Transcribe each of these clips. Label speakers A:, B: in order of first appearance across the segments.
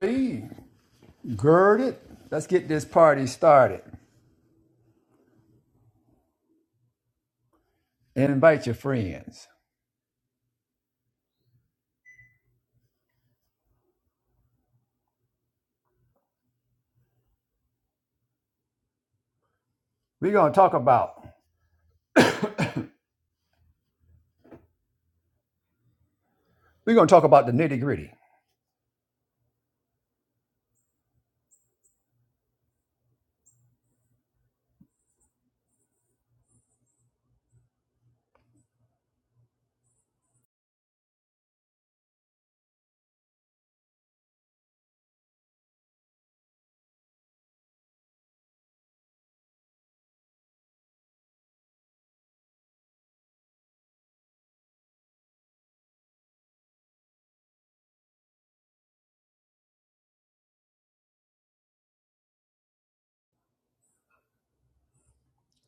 A: be girded. Let's get this party started and invite your friends. We're gonna talk about we're gonna talk about the nitty gritty.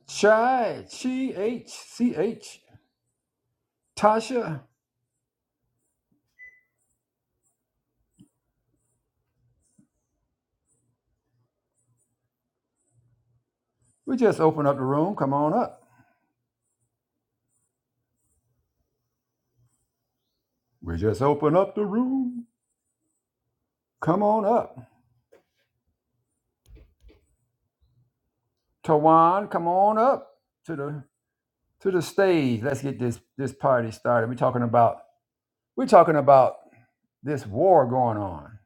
A: Chai, Chi, H, C, H, Tasha. We just open up the room. Come on up. We just open up the room. Come on up. Tawan, come on up to the to the stage. Let's get this this party started. We're talking about we're talking about this war going on.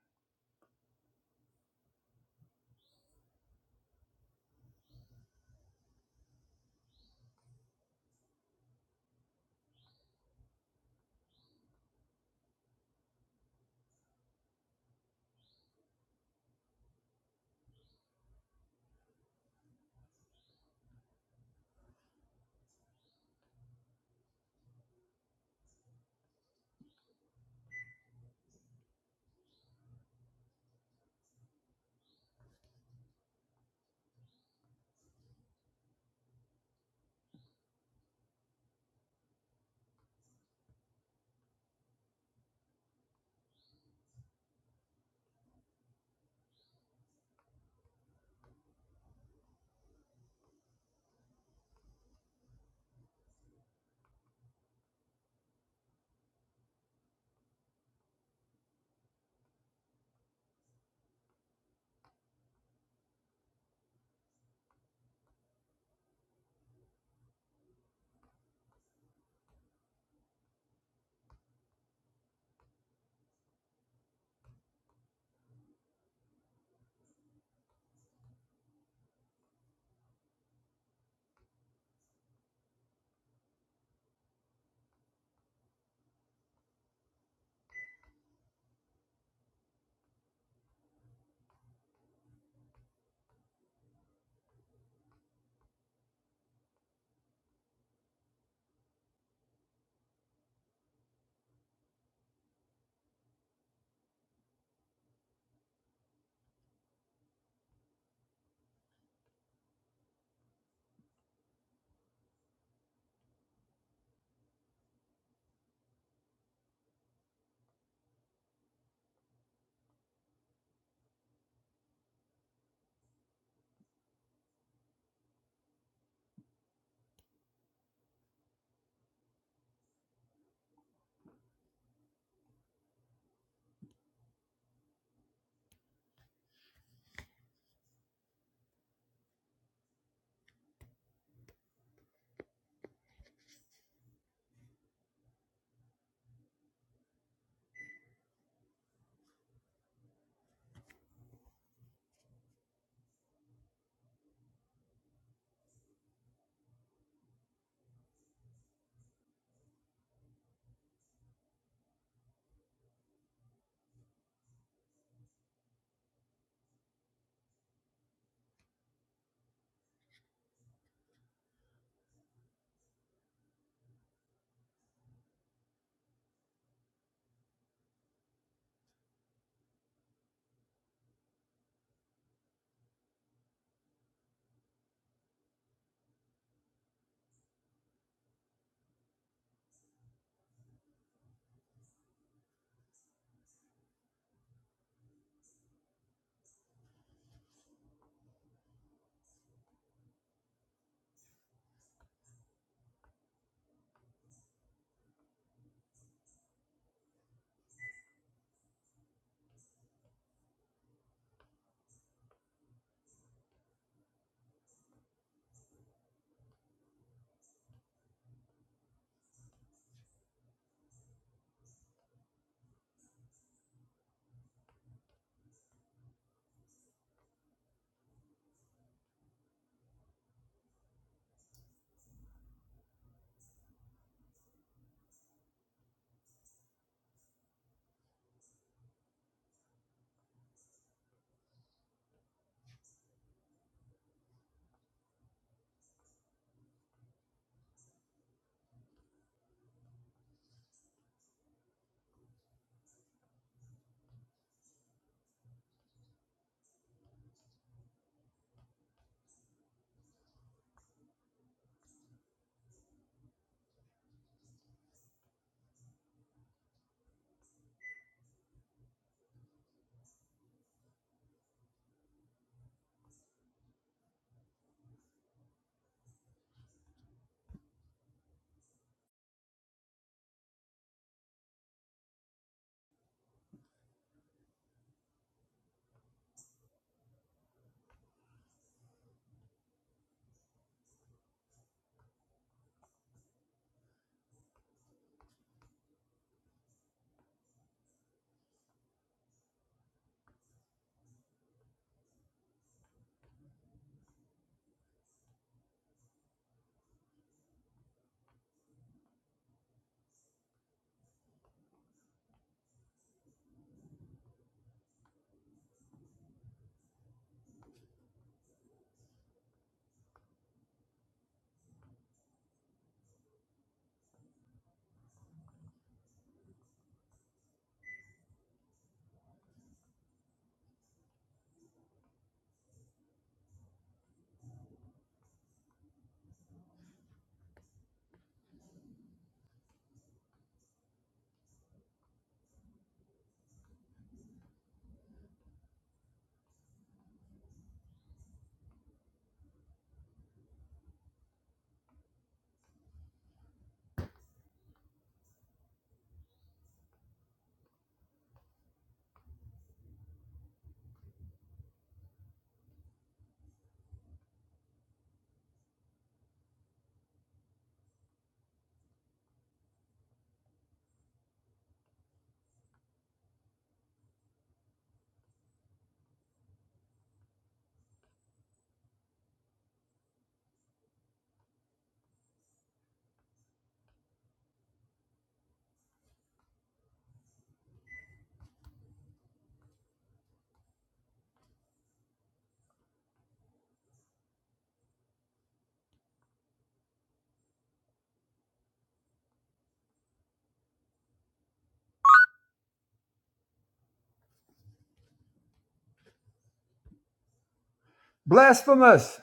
A: Blasphemous,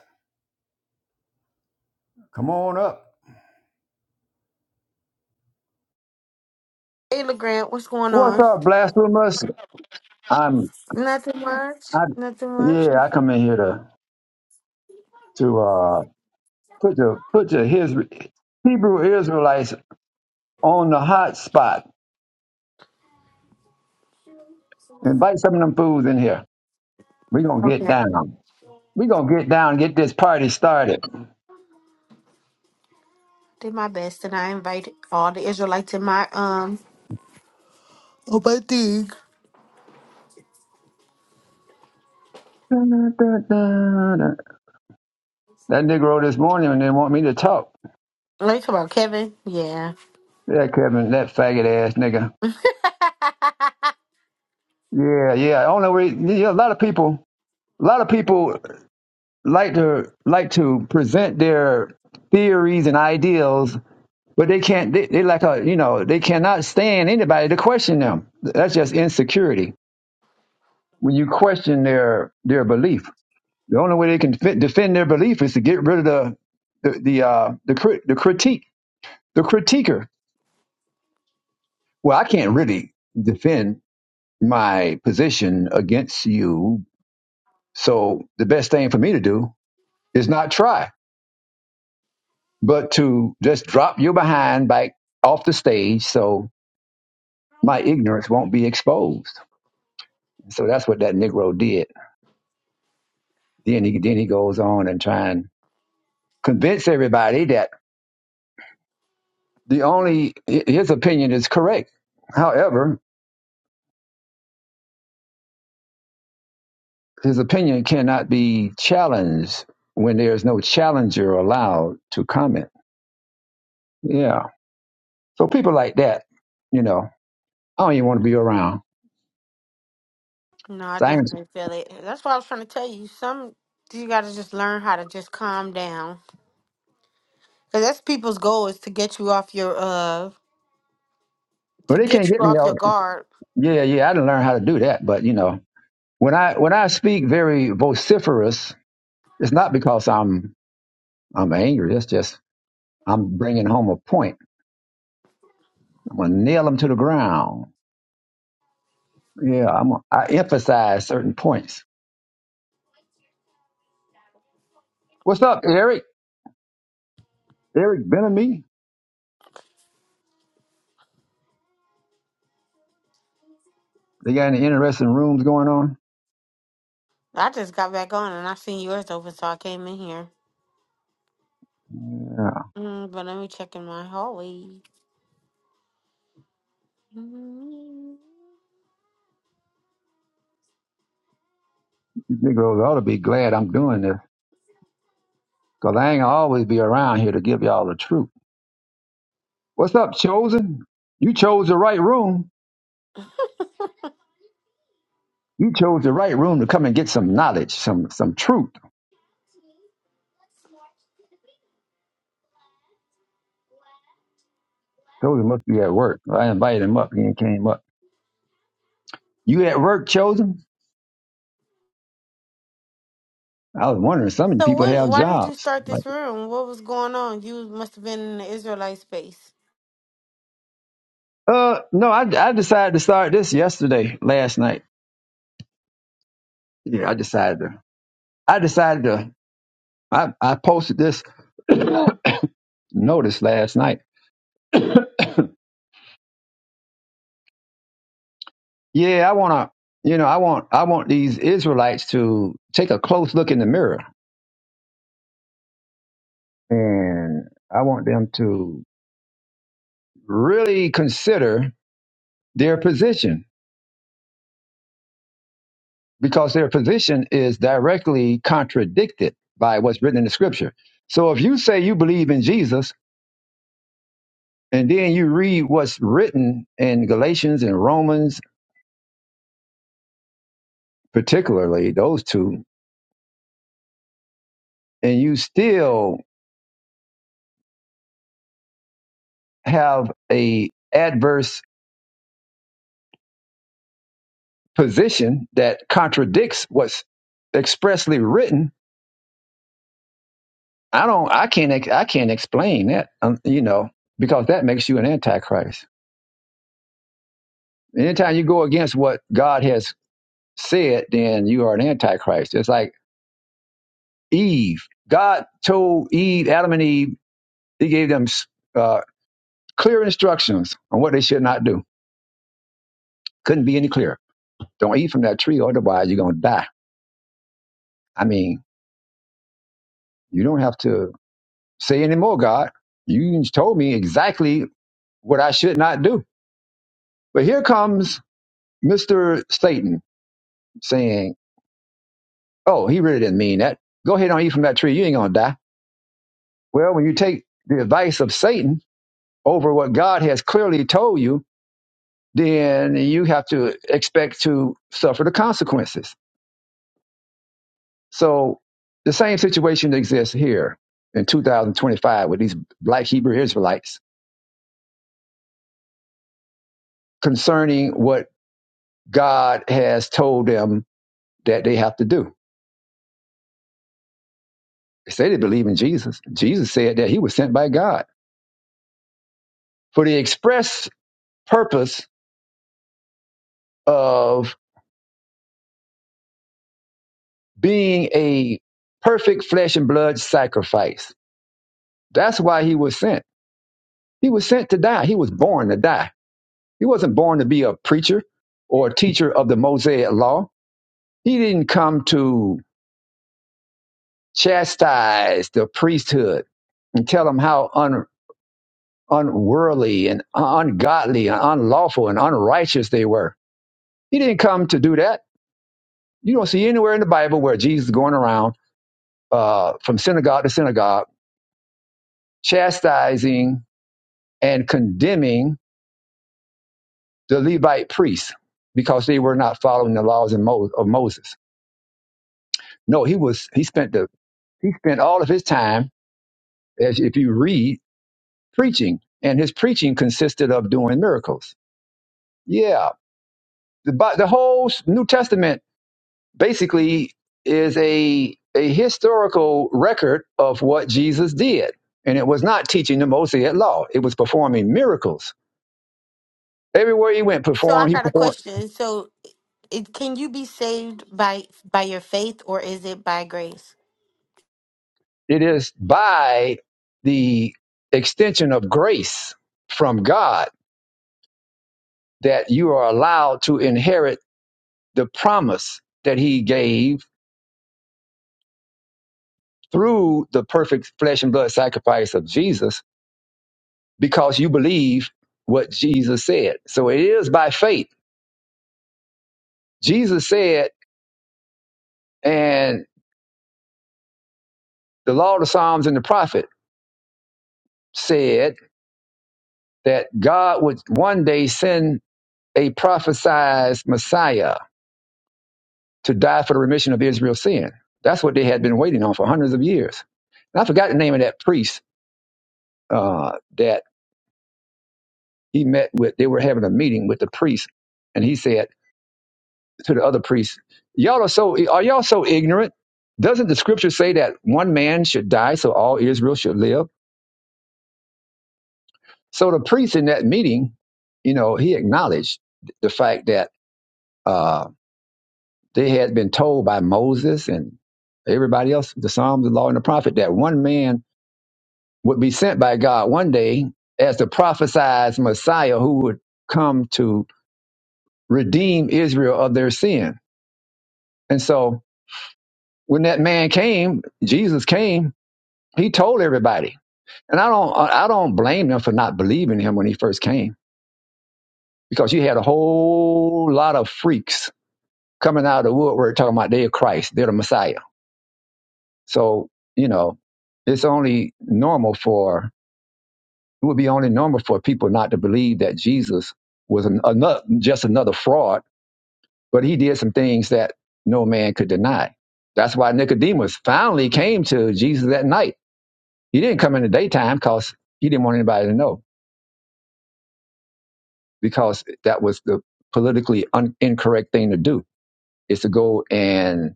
A: come on up.
B: Hey, LeGrand, what's going
A: What's
B: on?
A: up, blasphemous? I'm
B: Nothing much.
A: I
B: Nothing much.
A: yeah, I come in here to to uh put the put the his Hebrew Israelites on the hot spot. Invite some of them fools in here. We're gonna get
B: Okay.
A: down. We're gonna get down, get this party started.
B: Did my best and I invited all the Israelites in my um Oh my dig.
A: That Negro this morning and they want me to talk.
B: Like about Kevin? Yeah.
A: Yeah, Kevin, that faggot ass nigga. Yeah, yeah. Only way yeah, a lot of people a lot of people like to like to present their theories and ideals But they can't, they, they like a, you know, they cannot stand anybody to question them. That's just insecurity. When you question their, their belief, the only way they can fit, defend their belief is to get rid of the, the, the, uh, the, crit, the critique, the critiquer. Well, I can't really defend my position against you. So the best thing for me to do is not try, but to just drop you behind back off the stage. So my ignorance won't be exposed. So that's what that Negro did Then he then he goes on and try and convince everybody that the only his opinion is correct. However, his opinion cannot be challenged when there is no challenger allowed to comment. Yeah. So people like that, you know, I don't even want to be around.
B: no, I
A: So I ain't-
B: definitely feel it. That's what I was trying to tell you. Some you gotta just learn how to just calm down. Cause that's people's goal is to get you off your uh to
A: well, they can't
B: get you
A: get me
B: off your
A: out.
B: guard.
A: Yeah, yeah, I didn't learn how to do that. But you know, when I when I speak very vociferous, it's not because I'm I'm angry. It's just I'm bringing home a point. I'm gonna nail them to the ground Yeah, I'm, I emphasize certain points. What's up, Eric? Eric Benamy? They got any interesting rooms going on?
B: I just got back on and I seen yours open so I came in here.
A: Yeah,
B: Mm, but let me check in my hallway.
A: you Negroes ought to be glad I'm doing this because I ain't gonna always be around here to give y'all the truth. What's up, Chosen? You chose the right room. You chose the right room to come and get some knowledge, some some truth. Chosen must be at work. I invited him up. He ain't came up. You at work, Chosen? I was wondering, some of you
B: So
A: people
B: what?
A: have
B: Why did you
A: jobs.
B: start
A: Like,
B: this room? What was going on? You must have been in the Israelite space.
A: uh, no, I, I decided to start this yesterday, last night. Yeah, I decided to. I decided to. I, I posted this notice last night. Yeah, I want to. You know, I want I want these Israelites to take a close look in the mirror, and I want them to really consider their position because their position is directly contradicted by what's written in the scripture. So if you say you believe in Jesus and then you read what's written in Galatians and Romans particularly those two and you still have a adverse position that contradicts what's expressly written i don't i can't ex- i can't explain that um, you know because that makes you an antichrist anytime you go against what god has said then you are an antichrist it's like eve god told eve adam and eve he gave them uh, clear instructions on what they should not do couldn't be any clearer don't eat from that tree otherwise you're going to die i mean you don't have to say anymore, God. You told me exactly what I should not do. But here comes Mr. Satan saying, Oh, he really didn't mean that. Go ahead and eat from that tree. You ain't going to die. Well, when you take the advice of Satan over what God has clearly told you, then you have to expect to suffer the consequences. So the same situation exists here in 2025 with these black Hebrew Israelites concerning what God has told them that they have to do. They say they believe in Jesus. Jesus said that he was sent by God for the express purpose of being a perfect flesh and blood sacrifice. That's why he was sent. He was sent to die. He was born to die. He wasn't born to be a preacher or a teacher of the Mosaic law. He didn't come to chastise the priesthood and tell them how un, unworldly and ungodly and unlawful and unrighteous they were He didn't come to do that. You don't see anywhere in the Bible where Jesus is going around uh, from synagogue to synagogue chastising and condemning the Levite priests because they were not following the laws of, Moses. No, he was. He spent the he spent all of his time, as if you read, preaching, and his preaching consisted of doing miracles. Yeah, the, the whole New Testament basically is a a historical record of what Jesus did. And it was not teaching the Mosaic law. It was performing miracles. Everywhere he went,
B: So
A: perform
B: I
A: he
B: got a
A: performed
B: question. So, it, can you be saved by by your faith, or is it by grace?
A: it is by the extension of grace from God that you are allowed to inherit the promise that he gave through the perfect flesh and blood sacrifice of Jesus because you believe what Jesus said. So it is by faith. Jesus said And the Law, the Psalms, and the Prophet said that God would one day send a prophesized Messiah to die for the remission of Israel's sin. That's what they had been waiting on for hundreds of years. And I forgot the name of that priest uh, that he met with. They were having a meeting with the priest, and he said to the other priest, "Y'all are so are y'all so ignorant? Doesn't the scripture say that one man should die so all Israel should live?" So the priest in that meeting, you know, he acknowledged the fact that uh, they had been told by Moses and everybody else, the Psalms, the Law, and the Prophet, that one man would be sent by God one day as the prophesied Messiah who would come to redeem Israel of their sin. And so when that man came, Jesus came, he told everybody. And I don't, I don't blame them for not believing him when he first came, because you had a whole lot of freaks coming out of the woodwork talking about they're Christ, they're the Messiah. So, you know, it's only normal for, it would be only normal for people not to believe that Jesus was an, another, just another fraud, but he did some things that no man could deny. That's why Nicodemus finally came to Jesus at night. He didn't come in the daytime because he didn't want anybody to know, because that was the politically un- incorrect thing to do, is to go and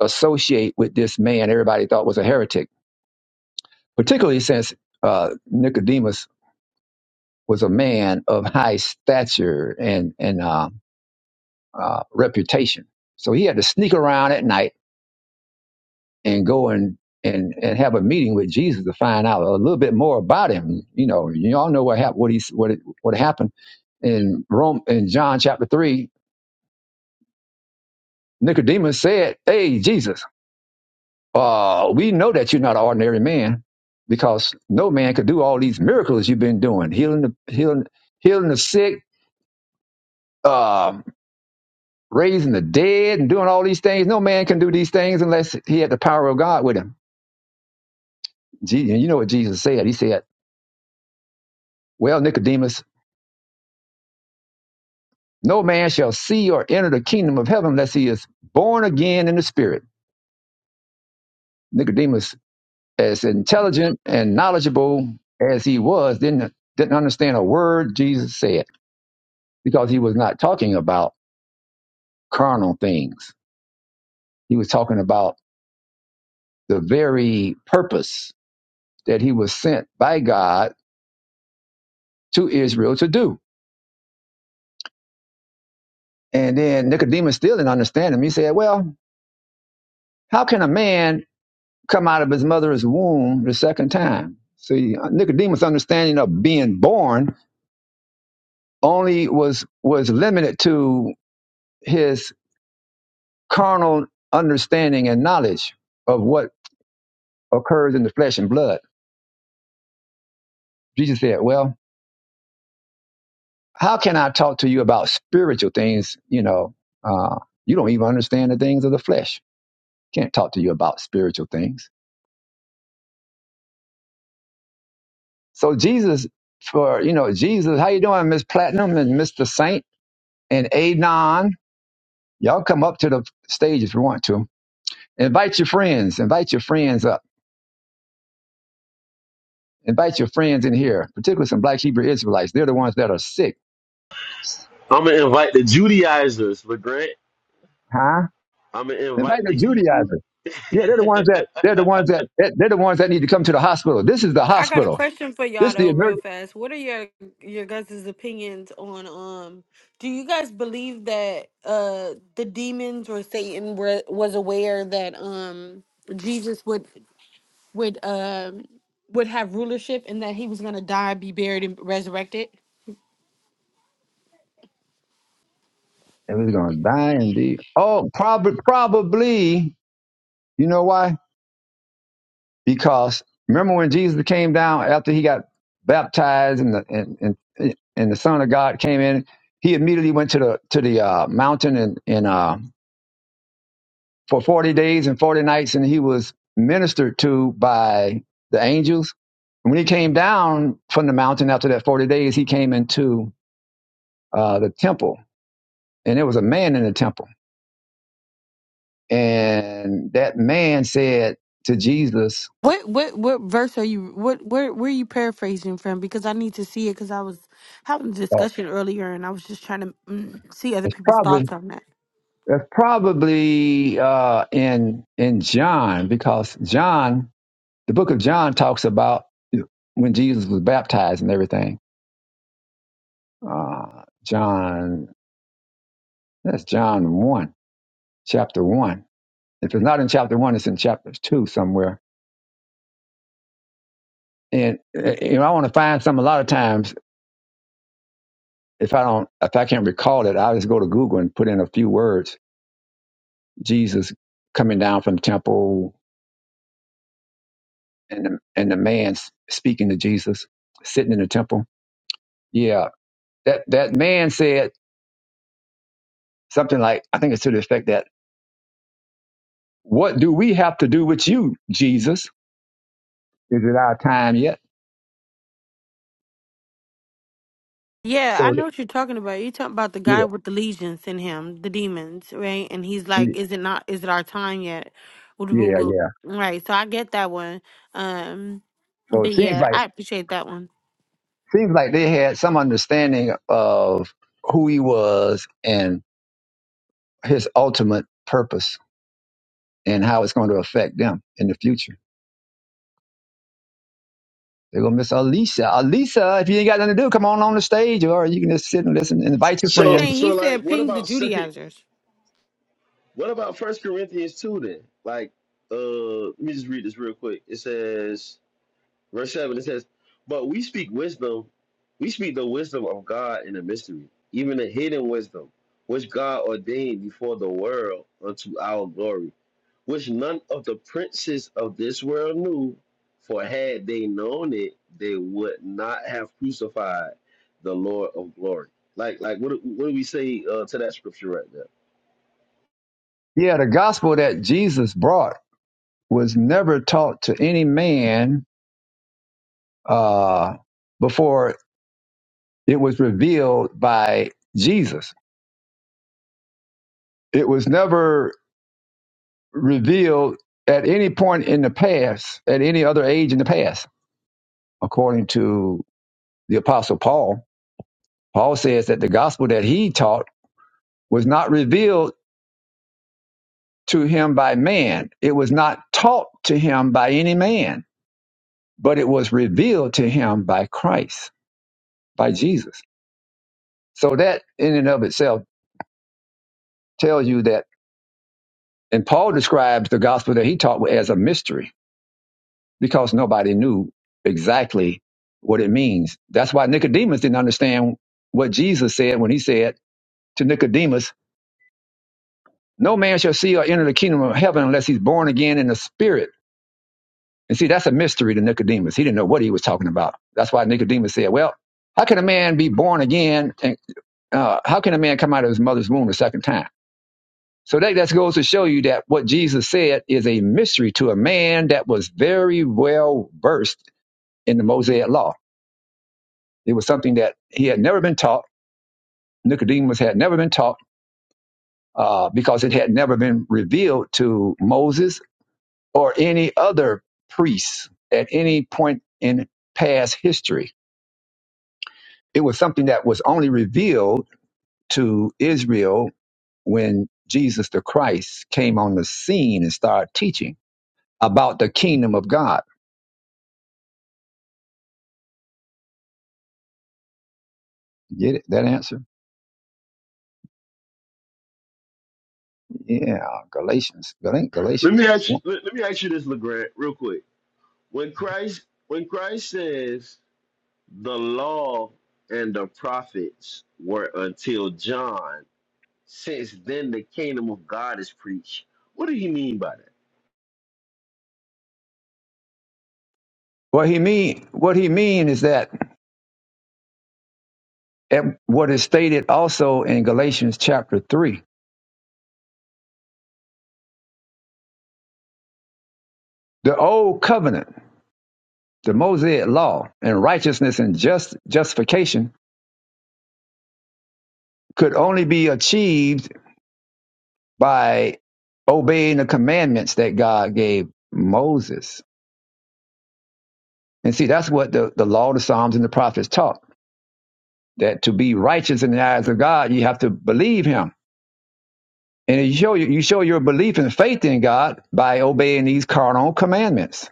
A: associate with this man everybody thought was a heretic particularly since uh, Nicodemus was a man of high stature and and uh, uh, reputation. So he had to sneak around at night and go and and and have a meeting with Jesus to find out a little bit more about him. You know, you all know what happened. What he what it, what happened in Rome in John chapter three. Nicodemus said, "Hey Jesus, uh, we know that you're not an ordinary man." Because no man could do all these miracles you've been doing, healing the healing healing the sick, um, raising the dead and doing all these things. No man can do these things unless he had the power of God with him. Je- And you know what Jesus said? He said, Well, Nicodemus, no man shall see or enter the kingdom of heaven unless he is born again in the spirit. Nicodemus, as intelligent and knowledgeable as he was, didn't, didn't understand a word Jesus said because he was not talking about carnal things. He was talking about the very purpose that he was sent by God to Israel to do And then Nicodemus still didn't understand him. He said, Well, how can a man come out of his mother's womb the second time? See, Nicodemus' understanding of being born only was was limited to his carnal understanding and knowledge of what occurs in the flesh and blood. Jesus said, Well, how can I talk to you about spiritual things? You know, uh, you don't even understand the things of the flesh. Can't talk to you about spiritual things. So Jesus, for you know, Jesus, how you doing, Miss Platinum and Mr. Saint and Adon? Y'all come up to the stage if you want to. Invite your friends. Invite your friends up. Invite your friends in here, particularly some Black Hebrew Israelites. They're the ones that are sick,
C: I'm gonna invite the Judaizers, but Grant,
A: huh?
C: I'm gonna
A: Invite
C: invite
A: the
C: the Hebrew.
A: Judaizers. Yeah, they're the ones that they're the ones that that- they're the ones that need to come to the hospital. This is the
B: I got a
A: hospital.
B: question for
A: This
B: y'all
A: is the
B: though, real
A: emergency.
B: fast. What are your your guys' opinions on um? Do you guys believe that uh the demons or Satan were, was aware that um Jesus would would um would have rulership and that he was gonna die, be buried, and resurrected?
A: And we're gonna die indeed. oh, probably probably. You know why? because remember when Jesus came down after he got baptized and the and and, and the Son of God came in, he immediately went to the to the uh, mountain and and uh, for forty days and forty nights, and he was ministered to by the angels. And when he came down from the mountain after that forty days, he came into uh, the temple, and there was a man in the temple, and that man said to Jesus,
B: What what what verse are you what where where are you paraphrasing from? Because I need to see it because I was having a
A: uh,
B: discussion earlier and I was just trying to mm, see other
A: "It's
B: people's
A: probably
B: thoughts on that.
A: That's probably uh, in in John because John, the book of John, talks about when Jesus was baptized and everything. Uh, John, that's John one, chapter one. If it's not in chapter one, it's in chapter two somewhere. And uh, you know, I want to find some. A lot of times, if I don't, if I can't recall it, I just go to Google and put in a few words: Jesus coming down from the temple, and the, and the man speaking to Jesus sitting in the temple. Yeah, That that man said something like, I think it's to the effect that, "What do we have to do with you, Jesus? Is it our time yet?"
B: Yeah, I
A: So
B: know
A: th-
B: what you're talking about. You're talking about the guy
A: yeah,
B: with the legions in him, the demons, right? And he's like,
A: y-
B: "Is it not? Is it our time yet?" Would- would-
A: yeah,
B: would-
A: yeah.
B: Right. So I get that one. Um,
A: So it
B: but
A: seems
B: yeah,
A: like
B: I appreciate that one.
A: seems like they had some understanding of who he was and his ultimate purpose and how it's going to affect them in the future. They're gonna miss Alisa. Alisa, if you ain't got nothing to do, come on on the stage, or you can just sit and
B: Mhm.
A: listen and invite your
B: It's
C: so,
A: friends.
B: saying he
C: so like,
B: said,
C: what
B: "Ping the
C: about second?
B: Judaizers."
C: What about First Corinthians two then? Like, uh, let me just read this real quick. It says, verse seven. It says, "But we speak wisdom, we speak the wisdom of God in a mystery, even the hidden wisdom, which God ordained before the world unto our glory." which none of the princes of this world knew, for had they known it, they would not have crucified the Lord of glory. Like, like, what, do- what do we say uh, to that scripture right there?
A: Yeah, the gospel that Jesus brought was never taught to any man uh, before it was revealed by Jesus. It was never revealed at any point in the past, at any other age in the past, according to the Apostle Paul. Paul says that the gospel that he taught was not revealed to him by man, it was not taught to him by any man, but it was revealed to him by Christ, by Jesus. So that in and of itself tells you that And Paul describes the gospel that he taught as a mystery because nobody knew exactly what it means. That's why Nicodemus didn't understand what Jesus said when he said to Nicodemus, No man shall see or enter the kingdom of heaven unless he's born again in the spirit. And see, that's a mystery to Nicodemus. He didn't know what he was talking about. That's why Nicodemus said, Well, how can a man be born again? And uh, how can a man come out of his mother's womb a second time? So that just goes to show you that what Jesus said is a mystery to a man that was very well versed in the Mosaic law. It was something that he had never been taught. Nicodemus had never been taught uh, because it had never been revealed to Moses or any other priest at any point in past history. It was something that was only revealed to Israel when Jesus the Christ came on the scene and started teaching about the kingdom of God Get it? That answer? Yeah, Galatians. That ain't
C: Let
A: Galatians.
C: me ask you.
A: one.
C: Let, let me ask you this, Legrand, real quick. When Christ, when Christ says the law and the prophets were until John, since then the kingdom of God is preached. What do you mean by that?
A: What he mean? What he mean is that at what is stated also in Galatians chapter three, the old covenant, the Mosaic law, and righteousness and just justification could only be achieved by obeying the commandments that God gave Moses. And see, that's what the, the law, the Psalms, and the prophets taught. That to be righteous in the eyes of God, you have to believe Him And you show you show your belief and faith in God by obeying these carnal commandments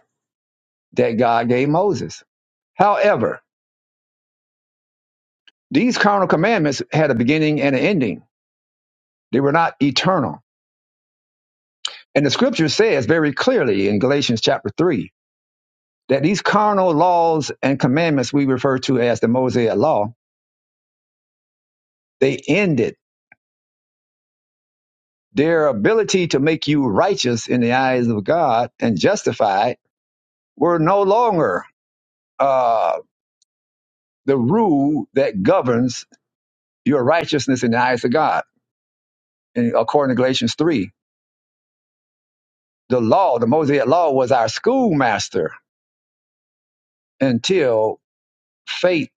A: that God gave Moses. However, these carnal commandments had a beginning and an ending. They were not eternal. And the scripture says very clearly in Galatians chapter 3 that these carnal laws and commandments we refer to as the Mosaic law, they ended. Their ability to make you righteous in the eyes of God and justified were no longer uh, the rule that governs Your righteousness in the eyes of God. And according to Galatians 3, the law, the Mosaic law was our schoolmaster until faith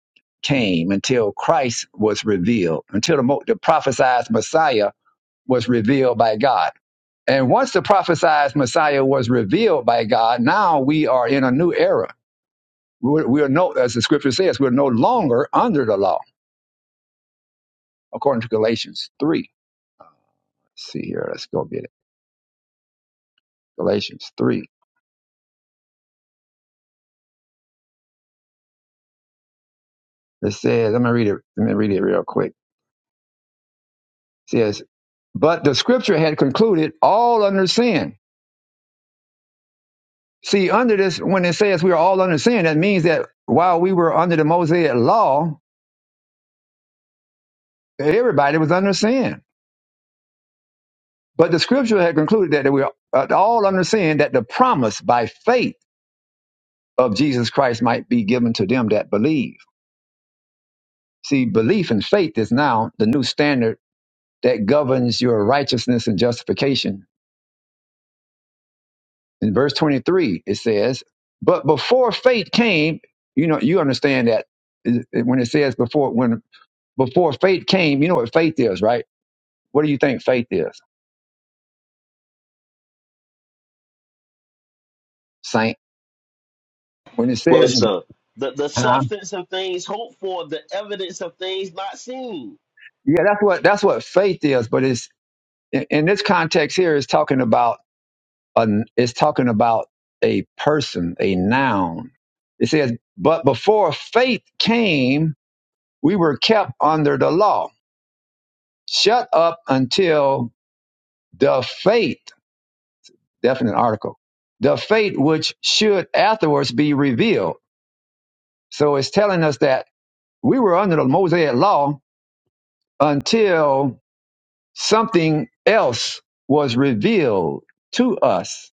A: came, until Christ was revealed, until the, mo- the prophesied Messiah was revealed by God. And once the prophesied Messiah was revealed by God, now we are in a new era. We're, we're no, as the scripture says, we're no longer under the law, according to Galatians 3. Let's see here, let's go get it. Galatians 3. It says, let me read it, let me read it real quick. says, but the scripture had concluded all under sin. See, under this, when it says we are all under sin, that means that while we were under the Mosaic law, everybody was under sin. But the scripture had concluded that we are uh, all under sin, that the promise by faith of Jesus Christ might be given to them that believe. See, belief and faith is now the new standard that governs your righteousness and justification In verse 23, it says, But before faith came, you know, you understand that when it says before, when before faith came, you know what faith is, right? What do you think faith is, saint? When it
C: But
A: says,
C: sir, the, the
A: um,
C: substance of things hoped for, the evidence of things not seen,
A: yeah, that's what that's what faith is. But it's in, in this context here, it's talking about an, it's talking about a person, a noun. It says, but before faith came, we were kept under the law, shut up until the faith. definite article. The fate which should afterwards be revealed. So it's telling us that we were under the Mosaic law until something else was revealed to us.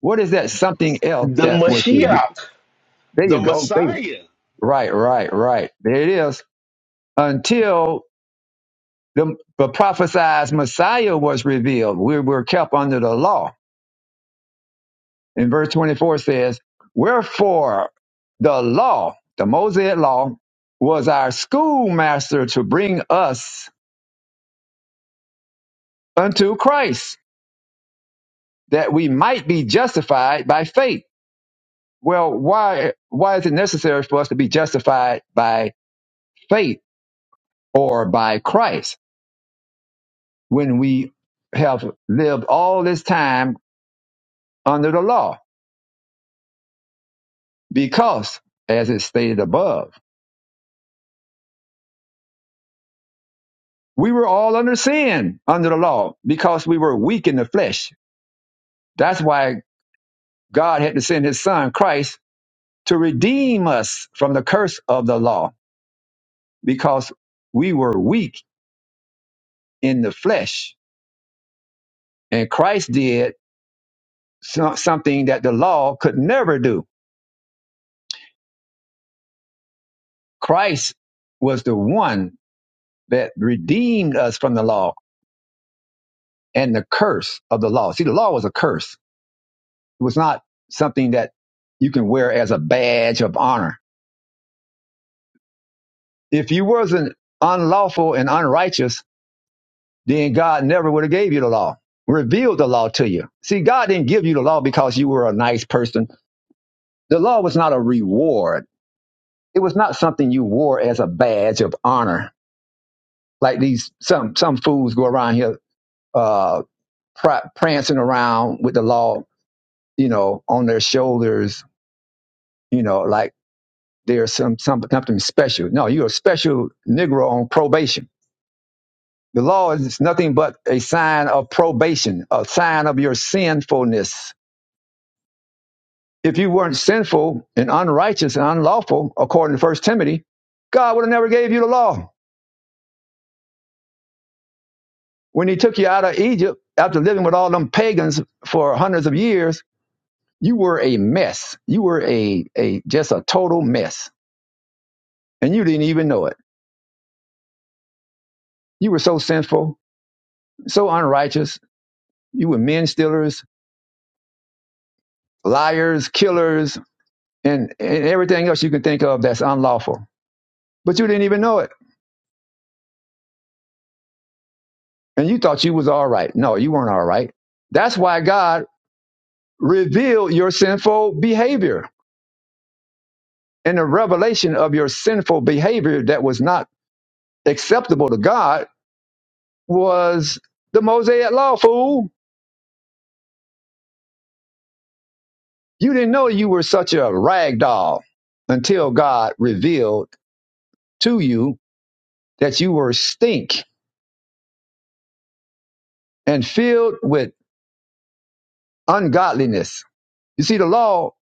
A: What is that something else
C: the
A: that was revealed?
C: Mashiach,
A: There
C: the
A: you go. There you-
C: Messiah.
A: Right, right, right. There it is. Until the, the prophesied Messiah was revealed, we were kept under the law in verse 24 says, Wherefore the law, the Mosaic law, was our schoolmaster to bring us unto Christ, that we might be justified by faith. Well, why why is it necessary for us to be justified by faith or by Christ when we have lived all this time under the law? Because, as it stated above, we were all under sin under the law because we were weak in the flesh That's why God had to send his son, Christ, to redeem us from the curse of the law because we were weak in the flesh. And Christ did so- something that the law could never do. Christ was the one that redeemed us from the law and the curse of the law. See, the law was a curse. It was not something that you can wear as a badge of honor. If you wasn't unlawful and unrighteous, then God never would have gave you the law, revealed the law to you. See, God didn't give you the law because you were a nice person. The law was not a reward. It was not something you wore as a badge of honor. Like these some some fools go around here uh pr- prancing around with the law, you know, on their shoulders, you know, like there's some, some something special. No, you're a special Negro on probation. The law is nothing but a sign of probation, a sign of your sinfulness If you weren't sinful and unrighteous and unlawful, according to First Timothy, God would have never gave you the law. When He took you out of Egypt after living with all them pagans for hundreds of years, you were a mess. You were a, a just a total mess, and you didn't even know it. You were so sinful, so unrighteous. You were men stealers, liars, killers, and, and everything else you can think of that's unlawful. But you didn't even know it, and you thought you was all right. No, you weren't all right. That's why God reveal your sinful behavior. And the revelation of your sinful behavior that was not acceptable to God was the Mosaic law, fool. You didn't know you were such a rag doll until God revealed to you that you were stink and filled with ungodliness. You see, the law,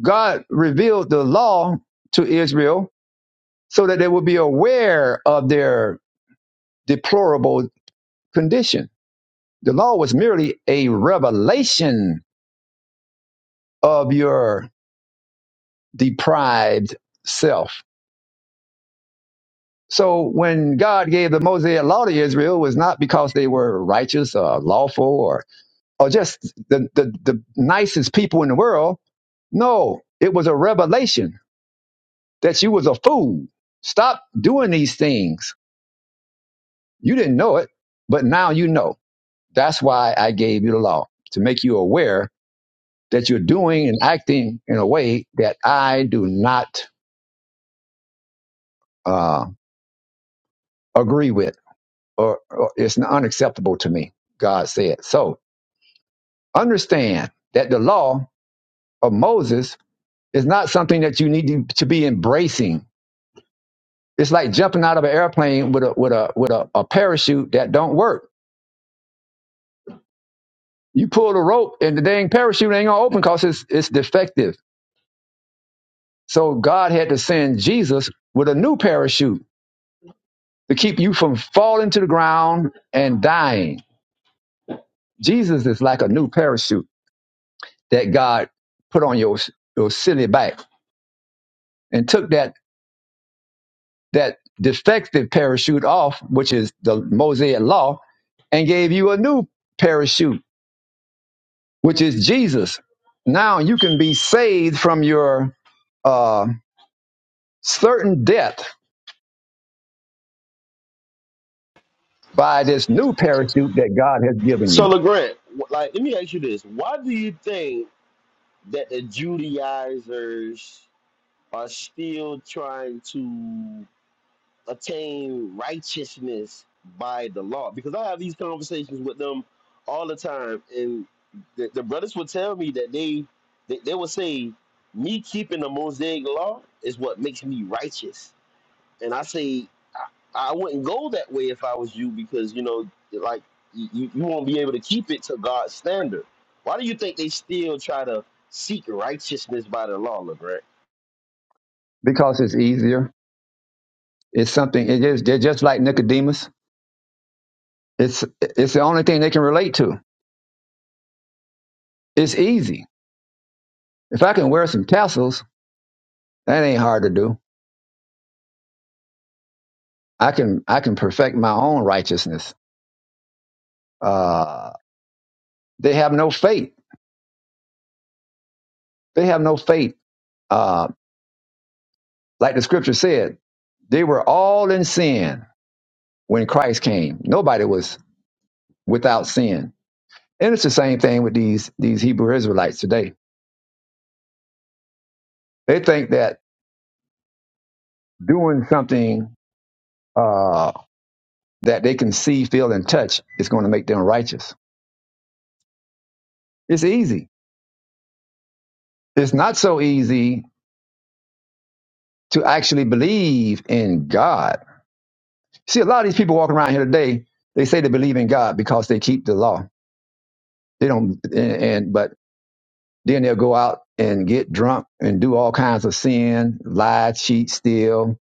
A: God revealed the law to Israel so that they would be aware of their deplorable condition The law was merely a revelation of your deprived self. So when God gave the Mosaic law to Israel, it was not because they were righteous or lawful or, or just the, the, the nicest people in the world. No, it was a revelation that you was a fool. Stop doing these things. You didn't know it, but now you know. That's why I gave you the law to make you aware that you're doing and acting in a way that I do not uh, agree with, or, or it's unacceptable to me, God said. So understand that the law of Moses is not something that you need to, to be embracing. It's like jumping out of an airplane with a with a with a, a parachute that don't work. You pull the rope and the dang parachute ain't gonna open because it's it's defective. So God had to send Jesus with a new parachute to keep you from falling to the ground and dying. Jesus is like a new parachute that God put on your your silly back and took that that defective parachute off, which is the Mosaic law, and gave you a new parachute, which is Jesus. Now you can be saved from your uh, certain death by this new parachute that God has given
C: So,
A: you
C: LeGrand, wh- like, let me ask you this. Why do you think that the Judaizers are still trying to attain righteousness by the law? Because I have these conversations with them all the time, and the, the brothers will tell me that they, they they will say, me keeping the Mosaic law is what makes me righteous, and I say I, I wouldn't go that way if I was you because you know like you, you won't be able to keep it to God's standard. Why do you think they still try to seek righteousness by the law, LeGrand?
A: because it's easier. It's something. It is. They're just like Nicodemus. It's it's the only thing they can relate to. It's easy. If I can wear some tassels, that ain't hard to do. I can I can perfect my own righteousness. Uh, they have no faith. They have no faith. Uh, like the scripture said, they were all in sin when Christ came. Nobody was without sin. And it's the same thing with these these Hebrew Israelites today. They think that doing something uh, that they can see, feel, and touch is going to make them righteous. It's easy. It's not so easy to actually believe in God See, a lot of these people walking around here today, they say they believe in God because they keep the law. They don't, and, and but then they'll go out and get drunk and do all kinds of sin, lie, cheat, steal,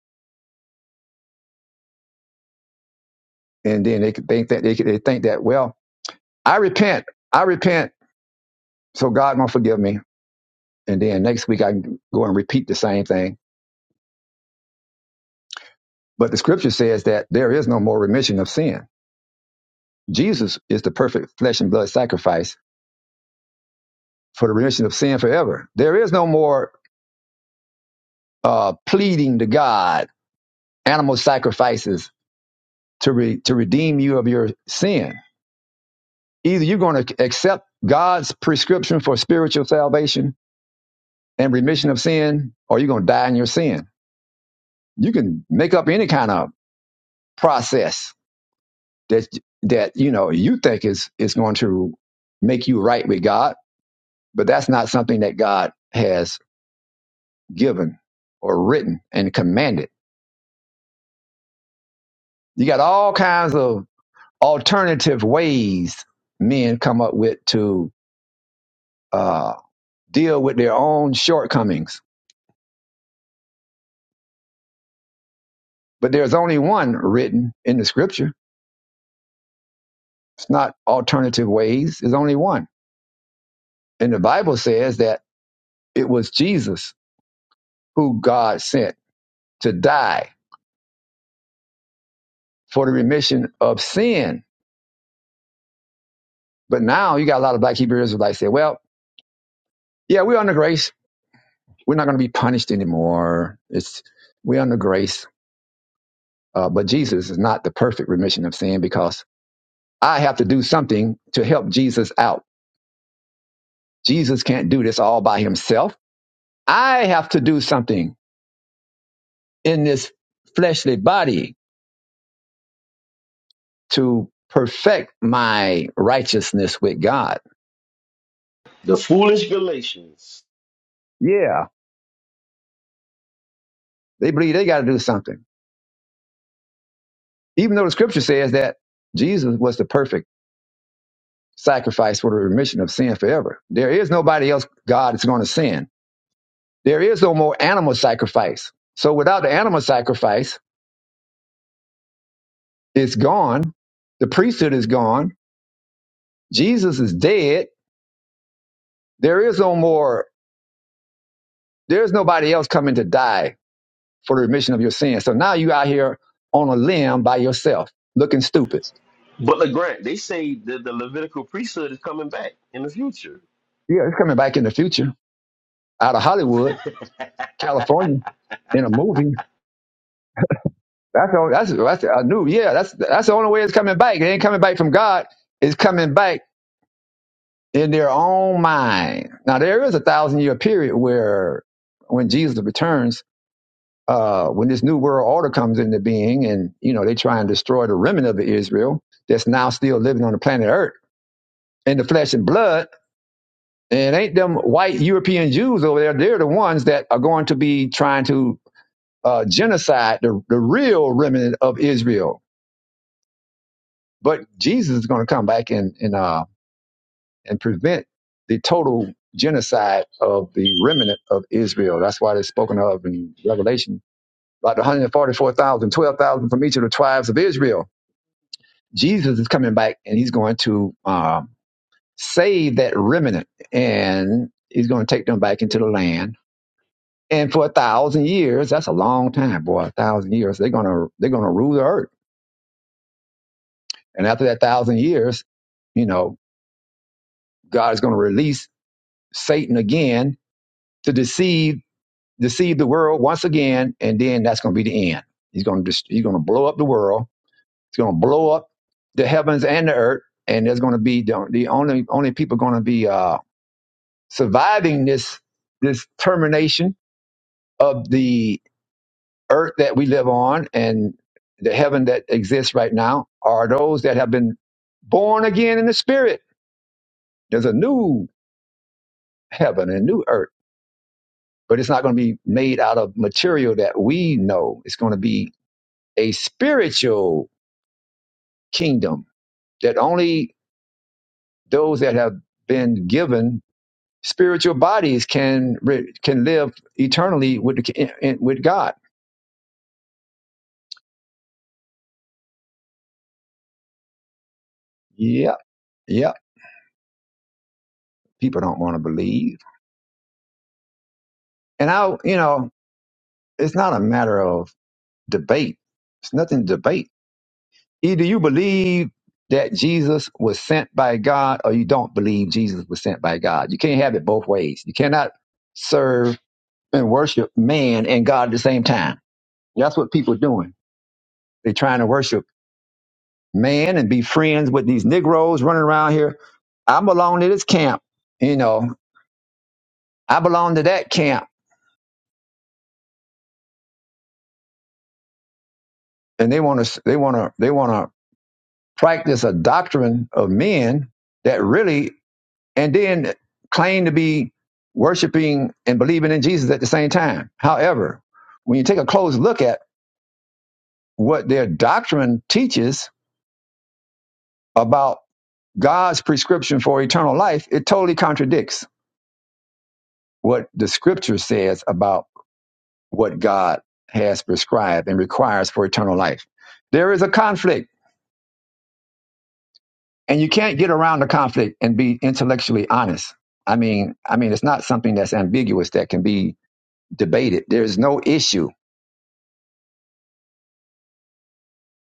A: and then they could think that they, could- they think that well, I repent, I repent, so God gonna forgive me, and then next week I can go and repeat the same thing. But the scripture says that there is no more remission of sin. Jesus is the perfect flesh and blood sacrifice for the remission of sin forever. There is no more uh, pleading to God animal sacrifices to re, to redeem you of your sin. Either you're going to accept God's prescription for spiritual salvation and remission of sin, or you're going to die in your sin. You can make up any kind of process that that you know you think is is going to make you right with God, but that's not something that God has given or written and commanded. You got all kinds of alternative ways men come up with to uh, deal with their own shortcomings. But there's only one written in the scripture. It's not alternative ways. There's only one. And the Bible says that it was Jesus who God sent to die for the remission of sin. But now you got a lot of black Hebrew Israelites say, well, yeah, we're under grace. We're not going to be punished anymore. It's we're under grace. Uh, but Jesus is not the perfect remission of sin because I have to do something to help Jesus out. Jesus can't do this all by himself. I have to do something in this fleshly body to perfect my righteousness with God.
C: The foolish Galatians.
A: Yeah, they believe they got to do something. Even though the scripture says that Jesus was the perfect sacrifice for the remission of sin forever. There is nobody else God is going to send. There is no more animal sacrifice. So without the animal sacrifice, it's gone. The priesthood is gone. Jesus is dead. There is no more, there's nobody else coming to die for the remission of your sins. So now you out here on a limb by yourself, looking stupid.
C: But LeGrant, they say that the Levitical priesthood is coming back in the future.
A: Yeah, it's coming back in the future out of Hollywood, California, in a movie. That's all. That's that's I knew. Yeah, that's that's the only way it's coming back. It ain't coming back from God. It's coming back in their own mind. Now there is a thousand year period where when Jesus returns, uh, when this new world order comes into being, and you know they try and destroy the remnant of Israel that's now still living on the planet Earth in the flesh and blood And ain't them white European Jews over there? They're the ones that are going to be trying to uh, genocide the, the real remnant of Israel. But Jesus is going to come back and and uh, and prevent the total genocide of the remnant of Israel. That's why they're spoken of in Revelation about 144,000, 12,000 from each of the tribes of Israel. Jesus is coming back and he's going to um, save that remnant and he's going to take them back into the land And for a thousand years, that's a long time, boy. A thousand years, they're gonna they're gonna rule the earth. And after that thousand years, you know, God is gonna release Satan again to deceive deceive the world once again, and then that's gonna be the end. He's gonna just he's gonna blow up the world. He's gonna blow up the heavens and the earth, and there's gonna be the, the only only people gonna be uh, surviving this this termination of the earth that we live on and the heaven that exists right now are those that have been born again in the spirit. There's a new heaven and new earth, but it's not going to be made out of material that we know. It's going to be a spiritual kingdom that only those that have been given spiritual bodies can re- can live eternally with the, ki- in- in- with God. Yeah, yeah. People don't want to believe, and I, you know, it's not a matter of debate. It's nothing to debate. Either you believe that Jesus was sent by God or you don't believe Jesus was sent by God. You can't have it both ways. You cannot serve and worship man and God at the same time. That's what people are doing. They're trying to worship man and be friends with these Negroes running around here. I belong to this camp, you know. I belong to that camp, and they want to. They want to. They want to practice a doctrine of men that really and then claim to be worshiping and believing in Jesus at the same time. However, when you take a close look at what their doctrine teaches about God's prescription for eternal life, it totally contradicts what the scripture says about what God has prescribed and requires for eternal life. There is a conflict, and you can't get around the conflict and be intellectually honest. I mean, I mean it's not something that's ambiguous that can be debated. There's no issue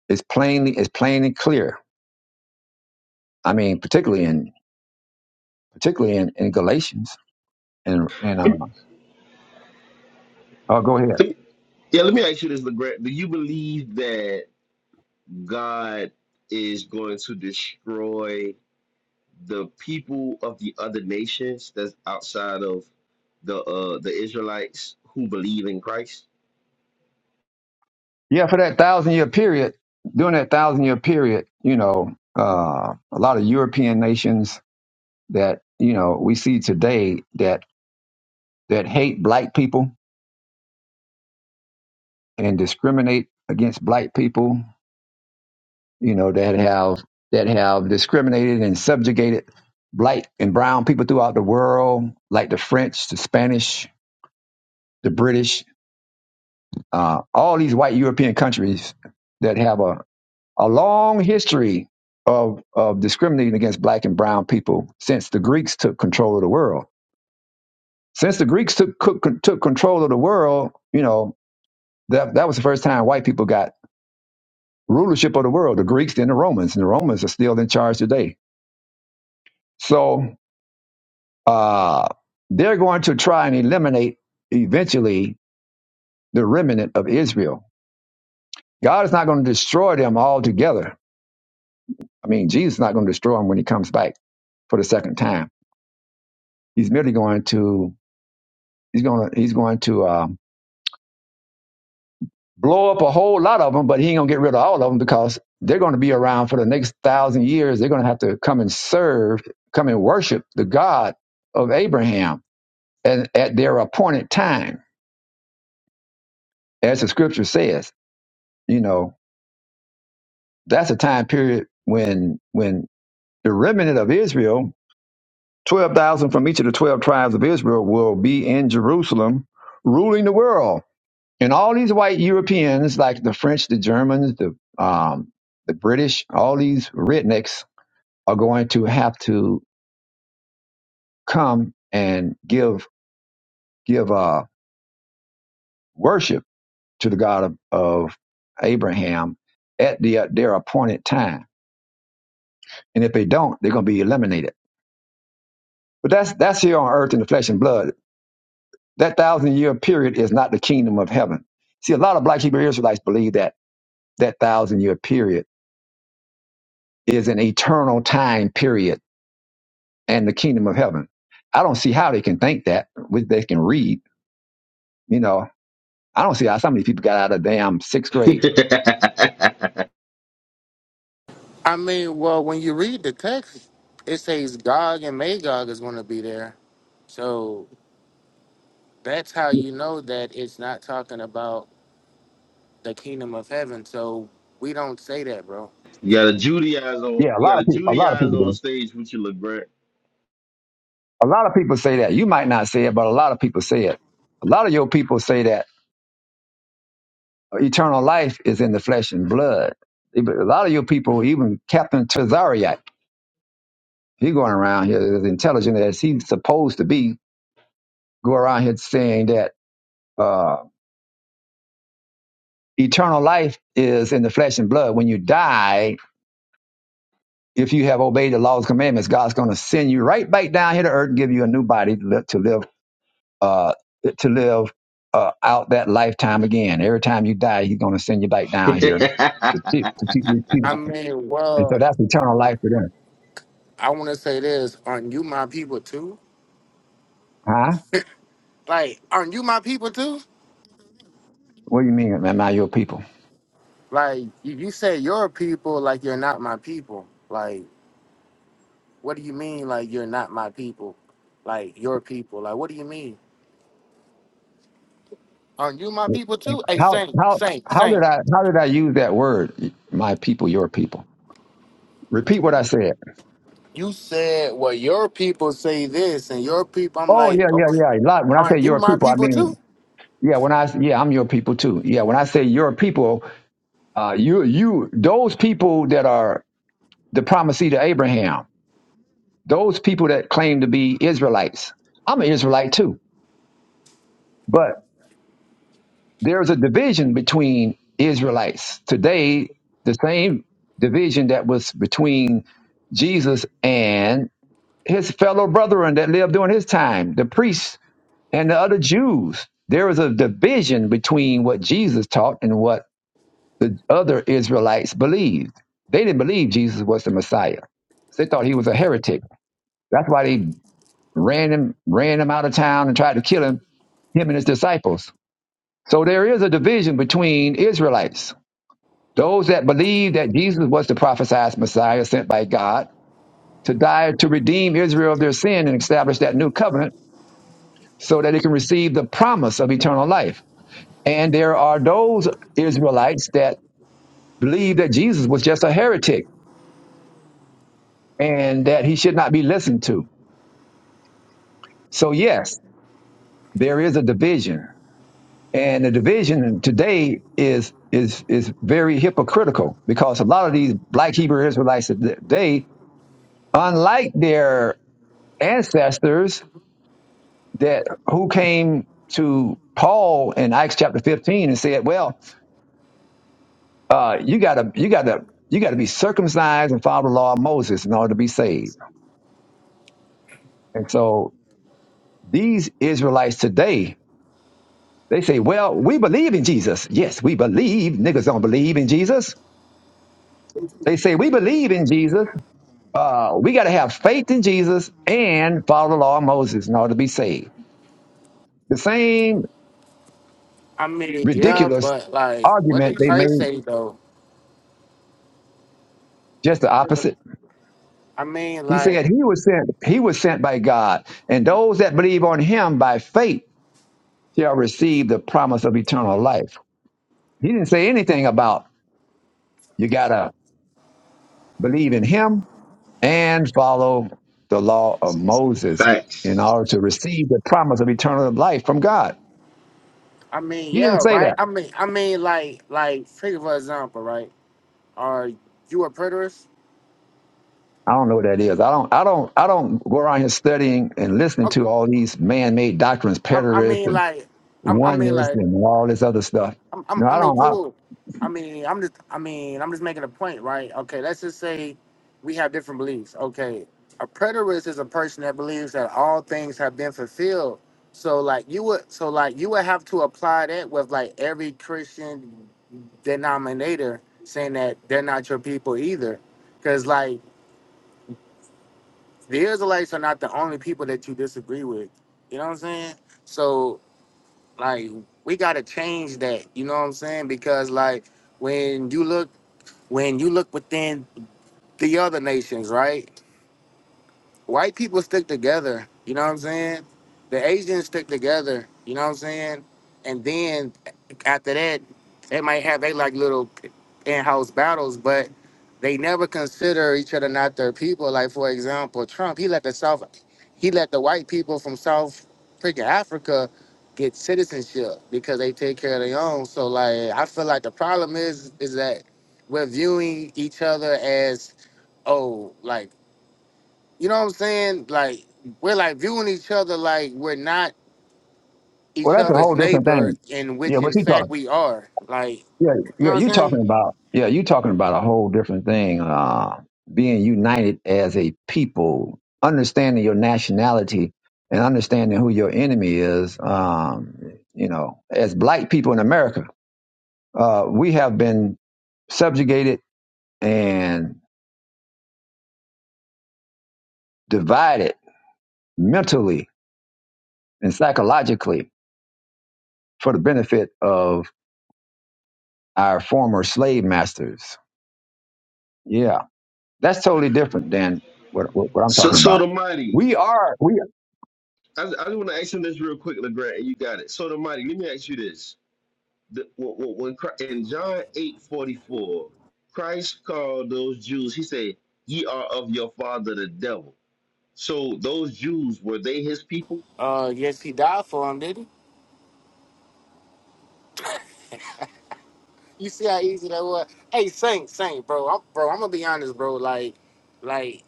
A: It's plainly it's plain and clear. I mean, particularly in particularly in, in Galatians and and uh, oh, go ahead.
C: Let me- yeah, let me ask you this, LeGrant. Do you believe that God is going to destroy the people of the other nations that's outside of the uh, the Israelites who believe in Christ?
A: Yeah, for that thousand year period, during that thousand year period, you know, uh, a lot of European nations that you know we see today that that hate black people and discriminate against black people, you know, that have that have discriminated and subjugated black and brown people throughout the world, like the French, the Spanish, the British, Uh, all these white European countries that have a, a long history of, of discriminating against black and brown people since the Greeks took control of the world. Since the Greeks took, took, took control of the world, you know, that, that was the first time white people got rulership of the world, the Greeks, then the Romans, and the Romans are still in charge today. So uh, they're going to try and eliminate eventually the remnant of Israel. God is not going to destroy them altogether I mean, Jesus is not going to destroy him when he comes back for the second time. He's merely going to he's going to he's going to um, blow up a whole lot of them, but he ain't going to get rid of all of them because they're going to be around for the next thousand years. They're going to have to come and serve, come and worship the God of Abraham, and at their appointed time, as the Scripture says. You know, that's a time period when when the remnant of Israel 12,000 from each of the 12 tribes of Israel will be in Jerusalem ruling the world. And all these white Europeans, like the French, the Germans, the, um, the British, all these rednecks are going to have to come and give, give, uh, worship to the God of, of Abraham at the, uh, their appointed time. And if they don't, they're going to be eliminated. But that's, that's here on earth in the flesh and blood. That thousand year period is not the kingdom of heaven. See, a lot of black Hebrew Israelites believe that that thousand year period is an eternal time period and the kingdom of heaven. I don't see how they can think that, which they can read. You know, I don't see how so many people got out of damn sixth
C: you
A: grade.
C: got
D: I mean, well, when you read the text, it says Gog and Magog is going to be there. So that's how you know that it's not talking about the kingdom of heaven. So we don't say that, bro.
C: a Judaize on
A: Yeah, a
C: you
A: lot
C: got a
A: of people. A lot of
C: Judaize
A: people
C: on
A: do.
C: stage with you, LeGrant.
A: A lot of people say that. You might not say it, but a lot of people say it. A lot of your people say that eternal life is in the flesh and blood. A lot of your people, even Captain Tazariak. He going around here as intelligent as he's supposed to be, go around here saying that uh, eternal life is in the flesh and blood. When you die, if you have obeyed the law's commandments, God's going to send you right back down here to earth and give you a new body to live to live, uh, to live uh, out that lifetime again. Every time you die, He's going to send you back down here to keep, to keep, to keep.
D: I mean,
A: And so
D: well,
A: that's eternal life for them,
D: I want to say this. Aren't you my people too?
A: huh?
D: Like, aren't you my people too?
A: What do you mean, am I your people?
D: Like, you, you say your people, like you're not my people. Like, what do you mean, like you're not my people? Like, your people. Like, what do you mean? Aren't you my people too? Hey,
A: How
D: Saint,
A: how
D: Saint,
A: how
D: Saint.
A: did I how did I use that word? My people, your people. Repeat what I said.
D: you said, well, your people say this, and your people, I'm
A: Oh yeah,
D: like,
A: yeah,
D: okay,
A: yeah. A lot. When I say
D: aren't you
A: your
D: my
A: people, I
D: people
A: mean
D: too?
A: yeah. When I yeah, I'm your people too. Yeah. When I say your people, uh, you you those people that are the promisee to Abraham, those people that claim to be Israelites. I'm an Israelite too, but there's a division between Israelites today. The same division that was between Jesus and his fellow brethren that lived during his time, the priests and the other Jews. there was a division between what Jesus taught and what the other Israelites believed. They didn't believe Jesus was the Messiah. They thought he was a heretic. That's why they ran him, ran him out of town and tried to kill him, him and his disciples. So there is a division between Israelites, those that believe that Jesus was the prophesied Messiah sent by God to die to redeem Israel of their sin and establish that new covenant so that it can receive the promise of eternal life. And there are those Israelites that believe that Jesus was just a heretic and that he should not be listened to. So yes, there is a division. And the division today is is is very hypocritical because a lot of these black Hebrew Israelites today, unlike their ancestors that who came to Paul in Acts chapter 15 and said, Well, uh, you gotta you gotta you gotta be circumcised and follow the law of Moses in order to be saved. And so these Israelites today, they say, Well, we believe in Jesus. Yes, we believe. Niggas don't believe in Jesus. They say we believe in Jesus. Uh, we gotta have faith in Jesus and follow the law of Moses in order to be saved. The same
D: I mean, yeah,
A: ridiculous
D: but like, what did
A: argument they
D: Christ
A: made
D: say though?
A: just the opposite.
D: I mean,
A: He
D: like,
A: said he was sent he was sent by God, and those that believe on him by faith shall receive the promise of eternal life. He didn't say anything about you got to believe in him and follow the law of Moses in
C: Facts.
A: order to receive the promise of eternal life from God.
D: I mean,
A: He didn't
D: yeah,
A: say
D: right?
A: that.
D: I mean, I mean, like, like, take for example, right? Are you a preterist?
A: I don't know what that is. I don't I don't I don't go around here studying and listening
D: Okay,
A: to all these man-made doctrines,
D: I, I
A: preterists
D: mean,
A: and
D: like, I, I mean,
A: oneness
D: like.
A: and all this other stuff.
D: I'm, I'm,
A: No,
D: I
A: I
D: mean,
A: don't I,
D: cool. I mean, I'm just, I mean, I'm just making a point, right? Okay, let's just say we have different beliefs. Okay, a preterist is a person that believes that all things have been fulfilled. So, like, you would, so like, you would have to apply that with like every Christian denominator saying that they're not your people either, because like the Israelites are not the only people that you disagree with. You know what I'm saying? So. Like we gotta change that. You know what I'm saying? Because like when you look when you look within the other nations, right? white people stick together, you know what I'm saying? The Asians stick together, you know what I'm saying? And then after that, they might have they like little in-house battles, but they never consider each other not their people. Like for example, Trump, he let the South, he let the white people from South freaking Africa get citizenship because they take care of their own. So like, I feel like the problem is is that we're viewing each other as oh like you know what I'm saying? Like we're like viewing each other like we're not
A: Well,
D: each
A: that's a
D: other's
A: whole different
D: neighbor,
A: thing.
D: in
A: Yeah,
D: which
A: what
D: in
A: you
D: fact
A: talking?
D: we are. Like you
A: Yeah, yeah,
D: know what I'm
A: you
D: saying?
A: talking about? Yeah, you talking about a whole different thing. Uh, being united as a people, understanding your nationality, and understanding who your enemy is. Um, you know, as black people in America, uh, we have been subjugated and divided mentally and psychologically for the benefit of our former slave masters. Yeah, that's totally different than what, what, what I'm
C: So
A: talking
C: so
A: about.
C: the mighty.
A: We are, we,
C: I, I just want to ask him this real quick, LeGrand, and you got it. So, the mighty, let me ask you this. The, when, when when in John eight forty four, Christ called those Jews, he said, Ye are of your father the devil. So, those Jews, were they his people?
D: Uh, yes, he died for him, did he? You see how easy that was? Hey, Saint, Saint, bro, I'm, bro, I'm gonna be honest, bro. Like, like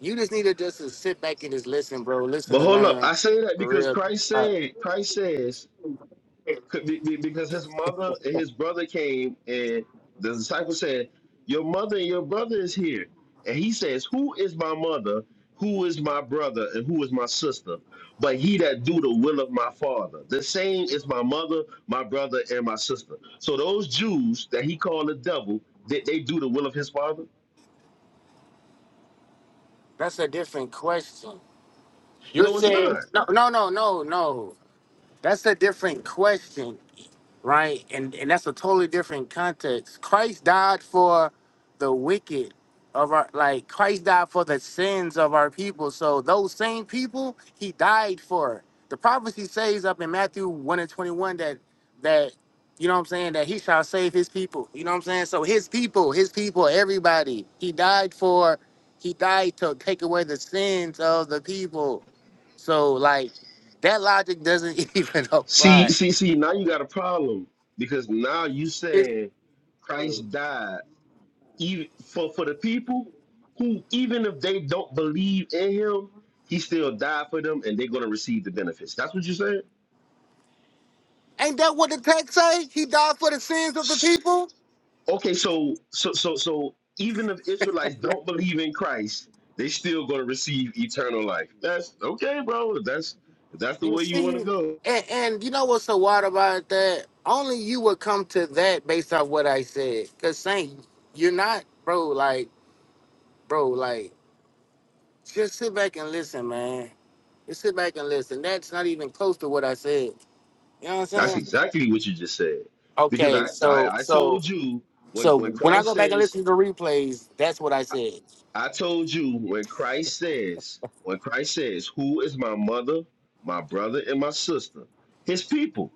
D: you just need to just to sit back and just listen, bro.
C: But
D: Listen and
C: hold up.
D: learn,
C: I say that
D: for
C: because
D: real.
C: Christ
D: Like,
C: said, Christ says, Be- be- because his mother and his brother came and the disciple said your mother and your brother is here and he says who is my mother who is my brother and who is my sister but he that do the will of my father the same is my mother my brother and my sister so those jews that he called the devil did they do the will of his father
D: that's a different question. You're
C: no it's
D: saying
C: not
D: no, no, no, no, no. That's a different question. right? And and that's a totally different context. Christ died for the wicked of our like Christ died for the sins of our people. So those same people he died for. The prophecy says up in Matthew 1 and 21 that that you know what I'm saying that he shall save his people. You know what I'm saying? So his people, his people, everybody. He died for he died to take away the sins of the people. So like that logic doesn't even
C: see
D: apply.
C: see see now you got a problem because now you saying christ died even for for the people who even if they don't believe in him, he still died for them and they're gonna receive the benefits. That's what you said?
D: Ain't that what the text say? He died for the sins of the people.
C: Okay, so so so so even if Israelites don't believe in Christ, they still gonna receive eternal life. That's okay, bro. If That's if that's the
D: You
C: way you wanna
D: see,
C: go.
D: and, and you know what's so wild about that? Only you would come to that based off what I said. Cause Saint, you're not, bro. Like, bro, like, just sit back and listen, man. Just sit back and listen. That's not even close to what I said. You know what I'm
C: That's
D: saying?
C: exactly what you just said. Because
D: Okay,
C: I
D: so,
C: I, I
D: so,
C: told you when
D: so
C: when
D: when I
C: Christ
D: go back and
C: says
D: listen to the replays, that's what I said.
C: I told you when Christ says, when Christ says, who is my mother, my brother, and my sister? His people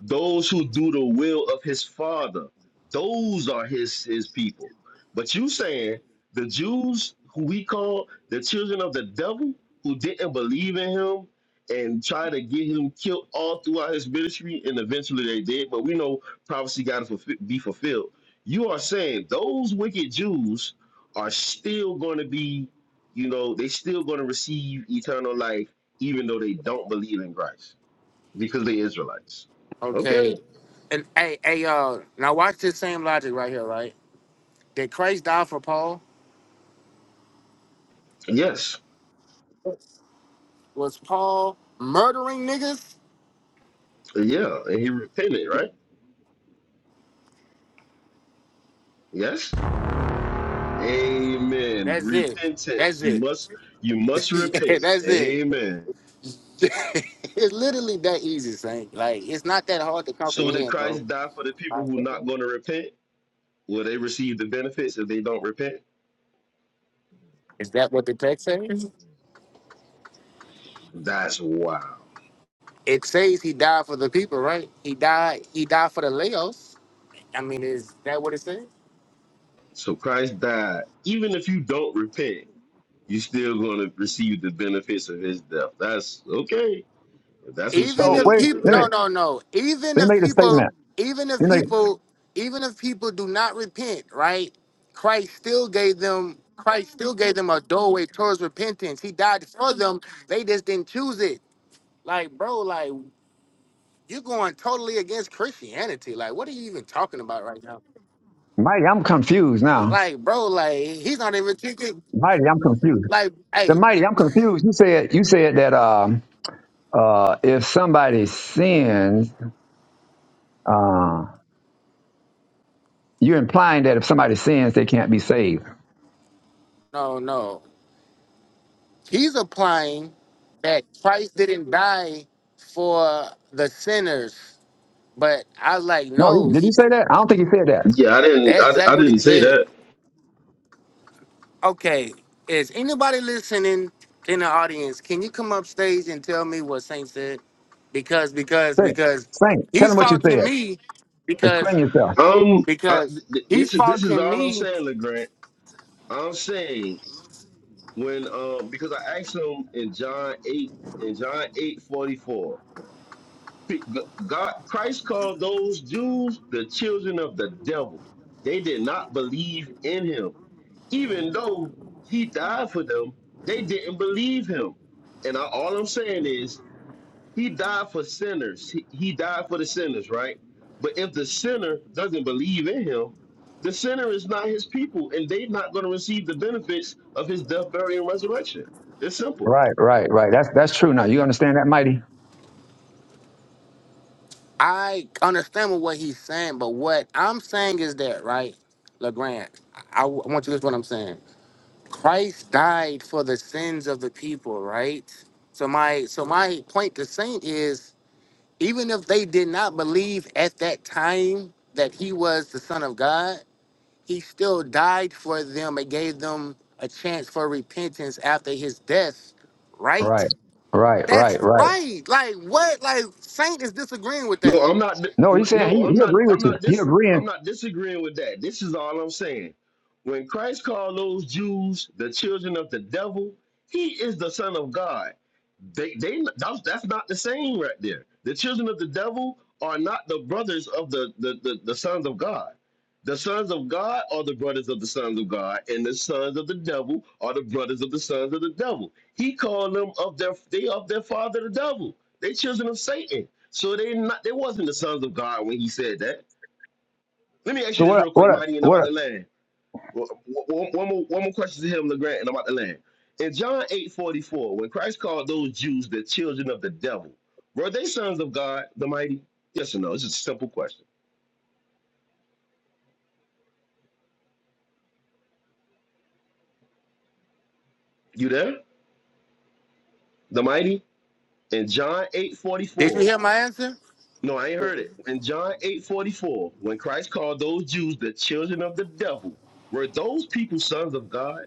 C: those who do the will of his father those are his his people but you saying the jews who we call the children of the devil who didn't believe in him and try to get him killed all throughout his ministry and eventually they did but we know prophecy got to fulfi- be fulfilled you are saying those wicked jews are still going to be you know they still going to receive eternal life even though they don't believe in christ because they Israelites.
D: Okay,
C: Okay.
D: and hey, hey, y'all. Now watch this same logic right here, right? Did Christ die for Paul?
C: Yes.
D: Was Paul murdering niggas?
C: Yeah. And he repented, right? Yes. Amen.
D: That's it.
C: Repentance.
D: That's
C: You
D: it.
C: must you must repent.
D: That's it.
C: Amen.
D: it's literally that easy, Saint. Like it's not that hard to
C: So did
D: comprehend, bro.
C: Christ die for the people
D: Like,
C: who are not going to repent? Will they receive the benefits if they don't repent?
D: is that what the text says?
C: That's wild.
D: It says he died for the people, right? He died. He died for the Laos. I mean, is that what it says?
C: So Christ died. Even if you don't repent, you're still going to receive the benefits of his death. That's okay. If that's what you
D: even
A: so
C: want to,
D: if
A: wait,
C: you
D: people
A: let me,
D: no
C: know.
D: no no even
A: let me
D: if
A: make a
D: people
A: statement.
D: even if
A: Let me make,
D: people even if people do not repent right christ still gave them christ still gave them a doorway towards repentance he died for them they just didn't choose it like bro like you're going totally against christianity like what are you even talking about right now
A: Mighty, I'm confused now.
D: like bro like he's not even thinking
A: Mighty, I'm confused.
D: like
A: The
D: hey
A: Mighty, I'm confused. You said, you said that, um, uh, if somebody sins, uh, you're implying that if somebody sins, they can't be saved.
D: no no he's applying that christ didn't die for the sinners But I was like,
A: No, he-
D: no,
A: did you
D: he
A: say that? I don't think you said that.
C: Yeah, I didn't.
D: that's
C: I, I
D: exactly what
C: didn't
D: he
C: say
D: said.
C: that.
D: Okay, is anybody listening in the audience? Can you come up stage and tell me what Saint said? Because because
A: Say,
D: because
A: Saint, tell
D: he's
A: him what you said.
D: faulting me
A: Explain
D: because
A: yourself.
C: Um, uh,
D: because
C: th-
D: he's
C: this is this is
D: faulting
C: all I'm
D: me.
C: saying, LeGrant. I'm saying when um because I asked him in John eight in John eight forty four, God Christ called those Jews the children of the devil. They did not believe in him, even though he died for them. They didn't believe him, and I, all I'm saying is he died for sinners. He, he died for the sinners, right? But if the sinner doesn't believe in him, the sinner is not his people, and they're not going to receive the benefits of his death, burial, and resurrection. It's simple.
A: Right, right, right. That's that's true. Now you understand that, mighty.
D: I understand what he's saying, but what I'm saying is that right, LeGrand, I, I want you to listen to what I'm saying. Christ died for the sins of the people, right? So my so my point to Saint is even if they did not believe at that time that he was the son of God, he still died for them and gave them a chance for repentance after his death, right?
A: Right, right, right,
D: That's
A: right.
D: right. Like what? Like Saint is disagreeing with
C: No,
D: that.
C: I'm not.
A: No, he's saying he
C: No, I'm
A: he
C: not.
A: agree with
C: I'm
A: you.
C: not.
A: He
C: This.
A: agreeing.
C: I'm not disagreeing with that. This is all I'm saying. When Christ called those Jews the children of the devil, He is the Son of God. They. They. That's, that's not the same right there. The children of the devil are not the brothers of the the, the the sons of God. The sons of God are the brothers of the sons of God, and the sons of the devil are the brothers of the sons of the devil. He called them of their they of their father the devil. They children of Satan. So they not they wasn't the sons of God when he said that. Let me ask you
A: So
C: this
A: what
C: real quick,
A: what
C: Mighty, and I'm about
A: what?
C: to land. One, one, one more, one more question to him, LeGrand, and I'm about to land. In John 8:44, when Christ called those Jews the children of the devil, were they sons of God, the mighty? Yes or no? It's just a simple question. You there? The mighty? In John 8:44,
D: Did you hear my answer?
C: No, I ain't heard it. In John 8:44, when Christ called those Jews the children of the devil, were those people sons of God?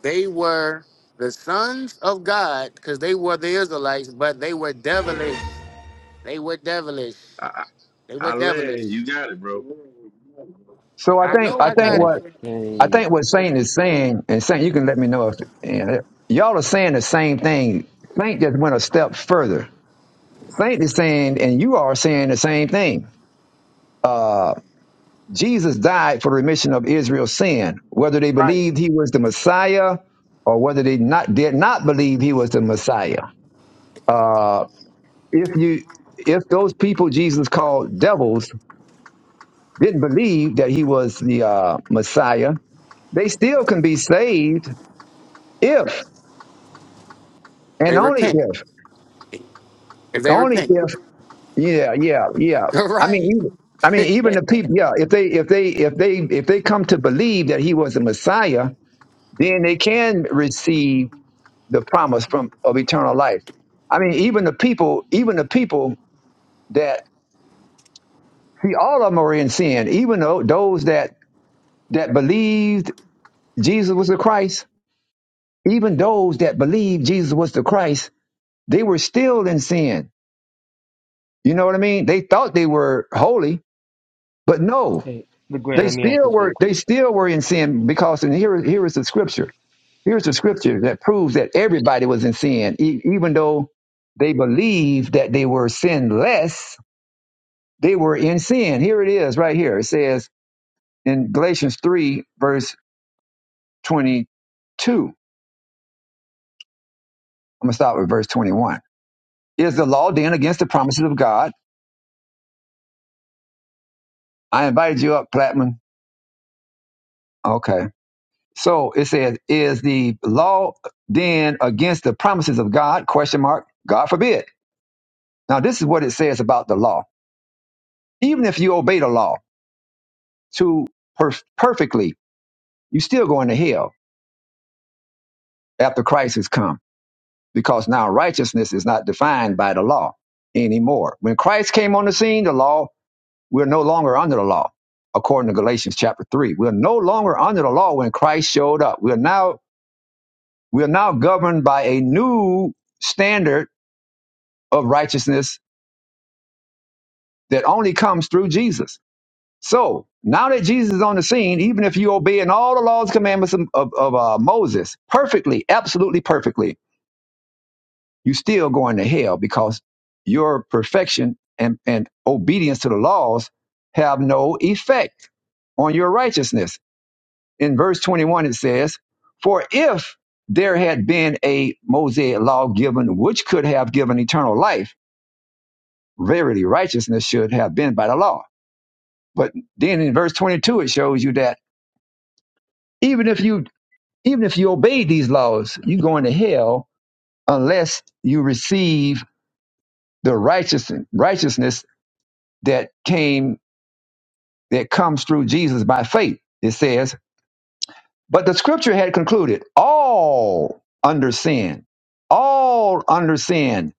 D: They were the sons of God because they were the Israelites, but they were devilish. They were devilish.
C: I, I,
D: They were
C: I
D: devilish.
C: land. You got it, bro.
A: So I
D: I
A: think
D: know
A: I
D: I
A: think
D: got
E: Yes.
D: it.
A: what I
E: Hey,
A: think what Saint is saying and Saint, you can let me know if and y'all are saying the same thing. Saint just went a step further. Saint is saying, and you are saying the same thing. Uh, Jesus died for the remission of Israel's sin, whether they
D: Right.
A: believed he was the Messiah or whether they not did not believe he was the Messiah. Uh, if you if those people Jesus called devils didn't believe that he was the uh, Messiah, they still can be saved if and
D: They
A: only
D: repent.
A: if
D: If they
A: only
D: repent,
A: if yeah yeah yeah. I mean.
D: right?
A: Even, I
D: hey,
A: mean, even the people, yeah. If they, if they, if they, if they come to believe that he was the Messiah, then they can receive the promise from of eternal life. I mean, even the people, even the people that see, all of them are in sin. Even though those that that believed Jesus was the Christ, even those that believed Jesus was the Christ, they were still in sin. You know what I mean? They thought they were holy, but no,
E: hey, but Grant,
A: they
E: let me ask
A: still
E: this real
A: were. They
E: quick.
A: still were in sin because, and here, here is the scripture. Here's the scripture that proves that everybody was in sin, e- even though they believed that they were sinless. They were in sin. Here it is, right here. It says in Galatians three, verse twenty-two. I'm gonna start with verse twenty-one Is the law then against the promises of God? I invited you up, Plattman. Okay. So it says, is the law then against the promises of God? Question mark. God forbid. Now this is what it says about the law. Even if you obey the law to per- perfectly, you still go into hell after Christ has come because now righteousness is not defined by the law anymore. When Christ came on the scene, the law We're no longer under the law, according to Galatians chapter three. We're no longer under the law when Christ showed up. We're now we're now governed by a new standard of righteousness that only comes through Jesus. So now that Jesus is on the scene, even if you obey in all the laws, commandments of, of, of, uh, Moses perfectly, absolutely perfectly, you still going to hell because your perfection and, and obedience to the laws have no effect on your righteousness In verse 21, it says, For if there had been a Mosaic law given which could have given eternal life, verily righteousness should have been by the law. But then in verse 22, it shows you that even if you even if you obey these laws, you go into hell unless you receive the righteous, righteousness that came that comes through Jesus by faith. It says But the scripture had concluded all under sin, all under sin.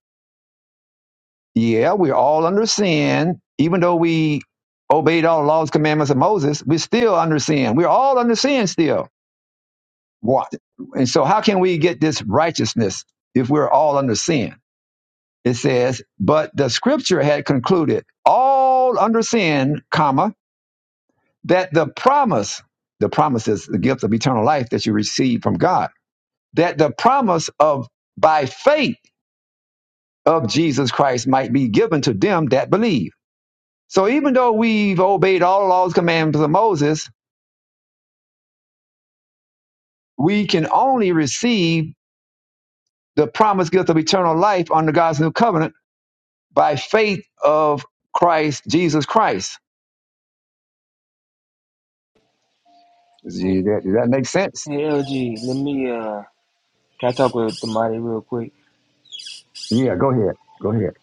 A: Yeah, we're all under sin. Even though we obeyed all the laws, commandments of Moses, we're still under sin. We're all under sin still. What? And so, how can we get this righteousness if we're all under sin? It says, but the scripture had concluded all under sin, comma, that the promise, the promise is the gift of eternal life that you receive from God that the promise of by faith of Jesus Christ might be given to them that believe. So even though we've obeyed all the laws, commandments of Moses, we can only receive the promised gift of eternal life under God's new covenant by faith of Christ, Jesus Christ. Does
E: Hey,
A: that, does that make sense?
E: hey, LG, let me uh, can I talk with the mighty real quick?
A: Yeah, go ahead. Go ahead.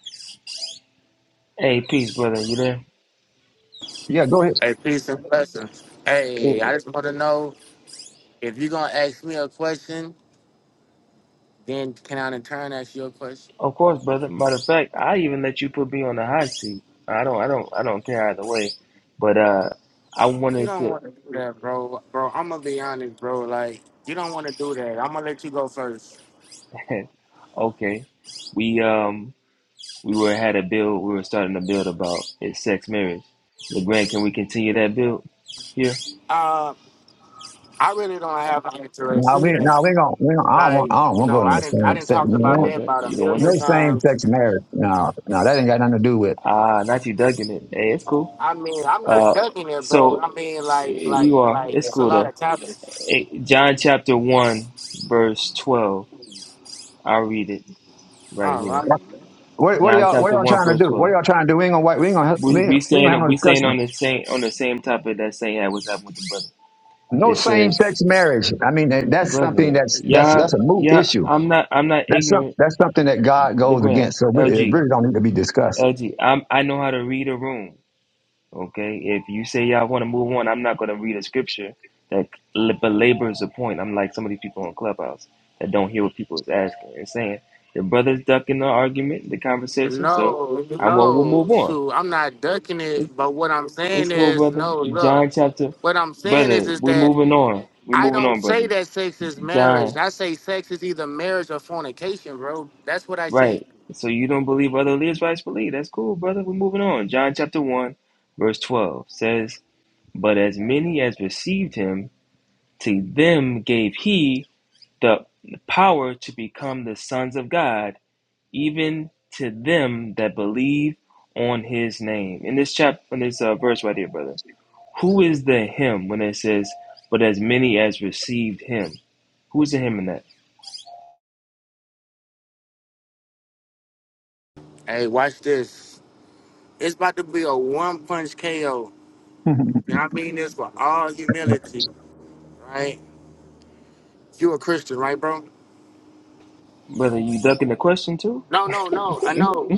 E: Hey, peace, brother. You there?
A: Yeah, go ahead.
D: peace and blessings. Hey,
E: Eh,
D: I just want to know if you're gonna ask me a question, then can I in turn ask you a question?
E: of course, brother. Matter of fact, I even let you put me on the hot seat. I don't, I don't, I don't care either way. But uh, I
D: you
E: wanted
D: don't
E: to.
D: want to do that, bro, bro, I'm gonna be honest, bro. Like you don't want to do that. I'm gonna let you go first.
E: okay, we um, we were had a bill. We were starting to build about his sex marriage. LeGrand, can we continue that build here?
D: Uh, I really don't have an interest.
A: Now
D: in
A: we,
D: it.
A: now we gonna, we gonna, I don't
D: Like
A: want, I don't
D: you
A: want to go
D: know,
A: into
D: I
A: the
D: didn't, I
A: same
D: didn't
A: sex.
D: talk
E: You don't
D: about
E: want
D: that
E: that?
D: about a
E: You don't want
A: No
D: million
E: that?
A: same
D: times.
A: sex marriage. No, no, that ain't got nothing to do with.
E: Ah, not you ducking it. Hey, it's cool.
D: I mean, I'm not
E: Uh,
D: ducking it, bro.
E: so
D: I mean, like, like,
E: you are.
D: like,
E: It's
D: it's a
E: cool
D: lot
E: though.
D: of topics.
E: Eh, John chapter one, verse twelve. I'll read it right
D: All
E: here.
D: right.
A: What, what are
E: John
A: y'all? What are
E: chapter
A: y'all
E: one,
A: trying to
E: verse
A: do? What are
E: twelve.
A: y'all trying to do? We ain't gonna. wa- We ain't gonna. ha- We
E: We
A: ain't,
E: we
A: we ain't gonna
E: staying
A: have no
E: we staying
A: discussion.
E: on the same on the same topic that Saint had was having with the brother.
A: No
E: It
A: same
E: says,
A: sex marriage. I mean, that- that's something
E: brother,
A: that's that's
E: yeah,
A: that's a moot
E: yeah.
A: issue.
E: I'm not I'm not
A: That's some,
E: ignorant.
A: that's something that God goes
E: Legrand,
A: against. So we, it
E: LG,
A: really don't need to be discussed.
E: LG. am I know how to read a room. Okay, if you say y'all want to move on, I'm not going to read a scripture that l- belabors the point. I'm like some of these people on Clubhouse that don't hear what people is asking and saying. The brother's ducking the argument, the conversation, so
D: No,
E: I well, we'll move
D: no,
E: on.
D: shoot, I'm not ducking it.
E: It's
D: But what I'm
E: it's
D: saying
E: cool,
D: is,
E: brother.
D: no, look,
E: John chapter,
D: what I'm saying is,
E: brother,
D: is
E: we
D: that
E: moving on. We
D: I
E: moving
D: don't
E: on,
D: say
E: brother.
D: that sex is marriage.
E: John,
D: I say sex is either marriage or fornication, bro. That's what I say.
E: right? So you don't believe other Israelites believe? That's cool, brother. We're moving on. John chapter one, verse twelve says, "But as many as received him." To them gave he the power to become the sons of God, even to them that believe on his name. In this chapter, in this uh, verse right here, brother, who is the him when it says, but as many as received him? Who is the him in that?
D: Hey, watch this. It's about to be a one punch KO. And I mean this with all humility, right? You a Christian, right, bro?
E: Brother, you ducking the question too?
D: No, no, no. I know.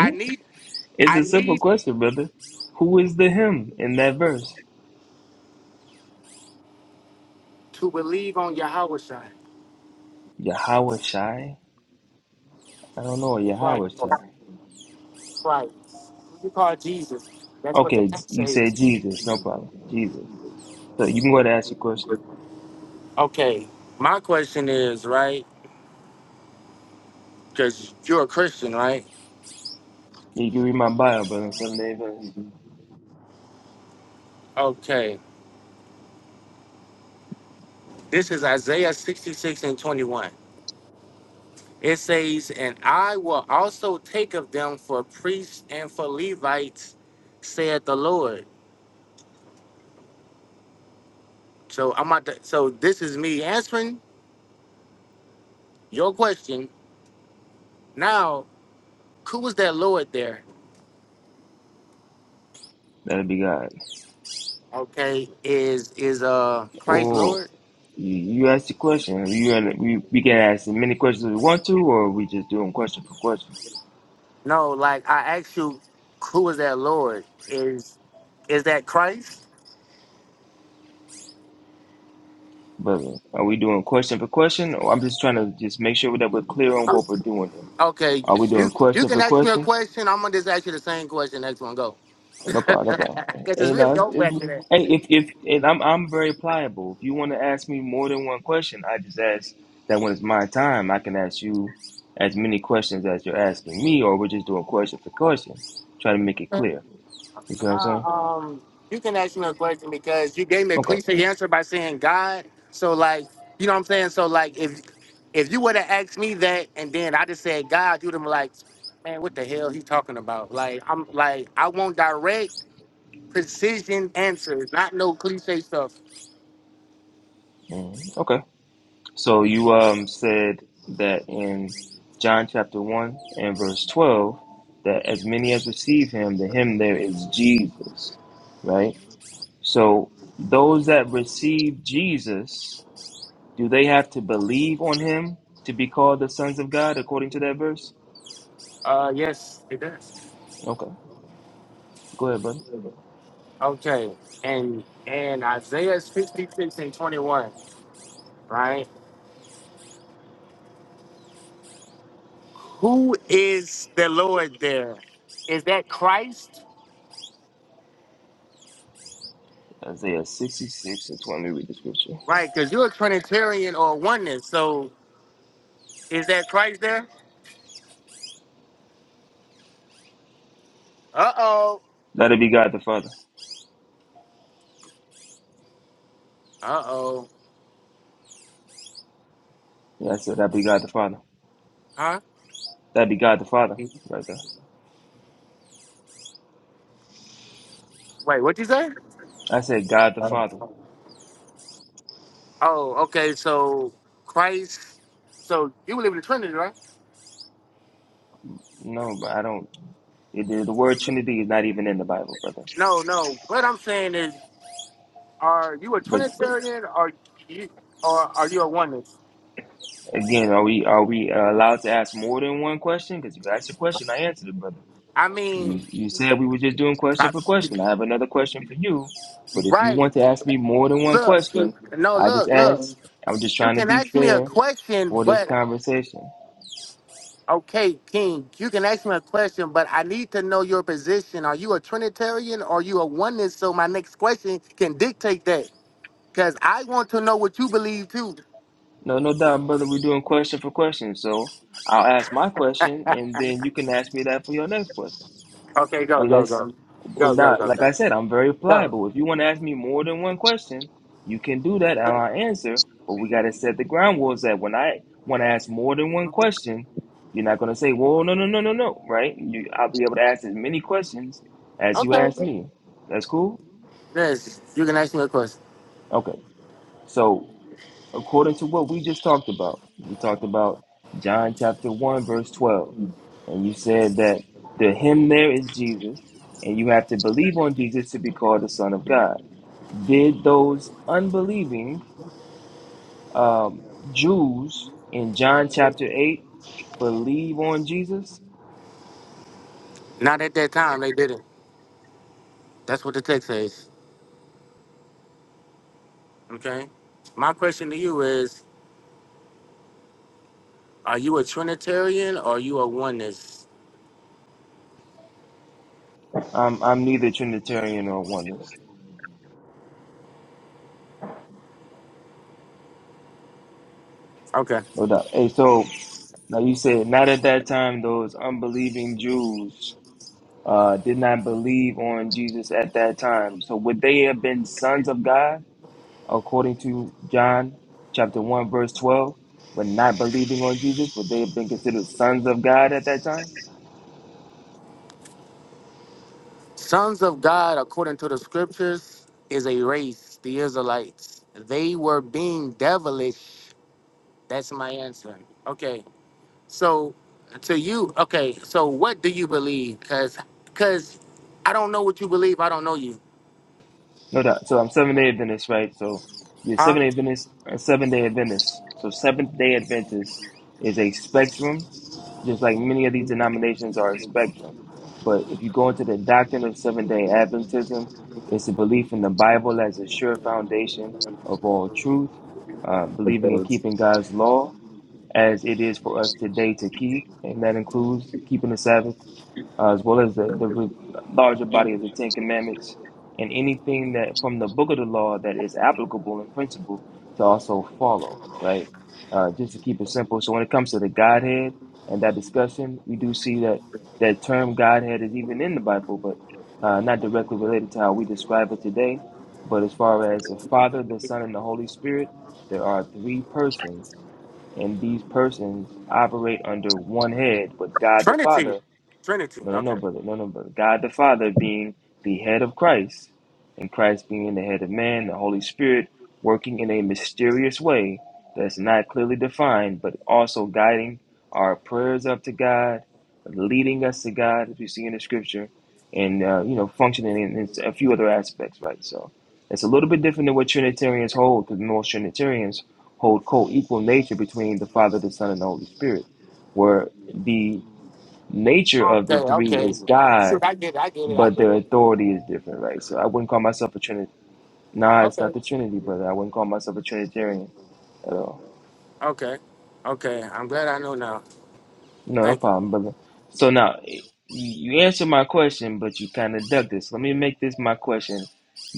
D: I need,
E: It's
D: I
E: a simple
D: need
E: question, brother. Who is the him in that verse?
D: to believe on Yahweh Shai.
E: Yahweh Shai? I don't know, Yahweh
D: Right.
E: Shai.
D: Right. You call Jesus. That's what the
E: Okay,
D: text
E: you said
D: says.
E: Jesus, no problem. Jesus. So you can go ahead and ask your question.
D: Okay. My question is, right? Because you're a Christian, right?
E: You can read my bio, but on some day first.
D: Okay. This is Isaiah 66 and 21. It says, And I will also take of them for priests and for Levites, said the Lord. So I'm about to, so this is me answering your question. Now, who was that Lord there?
E: That'll be God.
D: Okay. Is is uh Christ
E: Or
D: Lord?
E: you, you ask the question. You and we, we can ask as many questions as we want to, or we just doing question for question.
D: No, like I asked you, who is that Lord? Is is that Christ?
E: Brother, are we doing question for question? Or I'm just trying to just make sure that we're clear on what we're doing here.
D: Okay,
E: Are we doing
D: you you
E: question for
D: can ask me a
E: question?
D: question. I'm gonna just ask you the same question. Next one, go.
E: No problem, no problem.
D: Because it's
E: Hey,
D: really
E: no, it's,
D: your
E: it's,
D: question.
E: hey, if if and I'm I'm very pliable. If you want to ask me more than one question, I just ask that when it's my time, I can ask you as many questions as you're asking me, or we're just doing question for question, try to make it clear. You see what I'm saying?
D: Nah, um, you can ask me a question because you gave me a
E: Okay,
D: cliche answer by saying God. So like, you know what I'm saying? So like, if if you would have asked me that and then I just said God, you'd have been like, man, what the hell he talking about? Like I'm like I won't direct precision answers, not no cliche stuff.
E: Mhm. okay. So you um said that in John chapter one and verse twelve that as many as receive him, to him there is Jesus, right? So those that receive Jesus, do they have to believe on him to be called the sons of God according to that verse?
D: Uh, yes, it does.
E: Okay. Go ahead, brother.
D: Okay, and and Isaiah fifty six and twenty one, right? Who is the Lord there? Is that Christ?
E: Isaiah 66 and 20. read the scripture.
D: Right, because you're a Trinitarian or a oneness. So is that Christ there? Uh oh.
E: That it be God the Father.
D: Uh oh.
E: Yeah, I said that be God the Father.
D: Huh?
E: That be God the Father
D: Wait,
E: right there.
D: what you say?
E: I said God the Father.
D: Oh, okay. So Christ. So you believe in the Trinity, right?
E: No, but I don't. It, the the word Trinity is not even in the Bible, brother.
D: No, no. What I'm saying is Are you a
E: But
D: Trinitarian or you or are you a oneness?
E: again, are we are we uh, allowed to ask more than one question? Because if you ask a question, I answered it, brother.
D: I mean,
E: You, you said we were just doing question
D: I-
E: for question. I have another question for you, but if you
D: right.
E: want to ask me more than one
D: Look,
E: question,
D: no,
E: I just
D: look, look.
E: asked. I'm just
D: You
E: trying to
D: can
E: be
D: ask me a
E: fair
D: question,
E: for this
D: but
E: conversation.
D: okay, King, you can ask me a question, but I need to know your position. Are you a Trinitarian or are you a oneness? So my next question can dictate that. Cause I want to know what you believe too.
E: No, no doubt, brother. We're doing question for question, so I'll ask my question, and then you can ask me that for your next question.
D: Okay, go, go,
E: Unless,
D: go.
E: well,
D: Go, go,
E: now,
D: go,
E: like
D: go.
E: I said, I'm very
D: Go.
E: pliable. If you want to ask me more than one question, you can do that, and I'll answer. But we got to set the ground rules that when I want to ask more than one question, you're not going to say, "Well, no, no, no, no, no," right? You, I'll be able to ask as many questions as you
D: Okay.
E: ask me. That's cool.
D: Yes, you can ask me a question.
E: Okay. So according to what we just talked about. We talked about John chapter 1, verse 12. And you said that the him there is Jesus, and you have to believe on Jesus to be called the Son of God. Did those unbelieving um, Jews in John chapter 8 believe on Jesus?
D: Not at that time, they didn't. That's what the text says. Okay. My question to you is: Are you a Trinitarian or are you a oneness?
E: I'm, I'm neither Trinitarian or oneness,
D: Okay.
E: no doubt. Hey, so now you said not at that time those unbelieving Jews uh, did not believe on Jesus at that time. So would they have been sons of God according to John chapter 1 verse 12? When not believing on Jesus, would they have been considered sons of God at that time?
D: Sons of God, according to the scriptures, is a race, the Israelites. They were being devilish. That's my answer. Okay. So, to you, okay. So, what do you believe? Cause, cause, I don't know what you believe. I don't know you.
E: No doubt. So I'm seven day Adventist, right? So you're
D: Huh?
E: seven day Adventist, seven day Adventist. So seventh day Adventist is a spectrum just like many of these denominations are a spectrum. But if you go into the doctrine of Seventh day Adventism, it's a belief in the Bible as a sure foundation of all truth, uh, believing in keeping God's law as it is for us today to keep, and that includes keeping the Sabbath uh, as well as the, the re- larger body of the Ten Commandments, and anything that from the book of the law that is applicable in principle to also follow, right? Uh, just to keep it simple. So when it comes to the Godhead and that discussion, we do see that that term Godhead is even in the Bible, but uh, not directly related to how we describe it today. But as far as the Father, the Son, and the Holy Spirit, there are three persons, and these persons operate under one head, but God the Father
D: Trinity. Trinity.
E: no, no, no,
D: Okay.
E: brother. No, no, brother. God the Father being the head of Christ, and Christ being the head of man, the Holy Spirit working in a mysterious way that's not clearly defined, but also guiding our prayers up to God, leading us to God, as we see in the scripture, and, uh, you know, functioning in, in a few other aspects, right? So it's a little bit different than what Trinitarians hold, because most Trinitarians hold co equal nature between the Father, the Son, and the Holy Spirit, where the nature of
D: Okay.
E: the three
D: Okay.
E: is
D: Shoot,
E: God,
D: I get it. I get it. I
E: but
D: get
E: their
D: it.
E: authority is different, right? So I wouldn't call myself a Trinity. Nah, it's not
D: Okay.
E: the Trinity, brother. I wouldn't call myself a Trinitarian at all.
D: Okay. Okay. I'm glad I know now.
E: No, no
D: Thank
E: problem, brother. So now you you answer my question, but you kind of duck this. Let me make this my question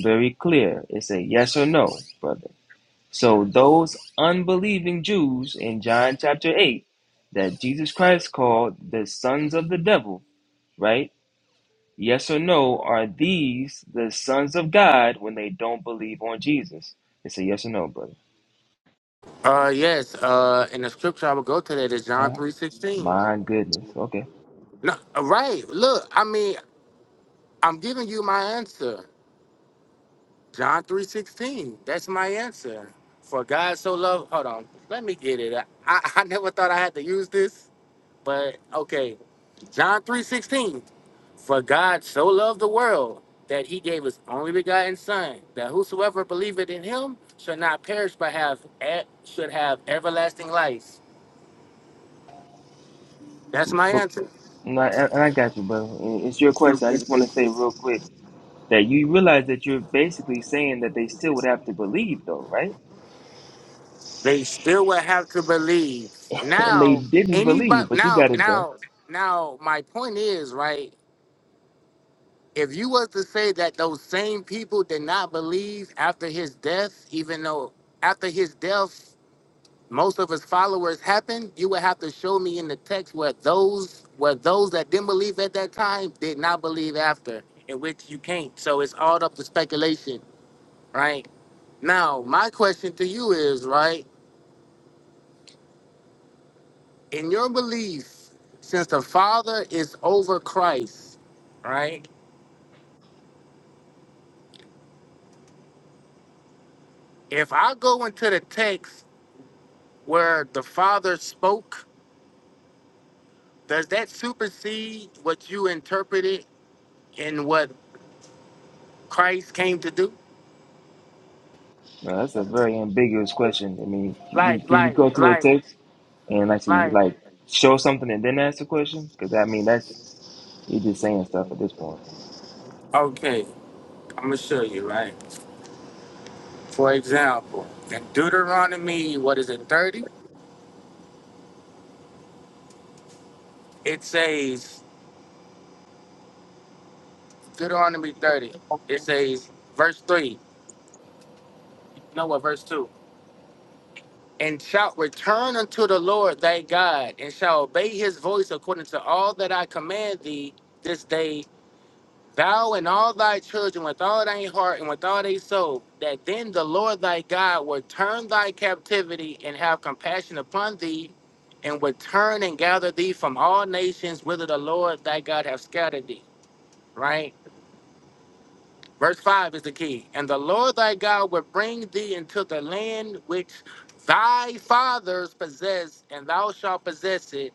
E: very clear. It's a yes or no, brother. So those unbelieving Jews in John chapter eight that Jesus Christ called the sons of the devil, right? Yes or no, are these the sons of God when they don't believe on Jesus? It's a yes or no, brother.
D: you. Uh yes, uh in the scripture I will go to that is John
E: Huh?
D: three sixteen.
E: My goodness. Okay.
D: No uh, right. Look, I mean, I'm giving you my answer. John three sixteen. That's my answer. For God so loved hold on, let me get it. I, I never thought I had to use this, but okay. John 3:16. For God so loved the world that he gave his only begotten son, that whosoever believeth in him should not perish but have e- should have everlasting life. That's my
E: But
D: answer.
E: and I, and I got you, brother. And It's your question. I just want to say real quick that you realize that you're basically saying that they still would have to believe, though, right?
D: They still will have to believe.
E: And they
D: Now,
E: didn't believe,
D: anybody
E: but you
D: now
E: got it, though.
D: now now my point is, right? If you was to say that those same people did not believe after his death, even though after his death most of his followers happened, you would have to show me in the text where those where those that didn't believe at that time did not believe after, in which you can't. So it's all up to speculation, right? Now, my question to you is, right, in your belief, since the Father is over Christ, right? If I go into the text where the Father spoke, does that supersede what you interpreted and what Christ came to do?
E: Now, that's a very ambiguous question. I mean, you,
D: Like,
E: can you
D: like,
E: go to a
D: like.
E: text and actually,
D: Right.
E: like, show something and then ask the question? Because, I mean, that's, you're just saying stuff at this point.
D: Okay, I'm gonna show you, right? For example, in Deuteronomy, what is it, 30? It says, Deuteronomy 30, it says, verse 3. No, what, verse 2? And shalt return unto the Lord thy God, and shall obey his voice according to all that I command thee this day thou and all thy children with all thy heart and with all thy soul, that then the Lord thy God will turn thy captivity and have compassion upon thee, and will turn and gather thee from all nations whither the Lord thy God hath scattered thee. Right? Verse 5 is the key. And the Lord thy God will bring thee into the land which thy fathers possessed, and thou shalt possess it,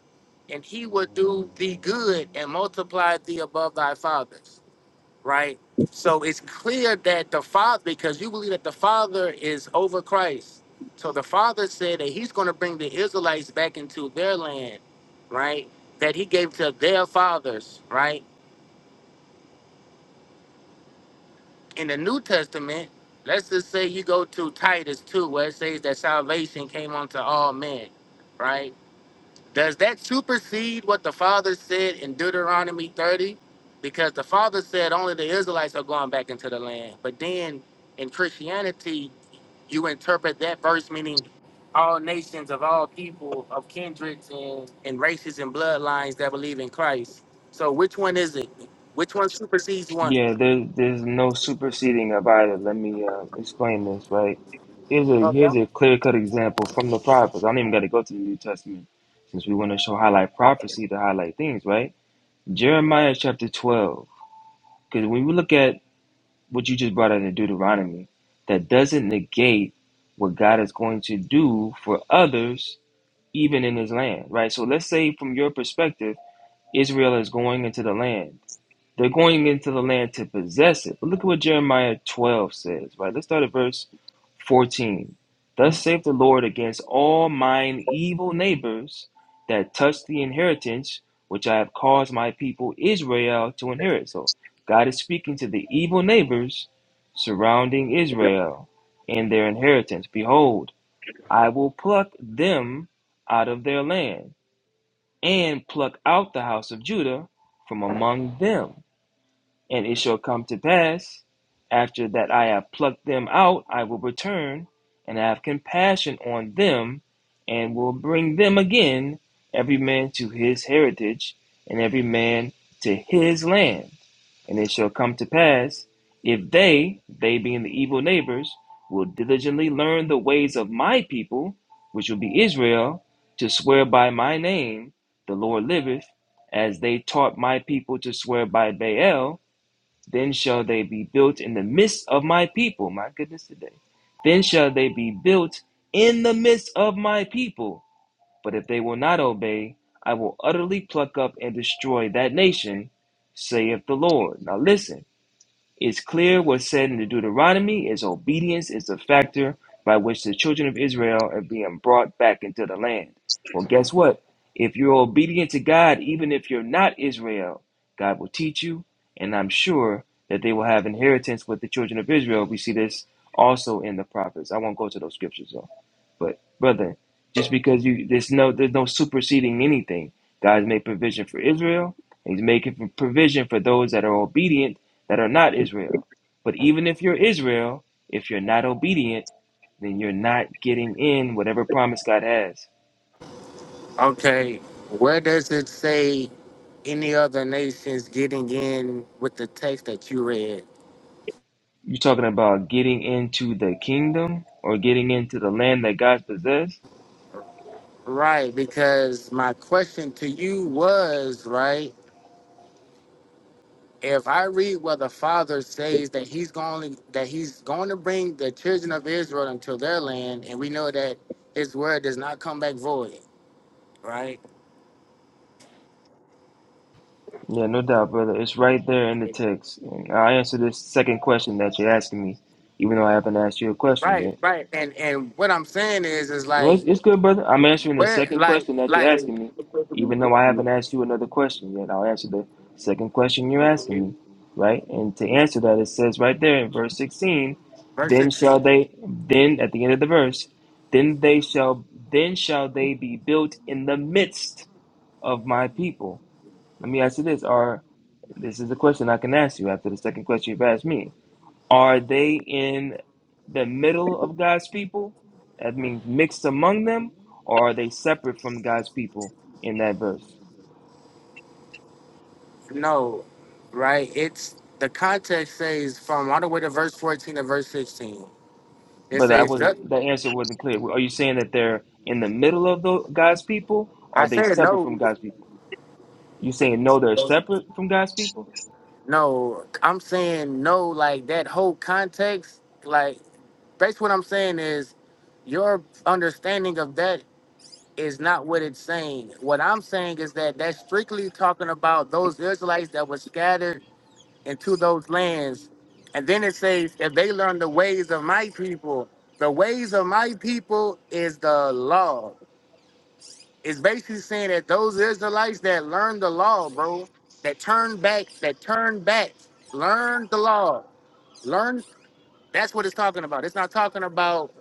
D: and he will do thee good and multiply thee above thy fathers right? So it's clear that the Father, because you believe that the Father is over Christ. So the Father said that He's going to bring the Israelites back into their land, right? That He gave to their fathers, right? In the New Testament, let's just say you go to Titus 2, where it says that salvation came unto all men, right? Does that supersede what the Father said in Deuteronomy 30? Because the Father said only the Israelites are going back into the land. But then in Christianity, you interpret that verse meaning all nations of all people, of kindreds and, and races and bloodlines that believe in Christ. So which one is it? Which one supersedes one?
E: Yeah, there, there's no superseding of either. Let me uh, explain this, right? Here's a
D: Okay.
E: here's a clear-cut example from the prophets. I don't even got to go to the New Testament since we want to show highlight prophecy to highlight things, right? Jeremiah chapter 12. Because when we look at what you just brought out in Deuteronomy, that doesn't negate what God is going to do for others, even in his land, right? So let's say from your perspective, Israel is going into the land. They're going into the land to possess it. But look at what Jeremiah 12 says, right? Let's start at verse 14. Thus saith the Lord against all mine evil neighbors that touch the inheritance which I have caused my people Israel to inherit. So God is speaking to the evil neighbors surrounding Israel and their inheritance. Behold, I will pluck them out of their land and pluck out the house of Judah from among them and it shall come to pass, after that I have plucked them out, I will return, and have compassion on them, and will bring them again, every man to his heritage, and every man to his land. And it shall come to pass, if they, they being the evil neighbors, will diligently learn the ways of my people, which will be Israel, to swear by my name, the Lord liveth, as they taught my people to swear by Baal, then shall they be built in the midst of my people. My goodness today. Then shall they be built in the midst of my people. But if they will not obey, I will utterly pluck up and destroy that nation, saith the Lord. Now listen. It's clear what's said in the Deuteronomy is obedience is the factor by which the children of Israel are being brought back into the land. Well, guess what? If you're obedient to God, even if you're not Israel, God will teach you, and I'm sure that they will have inheritance with the children of Israel. We see this also in the prophets. I won't go to those scriptures though. But brother, just because you there's no there's no superseding anything. God's made provision for Israel. He's making provision for those that are obedient that are not Israel. But even if you're Israel, if you're not obedient, then you're not getting in whatever promise God has.
D: Okay. Where does it say any other nations getting in with the text that you read?
E: You're talking about getting into the kingdom or getting into the land that God possessed?
D: Right, because my question to you was right. If I read where the Father says that He's going that He's going to bring the children of Israel into their land, and we know that His word does not come back void, right?
E: Yeah, no doubt, brother. It's right there in the text. And I'll answer this second question that you're asking me, even though I haven't asked you a
D: Right,
E: question.
D: right. And and what I'm saying is, is
E: Well, it's,
D: like
E: it's good, brother. I'm answering the
D: where,
E: second
D: like,
E: question that you're
D: like
E: asking me, even though I haven't asked you another question yet. I'll answer the second question you're asking me, right? And to answer that, it says right there in verse 16,
D: verse
E: then
D: 16.
E: shall they, then at the end of the verse, then they shall, then shall they be built in the midst of my people. Let me ask you this: Are this is a question I can ask you after the second question you've asked me? Are they in the middle of God's people? That means mixed among them, or are they separate from God's people in that verse?
D: No, right. It's the context says from all the way to verse 14 to verse 16. It
E: But that
D: says, "Yep,
E: wasn't the answer wasn't clear. Are you saying that they're in the middle of the, God's people? Or
D: I
E: are they
D: said
E: separate from
D: no.
E: God's people? You saying no, they're separate from God's people,
D: No, I'm saying no, like that whole context, like basically what I'm saying is your understanding of that is not what it's saying. What I'm saying is that that's strictly talking about those Israelites that were scattered into those lands. And then it says, if they learn the ways of my people, the ways of my people is the law. It's basically saying that those Israelites that learned the law, bro, that turned back, that turned back, learned the law, learn. That's what it's talking about. It's not talking about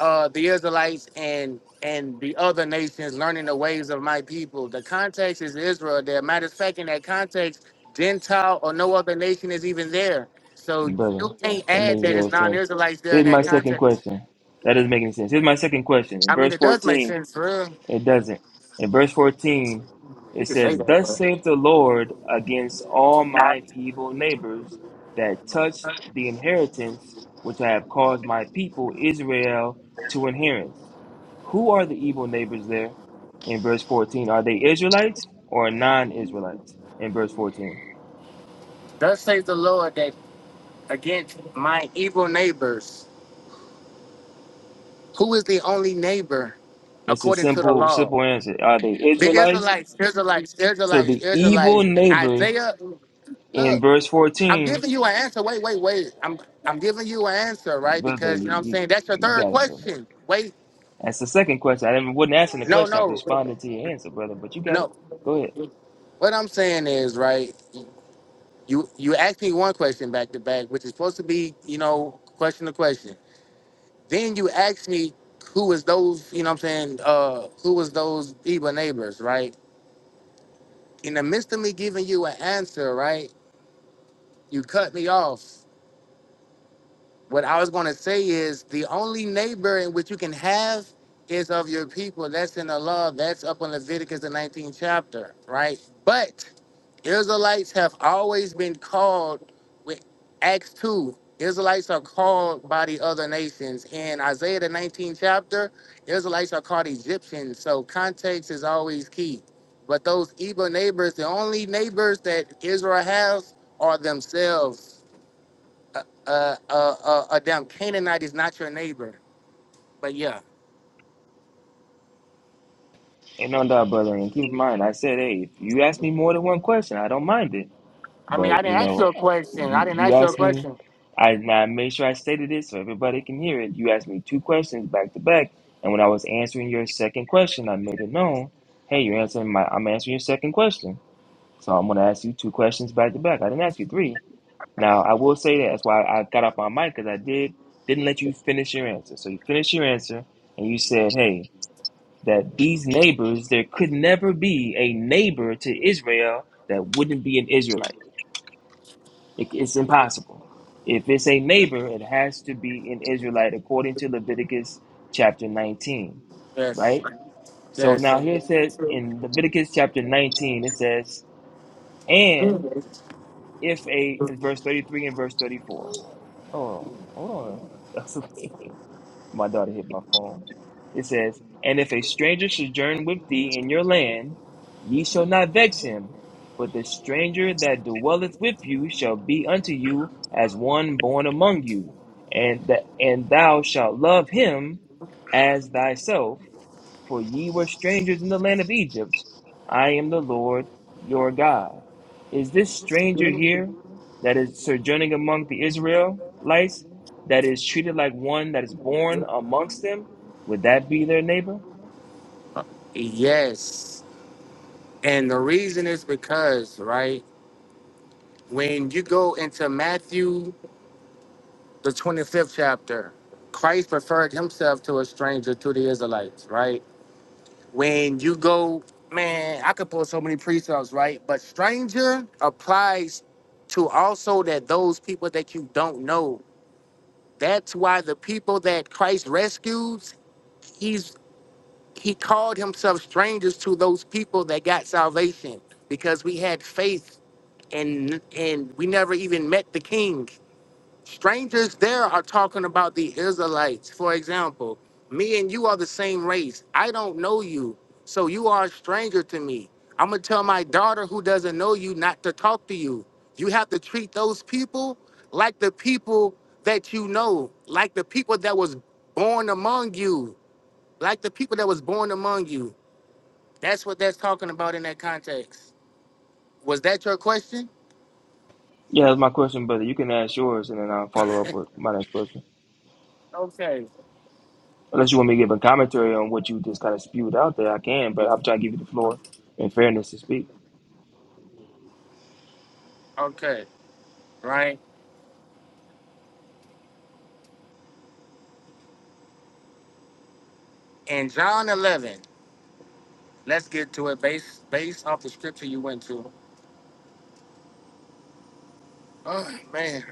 D: uh, the Israelites and and the other nations learning the ways of my people. The context is Israel. There, matter of fact, in that context, Gentile or no other nation is even there. So
E: brother?
D: you can't
E: That
D: add
E: makes
D: that it's
E: zero sense.
D: non-Israelites there
E: Here's
D: in
E: my
D: that
E: second
D: context.
E: question. That doesn't make any sense. Here's my second question. In
D: I mean,
E: verse
D: it does make
E: 14,
D: sense, for real.
E: It doesn't. In verse 14,
D: You
E: it
D: can say
E: says,
D: that, but
E: Thus saith the Lord against all my evil neighbors that touch the inheritance which I have caused my people Israel to inherit. Who are the evil neighbors there? In verse 14, are they Israelites or non Israelites? In verse 14,
D: thus says the Lord that against my evil neighbors. Who is the only neighbor
E: it's a
D: according to the
E: simple,
D: law?
E: simple answer. Are they
D: The
E: Israelites?
D: Israelites, Israelites,
E: So
D: Israelites,
E: the evil
D: Israelites.
E: neighbors
D: Isaiah,
E: in
D: look,
E: verse
D: I'm
E: 14,
D: giving you an answer. Wait, wait, wait. I'm I'm giving you an answer, right?
E: brother,
D: Because you
E: you,
D: know what I'm
E: you,
D: saying that's your
E: you
D: third
E: got it, brother.
D: question. Wait,
E: That's the second question. I didn't, wasn't answering the
D: no,
E: question. I was
D: no,
E: responding to your answer, brother. But you got it.
D: no.
E: Go ahead.
D: What I'm saying is, right, you you asked me one question back to back, which is supposed to be, you know, question to question. Then you ask me who was those, you know what I'm saying, uh, who was those evil neighbors, right? In the midst of me giving you an answer, right, you cut me off. What I was gonna say is the only neighbor in which you can have is of your people. That's in the law. That's up in Leviticus the 19th chapter, right? But Israelites have always been called with Acts 2. Israelites are called by the other nations. In Isaiah the 19th chapter, Israelites are called Egyptians. So context is always key. But those evil neighbors, the only neighbors that Israel has are themselves. Uh, uh, uh, uh, a damn Canaanite is not your neighbor. But yeah,
E: And on that, brother. And keep in mind, I said, hey, if you ask me more than one question, I don't mind it.
D: I mean, I
E: But you
D: didn't ask you
E: know,
D: a question. I
E: you,
D: didn't
E: you
D: ask you a
E: asked me.
D: question.
E: I, and I made sure I stated it so everybody can hear it. You asked me two questions back to back, and when I was answering your second question, I made it known, hey, you're answering my. I'm answering your second question, so I'm gonna ask you two questions back to back. I didn't ask you three. Now, I will say that. That's why I got off my mic because I did didn't let you finish your answer. So you finished your answer, and you said, "Hey, that these neighbors, there could never be a neighbor to Israel that wouldn't be an Israelite. It, it's impossible. If it's a neighbor, it has to be an Israelite according to Leviticus chapter 19,
D: Yes,
E: right? So
D: yes.
E: now here it says in Leviticus chapter 19, it says, "And if a in verse 33 and verse 34." Oh, hold on. That's okay. my daughter hit my phone. It says, And if a stranger sojourn with thee in your land, ye shall not vex him, but the stranger that dwelleth with you shall be unto you as one born among you, and that and thou shalt love him as thyself, for ye were strangers in the land of Egypt. I am the Lord your God. Is this stranger here that is sojourning among the Israelites that is treated like one that is born amongst them? Would that be their neighbor?
D: Yes. And the reason is because, right, when you go into Matthew, the 25th chapter, Christ preferred himself to a stranger to the Israelites, right? When you go, man, I could pull so many precepts, right? But stranger applies to also that those people that you don't know. That's why the people that Christ rescues, he's he called himself strangers to those people that got salvation because we had faith and and we never even met the king. Strangers there are talking about the Israelites. For example, me and you are the same race. I don't know you, so you are a stranger to me. I'm gonna tell my daughter who doesn't know you not to talk to you. You have to treat those people like the people that you know, like the people that was born among you, like the people that was born among you. That's what that's talking about in that context. Was that your question?
E: Yeah, that's my question, brother. You can ask yours and then I'll follow up with my next question.
D: Okay.
E: Unless you want me to give a commentary on what you just kind of spewed out there, I can, but I'm trying to give you the floor in fairness to speak.
D: Okay. right? In John 11, let's get to it based based off the scripture you went to. Oh man!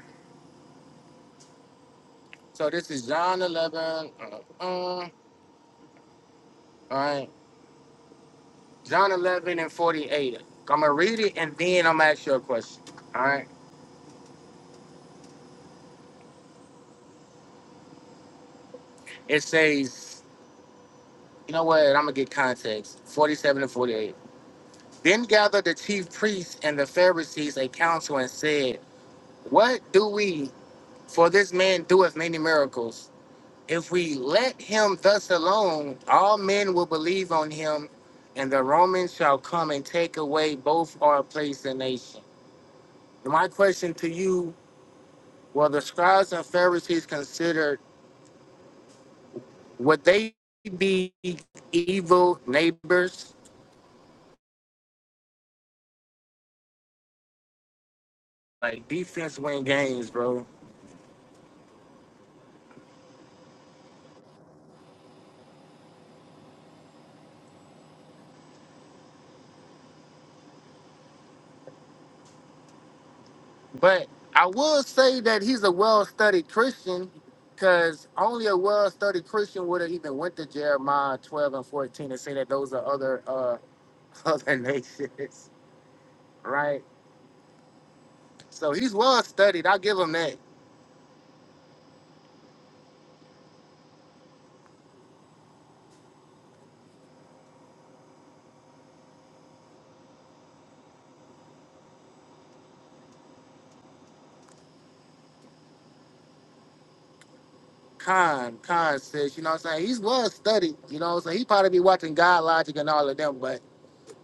D: So this is John 11. Uh, uh, all right, John 11 and 48. I'm gonna read it and then I'm gonna ask you a question. All right. It says, you know what? I'm gonna get context. 47 and 48. Then gathered the chief priests and the Pharisees a council and said, What do we? For this man doeth many miracles. If we let him thus alone, all men will believe on him, and the Romans shall come and take away both our place and nation. My question to you were the scribes and Pharisees considered, would they be evil neighbors? Like defense win games, bro. But I will say that he's a well studied Christian because only a well studied Christian would have even went to Jeremiah 12 and 14 and say that those are other. uh, other nations, right? So he's well studied. I'll give him that. Khan, Khan says, you know what I'm saying? He's well studied, you know what I'm saying? He probably be watching God Logic and all of them, but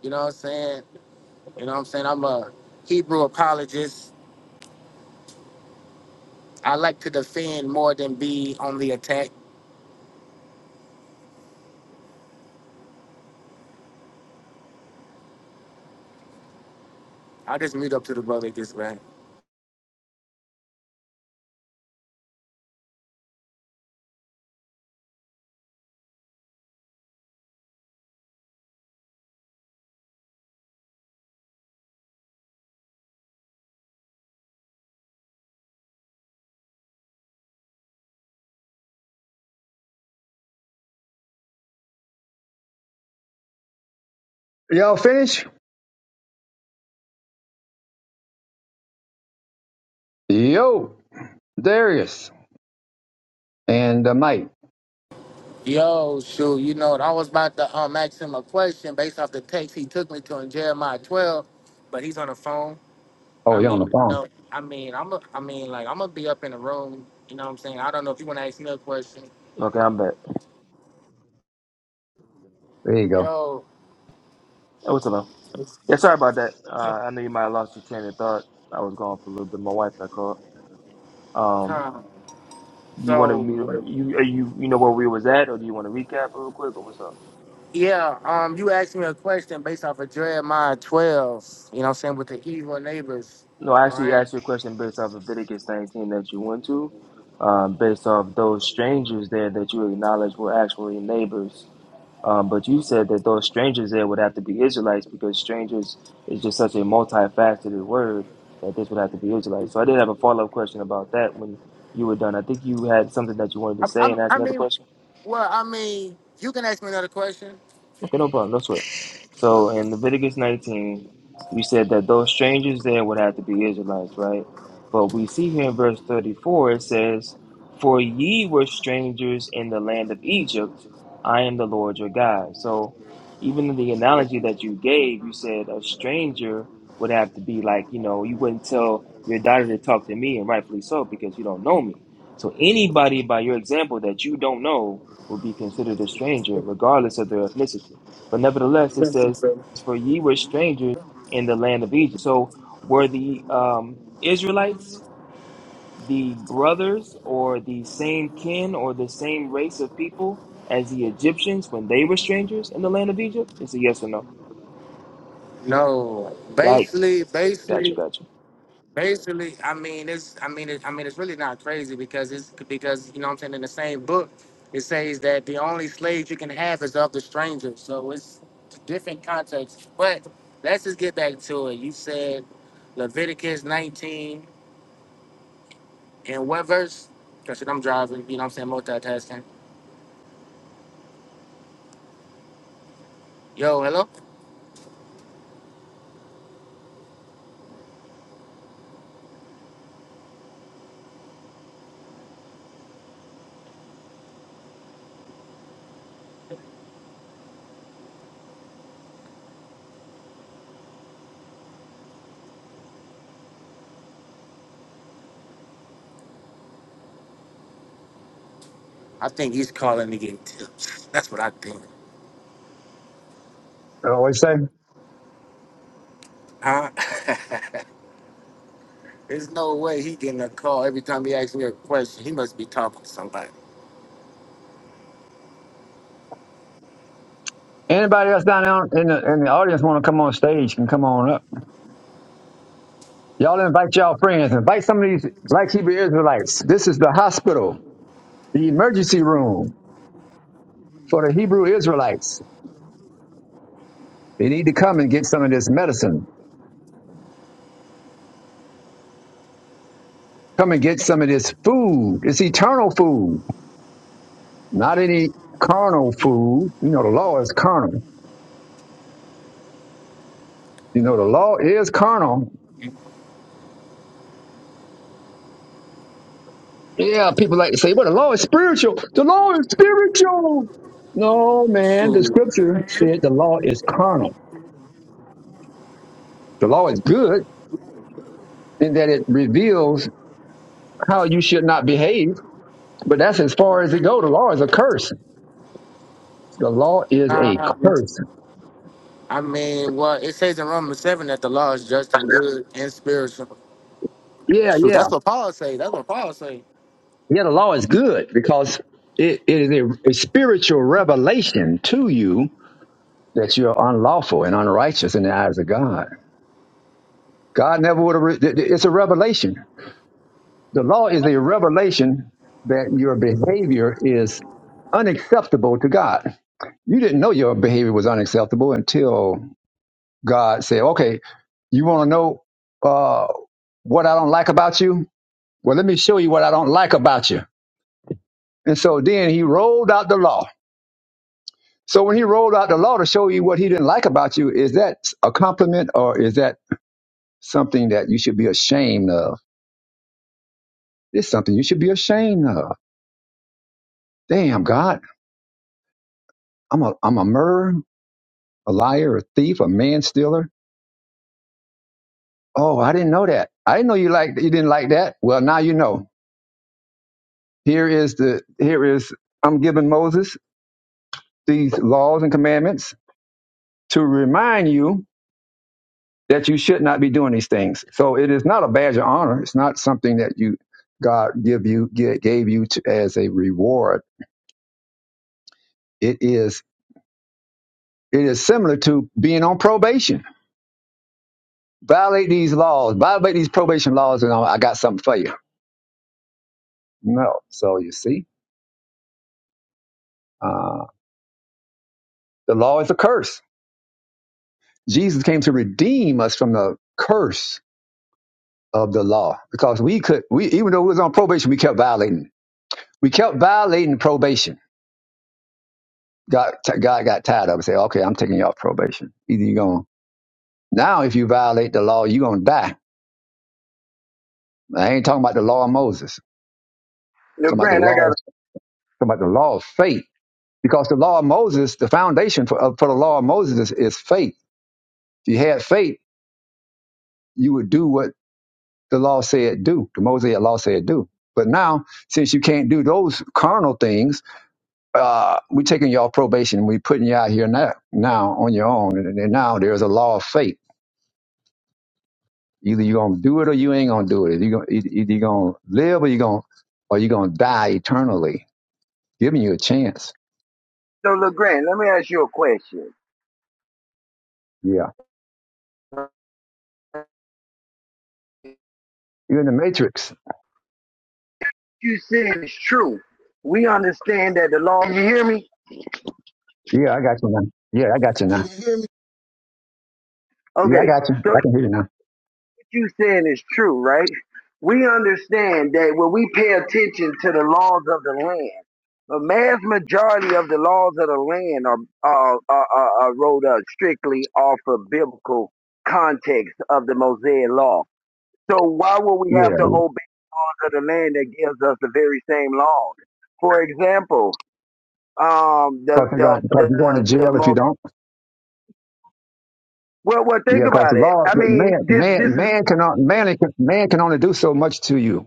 D: you know what I'm saying? You know what I'm saying? I'm a Hebrew apologist. I like to defend more than be on the attack. I'll just mute up to the brother this way.
A: y'all finish? Yo, Darius and uh, Mike.
D: Yo, shoot, you know I was about to um, ask him a question based off the text he took me to in Jeremiah 12, but he's on the phone.
A: Oh,
D: I
A: you're on the
D: mean,
A: phone.
D: no, I mean, I'm a, I mean, like, I'm gonna be up in the room. You know what I'm saying? I don't know if you want to ask me a question.
E: Okay, I'm back.
A: There you go.
D: Yo,
E: Hey, What's up, man? Yeah, sorry about that. Uh, I know you might have lost your train of thought. I was gone for a little bit. My wife I called. Um,
D: Tom.
E: you wanted me to
D: So,
E: you are you you know where we was at, or do you want to recap real quick, or what's up?
D: yeah, um, you asked me a question based off of Jeremiah 12. You know what I'm saying with the evil neighbors,
E: No, I actually
D: right?
E: asked you a question based off Leviticus 19 that you went to, um, based off those strangers there that you acknowledged were actually neighbors. Um, but you said that those strangers there would have to be Israelites because strangers is just such a multifaceted word that this would have to be Israelites. So I did have a follow up question about that when you were done. I think you had something that you wanted to
D: I,
E: say
D: I,
E: and ask
D: I
E: another
D: mean,
E: question.
D: well, I mean, you can ask me another question.
E: Okay, no problem. No sweat. So in Leviticus 19, you said that those strangers there would have to be Israelites, right? But we see here in verse 34, it says, For ye were strangers in the land of Egypt. I am the Lord your God. So even in the analogy that you gave, you said a stranger would have to be like, you know, you wouldn't tell your daughter to talk to me, and rightfully so, because you don't know me. So anybody by your example that you don't know will be considered a stranger, regardless of their ethnicity. But nevertheless, it says, For ye were strangers in the land of Egypt. So were the um, Israelites the brothers or the same kin or the same race of people as the Egyptians when they were strangers in the land of Egypt? It's a yes or no.
D: No,
E: Yikes.
D: basically,
E: Gotcha,
D: basically.
E: gotcha.
D: Basically, I mean it's I mean it, I mean it's really not crazy because it's because you know what I'm saying in the same book it says that the only slaves you can have is of the stranger. So it's different context. But let's just get back to it. You said Leviticus 19 and what verse? Because I'm driving, you know what I'm saying, multitasking. Yo, hello? I think he's calling to get tips. That's what I think.
A: Uh, what you say?
D: Huh? There's no way he getting a call every time he asks me a question. He must be talking to somebody.
A: Anybody else down there in the in the audience want to come on stage can come on up. Y'all invite y'all friends. Invite some of these Black Hebrew Israelites. This is the hospital, the emergency room. for the Hebrew Israelites. They need to come and get some of this medicine. Come and get some of this food. It's eternal food, not any carnal food. You know, the law is carnal. You know, the law is carnal. Yeah, people like to say, well, the law is spiritual. The law is spiritual. No, man, the
D: Shoot.
A: scripture said the law is carnal. The law is good in that it reveals how you should not behave, but that's as far as it goes. The law is a curse. The law is a
D: Uh,
A: curse.
D: I mean, well, it says in Romans seven that the law is just and good and spiritual.
A: Yeah,
D: True.
A: yeah.
D: That's what Paul say. That's what Paul say.
A: Yeah, the law is good because it, it is a, a spiritual revelation to you that you are unlawful and unrighteous in the eyes of God. God never would have, re- th- th- it's a revelation. The law is a revelation that your behavior is unacceptable to God. You didn't know your behavior was unacceptable until God said, okay, you want to know uh, what I don't like about you? Well, let me show you what I don't like about you. And so then he rolled out the law So when he rolled out the law to show you what he didn't like about you, is that a compliment or is that something that you should be ashamed of? It's something you should be ashamed of. Damn, God, I'm a I'm a murderer, a liar, a thief, a man stealer. Oh, I didn't know that. I didn't know you like you didn't like that. Well, now you know. Here is the here is I'm giving Moses these laws and commandments to remind you that you should not be doing these things. So it is not a badge of honor. It's not something that you God give you ge- gave you to, as a reward. It is it is similar to being on probation. Violate these laws, violate these probation laws, and I got something for you. No. So you see, uh, the law is a curse. Jesus came to redeem us from the curse of the law because we could we even though we was on probation, we kept violating. We kept violating probation God, God got tired of it. Say, okay, I'm taking you off probation. Either you're going to now, if you violate the law, you're going to die. I ain't talking about the law of Moses. I'm talking about the
F: LeGrand, I
A: law.
F: got a,
A: I'm talking about the law of faith. Because the law of Moses, the foundation for, uh, for the law of Moses is, is faith. If you had faith, you would do what the law said do. The Mosaic law said do. But now, since you can't do those carnal things, uh, we're taking you off probation. We're putting you out here now, now on your own. And, and now there's a law of faith Either you're gonna do it or you ain't gonna do it. Either you're gonna, e-, either you're gonna live or you're gonna or you're gonna die eternally. Giving you a chance.
F: so LeGrand. Let me ask you a question.
A: Yeah. You're in the matrix.
F: You saying is true. We understand that the law. You hear me?
A: Yeah, I got you now. Yeah, I got you now. Yeah, I
F: Okay.
A: got you.
F: So what
A: I can hear you now.
F: you saying is true, right? We understand that when we pay attention to the laws of the land, the vast majority of the laws of the land are are are, are, are wrote up strictly off of biblical context of the Mosaic law. So why would we have
A: Yeah,
F: to of the land that gives us the very same laws. For example, um, the
A: because you're going
F: the
A: because
F: the
A: you're going to
F: the,
A: jail if you
F: most
A: don't.
F: well, well,
A: Yeah,
F: think
A: because the
F: about it.
A: law,
F: I mean,
A: man,
F: this
A: man,
F: this is
A: man can on- man can man can only do so much to you.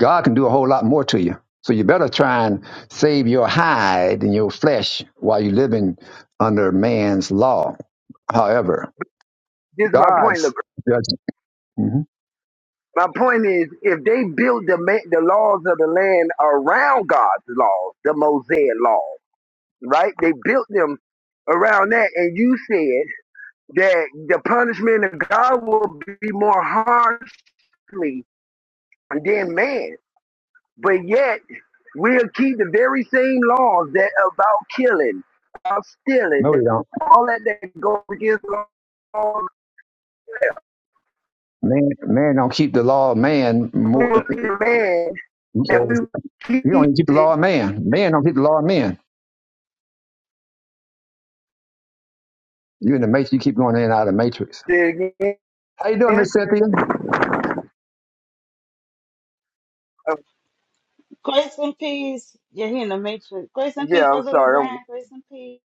A: God can do a whole lot more to you. So you better try and save your hide and your flesh while you're living under man's law. However,
F: this is my point.
A: God's
F: Look,
A: judgment. hmm
F: my point is, if they build the ma- the laws of the land around God's laws, the Mosaic laws, right? They built them around that, and you said that the punishment of God will be more harshly than man. but yet we'll keep the very same laws that about killing, about stealing,
A: No, he
F: that-
A: don't.
F: all that that goes against the laws
A: Man, man don't keep the law of man.
F: of
A: More, he
F: the man,
A: says,
F: and we
A: you don't
F: keep
A: even keep the
F: it
A: law of man. Man don't keep the law of man. You in the matrix. You keep going in and out of the matrix.
F: Say it
A: How you doing,
F: again.
A: Miss Cynthia?
F: Uh,
G: Grace and peace. Yeah, he in the matrix. Grace and peace,
F: yeah, I'm
G: Brother
F: sorry. I'm,
G: LeGrand. Grace and peace.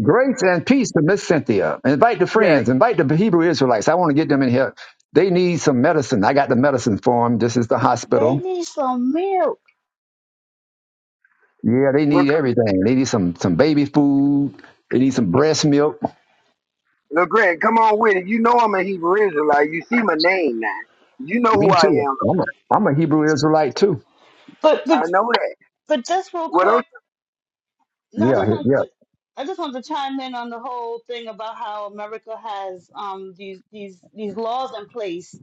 A: Grace and peace to Miss Cynthia. Invite the
F: yeah,
A: friends. Invite the Hebrew Israelites. I want to get them in here. They need some medicine. I got the medicine for them. This is the
G: They
A: hospital.
G: need some milk.
A: Yeah, they
F: look,
A: need everything. They need some some baby food. They need some breast milk.
F: look, Greg, come on with it. You know I'm a Hebrew Israelite. You see my name now. You know who
A: Me
F: I
A: too.
F: am.
A: I'm a, I'm a Hebrew Israelite too.
G: But
F: I
G: but
F: know that.
G: but just real
F: What
G: quick,
F: else?
G: No, I
A: Yeah,
G: just want
A: yeah.
G: to I just want to chime in on the whole thing about how America has um these these these laws in place.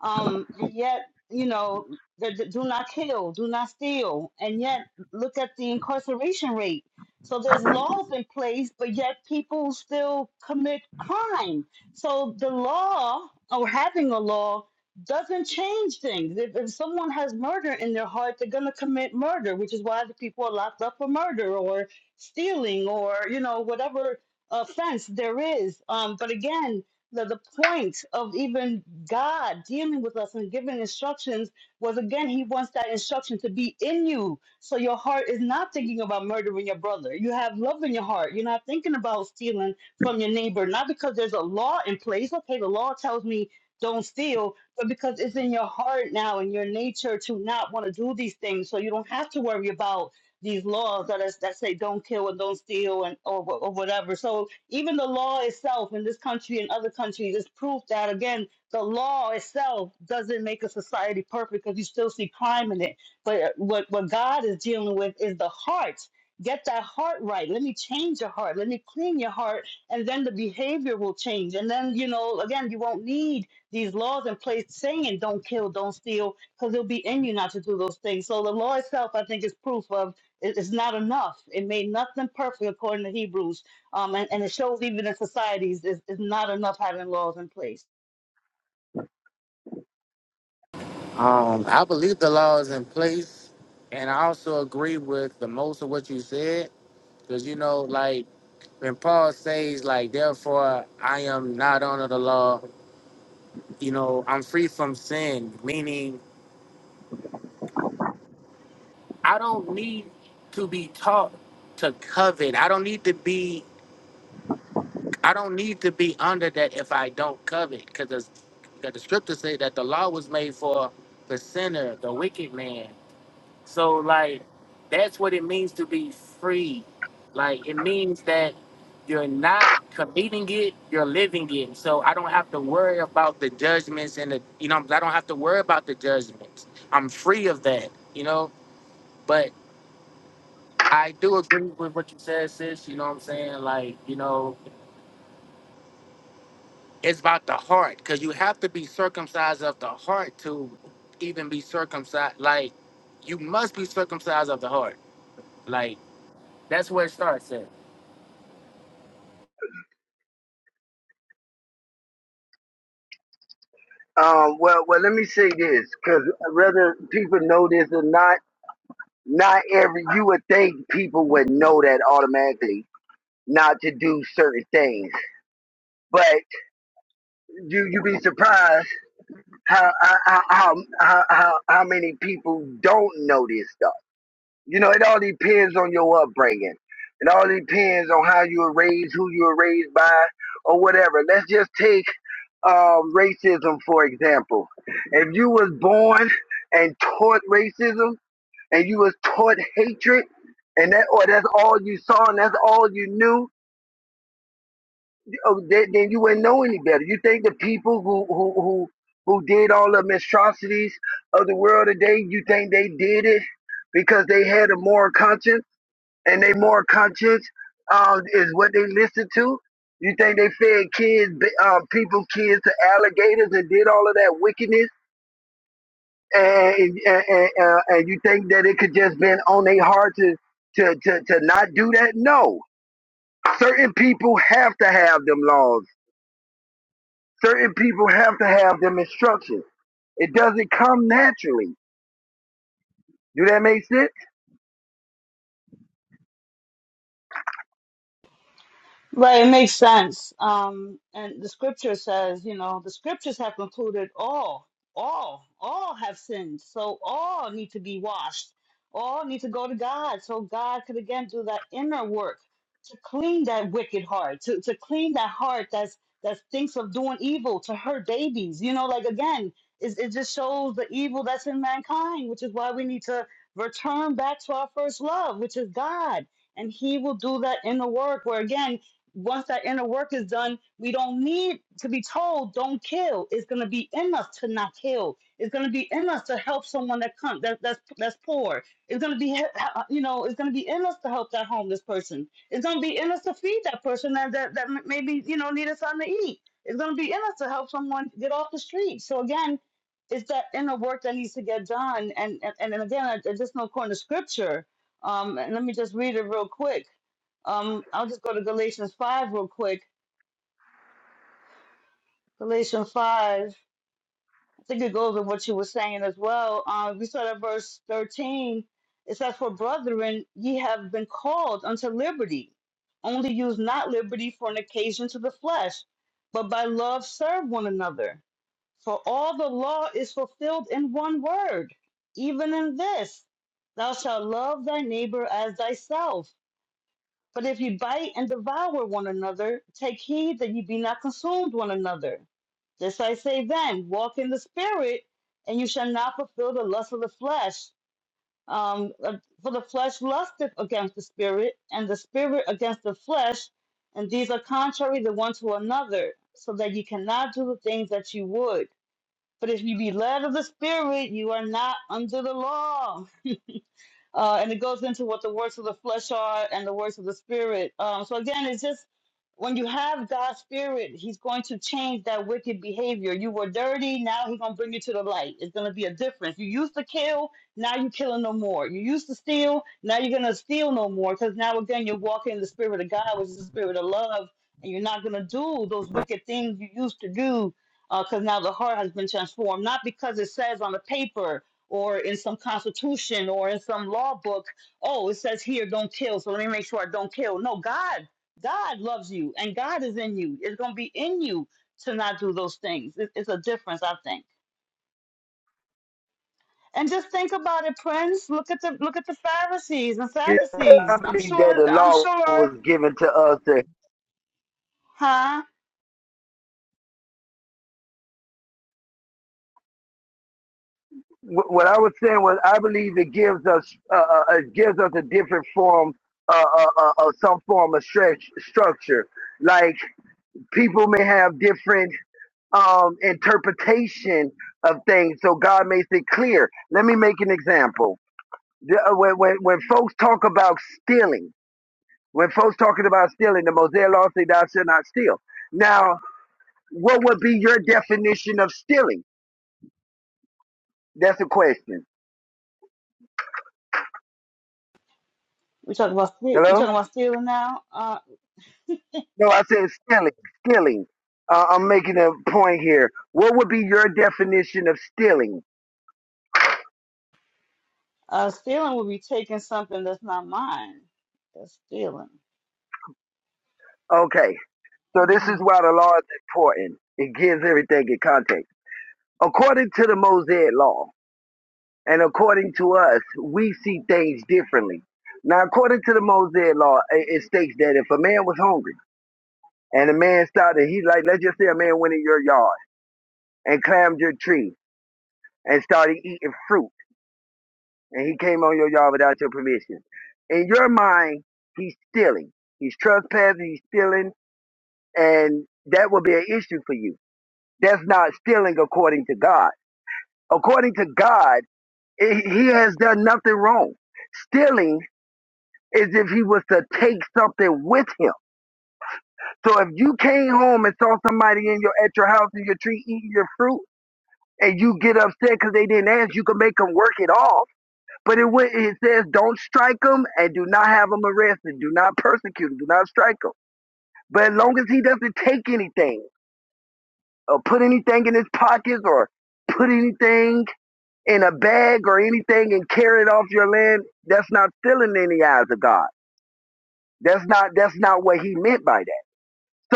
G: Um and yet, you know, the, the do not kill, do not steal. And yet look at the incarceration rate. So there's laws in place, but yet people still commit crime. So the law or having a law doesn't change things. If, if someone has murder in their heart, they're going to commit murder, which is why the people are locked up for murder or stealing or you know whatever offense there is um but again the, the point of even god dealing with us and giving instructions was again he wants that instruction to be in you so your heart is not thinking about murdering your brother you have love in your heart you're not thinking about stealing from your neighbor not because there's a law in place okay the law tells me don't steal but because it's in your heart now and your nature to not want to do these things so you don't have to worry about these laws that is, that say don't kill and don't steal and or, wha- or whatever. So even the law itself in this country and other countries is proof that again the law itself doesn't make a society perfect because you still see crime in it. But uh, what what God is dealing with is the heart. Get that heart right. Let me change your heart. Let me clean your heart, and then the behavior will change. And then you know again you won't need these laws in place saying don't kill, don't steal because it'll be in you not to do those things. So the law itself, I think, is proof of it- It's not enough. It made nothing perfect according to Hebrews. Um, and, and it shows even in societies, it's, it's not enough having laws in place.
D: Um, I believe the law is in place, and I also agree with the most of what you said, because you know, like when Paul says, like, therefore I am not under the law. You know, I'm free from sin, meaning I don't need to be taught to covet. I don't need to be. I don't need to be under that if I don't covet, because the, 'cause the scriptures say that the law was made for the sinner, the wicked man. So like, that's what it means to be free. Like it means that you're not committing it, you're living it. So I don't have to worry about the judgments and the, you know, I don't have to worry about the judgments. I'm free of that, you know. But I do agree with what you said, sis. You know what I'm saying? Like, you know, It's about the heart, because you have to be circumcised of the heart to even be circumcised. Like, you must be circumcised of the heart. Like, that's where it starts at.
F: um, well, well, let me say this, because whether people know this or not Not every you would think people would know that automatically not to do certain things, but you you be surprised how how how how, how how many people don't know this stuff. You know, it all depends on your upbringing. It all depends on how you were raised, who you were raised by, or whatever. Let's just take um, racism for example. If you was born and taught racism and you was taught hatred, and that or that's all you saw and that's all you knew, oh, then, then you wouldn't know any better. You think the people who who who who did all the monstrosities of the world today, you think they did it because they had a moral conscience, and their moral conscience um, is what they listened to. You think they fed kids, uh, people, kids to alligators and did all of that wickedness and, and, and, uh, and you think that it could just been on their heart to, to, to, to not do that? No. Certain people have to have them laws. Certain people have to have them instructions. It doesn't come naturally. Do that make sense?
G: Right, it makes sense. Um, and the scripture says, you know, the scriptures have concluded all, all, all have sinned. So all need to be washed. All need to go to God. So God could again do that inner work to clean that wicked heart, to, to clean that heart that's that thinks of doing evil to hurt babies. You know, like again, it, it just shows the evil that's in mankind, which is why we need to return back to our first love, which is God and he will do that in the work where again once that inner work is done, we don't need to be told, don't kill. It's going to be in us to not kill. It's going to be in us to help someone that comes that, that's that's poor. It's going to be you know, it's going to be in us to help that homeless person. It's going to be in us to feed that person that that, that maybe, you know, needed something to eat. It's going to be in us to help someone get off the street. So again, it's that inner work that needs to get done. And and, and again, I, I just know according to scripture, um, and let me just read it real quick. Um, I'll just go to Galatians 5 real quick. Galatians 5, I think it goes with what you were saying as well. Um, we start at verse 13. It says, For brethren, ye have been called unto liberty. Only use not liberty for an occasion to the flesh, but by love serve one another. For all the law is fulfilled in one word, even in this Thou shalt love thy neighbor as thyself. But if you bite and devour one another, take heed that you be not consumed one another. This I say then, walk in the spirit, and you shall not fulfill the lust of the flesh. Um, uh, for the flesh lusteth against the spirit, and the spirit against the flesh, and these are contrary the one to another, so that you cannot do the things that you would. But if you be led of the spirit, you are not under the law. Uh, and it goes into what the works of the flesh are and the works of the spirit. Um, so again, it's just when you have God's spirit, He's going to change that wicked behavior. You were dirty, now He's gonna bring you to the light. It's gonna be a difference. You used to kill, now you're killing no more. You used to steal, now you're gonna steal no more. Because now again, you're walking in the spirit of God, which is the spirit of love, and you're not gonna do those wicked things you used to do. Because now the heart has been transformed, not because it says on the paper, or in some constitution or in some law book oh it says here don't kill so let me make sure i don't kill no god god loves you and god is in you it's going to be in you to not do those things It- it's a difference i think and just think about it prince look at the look at the pharisees and
F: Yeah, I
G: sadducees i'm
F: believe that
G: sure
F: the
G: i'm
F: law
G: sure
F: was given to us. To,
G: huh
F: what I was saying was, I believe it gives us uh, uh, it gives us a different form, uh, uh, uh, uh, some form of stretch structure. Like people may have different um, interpretation of things. So God makes it clear. Let me make an example. The- uh, When, when, when folks talk about stealing, when folks talking about stealing, the Mosaic law say thou shalt not steal. Now, what would be your definition of stealing? That's a question.
G: we talking about ste- we
F: Hello?
G: talking about stealing now uh
F: No, I said stealing. Stealing. Uh, I'm making a point here. What would be your definition of stealing?
G: uh stealing would be taking something that's not mine that's stealing
F: Okay. So this
G: hmm
F: is why the law is important. It gives everything in context. according to the Mosaic law and according to us, we see things differently. Now, according to the Mosaic law, it, it states that if a man was hungry and a man started, he like, let's just say a man went in your yard and climbed your tree and started eating fruit and he came on your yard without your permission. In your mind, he's stealing. He's trespassing, he's stealing, and that will be an issue for you. That's not stealing according to God. According to God, he he has done nothing wrong. Stealing is if he was to take something with him. So if you came home and saw somebody in your at your house in your tree eating your fruit, and you get upset because they didn't ask, you can make them work it off. But it it says don't strike them and do not have them arrested, do not persecute them, do not strike them. But as long as he doesn't take anything or put anything in his pockets or put anything in a bag or anything and carry it off your land, that's not stealing in the eyes of God. That's not that's not what he meant by that.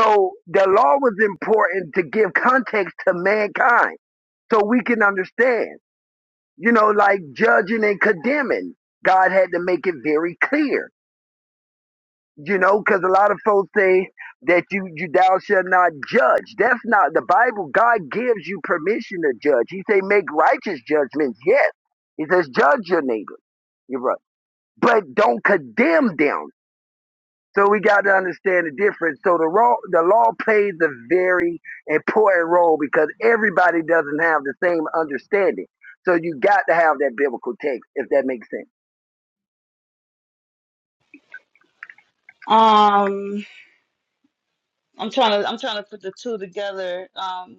F: So the law was important to give context to mankind so we can understand. You know, like judging and condemning. God had to make it very clear. You know, because a lot of folks say that you, you thou shall not judge. That's not the Bible. God gives you permission to judge. He say make righteous judgments. Yes. He says judge your neighbor, your brother, but don't condemn them So we got to understand the difference. So the law, the law plays a very important role because everybody doesn't have the same understanding. So you got to have that biblical text, if that makes sense.
G: um I'm trying to I'm trying to put the two together. Um,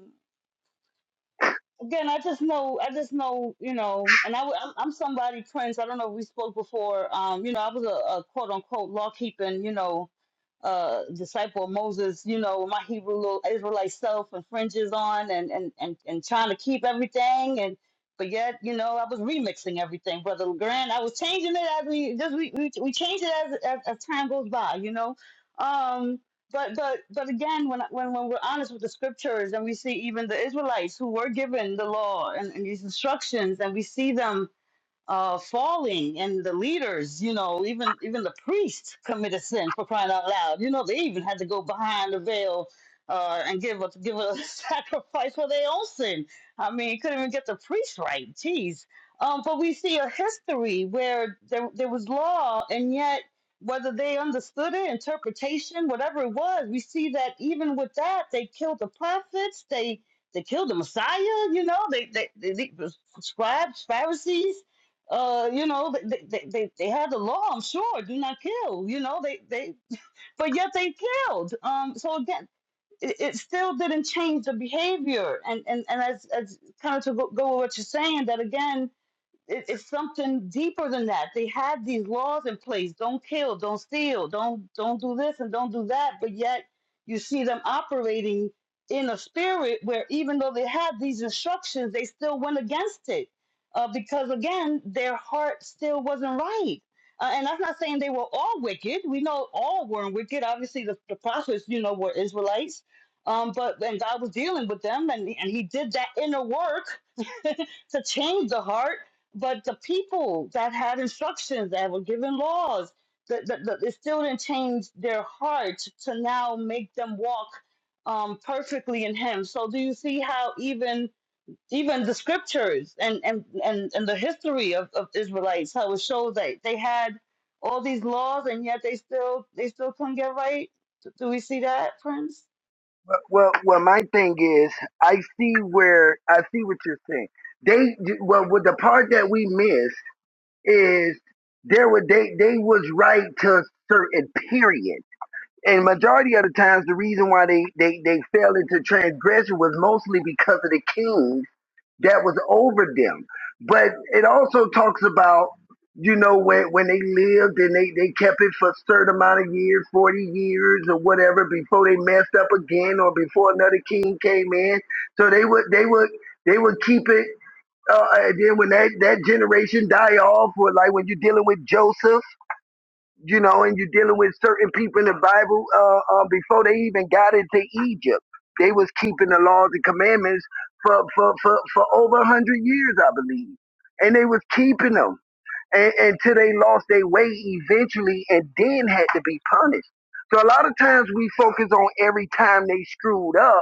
G: again, I just know I just know you know, and I am I'm I'm somebody Prince. I don't know if we spoke before. Um, you know, I was a, a quote unquote law keeping you know, uh, disciple of Moses. You know, with my Hebrew little Israelite self and fringes on, and and and and trying to keep everything and. But yet, you know, I was remixing everything, Brother Legrand. I was changing it as we just we we, we change it as, as as time goes by, you know. Um, but but but again, when when when we're honest with the scriptures, and we see even the Israelites who were given the law and, and these instructions, and we see them uh, falling and the leaders, you know, even even the priests committed sin for crying out loud. You know, they even had to go behind the veil uh, and give a give a sacrifice for their own sin. I mean, couldn't even get the priest right. Jeez. Um, but we see a history where there there was law, and yet whether they understood it, interpretation, whatever it was, we see that even with that, they killed the prophets. They they killed the Messiah. You know, they they, they, they the scribes, Pharisees uh, you know, they, they, they, they have the law, I'm sure, do not kill, you know, they, they, but yet they killed. Um, so again, it, it still didn't change the behavior. And, and, and as, as kind of to go, go with what you're saying, that again, it, it's something deeper than that. They had these laws in place: don't kill, don't steal, don't don't do this and don't do that. But yet, you see them operating in a spirit where, even though they had these instructions, they still went against it uh, because, again, their heart still wasn't right. Uh, and that's not saying they were all wicked. We know all weren't wicked. Obviously, the, the prophets, you know, were Israelites. Um, but and God was dealing with them, and and He did that inner work to change the heart but the people that had instructions that were given laws, that the, the, it still didn't change their heart to now make them walk um, perfectly in Him. So do you see how even even the scriptures and and and, and the history of, of Israelites, how it shows that they had all these laws and yet they still they still couldn't get right. Do do we see that, Prince?
F: But- Well, well, my thing is, I see where I see what you're saying. They well, with the part that we missed is there were they they was right to a certain period. And majority of the times, the reason why they, they, they fell into transgression was mostly because of the king that was over them. But it also talks about, you know, when, when they lived and they, they kept it for a certain amount of years, 40 years or whatever, before they messed up again or before another king came in. So they would, they would, they would keep it. Uh, and then when that, that generation die off, or like when you're dealing with Joseph, you know, and you're dealing with certain people in the Bible uh, uh, before they even got into Egypt. They was keeping the laws and commandments for for for, for over a hundred years, I believe, and they was keeping them and, until they lost their way eventually, and then had to be punished. So a lot of times we focus on every time they screwed up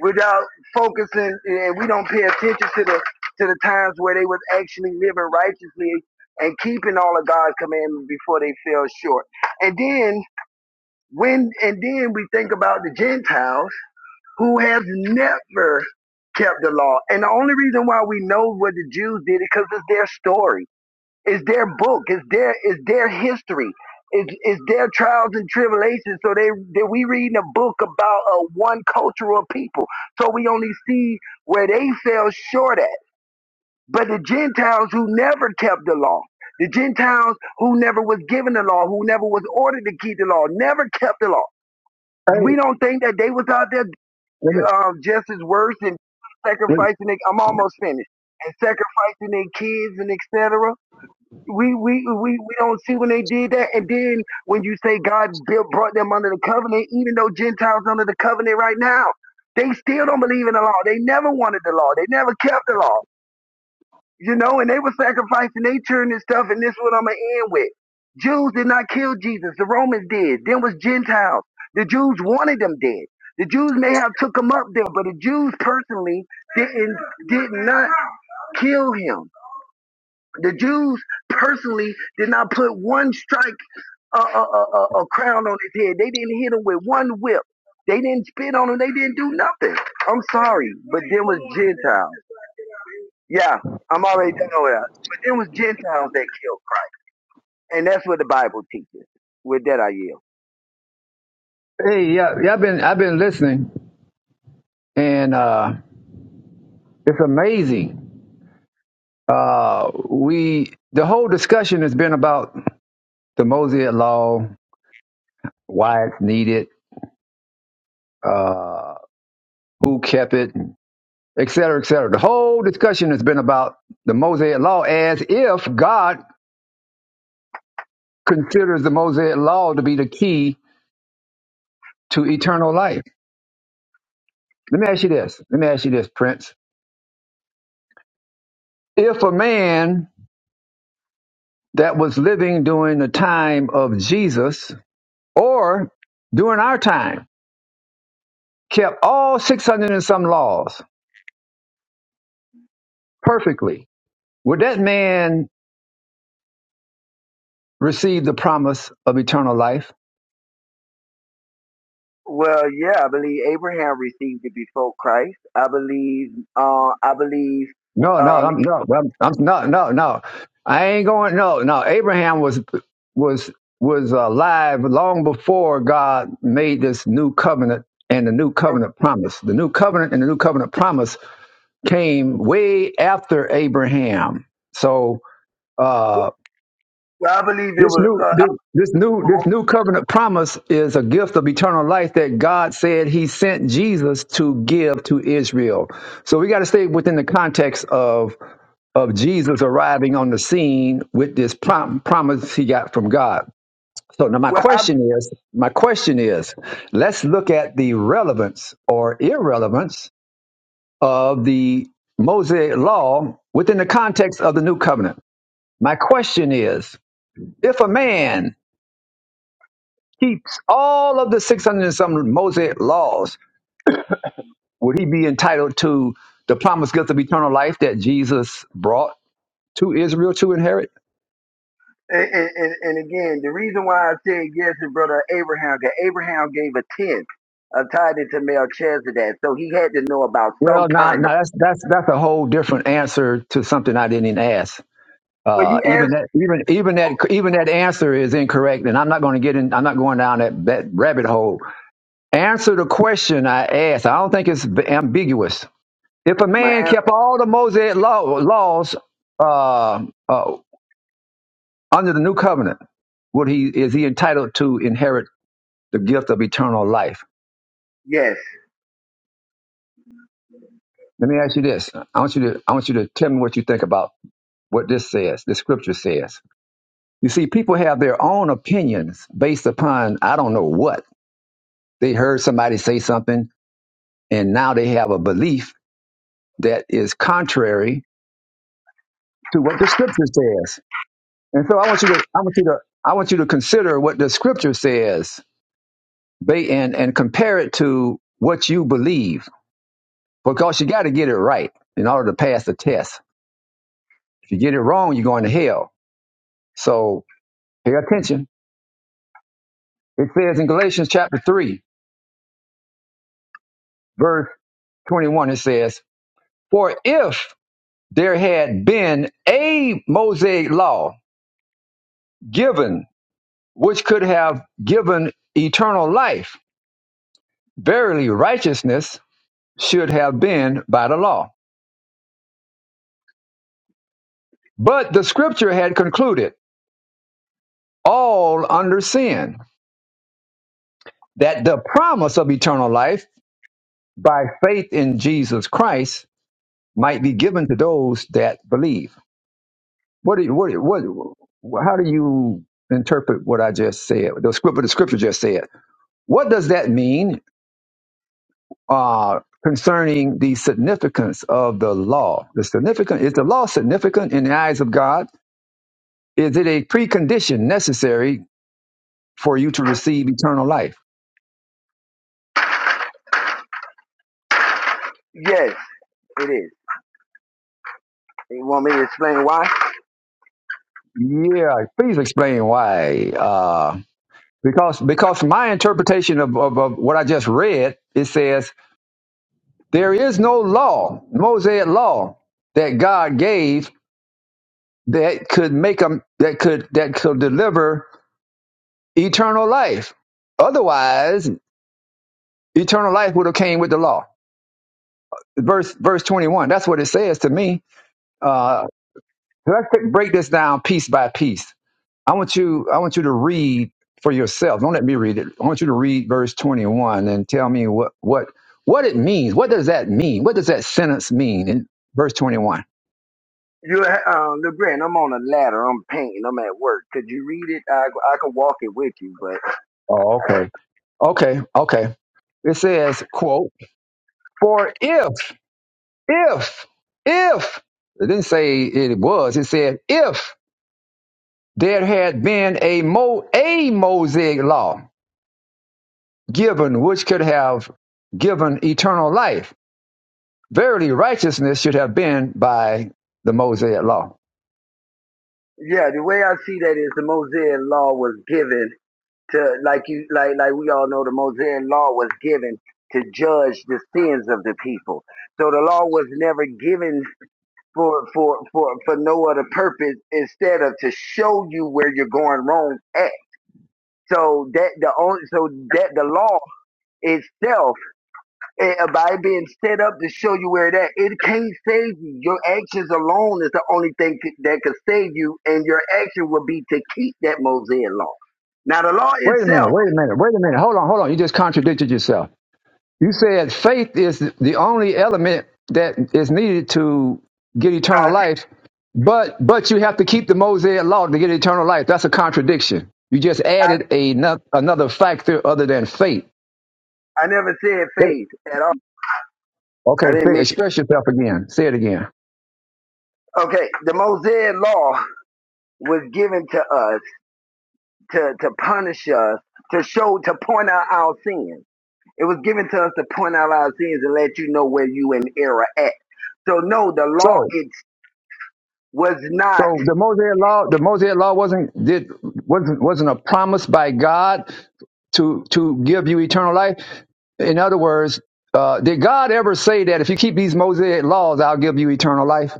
F: without focusing and we don't pay attention to the to the times where they was actually living righteously and keeping all of God's commandments before they fell short. And then when and then we think about the Gentiles who have never kept the law. And the only reason why we know what the Jews did is because it's their story it's their book. It's their it's their history. It's, it's their trials and tribulations. So they, they we reading a book about uh, one cultural people. So we only see where they fell short at. But the Gentiles who never kept the law, the Gentiles who never was given the law, who never was ordered to keep the law, never kept the law.
A: Hey,
F: We don't think that they was out there um, just as worse and sacrificing. Their, I'm almost finished and sacrificing their kids and etc we we we we don't see when they did that. And then when you say God built brought them under the covenant, even though Gentiles under the covenant right now, they still don't believe in the law. They never wanted the law. They never kept the law. You know, and they were sacrificing their children and stuff. And this is what I'm gonna end with. Jews did not kill Jesus. The Romans did. Then was Gentiles. The Jews wanted them dead. The Jews may have took him up there, but the Jews personally didn't did not kill him. The Jews personally did not put one strike, a uh, uh, uh, uh, uh, crown on his head. They didn't hit him with one whip. They didn't spit on him. They didn't do nothing. I'm sorry, but then was Gentiles. Yeah, I'm already done with that. But then was Gentiles that killed, Christ. and that's what the Bible teaches. With that, I yield.
A: Hey, yeah, yeah, I've been I've been listening, and uh, it's amazing. Uh, we the whole discussion has been about the Mosaic Law, why it's needed, uh, who kept it, et cetera, et cetera. The whole discussion has been about the Mosaic Law as if God considers the Mosaic Law to be the key to eternal life. Let me ask you this. Let me ask you this, Prince. If a man that was living during the time of Jesus or during our time, kept all 600 and some laws perfectly, would that man receive the promise of eternal life?
F: Well, yeah, I believe Abraham received it before Christ. I believe, uh, I believe,
A: No, no,
F: um,
A: I'm, no, I'm, I'm, no, no, no. I ain't going. No, no. Abraham was was was alive long before God made this new covenant and the new covenant promise. The new covenant and the new covenant promise came way after Abraham. So.
F: it-
A: uh.
F: well, I believe it
A: This
F: was.
A: new
F: Uh,
A: this, this new this new covenant promise is a gift of eternal life that God said he sent Jesus to give to Israel. So we got to stay within the context of of Jesus arriving on the scene with this prom- promise he got from God. So now my
F: well, I
A: question is, my question is, let's look at the relevance or irrelevance of the Mosaic law within the context of the new covenant. My question is, if a man keeps all of the 600 and some Mosaic laws, would he be entitled to the promised gift of eternal life that Jesus brought to Israel to inherit?
F: And, and, and again, the reason why I said yes is brother Abraham, because Abraham gave a tenth of tithing to Melchizedek, so he had to know about some
A: Well, now,
F: kind of.
A: now that's that's that's a whole different answer to something I didn't even ask.
F: Well,
A: Uh,
F: you
A: even
F: asked
A: that, even even that, even that answer is incorrect, and I'm not going to get in. I'm not going down that, that rabbit hole. Answer the question I asked. I don't think it's ambiguous. If a
F: my
A: man
F: answer.
A: kept all the Mosaic law, laws, uh, uh, Under the new covenant, would he is he entitled to inherit the gift of eternal life?
F: Yes,
A: Let me ask you this. I want you to I want you to tell me what you think about what this says, the scripture says. You see, people have their own opinions based upon I don't know what. They heard somebody say something and now they have a belief that is contrary to what the scripture says. And so I want you to I want you to I want you to consider what the scripture says ba- and, and compare it to what you believe because you got to get it right in order to pass the test. If you get it wrong, you're going to hell. So pay attention. It says in Galatians chapter 3, verse 21, it says, For if there had been a Mosaic law given, which could have given eternal life, verily righteousness should have been by the law. But the scripture had concluded all under sin, that the promise of eternal life by faith in Jesus Christ might be given to those that believe. What do you, what, what, how do you interpret what I just said? The scripture, the scripture just said. What does that mean uh, concerning the significance of the law? The significant is the law significant in the eyes of God? Is it a precondition necessary for you to receive eternal life?
F: yes, it is. You want me to explain why?
A: Yeah, please explain why. Uh, Because because my interpretation of, of, of what I just read, it says there is no law, Mosaic law, that God gave that could make them that could that could deliver eternal life. Otherwise, eternal life would have came with the law. Verse verse twenty one. That's what it says to me. Uh, let's take- break this down piece by piece. I want you I want you to read for yourself. Don't let me read it. I want you to read verse 21 and tell me what what what it means. What does that mean? What does that sentence mean in verse 21?
F: You, uh, LeGrand, I'm on a ladder. I'm painting. I'm at work. Could you read it? I, I could walk it with you, but
A: Oh,
F: uh,
A: okay. Okay. Okay. It says, quote, for if, if, if, it didn't say it was, it said, if there had been a, Mo, a Mosaic law given, which could have given eternal life Verily, righteousness should have been by the Mosaic law.
F: yeah, the way I see that is the Mosaic Law was given to like you like like we all know the Mosaic law was given to judge the sins of the people. So the law was never given for for for for no other purpose instead of to show you where you're going wrong at. So that the only so that the law itself eh, by being set up to show you where that it can't save you. Your actions alone is the only thing c- that could save you, and your action would be to keep that Mosaic law. Now the law
A: Wait a minute,
F: itself.
A: wait a minute, wait a minute. Hold on, hold on. You just contradicted yourself. You said faith is the only element that is needed to get eternal life, but but you have to keep the Mosaic law to get eternal life. That's a contradiction. You just
F: I,
A: added a, no- another factor other than faith.
F: I never said faith at all.
A: Okay,
F: I didn't
A: say,
F: mention.
A: express yourself again. Say it again.
F: Okay, the Mosaic law was given to us to, to punish us, to show, to point out our sins. It was given to us to point out our sins and let you know where you in error at. So no, the law
A: So,
F: it was not.
A: so the Mosaic law, the Mosaic law wasn't did wasn't wasn't a promise by God. to to give you eternal life? In other words, uh, did God ever say that if you keep these Mosaic laws, I'll give you eternal life?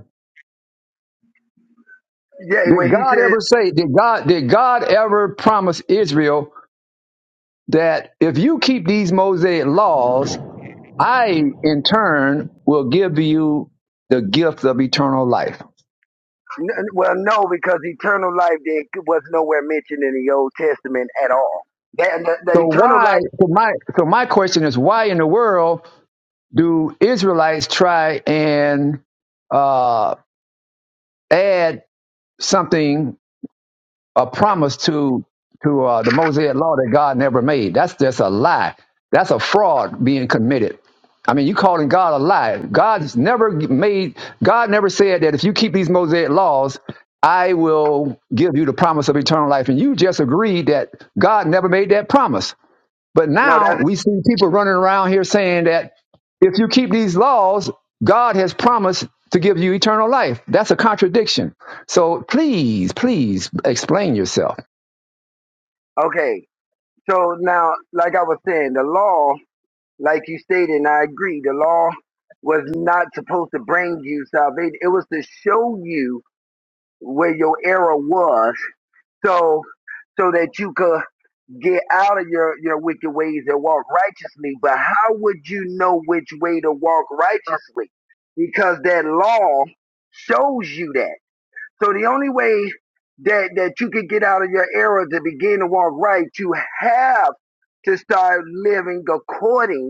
F: Yeah,
A: Did
F: when he
A: God
F: says,
A: ever say? Did God did God ever promise Israel that if you keep these Mosaic laws, I in turn will give you the gift of eternal life?
F: n- well, no, because eternal life did, was nowhere mentioned in the Old Testament at all. That the, the
A: So
F: eternal
A: why?
F: life.
A: So my so my question is why in the world do Israelites try and uh, add something a promise to to uh, the Mosaic law that God never made. That's just a lie. That's a fraud being committed. I mean, you calling God a lie. God's never made. God never said that if you keep these Mosaic laws, I will give you the promise of eternal life. And you just agreed that God never made that promise. But
F: No,
A: now
F: that's
A: we see people running around here saying that if you keep these laws, God has promised to give you eternal life. That's a contradiction. So please, please explain yourself.
F: okay. So now, like I was saying, the law Like you stated, and I agree, the law was not supposed to bring you salvation. It was to show you where your error was, so so that you could get out of your your wicked ways and walk righteously. But how would you know which way to walk righteously? Because that law shows you that. So the only way that that you could get out of your error to begin to walk right, you have to start living according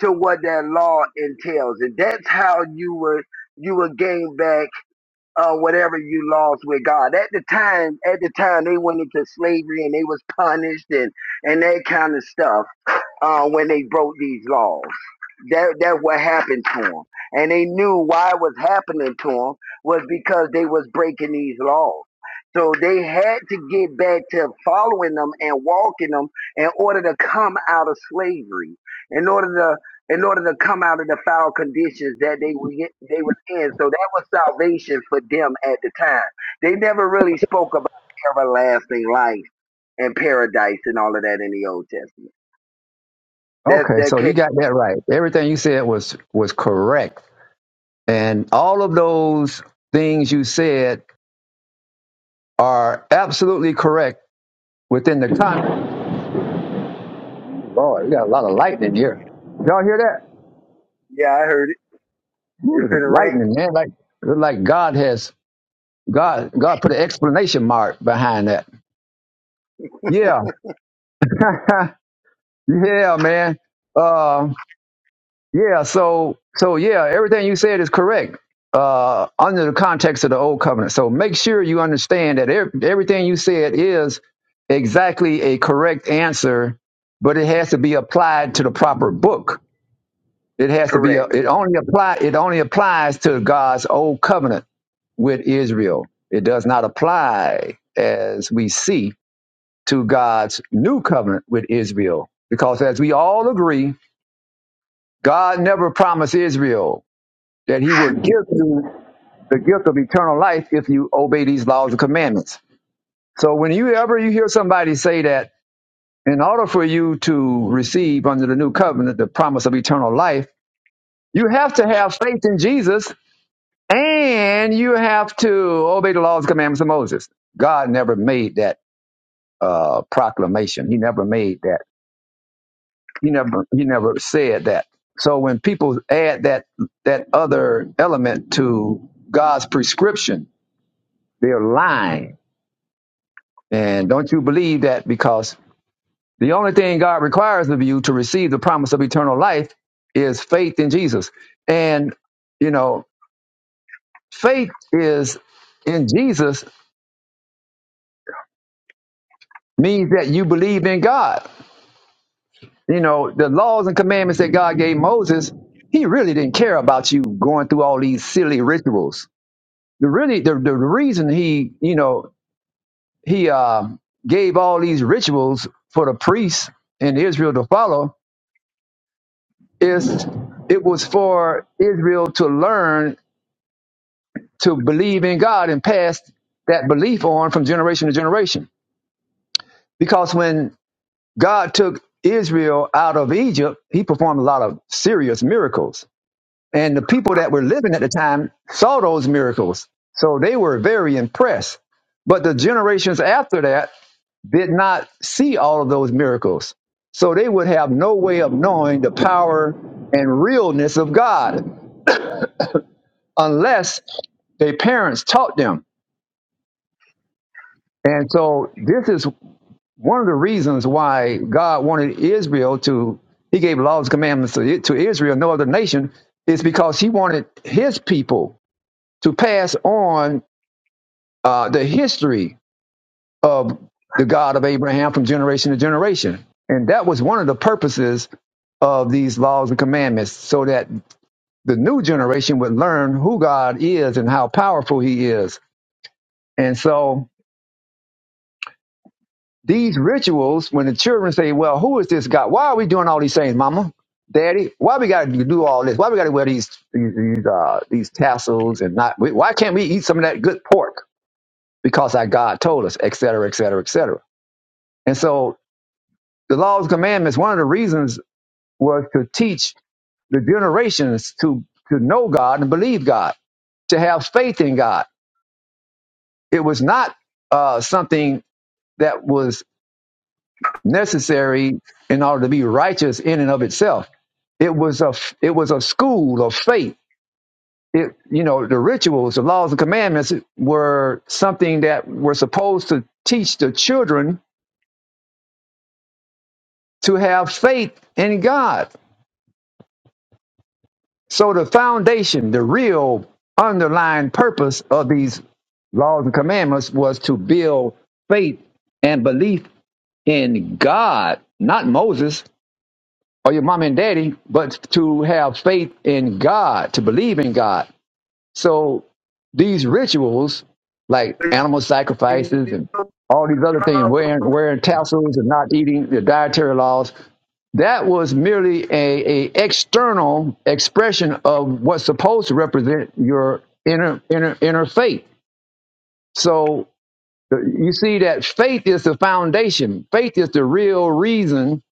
F: to what that law entails, and that's how you were you will gain back uh, whatever you lost with God. At the time, at the time they went into slavery and they was punished and and that kind of stuff uh, when they broke these laws. That that's what happened to them, and they knew why it was happening to them was because they was breaking these laws. So they had to get back to following them and walking them in order to come out of slavery, in order to in order to come out of the foul conditions that they were they were in. So that was salvation for them at the time. They never really spoke about everlasting life and paradise and all of that in the Old Testament. That's
A: Okay,
F: that.
A: so
F: came.
A: you got that right. Everything you said was was correct. And all of those things you said are absolutely correct within the context. Boy, we got a lot of lightning here. Y'all hear that?
F: Yeah, I heard it.
A: Ooh,
F: If
A: it's
F: it rains,
A: lightning, man. Like, like God has God, God put an explanation mark behind that. Yeah, yeah, man. Uh, yeah. So, so yeah, everything you said is correct. Uh, under the context of the old covenant. So make sure you understand that ev- everything you said is exactly a correct answer, but it has to be applied to the proper book. It has to be. A,
F: correct.
A: it only apply. It only applies to God's old covenant with Israel. It does not apply as we see to God's new covenant with Israel. Because as we all agree, God never promised Israel that he would give you the gift of eternal life if you obey these laws and commandments. So when you ever you hear somebody say that in order for you to receive under the new covenant the promise of eternal life, you have to have faith in Jesus and you have to obey the laws and commandments of Moses. God never made that uh, proclamation. He never made that He never he never said that. So when people add that that other element to God's prescription, they're lying. And don't you believe that because the only thing God requires of you to receive the promise of eternal life is faith in Jesus. And you know, faith is in Jesus means that you believe in God. You know, the laws and commandments that God gave Moses, he really didn't care about you going through all these silly rituals the really the, the reason he you know he uh, gave all these rituals for the priests in Israel to follow is it was for Israel to learn to believe in God and pass that belief on from generation to generation. Because when God took Israel out of Egypt, he performed a lot of serious miracles. And the people that were living at the time saw those miracles. So they were very impressed. But the generations after that, did not see all of those miracles. So they would have no way of knowing the power and realness of God unless their parents taught them. And so this is one of the reasons why God wanted Israel to, he gave laws and commandments to, to Israel, no other nation, is because he wanted his people to pass on uh, the history of the God of Abraham from generation to generation. And that was one of the purposes of these laws and commandments, so that the new generation would learn who God is and how powerful he is. And so these rituals, when the children say, Well, who is this God? Why are we doing all these things, mama? Daddy, why we gotta do all this? Why we gotta wear these these these, uh, these tassels and not? Why can't we eat some of that good pork? Because our God told us, et cetera, et cetera, et cetera. And so the laws and commandments, one of the reasons was to teach the generations to to know God and believe God, to have faith in God. It was not uh, something that was necessary in order to be righteous in and of itself. It was a it was a school of faith. It you know the rituals, the laws and commandments were something that were supposed to teach the children to have faith in God So the foundation, the real underlying purpose of these laws and commandments was to build faith and belief in God, not Moses or your mom and daddy, but to have faith in God, to believe in God. So these rituals, like animal
F: Yeah,
A: sacrifices and all these other things, wearing wearing tassels and not eating the dietary laws, that was merely a, a external expression of what's supposed to represent your inner inner inner faith. So uh, you see that faith is the foundation. Faith is the real reason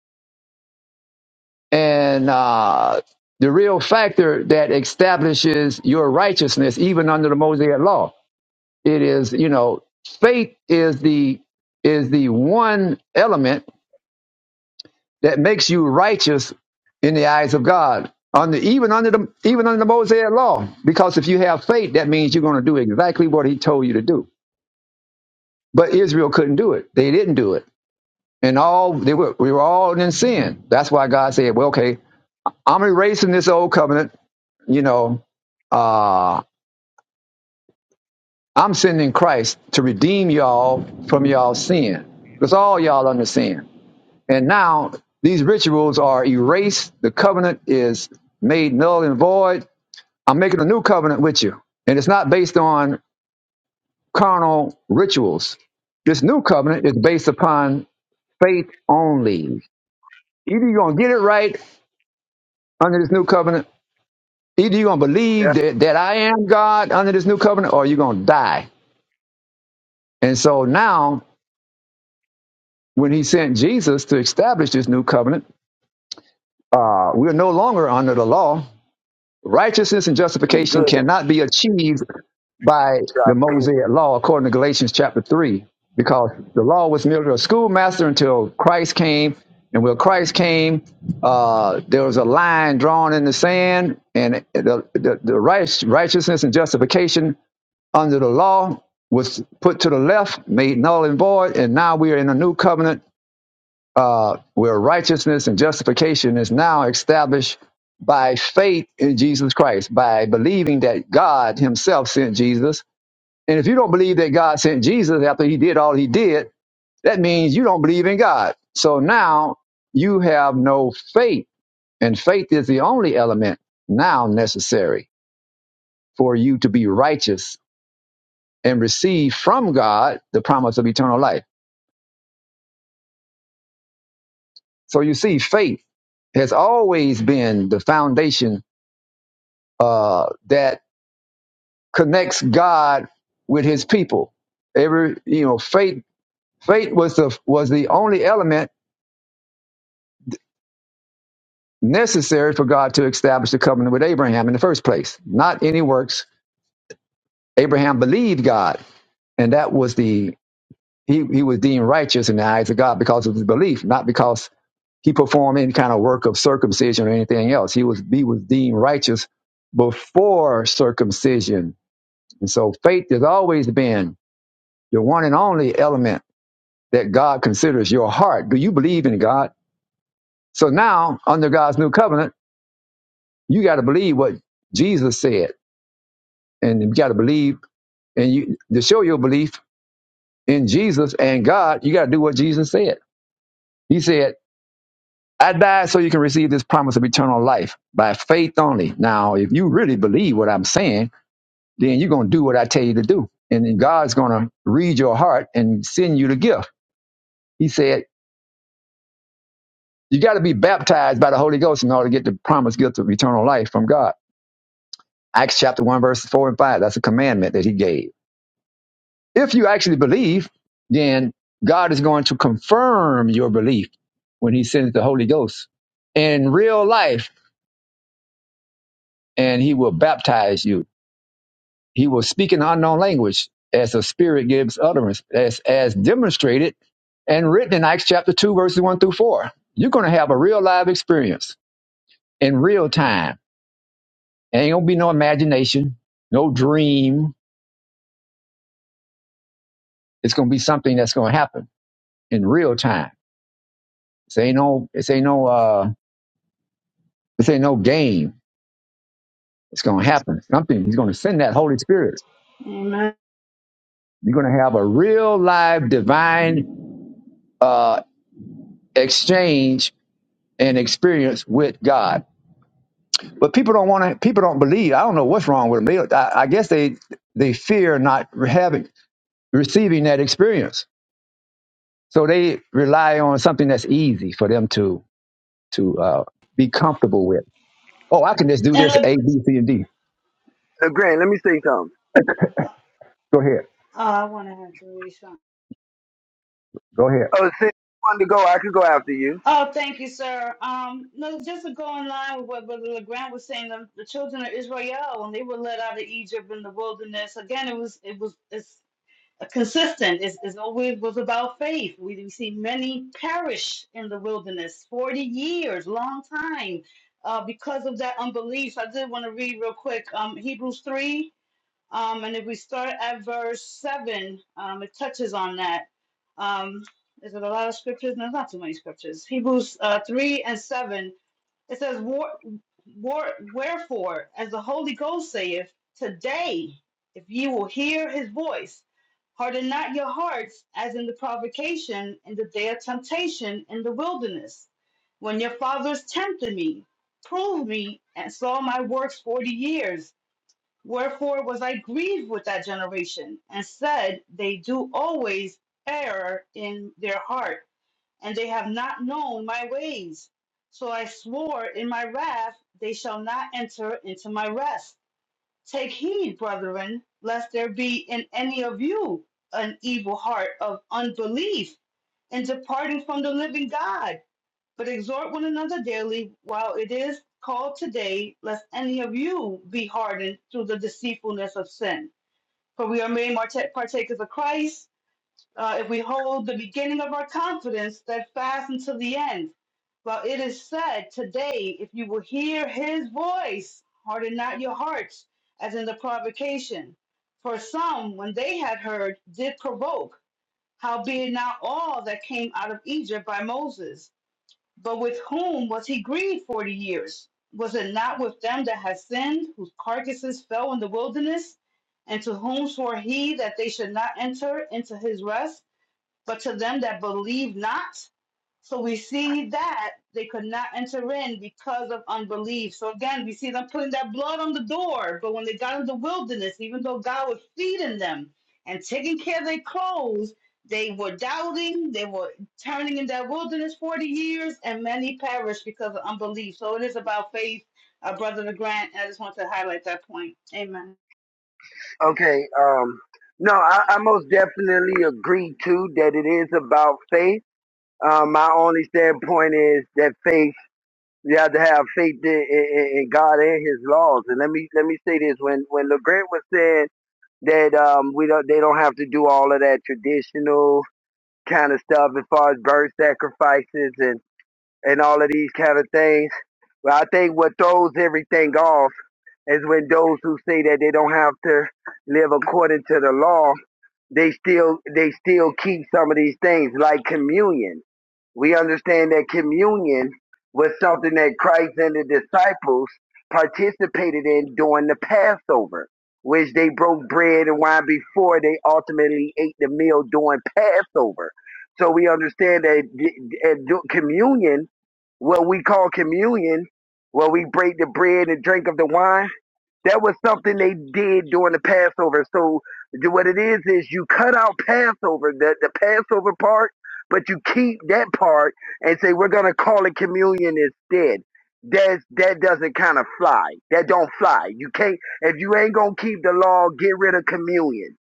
A: and uh, the real factor that establishes your righteousness, even under the Mosaic law. It is you know faith is the is the one element that makes you righteous in the eyes of God. On even under the even under the Mosaic law, because if you have faith, that means you're going to do exactly what He told you to do. But Israel couldn't do it; they didn't do it, and all they were we were all in sin. That's why God said, "Well, okay, I'm erasing this old covenant. You know, uh, I'm sending Christ to redeem y'all from y'all sin, because all y'all under sin." And now these rituals are erased. The covenant is made null and void. I'm making a new covenant with you. And it's not based on carnal rituals. This new covenant is based upon faith only. Either you're going to get it right under this new covenant, either you're going to believe that, that I am God under this new covenant, or you're going to die. And so now, when he sent Jesus to establish this new covenant, uh, we're no longer under the law Righteousness and
F: I'm
A: justification
F: good.
A: cannot be achieved by
F: So I
A: the Mosaic law, according to Galatians chapter 3, because the law was merely a schoolmaster until Christ came. And when Christ came, uh, there was a line drawn in the sand, and the, the, the right, righteousness and justification under the law was put to the left, made null and void. And now we are in a new covenant uh, where righteousness and justification is now established by faith in Jesus Christ, by believing that God Himself sent Jesus. And if you don't believe that God sent Jesus after He did all He did, that means you don't believe in God. So now you have no faith, and faith is the only element now necessary for you to be righteous and receive from God the promise of eternal life. So you see, faith has always been the foundation uh, that connects God with His people. Every you know, faith faith was the was the only element necessary for God to establish the covenant with Abraham in the first place. Not any works. Abraham believed God, and that was the he he was deemed righteous in the eyes of God because of his belief, not because he performed any kind of work of circumcision or anything else. He was he was deemed righteous before circumcision, and so faith has always been the one and only element that God considers your heart. Do you believe in God? So now, under God's new covenant, you got to believe what Jesus said, and you got to believe, and you to show your belief in Jesus and God, you got to do what Jesus said. He said, "I died so you can receive this promise of eternal life by faith only." Now, if you really believe what I'm saying, then you're gonna do what I tell you to do, and then God's gonna read your heart and send you the gift. He said, "You got to be baptized by the Holy Ghost in order to get the promised gift of eternal life from God." Acts chapter 1, verses 4 and 5. That's a commandment that he gave. If you actually believe, then God is going to confirm your belief when he sends the Holy Ghost in real life and he will baptize you. He will speak in unknown language as the Spirit gives utterance, as, as demonstrated and written in Acts chapter 2, verses 1 through 4. You're going to have a real live experience in real time. Ain't going to be no imagination, no dream. It's going to be something that's going to happen in real time This ain't no, this ain't no, uh, this ain't no game. It's going to happen. Something. He's going to send that Holy Spirit.
G: Amen.
A: You're going to have a real live divine, uh, exchange and experience with God. But people don't want to, people don't believe. I don't know what's wrong with them. They, I, I guess they, they fear not having, receiving that experience. So they rely on something that's easy for them to, to, uh, be comfortable with. Oh, I can just do
G: And
A: this
G: if,
A: A, B, C, and D.
F: So Grant, let me say something.
A: Go ahead.
G: Oh, I wanted him to read something.
A: Go ahead.
F: Oh, since you wanted to go, I could go after you.
G: Oh, thank you, sir. Um, no, just to go in line with what Brother LeGrand was saying, the, the children of Israel, when they were led out of Egypt in the wilderness, again, it was it was it's consistent. It's, it's always was about faith. We, we see many perish in the wilderness, forty years, long time, uh, because of that unbelief. I did want to read real quick, um, Hebrews three. Um, and if we start at verse 7, um, it touches on that. Um, is it a lot of scriptures? No, there's not too many scriptures. Hebrews uh, 3 and 7, it says, War, war, Wherefore, as the Holy Ghost saith, today, if ye will hear his voice, harden not your hearts as in the provocation in the day of temptation in the wilderness, when your fathers tempted me, proved me, and saw my works forty years. Wherefore was I grieved with that generation, and said, They do always err in their heart, and they have not known my ways. So I swore in my wrath, They shall not enter into my rest. Take heed, brethren, lest there be in any of you an evil heart of unbelief in departing from the living God but exhort one another daily while it is called today, lest any of you be hardened through the deceitfulness of sin. For we are made partakers of Christ uh, if we hold the beginning of our confidence steadfast until the end. Well, it is said today, if you will hear his voice, harden not your hearts, as in the provocation. For some, when they had heard, did provoke, howbeit not all that came out of Egypt by Moses. But with whom was he grieved forty years? Was it not with them that had sinned, whose carcasses fell in the wilderness, and to whom swore he that they should not enter into his rest? but to them that believe not. So we see that they could not enter in because of unbelief. So again, we see them putting that blood on the door. But when they got in the wilderness, even though God was feeding them and taking care of their clothes, they were doubting, they were turning in that wilderness 40 years, and many perished because of unbelief. So it is about faith, uh, Brother grant. I just want to highlight that point. Amen.
F: Okay. Um. No, I, I most definitely agree too that it is about faith. Um, my only standpoint is that faith. You have to have faith in, in, in God and His laws. And let me let me say this: when when LeGrant was saying that um, we don't, they don't have to do all of that traditional kind of stuff as far as bird sacrifices and and all of these kind of things. Well, I think what throws everything off is when those who say that they don't have to live according to the law, they still they still keep some of these things like communion. We understand that communion was something that Christ and the disciples participated in during the Passover, which they broke bread and wine before they ultimately ate the meal during Passover. So we understand that communion, what we call communion, where we break the bread and drink of the wine that was something they did during the Passover. So what it is is you cut out Passover, the, the Passover part, but you keep that part and say we're gonna call it communion instead. That's that doesn't kind of fly. That don't fly. You can't if you ain't gonna keep the law, get rid of communion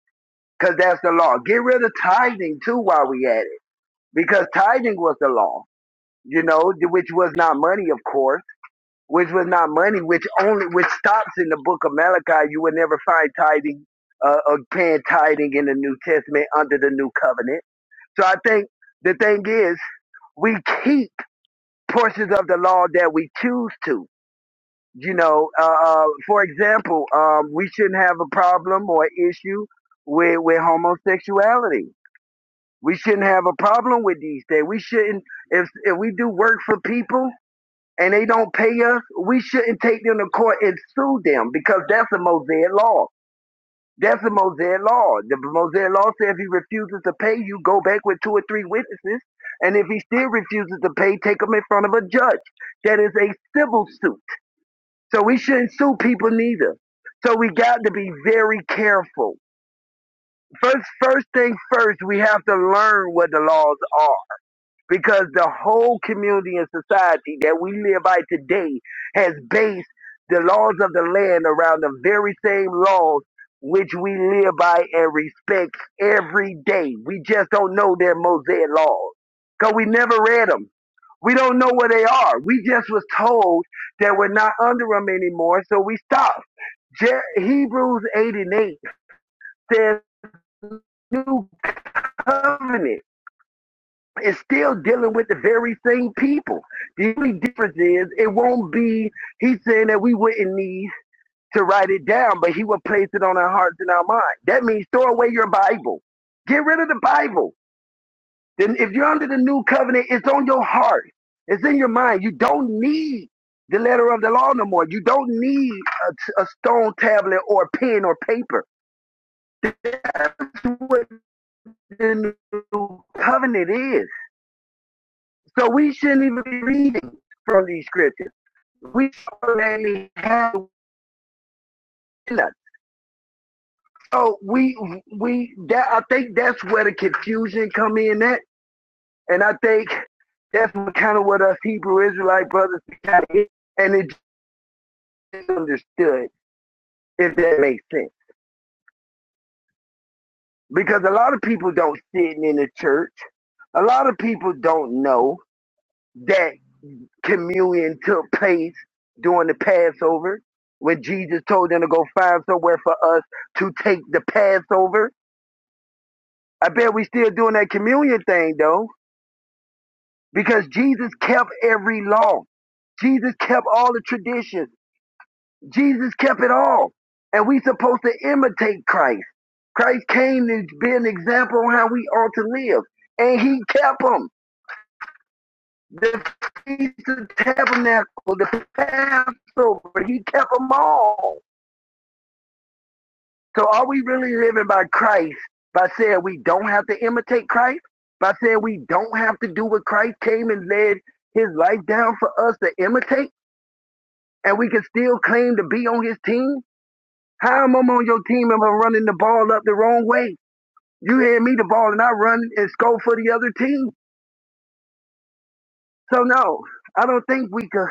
F: because that's the law. Get rid of tithing too while we at it because tithing was the law. You know, which was not money, of course which was not money, which only which stops in the book of Malachi. You will never find tithing uh, or can tithing in the New Testament under the new covenant. So I think the thing is we keep portions of the law that we choose to. You know, uh, uh, for example, um, we shouldn't have a problem or issue with with homosexuality. We shouldn't have a problem with these things. We shouldn't if if we do work for people and they don't pay us, we shouldn't take them to court and sue them because that's a Mosaic law. That's a Mosaic law. The Mosaic law says if he refuses to pay you, go back with two or three witnesses. And if he still refuses to pay, take him in front of a judge. That is a civil suit. So we shouldn't sue people neither. So we got to be very careful. First, first thing first, we have to learn what the laws are because the whole community and society that we live by today has based the laws of the land around the very same laws which we live by and respect every day. We just don't know their Mosaic laws because we never read them. We don't know where they are. We just was told that we're not under them anymore, so we stopped. Je- Hebrews 8 and 8 says, New covenant is still dealing with the very same people. The only difference is it won't be, he's saying that we wouldn't need to write it down, but he will place it on our hearts and our minds. That means throw away your Bible. Get rid of the Bible. Then if you're under the new covenant, it's on your heart. It's in your mind. You don't need the letter of the law no more. You don't need a a stone tablet or a pen or paper. That's what the new covenant is. So we shouldn't even be reading from these scriptures. We already have it. So we we that I think that's where the confusion come in at, and I think that's kind of what us Hebrew Israelite brothers kind of and it just understood if that makes sense. Because a lot of people don't sit in the church. A lot of people don't know that communion took place during the Passover when Jesus told them to go find somewhere for us to take the Passover. I bet we still doing that communion thing though, because Jesus kept every law. Jesus kept all the traditions. Jesus kept it all. And we supposed to imitate Christ. Christ came to be an example on how we ought to live. And he kept them. The Feast of Tabernacle, the Passover, he kept them all. So are we really living by Christ by saying we don't have to imitate Christ? By saying we don't have to do what Christ came and laid his life down for us to imitate? And we can still claim to be on his team? How am I on your team if I'm running the ball up the wrong way? You hand me the ball and I run and score for the other team. So no, I don't think we could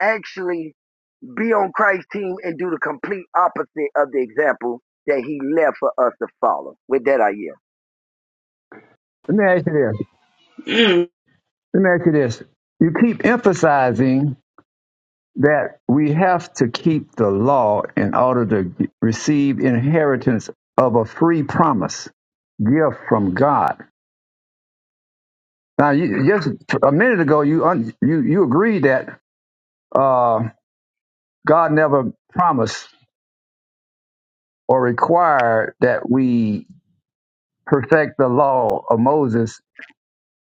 F: actually be on Christ's team and do the complete opposite of the example that he left for us to follow. With that I yield.
A: Let me ask you this.
G: Mm.
A: Let me ask you this. You keep emphasizing that we have to keep the law in order to receive inheritance of a free promise gift from God. Now, you, just a minute ago, you un, you you agreed that uh, God never promised or required that we perfect the law of Moses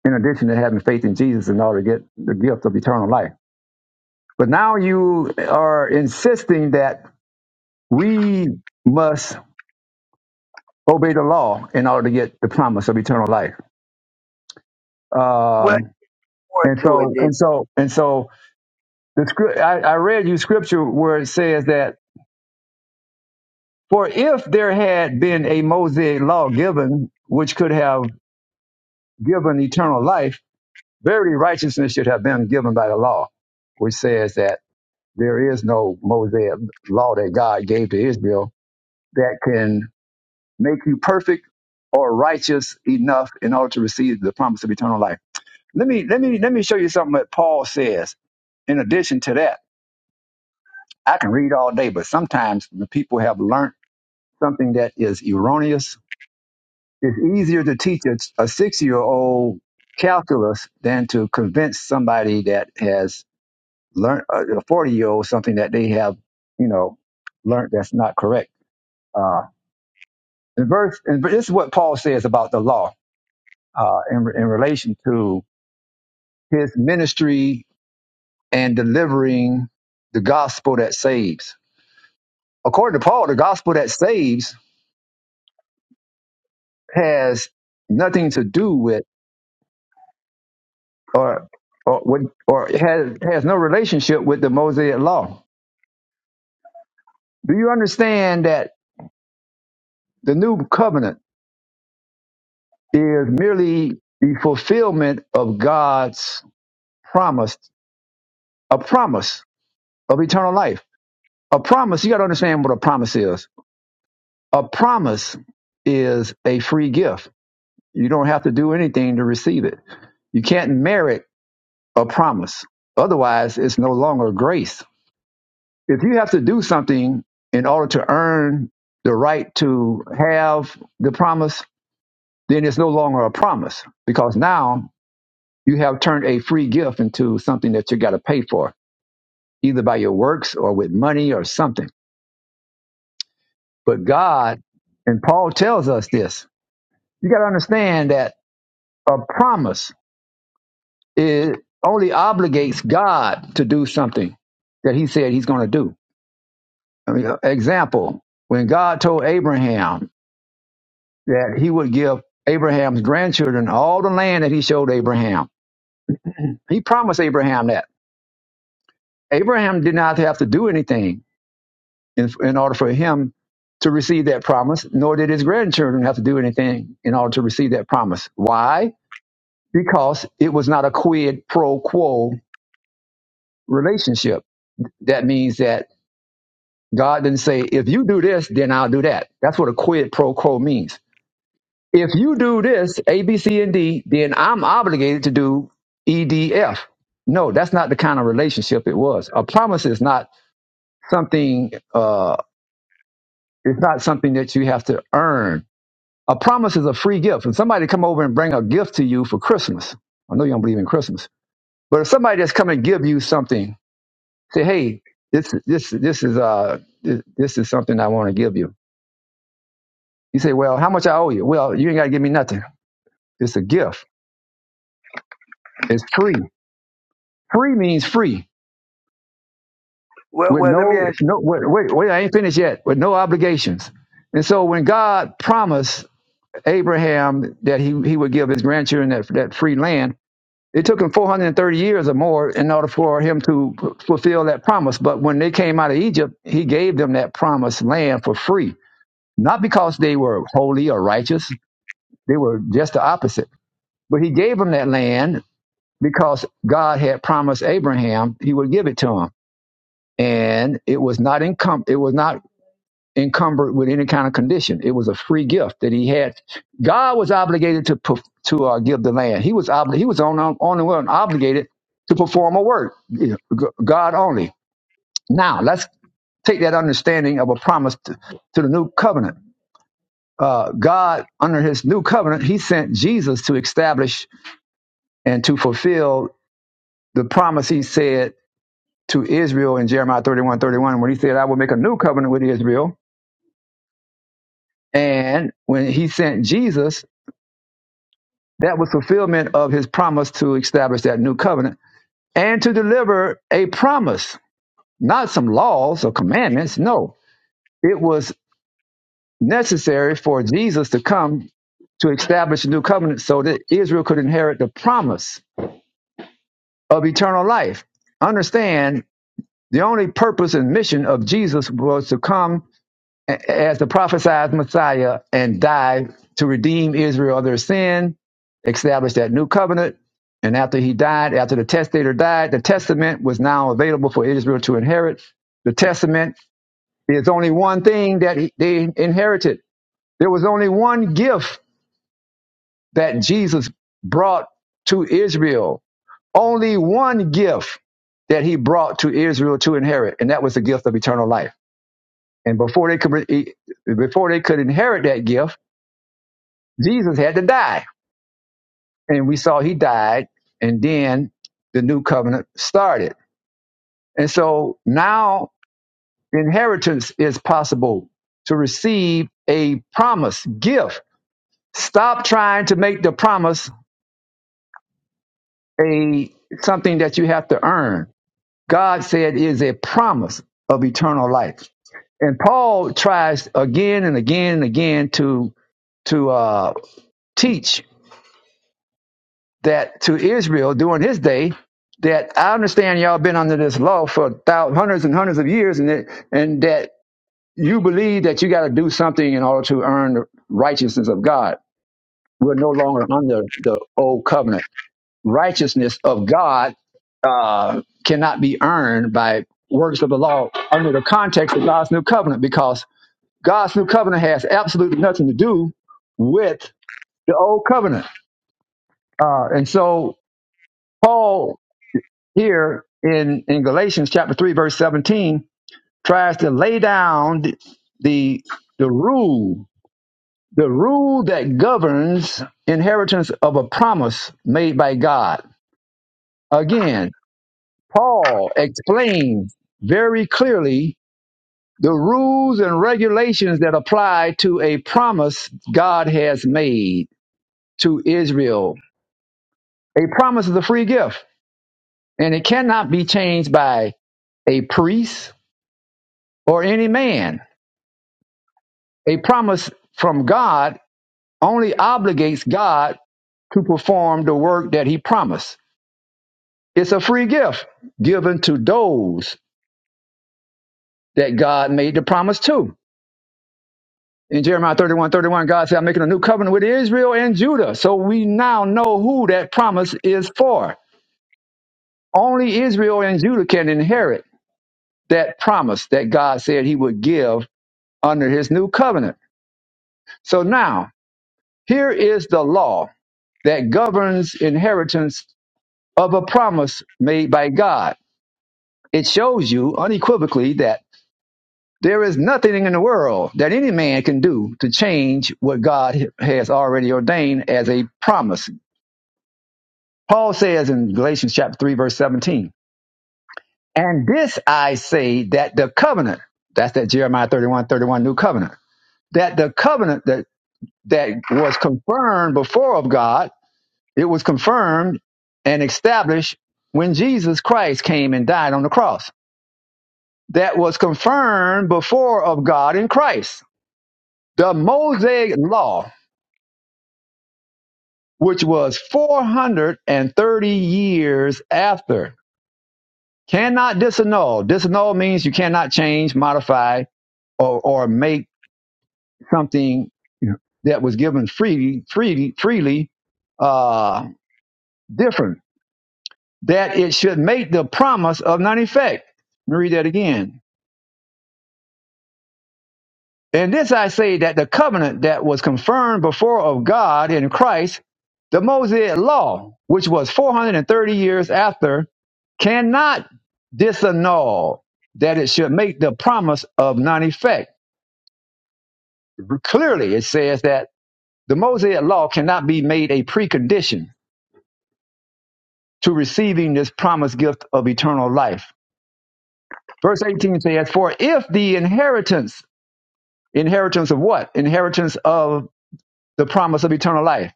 A: in addition to having faith in Jesus in order to get the gift of eternal life. But now you are insisting that we must obey the law in order to get the promise of eternal life.
F: Well,
A: Um,
F: more
A: and
F: to it
A: so,
F: then.
A: and so, and so, the script I, I read you scripture where it says that for if there had been a Mosaic law given, which could have given eternal life, verily righteousness should have been given by the law, which says that there is no Mosaic law that God gave to Israel that can make you perfect or righteous enough in order to receive the promise of eternal life. Let me let me let me show you something that Paul says. In addition to that, I can read all day, but sometimes when people have learned something that is erroneous, it's easier to teach a, a six-year-old calculus than to convince somebody that has learned uh, a forty-year-old something that they have, you know, learned that's not correct. Uh, in verse, and this is what Paul says about the law uh, in in relation to his ministry and delivering the gospel that saves According to Paul, the gospel that saves has nothing to do with or or what or has has no relationship with the Mosaic law. Do you understand that the new covenant is merely the fulfillment of God's promise, a promise of eternal life. A promise, you got to understand what a promise is. A promise is a free gift. You don't have to do anything to receive it. You can't merit a promise. Otherwise, it's no longer grace. If you have to do something in order to earn the right to have the promise, then it's no longer a promise because now you have turned a free gift into something that you got to pay for, either by your works or with money or something. But God, and Paul tells us this, you got to understand that a promise it only obligates God to do something that he said he's going to do. I mean, uh, example, when God told Abraham that he would give Abraham's grandchildren all the land that he showed Abraham, he promised Abraham that. Abraham did not have to do anything in, in order for him to receive that promise, nor did his grandchildren have to do anything in order to receive that promise. Why? Because it was not a quid pro quo relationship. That means that God didn't say, if you do this, then I'll do that. That's what a quid pro quo means If you do this, A, B, C, and D, then I'm obligated to do E, D, F. No, that's not the kind of relationship it was. A promise is not something, uh, it's not something that you have to earn. A promise is a free gift. When somebody come over and bring a gift to you for Christmas, I know you don't believe in Christmas, but if somebody just come and give you something, say, hey, this, this, this is, uh, this, this is something I want to give you. You say, well, how much I owe you? Well, you ain't got to give me nothing. It's a gift. It's free. Free means free.
F: Well,
A: with
F: well, let me
A: no
F: ask.
A: no wait wait, wait I ain't finished yet with no obligations. And so when God promised Abraham that he he would give his grandchildren that that free land, it took him 430 years or more in order for him to f- fulfill that promise. But when they came out of Egypt, he gave them that promised land for free, not because they were holy or righteous. They were just the opposite. But he gave them that land because God had promised Abraham he would give it to him and it was not income it was not encumbered with any kind of condition. It was a free gift that he had. God was obligated to perf- to uh, give the land. He was obli- he was on on on the one obligated to perform a work. Yeah, G- God only. Now let's take that understanding of a promise to, to the new covenant. Uh, God, under His new covenant, He sent Jesus to establish and to fulfill the promise He said to Israel in Jeremiah 31 31, when He said, "I will make a new covenant with Israel." And when He sent Jesus That was fulfillment of his promise to establish that new covenant and to deliver a promise, not some laws or commandments. No, it was necessary for Jesus to come to establish a new covenant so that Israel could inherit the promise of eternal life. Understand the only purpose and mission of Jesus was to come as the prophesied Messiah and died to redeem Israel of their sin, establish that new covenant. And after he died, after the testator died, the testament was now available for Israel to inherit. The testament is only one thing that he- they inherited. There was only one gift that Jesus brought to Israel, only one gift that he brought to Israel to inherit, and that was the gift of eternal life. And before they could, before they could inherit that gift, Jesus had to die. And we saw he died, and then the new covenant started. And so now inheritance is possible to receive a promise gift. Stop trying to make the promise a something that you have to earn. God said it is a promise of eternal life. And Paul tries again and again and again to to uh, teach that to Israel during his day that I understand y'all been under this law for thousands, hundreds and hundreds of years, and that, and that you believe that you got to do something in order to earn the righteousness of God. We're no longer under the old covenant. Righteousness of God uh, cannot be earned by works of the law under the context of God's new covenant, because God's new covenant has absolutely nothing to do with the old covenant. Uh, and so Paul here in, in Galatians chapter 3, verse 17, tries to lay down the, the, the rule, the rule that governs inheritance of a promise made by God. Again, Paul explains very clearly the rules and regulations that apply to a promise God has made to Israel. A promise is a free gift, and it cannot be changed by a priest or any man A promise from God only obligates God to perform the work that he promised. It's a free gift given to those that God made the promise to. In Jeremiah 31, 31, God said, I'm making a new covenant with Israel and Judah. So we now know who that promise is for. Only Israel and Judah can inherit that promise that God said he would give under his new covenant. So now, here is the law that governs inheritance of a promise made by God. It shows you unequivocally that there is nothing in the world that any man can do to change what God has already ordained as a promise. Paul says in Galatians chapter 3 verse 17, and this I say that the covenant, that's that Jeremiah 31, 31, new covenant, that the covenant that, that was confirmed before of God, it was confirmed and established when Jesus Christ came and died on the cross that was confirmed before of God in Christ. The Mosaic law, which was 430 years after, cannot disannul. Disannul means you cannot change, modify, or, or make something that was given freely, freely, freely uh, different, that it should make the promise of none effect. Let me read that again And this I say that the covenant that was confirmed before of God in Christ, the Mosaic law, which was 430 years after, cannot disannul that it should make the promise of non effect. Clearly, it says that the Mosaic law cannot be made a precondition to receiving this promised gift of eternal life. Verse 18 says, For if the inheritance, inheritance of what? Inheritance of the promise of eternal life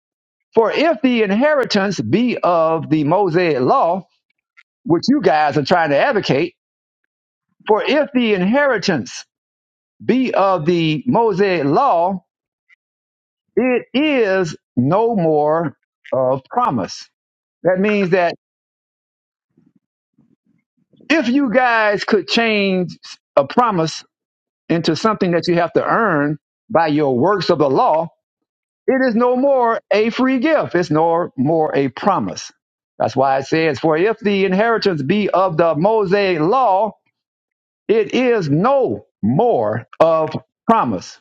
A: For if the inheritance be of the Mosaic law, which you guys are trying to advocate, for if the inheritance be of the Mosaic law, it is no more of promise. That means that if you guys could change a promise into something that you have to earn by your works of the law, It is no more a free gift. It's no more a promise. That's why it says, For if the inheritance be of the Mosaic law, it is no more of promise.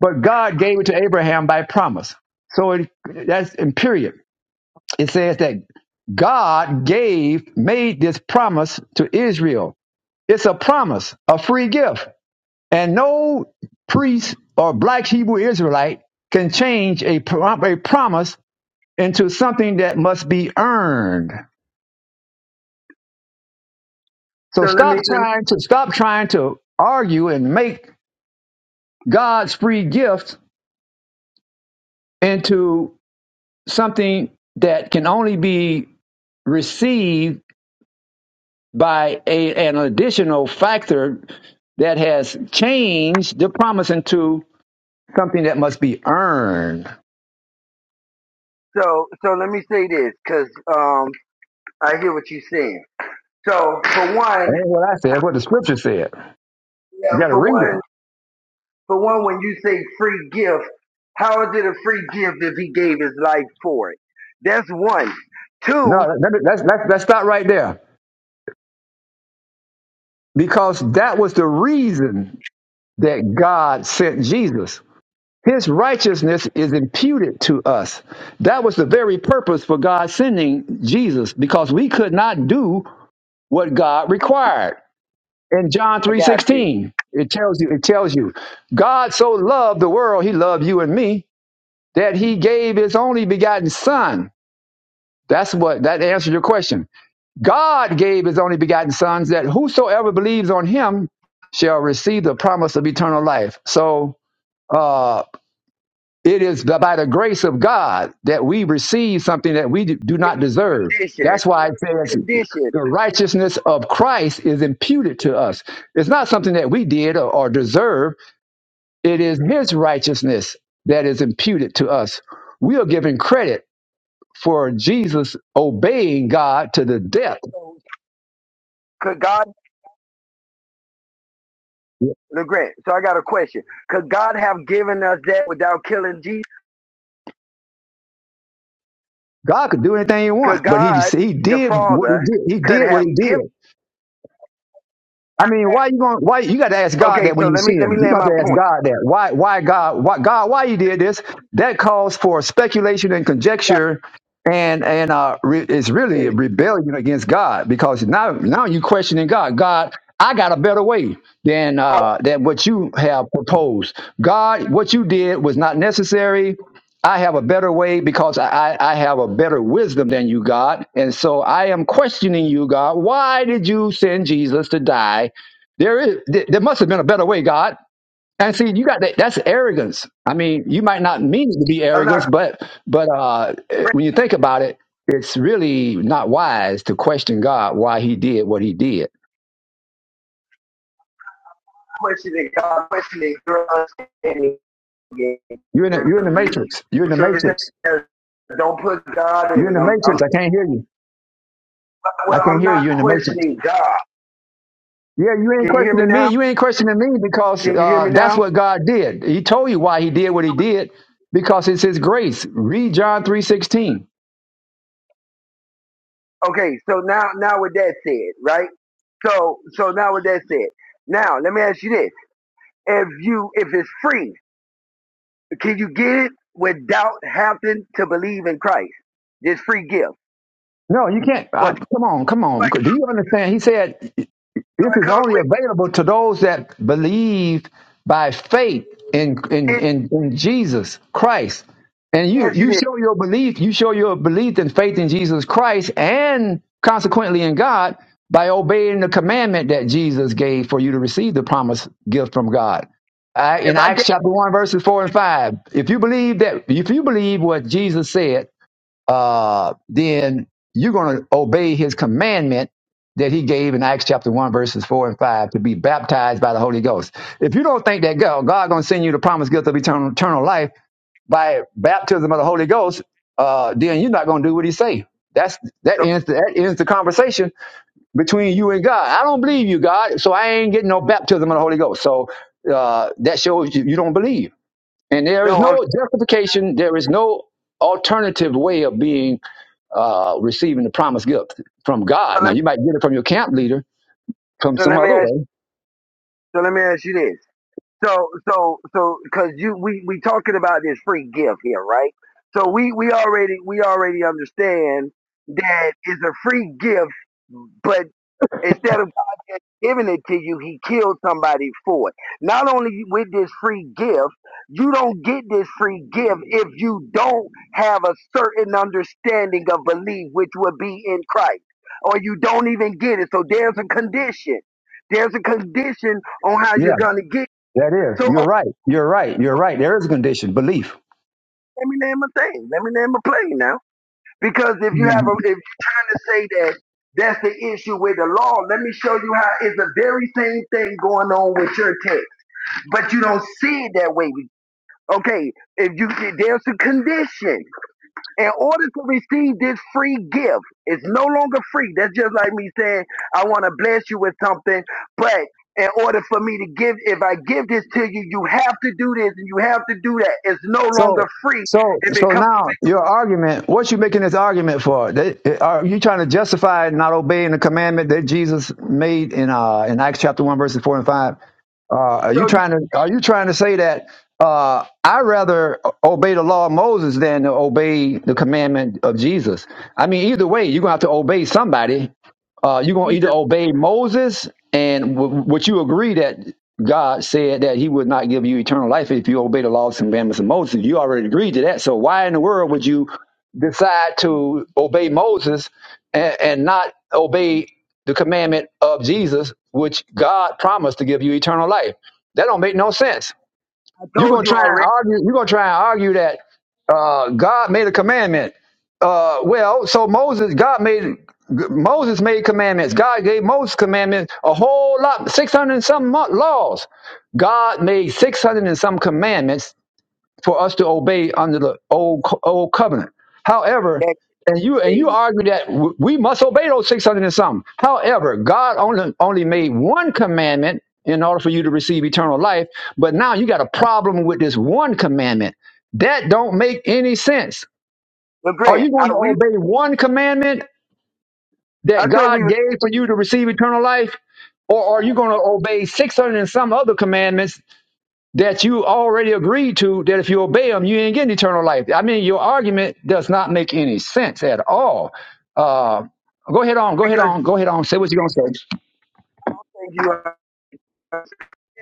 A: But God gave it to Abraham by promise. So it, that's in period. It says that God gave, made this promise to Israel. It's a promise, a free gift. And no priest or black Hebrew Israelite can change a, pro- a promise into something that must be earned. So
F: So let
A: stop
F: me let me,
A: trying to stop trying to argue and make God's free gift into something that can only be received by a, an additional factor that has changed the promise into something that must be earned.
F: so so let me say this because um I hear what you're saying. So for one,
A: That ain't what I said. That's what the scripture said. You
F: yeah,
A: got to
F: for
A: read it.
F: one, for one, when you say free gift, how is it a free gift if he gave his life for it? That's one.
A: No,
F: Two,
A: that, that, that's, that's, that's not right there. Because that was the reason that God sent Jesus. His righteousness is imputed to us. That was the very purpose for God sending Jesus because we could not do what God required. In John
F: I got you.
A: 3:16, it tells you it tells you God so loved the world, he loved you and me that he gave his only begotten son. That's what that answers your question. God gave his only begotten sons that whosoever believes on him shall receive the promise of eternal life. So, uh, It is by the grace of God that we receive something that we do not deserve.
F: Condition,
A: That's why it says
F: condition.
A: the righteousness of Christ is imputed to us. It's not something that we did or, or deserve. It is his righteousness that is imputed to us. We are given credit for Jesus obeying God to the death.
F: So could God, LeGrand, so I got a question. Could God have given us that without killing Jesus?
A: God could do anything he
F: Could
A: wanted, but he,
F: God,
A: he
F: the
A: did what he
F: Father,
A: did. He
F: could
A: did what
F: have
A: he did.
F: given
A: I mean, why you going? Why you got to ask God
F: Okay,
A: that when
F: so
A: you
F: let
A: see
F: me let me
A: Him? You
F: land
A: got
F: my
A: to ask
F: point.
A: God that. Why? Why God? Why God? Why you did this? That calls for speculation and
F: Right.
A: conjecture, and and uh, re, it's really a
F: Yes.
A: rebellion against God because now now you questioning God. God, I got a better way than uh,
F: Oh,
A: than what you have proposed. God, what you did was not necessary. I have a better way because I, I I have a better wisdom than you, God. And so I am questioning you, God. Why did you send Jesus to die there is th- there must have been a better way, God. And see, you got that that's arrogance. I mean, you might not mean it to be
F: I'm
A: arrogance,
F: not
A: but but uh eh, when you think about it, it's really not wise to question God why he did what he did.
F: questioning God, questioning your understanding and
A: You're in the,
F: your
A: you're in the
F: belief.
A: matrix. You're in the
F: So
A: matrix.
F: don't put God
A: You're
F: in
A: in
F: it.
A: the
F: I'm, I'm
A: matrix. I can't hear you. I
F: well.
A: can't
F: I'm
A: hear you
F: not
A: You're in the matrix.
F: questioning God.
A: Yeah, you ain't
F: Can you hear me
A: questioning me.
F: now?
A: You ain't questioning me because
F: Can you hear
A: uh,
F: me
A: that's
F: now?
A: what God did. He told you why he did what he did because it's his grace. Read John three sixteen.
F: Okay, so now now with that said, right? So so now with that said, now let me ask you this: If you if it's free, can you get it without having to believe in Christ? This free gift
A: No, you can't.
F: or
A: Uh, come on, come on. Do you understand? He said this
F: that
A: is
F: comes
A: only
F: with
A: available to those that believe by faith in in
F: did
A: in, in Jesus Christ. And
F: you
A: you
F: ask you
A: you
F: this?
A: show your belief, you show your belief and faith in Jesus Christ, and consequently in God by obeying the commandment that Jesus gave for you to receive the promised gift from God. I, in
F: If I
A: Acts
F: get
A: chapter one, verses four and five, if you believe that, if you believe what Jesus said uh, then you're going to obey his commandment that he gave in Acts chapter 1, verses 4 and 5 to be baptized by the Holy Ghost. If you don't think that God, going to send you the promised gift of eternal, eternal life by baptism of the Holy Ghost, uh, then you're not going to do what he say. That's that
F: so
A: ends the, that ends the conversation between you and God. I don't believe you, God, so I ain't getting no baptism of the Holy Ghost. So uh, that shows you, you don't believe. And there is
F: no, I'm,
A: no justification. There is no alternative way of being uh, receiving the promised gift from God.
F: so
A: Now,
F: let me
A: you might get it from your camp leader from
F: so
A: some
F: let me
A: other
F: ask
A: way.
F: so let me ask you this. So so so because you we we talking about this free gift here, right? So we we already we already understand that it's a free gift, but. Instead of God just giving it to you, he killed somebody for it. Not only with this free gift, you don't get this free gift if you don't have a certain understanding of belief, which would be in Christ, or you don't even get it. So there's a condition. There's a condition on how you're
A: Yeah,
F: gonna get. it.
A: that is.
F: So
A: You're
F: oh,
A: right. You're right. You're right. There is a condition, belief.
F: let me name a thing. Let me name a plane now. Because if you have a, if you're trying to say that that's the issue with the law, let me show you how it's the very same thing going on with your text. but you don't see it that way. Okay, if you there's a condition in order to receive this free gift, it's no longer free. That's just like me saying I want to bless you with something, but in order for me to give, if I give this to you, you have to do this and you have to do that. It's no
A: So,
F: longer free.
A: so,
F: If it
A: so
F: comes
A: now your argument, what you making this argument for? They, are you trying to justify not obeying the commandment that Jesus made in uh in Acts chapter one verses four and five? Uh,
F: to
A: are you
F: show you
A: trying to are you trying to say that uh I rather obey the law of Moses than to obey the commandment of Jesus? I mean, either way, you're gonna have to obey somebody uh, you're going to either
F: Jesus,
A: obey Moses, and w- would you agree that God said that he would not give you eternal life if you obey the laws and commandments of Moses? You already agreed to that. So why in the world would you decide to obey Moses and, and not obey the commandment of Jesus, which God promised to give you eternal life? That don't make no sense.
F: I
A: You're
F: told
A: gonna
F: you
A: try and
F: already
A: argue. You're gonna try and argue that uh, God made a commandment. Uh, well, so Moses, God made Moses made commandments. God gave Moses commandments, a whole lot, six hundred and some mo- laws. God made six hundred and some commandments for us to obey under the old co- old covenant. However,
F: that
A: and you and you
F: day.
A: argue that w- we must obey those six hundred and something. However, God only only made one commandment in order for you to receive eternal life. But now you got a problem with this one commandment. That don't make any sense.
F: But
A: Are
F: Grant,
A: you going
F: I
A: to
F: we
A: obey one commandment
F: I
A: that
F: thought we
A: God
F: were
A: gave for you to receive eternal life? Or are you going to obey 600 and some other commandments that you already agreed to that if you obey them, you ain't getting eternal life. I mean, your argument does not make any sense at all. Uh, go ahead on, go ahead
F: because
A: on, go ahead on. Say what you're gonna say.
F: you. are.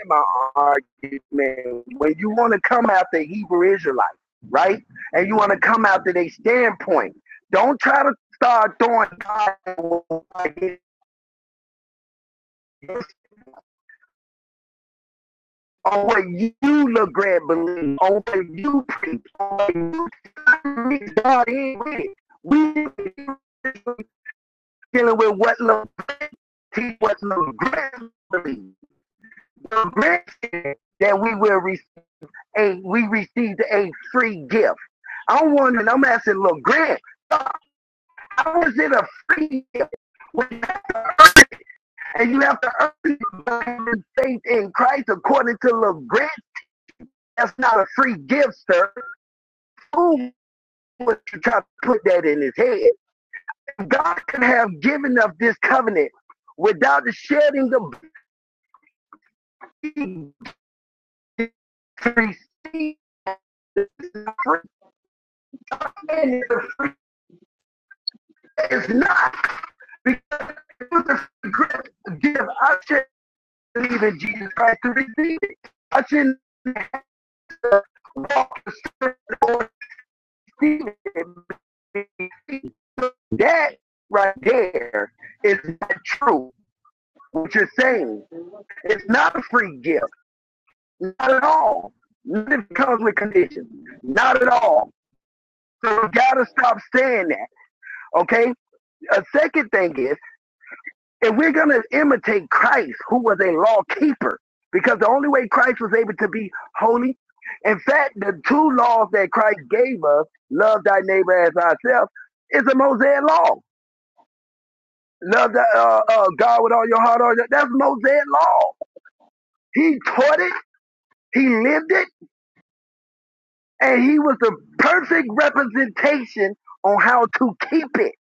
F: in my argument. When you want to come after Hebrew Israelites, right? And you want to come after their standpoint, don't try to start throwing God on what you look great believe, on what you preach, on what you preach. God ain't with it. We dealing with what look great, teach what look great believe. The great that we will receive we received a free gift. I'm wondering, I'm asking Lil Grant, how is it a free gift when you have to earn it and you have to earn it by faith in Christ according to Lil Grant? That's not a free gift, sir. Who would you try to put that in his head? God could have given us this covenant without the shedding the blood to receive it. It's not because it was a free gift. Give us believe in Jesus Christ to receive it. I shouldn't walk a certain or receive it. That right there is not true. What you're saying, it's not a free gift, not at all. Not it comes with conditions, not at all. So you gotta stop saying that. Okay. A second thing is If we're going to imitate Christ, who was a law keeper, because the only way Christ was able to be holy, in fact, the two laws that Christ gave us, love thy neighbor as ourselves, is a Mosaic law. Love the, uh, uh, God with all your heart. All your, that's Mosaic law. He taught it. He lived it. And he was the perfect representation on how to keep it.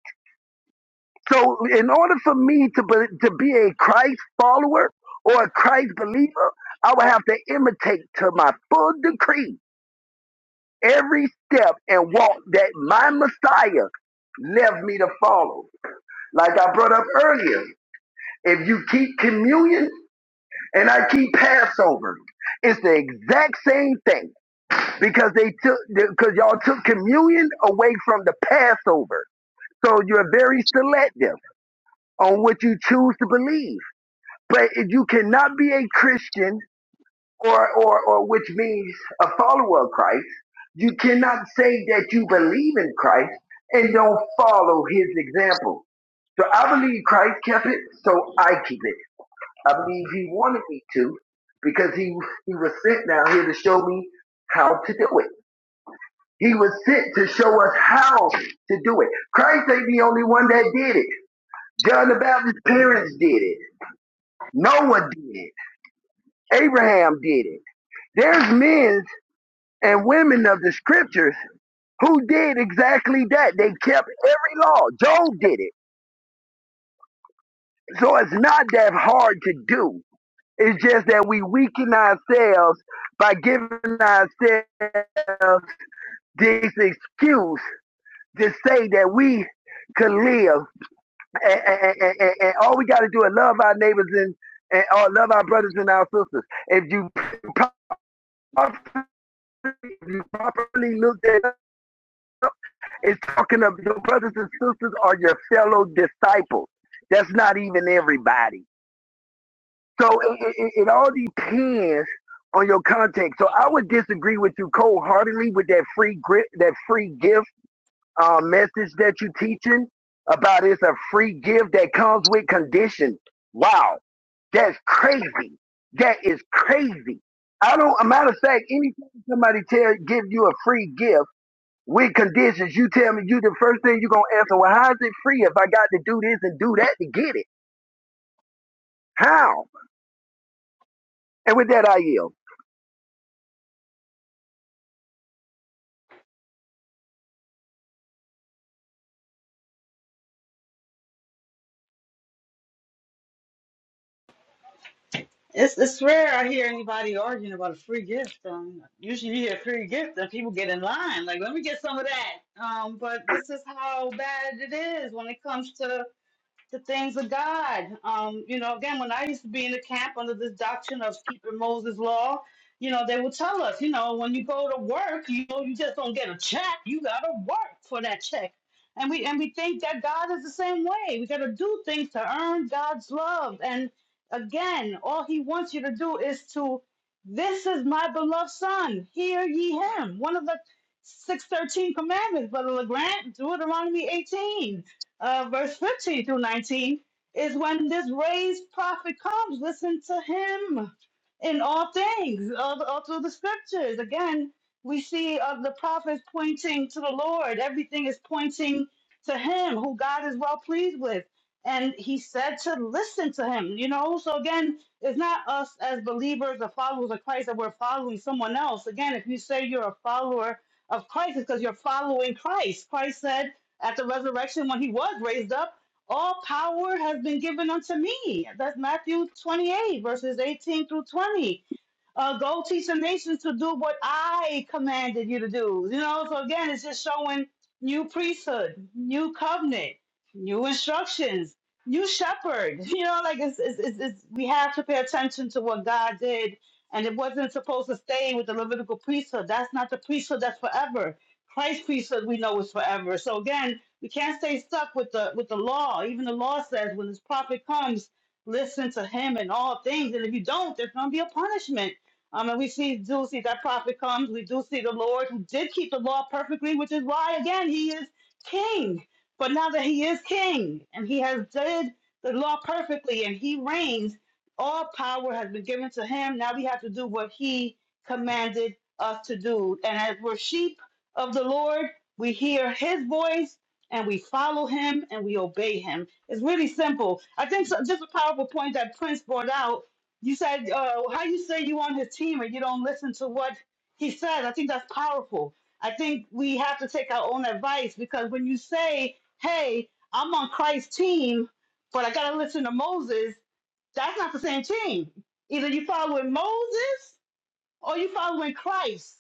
F: So, in order for me to be, to be a Christ follower or a Christ believer, I would have to imitate to my full degree every step and walk that my Messiah left me to follow. Like I brought up earlier, if you keep communion and I keep Passover, it's the exact same thing because they took because y'all took communion away from the Passover. So you're very selective on what you choose to believe. But if you cannot be a Christian, or, or, or which means a follower of Christ, you cannot say that you believe in Christ and don't follow his example. So I believe Christ kept it, so I keep it. I believe he wanted me to because he, he was sent down here to show me how to do it. He was sent to show us how to do it. Christ ain't the only one that did it. John the Baptist's parents did it. Noah did it. Abraham did it. There's men and women of the scriptures who did exactly that. They kept every law. Job did it. So it's not that hard to do. It's just that we weaken ourselves by giving ourselves this excuse to say that we could live. And, and, and, and and all we got to do is love our neighbors and, and or love our brothers and our sisters. If you properly, if you properly looked at It's talking of your brothers and sisters are your fellow disciples. That's not even everybody. So it, it, it all depends on your context. So I would disagree with you cold-heartedly with that free gri- that free gift uh, message that you're teaching about it's a free gift that comes with condition. Wow, that's crazy. That is crazy. I don't. A matter of fact, anytime somebody tell give you a free gift with conditions. You tell me you the first thing you're gonna answer, well, how is it free if I got to do this and do that to get it? How? And with that I yield.
G: It's it's rare I hear anybody arguing about a free gift. Um, usually you hear free gift and people get in line, like, let me get some of that. Um, but this is how bad it is when it comes to the things of God. Um, you know, again, when I used to be in the camp under this doctrine of keeping Moses' law, you know, they would tell us, you know, when you go to work, you know, you just don't get a check. You gotta work for that check. And we and we think that God is the same way. We gotta do things to earn God's love. And again, all he wants you to do is to this is my beloved son, hear ye him. One of the six thirteen commandments, Brother LeGrant, Deuteronomy 18 uh, verse 15 through 19 is when this raised prophet comes, listen to him in all things, all, all through the scriptures. Again, we see of the prophets pointing to the Lord. Everything is pointing to Him, who God is well pleased with. And He said to listen to Him, you know? So again, it's not us as believers or followers of Christ that we're following someone else. Again, if you say you're a follower of Christ, it's because you're following Christ. Christ said at the resurrection when He was raised up, all power has been given unto me. That's Matthew 28, verses 18 through 20. Uh, go teach the nations to do what I commanded you to do. You know, so again, it's just showing new priesthood, new covenant, new instructions, new shepherd. You know, like it's, it's, it's, it's we have to pay attention to what God did, and it wasn't supposed to stay with the Levitical priesthood. That's not the priesthood that's forever. Christ's priesthood we know is forever. So again, we can't stay stuck with the with the law. Even the law says when this prophet comes, listen to him in all things, and if you don't, there's going to be a punishment. Um, and we see, do see that prophet comes. We do see the Lord who did keep the law perfectly, which is why, again, he is king. But now that he is king and he has did the law perfectly and he reigns, all power has been given to him. Now we have to do what he commanded us to do. And as we're sheep of the Lord, we hear his voice and we follow him and we obey him. It's really simple. I think so, just a powerful point that Prince brought out you said, uh, how you say you on his team and you don't listen to what he says. I think that's powerful. I think we have to take our own advice because when you say, hey, I'm on Christ's team, but I got to listen to Moses, that's not the same team. Either you follow with Moses are you following Christ?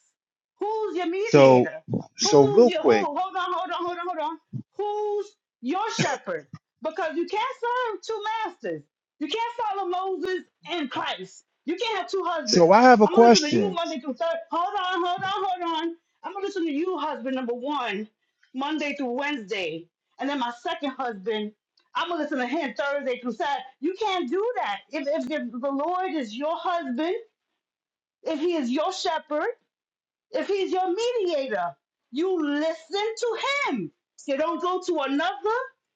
G: Who's your
H: So,
G: mediator?
H: so
G: Who's
H: real
G: your who?
H: quick.
G: Hold on, hold on, hold on, hold on. Who's your shepherd? Because you can't serve two masters. You can't follow Moses and Christ. You can't have two
H: So
G: husbands.
H: I have a
G: I'm gonna listen to you
H: question.
G: Monday through Thursday. Hold on, hold on, hold on. I'm gonna listen to you, husband number one, Monday through Wednesday, and then my second husband. I'm gonna listen to him Thursday through Saturday. You can't do that. If if, if the Lord is your husband if he is your shepherd, if he's your mediator, you listen to him. You don't go to another.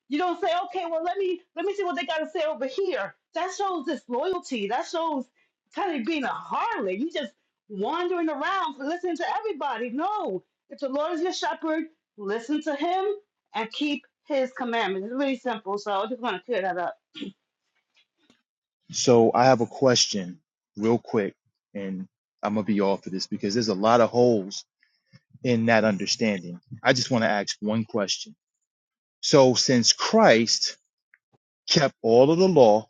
G: You don't say, okay, well, let me let me see what they gotta say over here. That shows disloyalty. That shows kind of being a harlot. You just wandering around listening to everybody. No. If the Lord is your shepherd, listen to him and keep his commandments. It's really simple. So I just want to clear that up.
H: So I have a question real quick and I'm going to be off of this because there's a lot of holes in that understanding. I just want to ask one question. So since Christ kept all of the law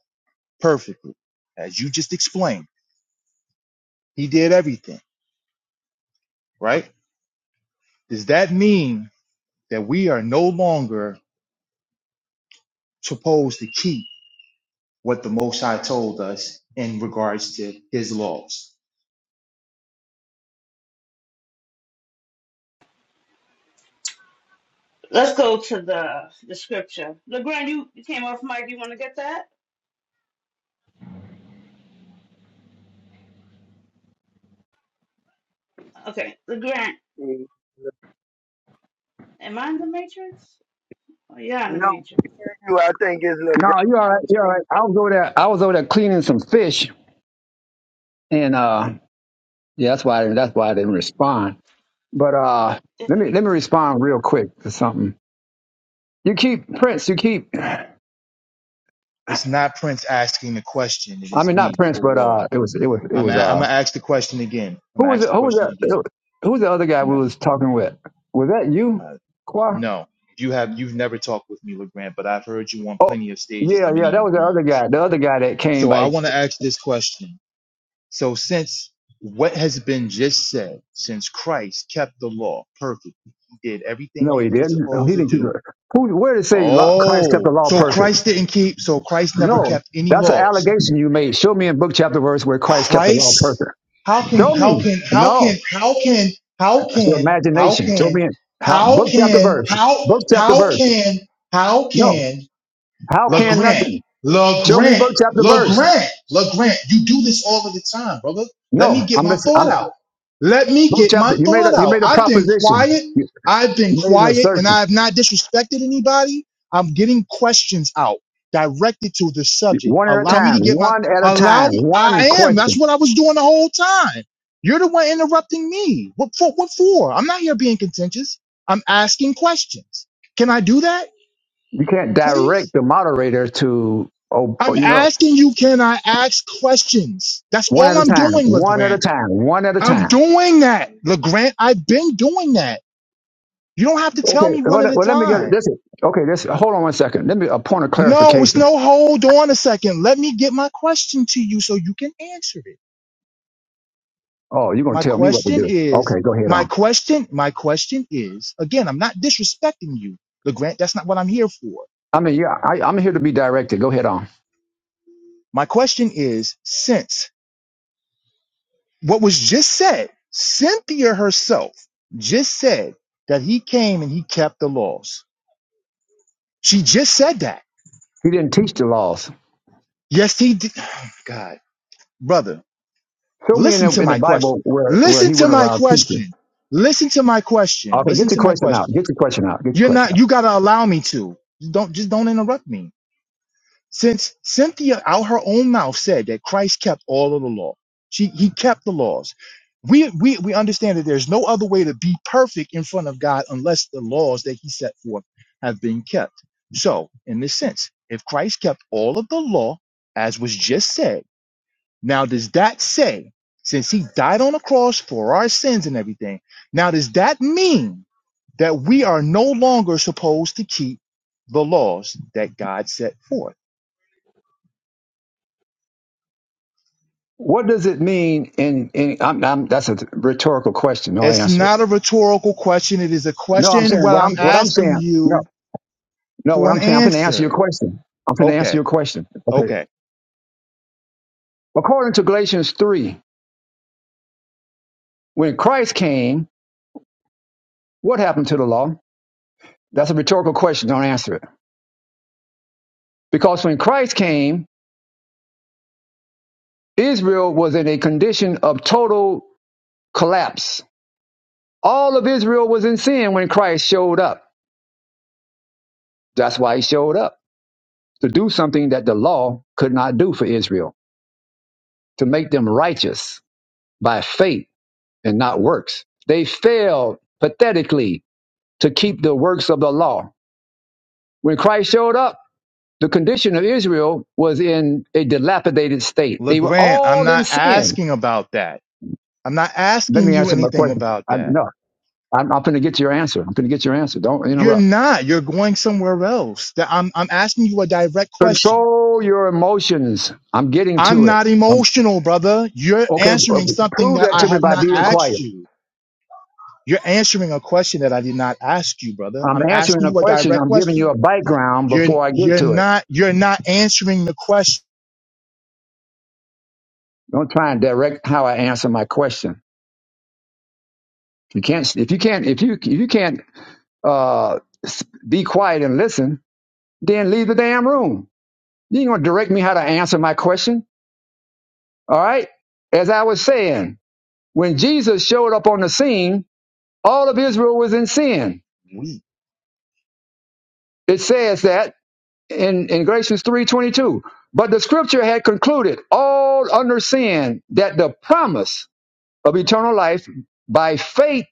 H: perfectly, as you just explained, he did everything, right? Does that mean that we are no longer supposed to keep what the Most High told us in regards to his laws?
G: Let's go to the the scripture. LeGrand, you, you came off mic. You want to get that? Okay, Grant,
F: Mm,
G: am I in the Matrix? Oh, yeah, in the
F: No,
G: Matrix.
F: you I think it's little
A: No,
F: Grant.
A: you're all right. You're all right. I was over there. I was over there cleaning some fish, and uh, yeah, that's why I didn't, that's why I didn't respond. But uh,
G: If
A: let
G: it-
A: me let me respond real quick to something. You keep Prince. You keep.
H: It's not Prince asking the question. It
A: I
H: is
A: mean, not
H: me,
A: Prince, but uh,
H: Kowal.
A: it was it was it
H: I'm. A,
A: was
H: I'm
A: uh,
H: gonna ask the question again. I'm
A: who
H: gonna
A: was
H: ask
A: it?
H: the
A: Who was
H: question again.
A: that? Who was the other guy
H: I'm
A: we
H: a,
A: was talking with? Was that you,
H: uh,
A: Qua?
H: no, you have. You've never talked with me, Legrand, but I've heard you on
A: Oh,
H: plenty of stages
A: yeah,
H: and
A: yeah.
H: many
A: That
H: of
A: was the other
H: rooms.
A: guy. The other guy that came
H: So I
A: by.
H: want to ask this question. So since what has been just said, since Christ kept the law perfect, he did everything
A: No,
H: that
A: he
H: he was
A: didn't. No, He
H: supposed to
A: didn't keep
H: do.
A: it. Who? Where did it say law- Christ kept the
H: Oh,
A: law
H: so
A: perfect?
H: Christ didn't keep. So Christ never
A: No,
H: kept any
A: that's an
H: laws.
A: allegation you made. Show me in book chapter verse where Christ kept the law
H: Christ,
A: perfect.
H: how can
A: Show
H: how
A: me.
H: can how can
A: No,
H: how can how
A: that's your
H: can how
A: imagination. Show
H: can
A: me in how
H: how
A: book chapter
H: can
A: verse.
H: how
A: Book chapter
H: how
A: verse.
H: can how
A: No,
H: can
A: how can
H: LeGrant,
A: nothing? Show me
H: LeGrant,
A: book chapter verse.
H: LeGrant, LeGrant. You do this all of the time, brother. Let me
A: No,
H: get
A: I'm
H: my
A: just
H: thought
A: I'm
H: out. Let me
A: book
H: get my
A: chapter. You made
H: thought
A: a you
H: out.
A: made a
H: I've been
A: proposition.
H: quiet.
A: You,
H: I've been
A: you made an
H: quiet and I
A: assertion.
H: have not disrespected anybody. I'm getting questions out directed to the subject.
A: One at a
H: Allow me to
A: time.
H: get my,
A: One at a
H: allow,
A: time.
H: I
A: One
H: am.
A: question.
H: That's what I was doing the whole time. You're the one interrupting me. What for? What for? I'm not here being contentious. I'm asking questions. Can I do that,
A: You can't
H: please?
A: direct the moderator to, oh, oh,
H: I'm
A: you know,
H: asking you, can I ask questions? That's
A: one
H: all
A: at a
H: I'm
A: time,
H: doing,
A: one at a
H: LeGrant.
A: time, one at a
H: I'm
A: time.
H: doing that. LeGrant, I've been doing that. You don't have to tell
A: Okay.
H: me one
A: Well,
H: at
A: let
H: a
A: well, let me get it.
H: time.
A: This is, okay. This, hold on one second. Let me, a point of
H: No, it's
A: clarification.
H: no hold on a second. Let me get my question to you so you can answer it.
A: Oh, you're going
H: My
A: to tell me what to
H: question
A: do.
H: is,
A: Okay. Go ahead
H: my
A: on.
H: question, my question is, again, I'm not disrespecting you, LeGrant. That's not what I'm here for.
A: I mean, yeah, I, I'm here to be directed. Go ahead on.
H: My question is, since what was just said, Cynthia herself just said that he came and he kept the laws. She just said that.
A: He didn't teach the laws.
H: Yes, he did. Oh, God, brother,
A: Show me in
H: listen
A: the,
H: to
A: in the
H: my question.
A: Bible where, where
H: Listen
A: he
H: to
A: went
H: my
A: around teaching.
H: question. Listen to my question.
A: Okay.
H: Listen
A: Get your
H: to my
A: question out.
H: question.
A: Get your question out. Get your
H: You're
A: question
H: not,
A: out.
H: you gotta allow me to. Don't, just don't interrupt me. Since Cynthia out her own mouth said that Christ kept all of the law, she he kept the laws. We, we we understand that there's no other way to be perfect in front of God unless the laws that he set forth have been kept. So, in this sense, if Christ kept all of the law, as was just said, now does that say, since he died on the cross for our sins and everything, now does that mean that we are no longer supposed to keep the laws that God set forth?
A: What does it mean in, in I'm, I'm, that's a rhetorical question. No,
H: It's
A: answer it.
H: not a rhetorical question. It is a
A: No, I'm
H: question
A: saying
H: where
A: what I'm,
H: I'm
A: what I'm
H: asking
A: saying.
H: you
A: No, what
H: for an
A: I'm saying, I'm going to answer your
H: answer.
A: question. I'm going to answer
H: Okay.
A: your question. Okay.
H: Okay.
A: According to Galatians 3, when Christ came, what happened to the law? That's a rhetorical question. Don't answer it. Because when Christ came, Israel was in a condition of total collapse. All of Israel was in sin when Christ showed up. That's why he showed up to do something that the law could not do for Israel, to make them righteous by faith and not works. They failed pathetically to keep the works of the law When Christ showed up, the condition of Israel was in a dilapidated state. They were
H: LeGrand, I'm
A: all in
H: not
A: sin.
H: asking about that. I'm not
A: Let
H: asking
A: me
H: you
A: answer my
H: anything
A: question.
H: about
A: I,
H: that.
A: no, I'm, I'm going to get your answer. I'm going to get your answer. Don't
H: You're
A: interrupt.
H: not. You're going somewhere else. That I'm, I'm asking you a direct question.
A: Control your emotions. I'm getting
H: I'm
A: to it.
H: not
A: Um,
H: emotional, brother. You're
A: okay, uh,
H: answering something
A: prove
H: that
A: that
H: I
A: to me
H: have
A: by
H: not
A: being
H: asked
A: quiet.
H: you. You're answering a question that I did not ask you, brother.
A: I'm
H: I'm
A: answering
H: asking
A: a
H: you a
A: question.
H: direct
A: I'm giving you
H: question.
A: a background
H: You're,
A: before I get
H: you're
A: to it.
H: not, you're not answering the question.
A: Don't try and direct how I answer my question. You can't. If you can't. If you if you can't uh, s- be quiet and listen, then leave the damn room. You ain't gonna direct me how to answer my question. All right. As I was saying, when Jesus showed up on the scene, all of Israel was in sin.
H: We,
A: It says that in, in Galatians 3:22. But the scripture had concluded all under sin that the promise of eternal life by faith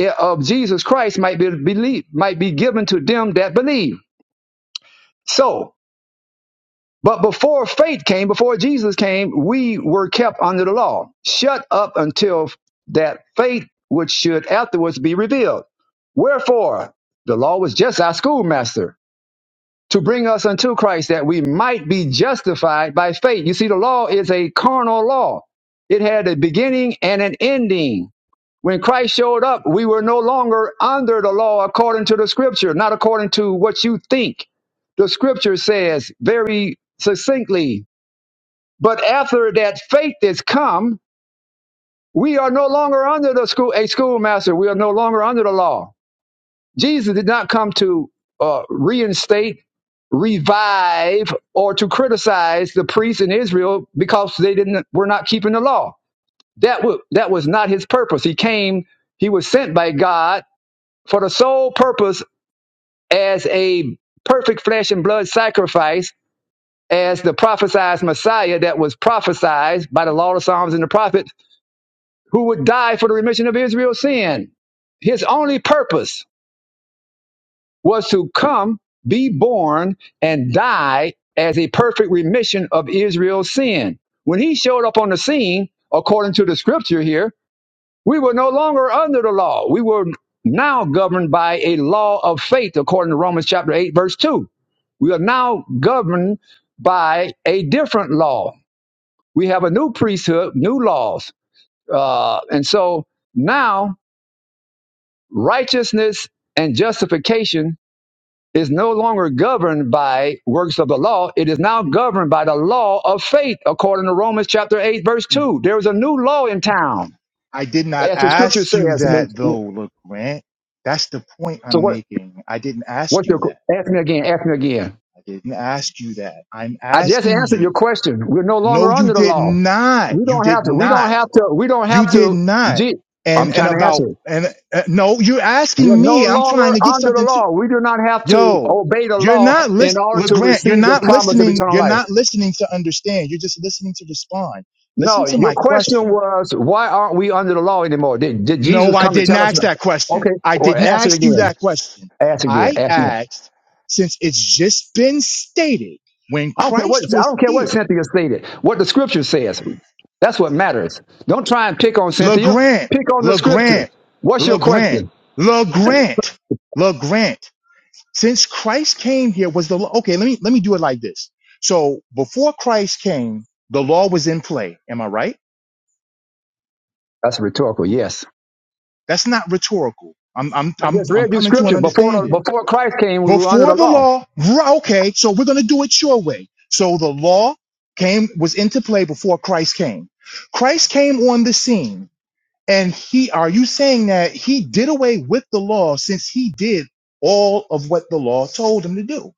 A: uh, of Jesus Christ might be believed, might be given to them that believe. So But before faith came, before Jesus came, we were kept under the law, shut up until that faith which should afterwards be revealed. Wherefore, the law was just our schoolmaster to bring us unto Christ that we might be justified by faith. You see, the law is a carnal law. It had a beginning and an ending. When Christ showed up, we were no longer under the law according to the scripture, not according to what you think. The scripture says very succinctly but after that faith has come, we are no longer under the school a schoolmaster. We are no longer under the law. Jesus did not come to uh, reinstate, revive, or to criticize the priests in Israel because they didn't were not keeping the law. That was that was not his purpose. He came. He was sent by God for the sole purpose as a perfect flesh and blood sacrifice, as the prophesied Messiah that was prophesied by the law, the Psalms, and the prophets who would die for the remission of Israel's sin. His only purpose was to come, be born, and die as a perfect remission of Israel's sin. When he showed up on the scene, according to the scripture here, we were no longer under the law. We were now governed by a law of faith, according to Romans chapter 8, verse 2. We are now governed by a different law. We have a new priesthood, new laws. Uh, and so now righteousness and justification is no longer governed by works of the law. It is now governed by the law of faith, according to Romans chapter 8, verse 2. There is a new law in town,
H: I did not
A: as the scripture
H: ask you
A: says.
H: that though, LeGrant. That's the point
A: So,
H: I'm
A: what,
H: making. I didn't ask
A: what's your,
H: you that.
A: ask me again, ask me again.
H: I didn't ask you that. I'm
A: I just
H: asking
A: answered your
H: you.
A: question. We're no
H: No,
A: longer
H: you
A: under the
H: did
A: law.
H: not.
A: We
H: You
A: don't
H: did
A: have to, we
H: not.
A: don't have to, we don't
H: You
A: have
H: did
A: to,
H: not.
A: Je-
H: And,
A: I'm
H: and
A: trying to
H: about,
A: answer it.
H: and uh, no, you're
A: You're
H: asking me.
A: no
H: I'm
A: longer
H: trying to get
A: under the
H: something to,
A: law. We do not have to
H: yo,
A: obey the
H: you're
A: law
H: not
A: in
H: list,
A: order to
H: LeGrant, you're
A: receive the
H: not
A: promise of
H: listening.
A: eternal
H: You're
A: life.
H: not listening to understand. You're just listening to respond. Listen
A: No,
H: to
A: your
H: my
A: question
H: question
A: was why aren't we under the law anymore? Did, did
H: No,
A: Jesus
H: I
A: come to
H: didn't
A: tell us?
H: ask that question.
A: Okay,
H: I
A: or
H: didn't
A: ask it
H: ask you
A: again.
H: that question.
A: Ask again.
H: I
A: Ask again.
H: asked, since it's just been stated, when
A: I don't care what
H: Christ
A: I
H: was
A: don't care what
H: here,
A: Cynthia stated. What the scripture says. That's what matters. Don't try and pick on Cynthia.
H: LeGrant,
A: Pick on the scripture.
H: LeGrant,
A: What's your
H: LeGrant,
A: question?
H: LeGrant, LeGrant. Since Christ came here, was the law? Okay, let me let me do it like this. So before Christ came, the law was in play. Am I right?
A: That's rhetorical. Yes.
H: That's not rhetorical. I'm I'm
A: I
H: I'm
A: just
H: I'm
A: read you
H: coming to an
A: scripture before the,
H: understanding.
A: before Christ came. We were under
H: before
A: the
H: the
A: law.
H: law r- okay so we're going to do it your way so the law came was into play before christ came christ came on the scene and he are you saying that he did away with the law since he did all of what the law told him to do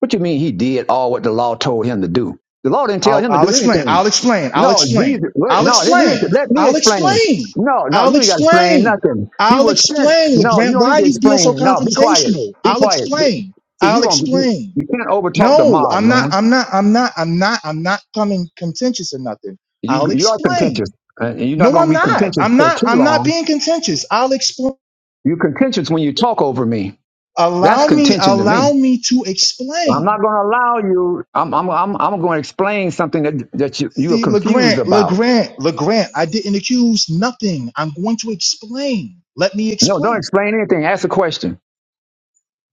A: What you mean he did all what the law told him to do? The law didn't tell
H: i'll,
A: him to
H: I'll
A: do
H: explain
A: anything.
H: i'll explain i'll
A: No,
H: explain
A: Jesus. Wait,
H: i'll
A: no, let me
H: explain
A: let me
H: i'll
A: explain.
H: explain
A: No, no,
H: i'll
A: you ain't got to explain
H: explain
A: nothing. He
H: i'll
A: was sent.
H: explain
A: No, you
H: legrand
A: don't
H: why
A: need
H: are
A: to
H: you being so
A: explain. No, be quiet.
H: confrontational
A: Be
H: i'll
A: quiet. Be,
H: explain
A: see,
H: i'll
A: you gonna be,
H: explain
A: you can't overtalk the
H: No,
A: mod,
H: I'm not.
A: man.
H: I'm not. I'm not. I'm not. I'm not coming contentious or nothing.
A: You
H: I'll
A: you are contentious,
H: explain.
A: uh, and you're not
H: No,
A: gonna
H: I'm
A: be
H: not.
A: contentious
H: I'm
A: for
H: not.
A: too
H: I'm not
A: long.
H: being contentious. I'll explain.
A: You're contentious when you talk over me. That's
H: Allow me.
A: contention to
H: Allow
A: me.
H: me to
A: I'm
H: explain.
A: not gonna allow you. I'm I'm I'm, I'm gonna explain something that that you you are
H: See,
A: confused
H: LeGrant,
A: about.
H: LeGrant, LeGrant. I didn't accuse nothing. I'm going to explain. Let me
A: No, don't
H: explain.
A: explain anything. Ask a question.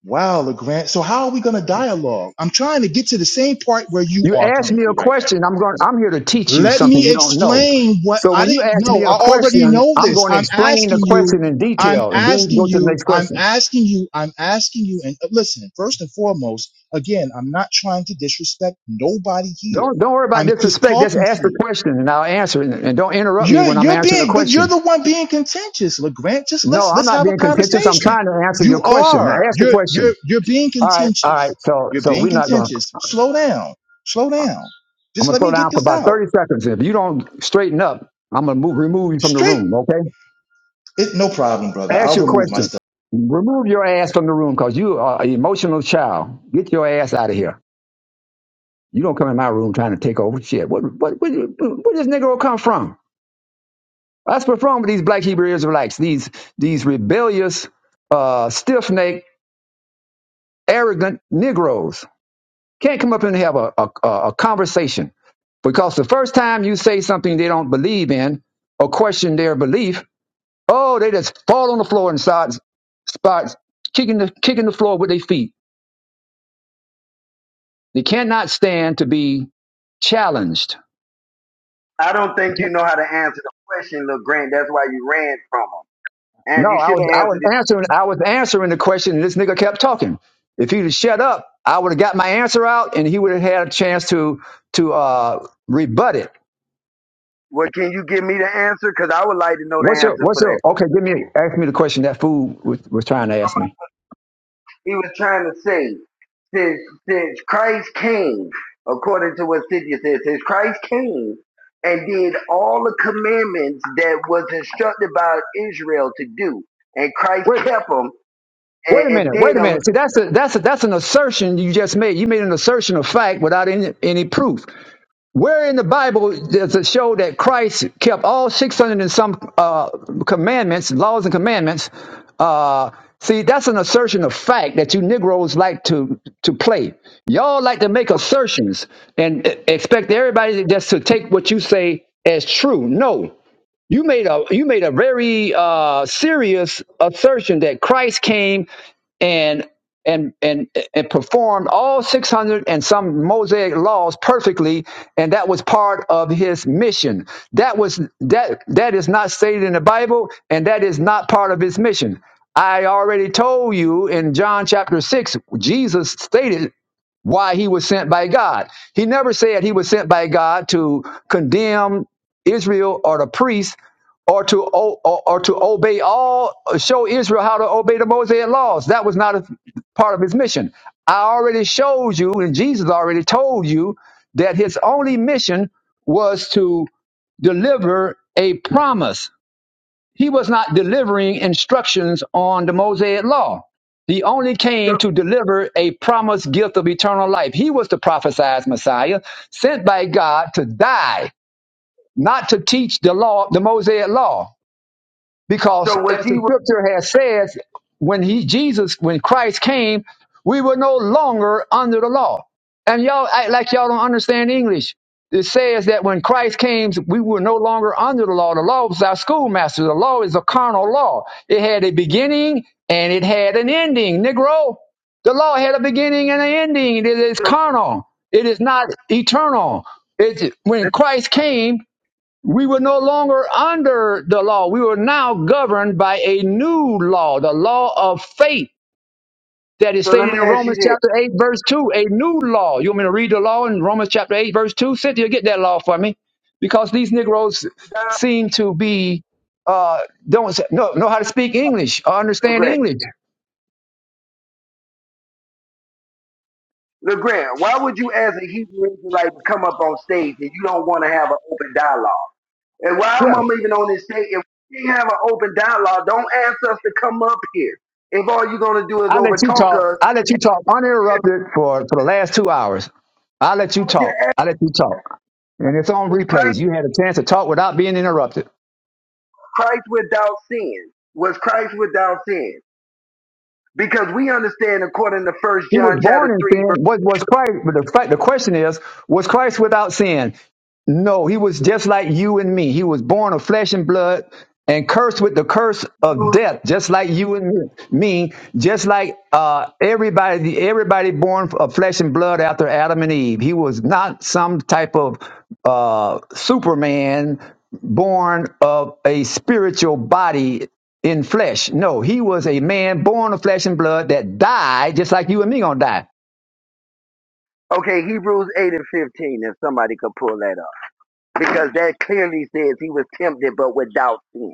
H: Wow, LeGrant. So how are we going to dialogue? I'm trying to get to the same part where you
A: You
H: are
A: ask me a
H: currently right now.
A: question, I'm going I'm here to teach you
H: Let
A: something
H: me
A: you don't know.
H: explain what
A: So
H: I
A: when you
H: didn't
A: ask
H: know.
A: me
H: I
A: a
H: already
A: question,
H: know
A: I'm
H: this.
A: going to
H: I'm
A: explain the
H: asking you.
A: question in
H: I'm
A: detail and then we can
H: asking
A: go to the
H: you.
A: next
H: I'm
A: question.
H: asking you. I'm asking you. And uh, listen, first and foremost, again, I'm not trying to disrespect nobody here.
A: Don't don't worry about
H: I'm just
A: disrespect. Just
H: talking to
A: ask the
H: you.
A: question and I'll answer it. And don't interrupt me
H: You're
A: when I'm
H: you're
A: answering the
H: being, but you're
A: question.
H: the one being contentious, LeGrant. Just
A: No,
H: let's
A: I'm
H: let's
A: not
H: have a
A: being contentious. I'm
H: conversation.
A: trying to answer your
H: You
A: question. Now
H: are.
A: ask the
H: You're you're
A: question.
H: you're being
A: All right, all right.
H: contentious.
A: So
H: You're
A: so
H: being
A: we're not gonna
H: contentious. Slow down. Slow down.
A: I'm
H: Just
A: gonna
H: let
A: slow
H: me
A: down
H: get
A: for
H: this
A: about
H: out
A: 30 seconds. If you don't straighten up, I'm gonna move remove you from the
H: straight
A: room, okay?
H: It, no problem, brother.
A: Ask
H: I'll
A: your
H: remove
A: question.
H: myself.
A: Remove your ass from the room because you are an emotional child. Get your ass out of here. You don't come in my room trying to take over shit. What what what where this Negro come from? That's what's wrong with these black Hebrew Israelites, these these rebellious, uh, stiff necked, arrogant Negroes. Can't come up and have a, a, a a conversation. Because the first time you say something they don't believe in or question their belief, oh, they just fall on the floor and start, start kicking the kicking the floor with their feet They cannot stand to be challenged.
F: I don't
A: You
F: think you
A: can't-
F: know how to answer the question, little Grant. That's why you ran from him. And
A: No,
F: you
A: I
F: should
A: was
F: have
A: I was
F: answered it.
A: answering I was answering the question and this nigga kept talking. If he'd have shut up, I would have got my answer out and he would have had a chance to to uh rebut it.
F: Well, can you give me the answer? Because I would like to know the
A: What's your
F: answer
A: what's
F: for
A: your
F: that
A: okay, give me ask me the question that fool was, was trying to ask me.
F: he was trying to say, since since Christ came, according to what Cynthia says, since Christ came and did all the commandments that was instructed by Israel to do, and Christ
A: Wait
F: kept them and,
A: wait a
F: and
A: minute, wait
F: did
A: a
F: them.
A: minute. See that's a that's a that's an assertion you just made. You made an assertion of fact without any any proof. Where in the Bible does it show that Christ kept all 600 and some uh, commandments, laws and commandments? Uh, see, that's an assertion of fact that you Negroes like to, to play. Y'all like to make assertions and uh, expect everybody just to take what you say as true. No, you made a you made a very uh, serious assertion that Christ came and and and and performed all 600 and some mosaic laws perfectly and that was part of his mission that was that that is not stated in the bible and that is not part of his mission i already told you in john chapter 6 jesus stated why he was sent by God. He never said he was sent by God to condemn Israel or the priests or to o- or, or to obey all show Israel how to obey the Mosaic laws. That was not a part of his mission. I already showed you and Jesus already told you that his only mission was to deliver a promise he was not delivering instructions on the Mosaic law. He only came
F: So,
A: to deliver a promised gift of eternal life. He was the prophesied Messiah sent by God to die, not to teach the law, the Mosaic law. Because
F: so was
A: as the
F: he?
A: scripture has said, when he Jesus, when Christ came, we were no longer under the law. And y'all act like y'all don't understand English. It says that when Christ came, we were no longer under the law. The law was our schoolmaster. The law is a carnal law. It had a beginning and it had an ending. Negro, the law had a beginning and an ending. It is
F: So,
A: carnal. It is not eternal. It, when Christ came, we were no longer under the law. We were now governed by a new law, the law of faith that is
F: so let
A: stated
F: me
A: in
F: ask you
A: Romans
F: this,
A: chapter 8, verse 2. A new law. You want me to read the law in Romans chapter 8, verse 2? Cynthia, get that law for me. Because these Negroes seem to be, uh, don't know, know how to speak English or understand
F: Legrand.
A: English.
F: Legrand, why would you, as a Hebrew Israelite, come up on stage and you don't want to have an open dialogue? And while I'm
A: Yeah,
F: even on this stage, if we have an open dialogue, don't ask us to come up here. If all you're gonna do is
A: I'll let you
F: overtalk
A: talk.
F: us, I
A: I'll let you talk uninterrupted for, for the last two hours. I'll let you
F: was just
A: talk.
F: asking,
A: I'll let you talk. And it's on
F: is Christ
A: replays. You had a chance to talk without being interrupted.
F: Christ without sin? Was Christ without sin? Because we understand according to First
A: He was
F: John chapter
A: born in
F: three
A: sin. What was Christ? But the, fact- the question is, was Christ without sin? No, he was just like you and me. He was born of flesh and blood and cursed with the curse of
F: verse
A: death, just like you and me, just like uh, everybody, everybody born of flesh and blood after Adam and Eve. He was not some type of uh, Superman born of a spiritual body in flesh. No, he was a man born of flesh and blood that died, just like you and me gonna die.
F: okay Hebrews eight and fifteen. If somebody could pull that up, because that clearly says he was tempted but without sin.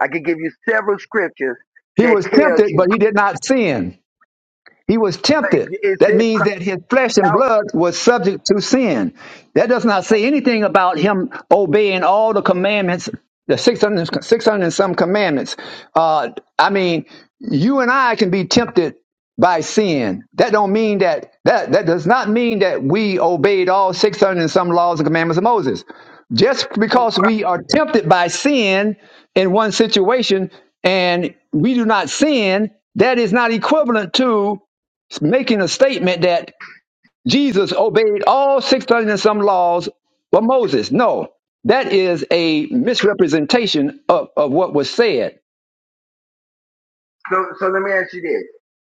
F: I could give you several scriptures
A: He
F: that
A: was
F: tells
A: tempted,
F: you
A: but he did not sin. He was tempted.
F: it
A: That
F: said
A: means
F: Christ
A: that his flesh and
F: out.
A: blood was subject to sin. That does not say anything about him obeying all the commandments, the 600 600 and- and some commandments. Uh, I mean, you and I can be tempted by sin. That don't mean that, that, that does not mean that we obeyed all 600 and some laws and commandments of Moses. Just because we are tempted by sin in one situation and we do not sin, that is not equivalent to making a statement that Jesus obeyed all 600 and some laws but Moses. No, that is a misrepresentation of, of what was said.
F: So, so let me ask you this.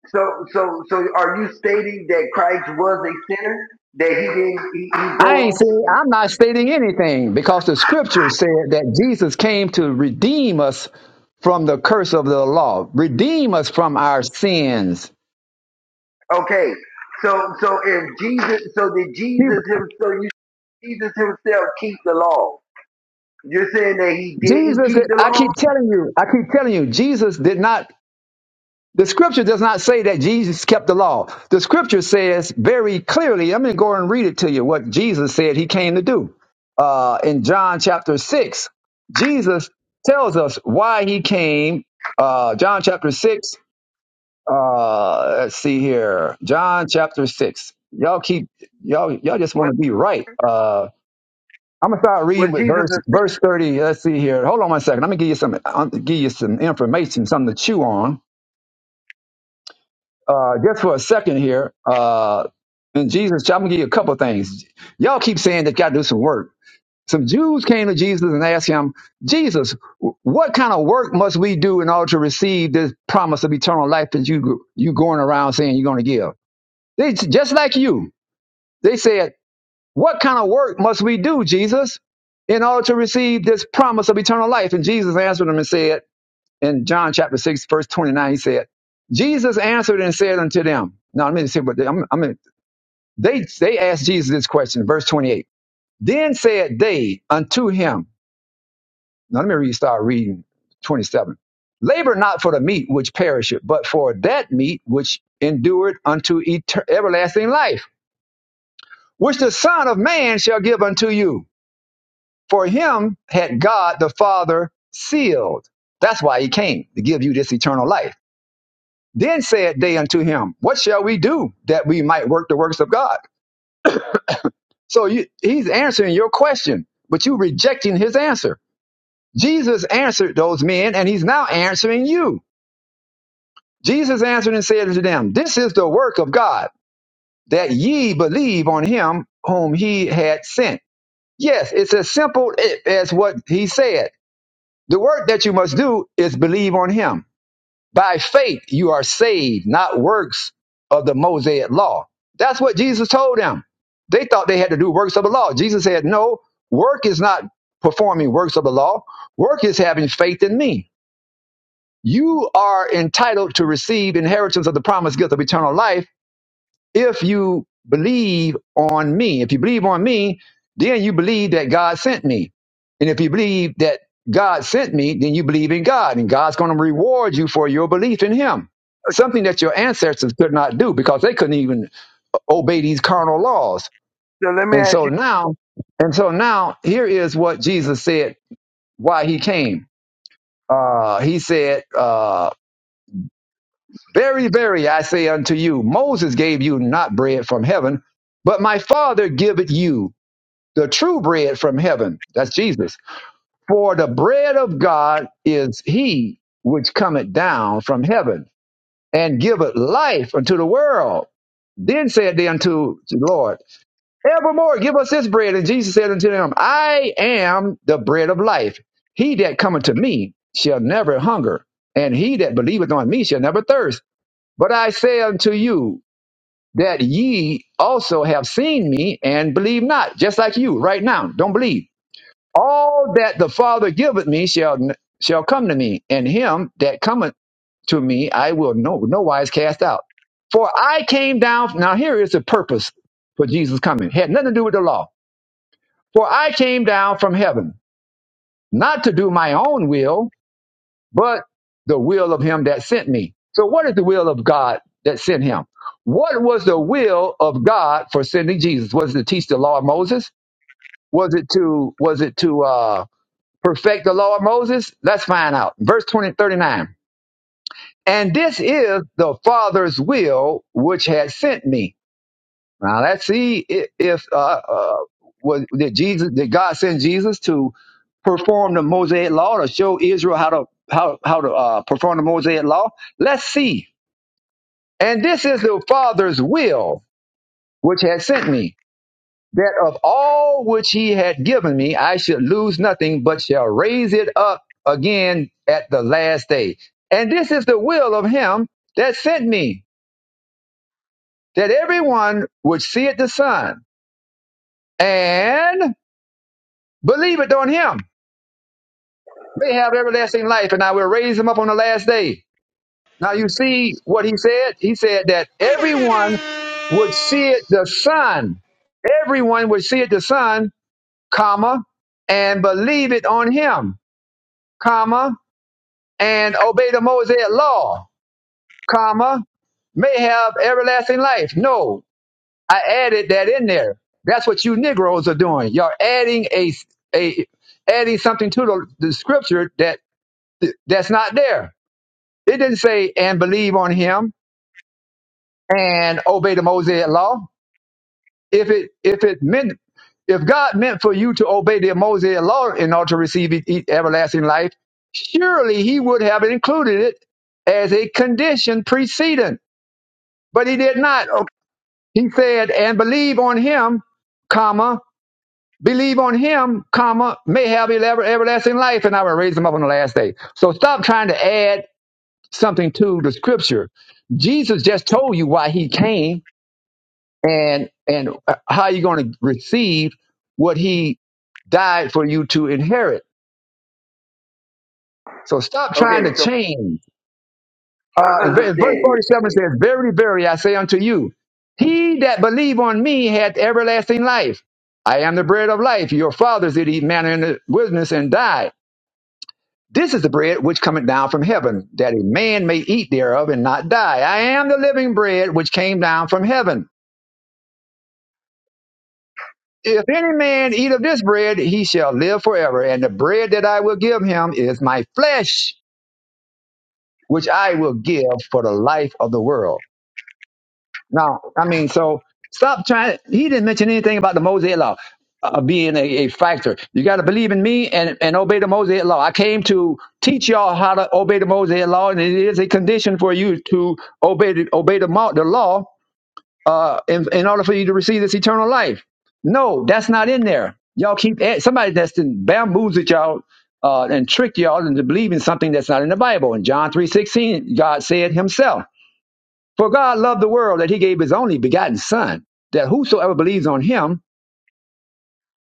F: So, so, so, are you stating that Christ was a sinner? That he didn't, he, he
A: I ain't
F: broke.
A: saying, I'm not stating anything because the scripture said that Jesus came to redeem us from the curse of the law, redeem us from our sins.
F: Okay. So, so if Jesus, so did
A: You-
F: Jesus him? So you, Jesus himself keep the law? You're saying that he didn't
A: Jesus,
F: keep the
A: I
F: law?
A: keep telling you, I keep telling you, Jesus did not The scripture does not say that Jesus kept the law. The scripture says very clearly, I'm going to go and read it to you what Jesus said he came to do. Uh, in John chapter 6, Jesus tells us why he came. Uh, John chapter 6, uh, let's see here. John chapter 6. Y'all keep, y'all, y'all just want
F: Was,
A: to be right. Uh, I'm gonna start reading
F: was
A: with
F: Jesus a
A: verse
F: sinner?
A: verse 30. Let's see here. Hold on one second. Let me give you some, I'll give you some information, something to chew on uh, just for a second here, uh, and Jesus, I'm gonna give you a couple of things. Y'all keep saying that you gotta do some work. Some Jews came to Jesus and asked him, Jesus, what kind of work must we do in order to receive this promise of eternal life that you you going around saying you're gonna give? They just like you. They said, What kind of work must we do, Jesus, in order to receive this promise of eternal life? And Jesus answered them and said, in John chapter 6, verse 29, he said, Jesus answered and said unto them, no, I mean to say, but they, I'm, I mean, they, they asked Jesus this question, verse 28. Then said they unto him, now let me read, start reading 27. Labor not for the meat which perisheth, but for that meat which endureth unto eter- everlasting life, which the Son of Man shall give unto you. For him had God the Father sealed. That's why he came, to give you this eternal life. Then said they unto him, What shall we do that we might work the works of God? So you, he's answering your question, but you rejecting his answer. Jesus answered those men, and he's now answering you. Jesus answered and said unto them, This is the work of God, that ye believe on him whom he had sent. Yes, it's as simple as what he said. The work that you must do is believe on him. By faith you are saved, not works of the Mosaic law. That's what Jesus told them. They thought they had to do works of the law. Jesus said, No, work is not performing works of the law. Work is having faith in me. You are entitled to receive inheritance of the promised gift of eternal life if you believe on me, if you believe on me, then you believe that God sent me. And if you believe that God sent me, then you believe in God, and God's going to reward you for your belief in Him. Something that your ancestors could not do because they couldn't even obey these carnal laws.
F: So let me
A: And
F: ask
A: so
F: you.
A: now, and so now, here is what Jesus said why He came. Uh, he said, uh, Very, very, I say unto you, Moses gave you not bread from heaven, but my Father giveth you the true bread from heaven. That's Jesus. For the bread of God is he which cometh down from heaven and giveth life unto the world. Then said they unto the Lord, Evermore give us this bread. And Jesus said unto them, I am the bread of life. He that cometh to me shall never hunger, and he that believeth on me shall never thirst. But I say unto you, that ye also have seen me and believe not, just like you right now. Don't believe. All that the Father giveth me shall shall come to me, and him that cometh to me I will no no wise cast out. For I came down. Now here is the purpose for Jesus coming. Had nothing to do with the law. For I came down from heaven not to do my own will, but the will of him that sent me. So, what is the will of God that sent him? What was the will of God for sending Jesus? Was it to teach the law of Moses? Was it to was it to uh, perfect the law of Moses? Let's find out. Verse 20 39. And this is the Father's will which has sent me. Now let's see if, if uh, uh, was, did Jesus did God send Jesus to perform the Mosaic law to show Israel how to how how to uh, perform the Mosaic law? Let's see. And this is the Father's will, which has sent me, that of all which He had given me, I should lose nothing, but shall raise it up again at the last day. And this is the will of Him that sent me, that everyone would see it the Son and Believeth on him. They have everlasting life, and I will raise him up on the last day. Now you see what he said? He said that everyone would see it the Son. Everyone would see it the Son, comma, and believe it on him, comma, and obey the Mosaic law, comma, may have everlasting life. No, I added that in there. That's what you Negroes are doing. You're adding a a adding something to the, the scripture that Th- That's not there. It didn't say and believe on him and obey the Mosaic law. If it if it meant if God meant for you to obey the Mosaic law in order to receive e- e- everlasting life, surely He would have included it as a condition precedent. But He did not.
F: Okay.
A: He said, "And believe on Him, comma believe on Him, comma may have elever- everlasting life, and I will raise them up on the last day." So stop trying to add something to the scripture. Jesus just told you why he came and and uh, how you're going to receive what he died for you to inherit. So stop trying
F: Okay.
A: to
F: So
A: change. Uh,
F: my
A: and ver- in verse
F: understanding
A: 47
F: is
A: says, Verily, verily, I say unto you, he that believe on me hath everlasting life. I am the bread of life. Your fathers did eat manna in the wilderness and died. This is the bread which cometh down from heaven, that a man may eat thereof and not die. I am the living bread which came down from heaven. If any man eat of this bread, he shall live forever. And the bread that I will give him is my flesh, which I will give for the life of the world. Now, I mean, so stop trying. He didn't mention anything about the Mosaic law uh, uh, being a, a factor. You got to believe in me and, and obey the Mosaic law. I came to teach y'all how to obey the Mosaic law, and it is a condition for you to obey the, obey the, mo- the law uh, in, in order for you to receive this eternal life. No, that's not in there. Y'all keep add- somebody that's been bamboozled y'all uh, and tricked y'all into believing something that's not in the Bible. In John three sixteen, God said Himself, "For God loved the world that He gave His only begotten Son, that whosoever believes on Him."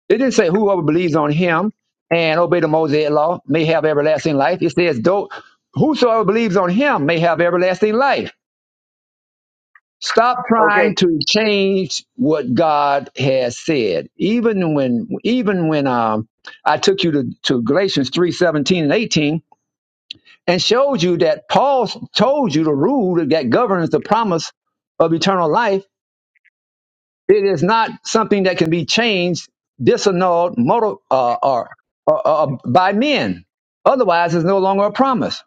A: It didn't say whoever believes on Him and obey the Mosaic law may have everlasting life. It says, "Though whosoever believes on Him may have everlasting life." Stop trying
F: okay.
A: to change what God has said. Even when, even when um, I took you to, to Galatians three seventeen and 18 and showed you that Paul told you the rule that governs the promise of eternal life, it is not something that can be changed, disannulled, motor, uh, or, or, or by men. Otherwise, it's no longer a promise.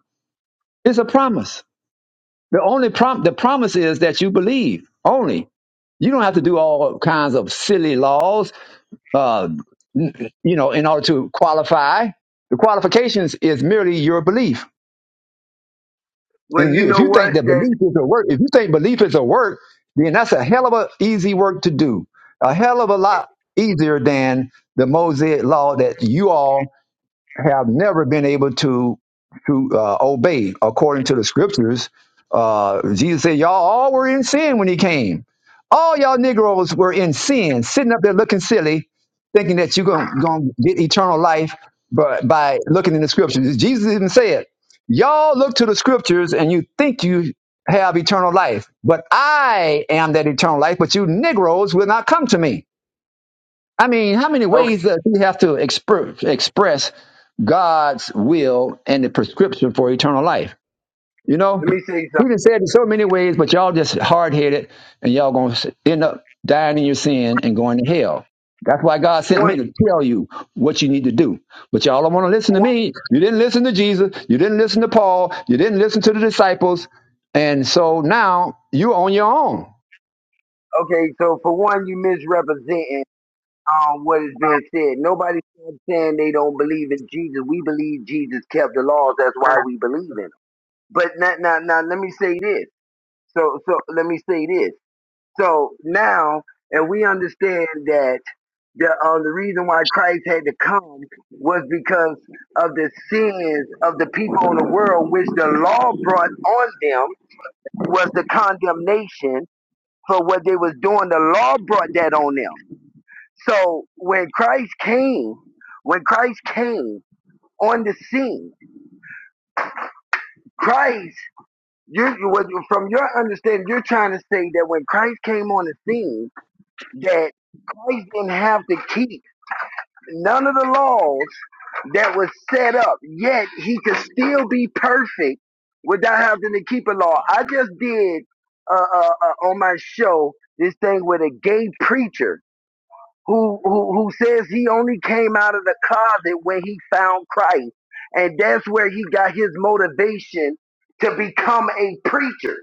A: It's a promise. The only prom- the promise is that you believe only You don't have to do all kinds of silly laws, uh, you know, in order to qualify. The qualifications is merely your belief.
F: Well,
A: And
F: you
A: you, if
F: know
A: you think
F: what?
A: that
F: That
A: belief is a work, if you think belief is a work, then that's a hell of a easy work to do. A hell of a lot easier than the Mosaic law that you all have never been able to to uh, obey according to the scriptures. Uh, Jesus said, "Y'all all were in sin when He came. All y'all Negroes were in sin, sitting up there looking silly, thinking that you're gonna, gonna get eternal life, but by looking in the scriptures, Jesus even said, "Y'all look to the scriptures and you think you." Have eternal life, but I am that eternal life. But you Negroes will not come to me. I mean, how many
F: okay.
A: ways does he have to expr- express God's will and the prescription for eternal life? You know,
F: Let me say something.
A: he done said it so many ways, but y'all just hard headed and y'all gonna s- end up dying in your sin and going to hell. That's why God sent
F: One,
A: me to tell you what you need to do. But y'all don't want to listen to
F: one.
A: me. You didn't listen to Jesus. You didn't listen to Paul. You didn't listen to the disciples. And so now you're on your own.
F: Okay. So for one, you misrepresenting um, what has been said. nobody's saying they don't believe in Jesus. We believe Jesus kept the laws. That's why we believe in him. But now, now, now, let me say this. So, so let me say this. So now, and we understand that the uh, the reason why Christ had to come was because of the sins of the people in the world, which the law brought on them was the condemnation for what they was doing. The law brought that on them. So when Christ came, when Christ came on the scene, Christ, you, you was- from your understanding, you're trying to say that when Christ came on the scene, that Christ didn't have to keep none of the laws that was set up, yet he could still be perfect without having to keep a law. I just did uh, uh, uh, on my show this thing with a gay preacher who, who who says he only came out of the closet when he found Christ, and that's where he got his motivation to become a preacher.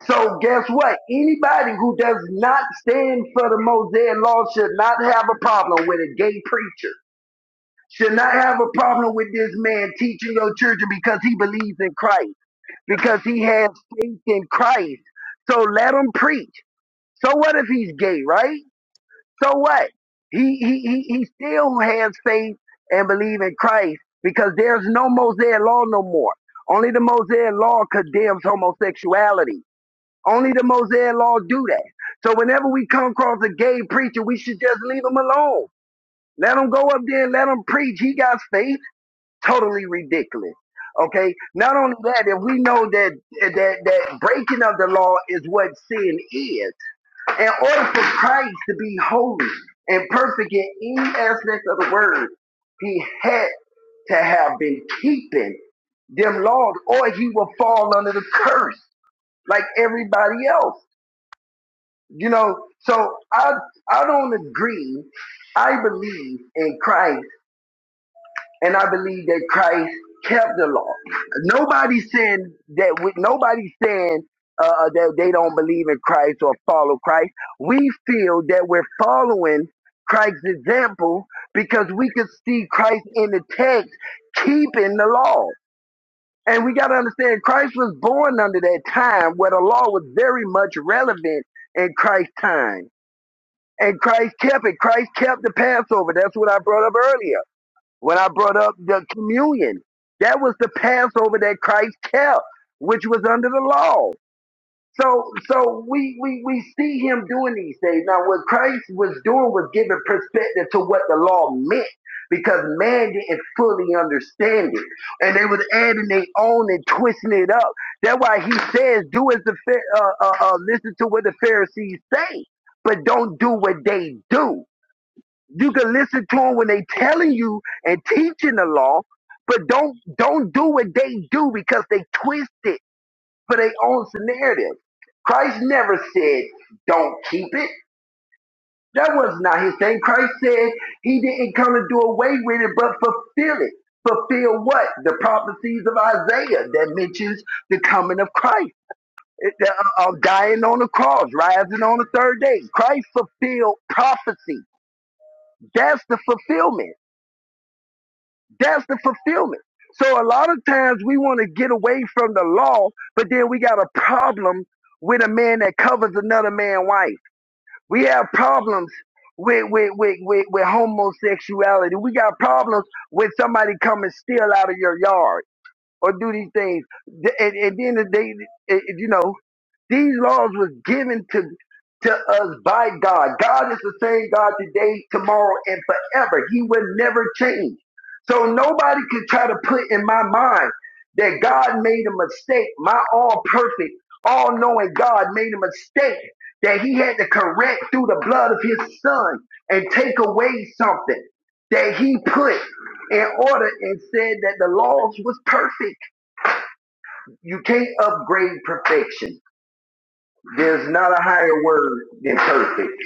F: So guess what? Anybody who does not stand for the Mosaic law should not have a problem with a gay preacher. Should not have a problem with this man teaching your children because he believes in Christ, because he has faith in Christ. So let him preach. So what if he's gay, right? So what? He he he he still has faith and believe in Christ because there's no Mosaic law no more. Only the Mosaic law condemns homosexuality. Only the Mosaic law do that. So whenever we come across a gay preacher, we should just leave him alone. Let him go up there and let him preach. He got faith. Totally ridiculous. Okay. Not only that, if we know that that that breaking of the law is what sin is, in order for Christ to be holy and perfect in any aspect of the word, he had to have been keeping them laws, or he will fall under the curse like everybody else. You know, so I I don't agree. I believe in Christ and I believe that Christ kept the law. Nobody's saying that we, nobody's saying uh, uh, that they don't believe in Christ or follow Christ. We feel that we're following Christ's example because we could see Christ in the text keeping the law. And we got to understand Christ was born under that time where the law was very much relevant in Christ's time. And Christ kept it. Christ kept the Passover. That's what I brought up earlier when I brought up the communion. That was the Passover that Christ kept, which was under the law. So, so we, we, we see him doing these things. Now, what Christ was doing was giving perspective to what the law meant because man didn't fully understand it. And they was adding their own and twisting it up. That's why he says, do as the, Pha- uh, uh, uh, listen to what the Pharisees say, but don't do what they do. You can listen to them when they telling you and teaching the law, but don't don't do what they do because they twist it for their own narrative. Christ never said don't keep it. That was not his thing. Christ said he didn't come to do away with it, but fulfill it. Fulfill what? The prophecies of Isaiah that mentions the coming of Christ it- the- uh, uh, dying on the cross, rising on the third day. Christ fulfilled prophecy. That's the fulfillment. That's the fulfillment. So a lot of times we want to get away from the law, but then we got a problem with a man that covers another man's wife. We have problems with with, with, with with homosexuality. We got problems with somebody coming steal out of your yard or do these things. And, and then they, eh, you know, these laws were given to, to us by God. God is the same God today, tomorrow, and forever. He will never change. So nobody could try to put in my mind that God made a mistake. My all perfect, all knowing God made a mistake that he had to correct through the blood of his son and take away something that he put in order and said that the laws was perfect. You can't upgrade perfection. There's not a higher word than perfect.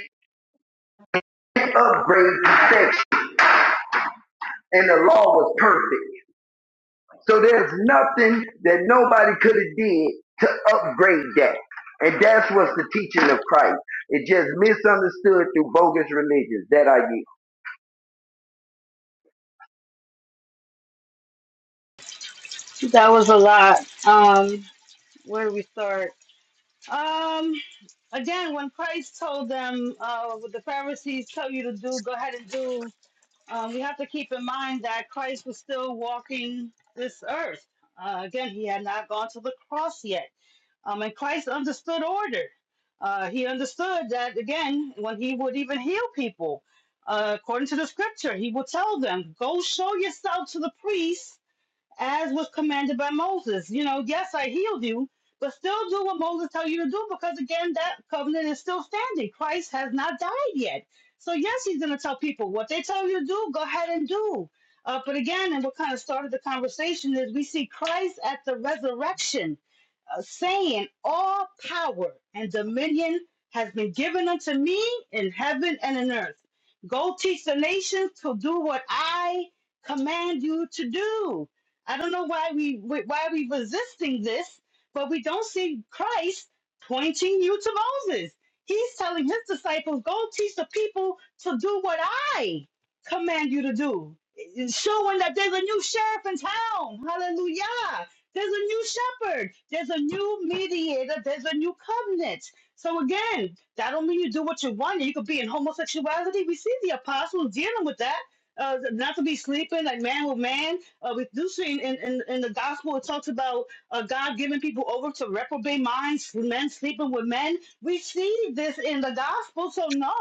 F: It's upgrade perfection, and the law was perfect. So there's nothing that nobody could have did to upgrade that. And that's what's the teaching of Christ. It just misunderstood through bogus religions. That I
G: That was a lot. Um, where do we start? Um, again, when Christ told them, uh, what the Pharisees tell you to do, go ahead and do. Um, we have to keep in mind that Christ was still walking this earth. Uh, again, he had not gone to the cross yet. Um, and Christ understood order. Uh, he understood that, again, when he would even heal people, uh, according to the scripture, he would tell them, Go show yourself to the priest as was commanded by Moses. You know, yes, I healed you, but still do what Moses tell you to do because again, that covenant is still standing. Christ has not died yet. So yes, he's going to tell people what they tell you to do, go ahead and do. Uh, but again, and what kind of started the conversation is we see Christ at the resurrection uh, saying, All power and dominion has been given unto me in heaven and in earth. Go teach the nations to do what I command you to do. I don't know why we we- why we resisting this, but we don't see Christ pointing you to Moses. He's telling his disciples, "Go teach the people to do what I command you to do." It's Showing that there's a new sheriff in town. Hallelujah. There's a new shepherd. There's a new mediator. There's a new covenant. So again, that don't mean you do what you want. You could be in homosexuality. We see the apostles dealing with that. Uh, not to be sleeping like man with man uh, we do see in, in, in the gospel, it talks about uh, God giving people over to reprobate minds, men sleeping with men. We see this in the gospel. So, no,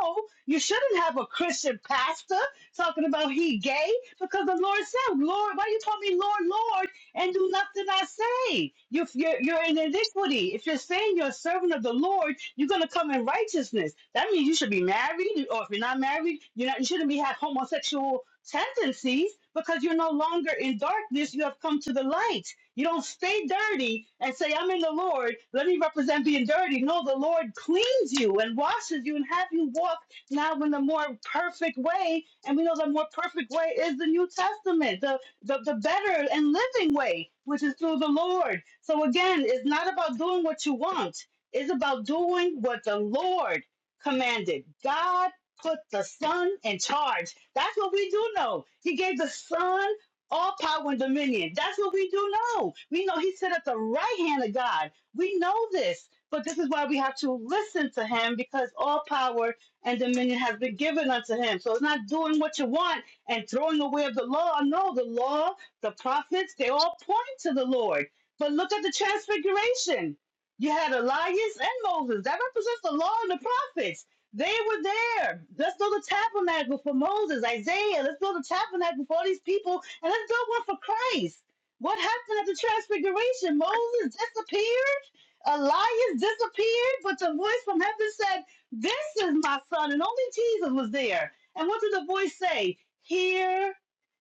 G: you shouldn't have a Christian pastor talking about he gay because the Lord said, Lord, why you call me Lord, Lord? and do nothing I say. You're, you're, you're in iniquity. If you're saying you're a servant of the Lord, you're going to come in righteousness. That means you should be married, or if you're not married, you're not, you shouldn't be have homosexual tendencies because you're no longer in darkness. You have come to the light. You don't stay dirty and say, I'm in the Lord. Let me represent being dirty. No, the Lord cleans you and washes you and have you walk now in the more perfect way. And we know the more perfect way is the New Testament. the the, the better and living way, which is through the Lord. So again, it's not about doing what you want, it's about doing what the Lord commanded. God put the Son in charge. That's what we do know. He gave the Son all power and dominion. That's what we do know. We know He sit at the right hand of God. We know this. But this is why we have to listen to him because all power and dominion has been given unto him. So it's not doing what you want, and throwing away of the law. No, the law, the prophets, they all point to the Lord. But look at the transfiguration. You had Elias and Moses. That represents the law and the prophets. They were there. Let's build a tabernacle for Moses, Isaiah. Let's build a tabernacle for all these people, and let's build one for Christ. What happened at the transfiguration? Moses disappeared. Elias disappeared, but the voice from heaven said, This is my son. And only Jesus was there. And what did the voice say? hear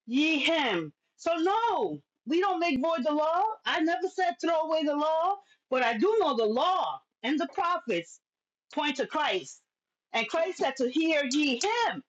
G: ye him. So, no, we don't make void the law. I never said throw away the law, but I do know the law and the prophets point to Christ. And Christ said to hear ye him.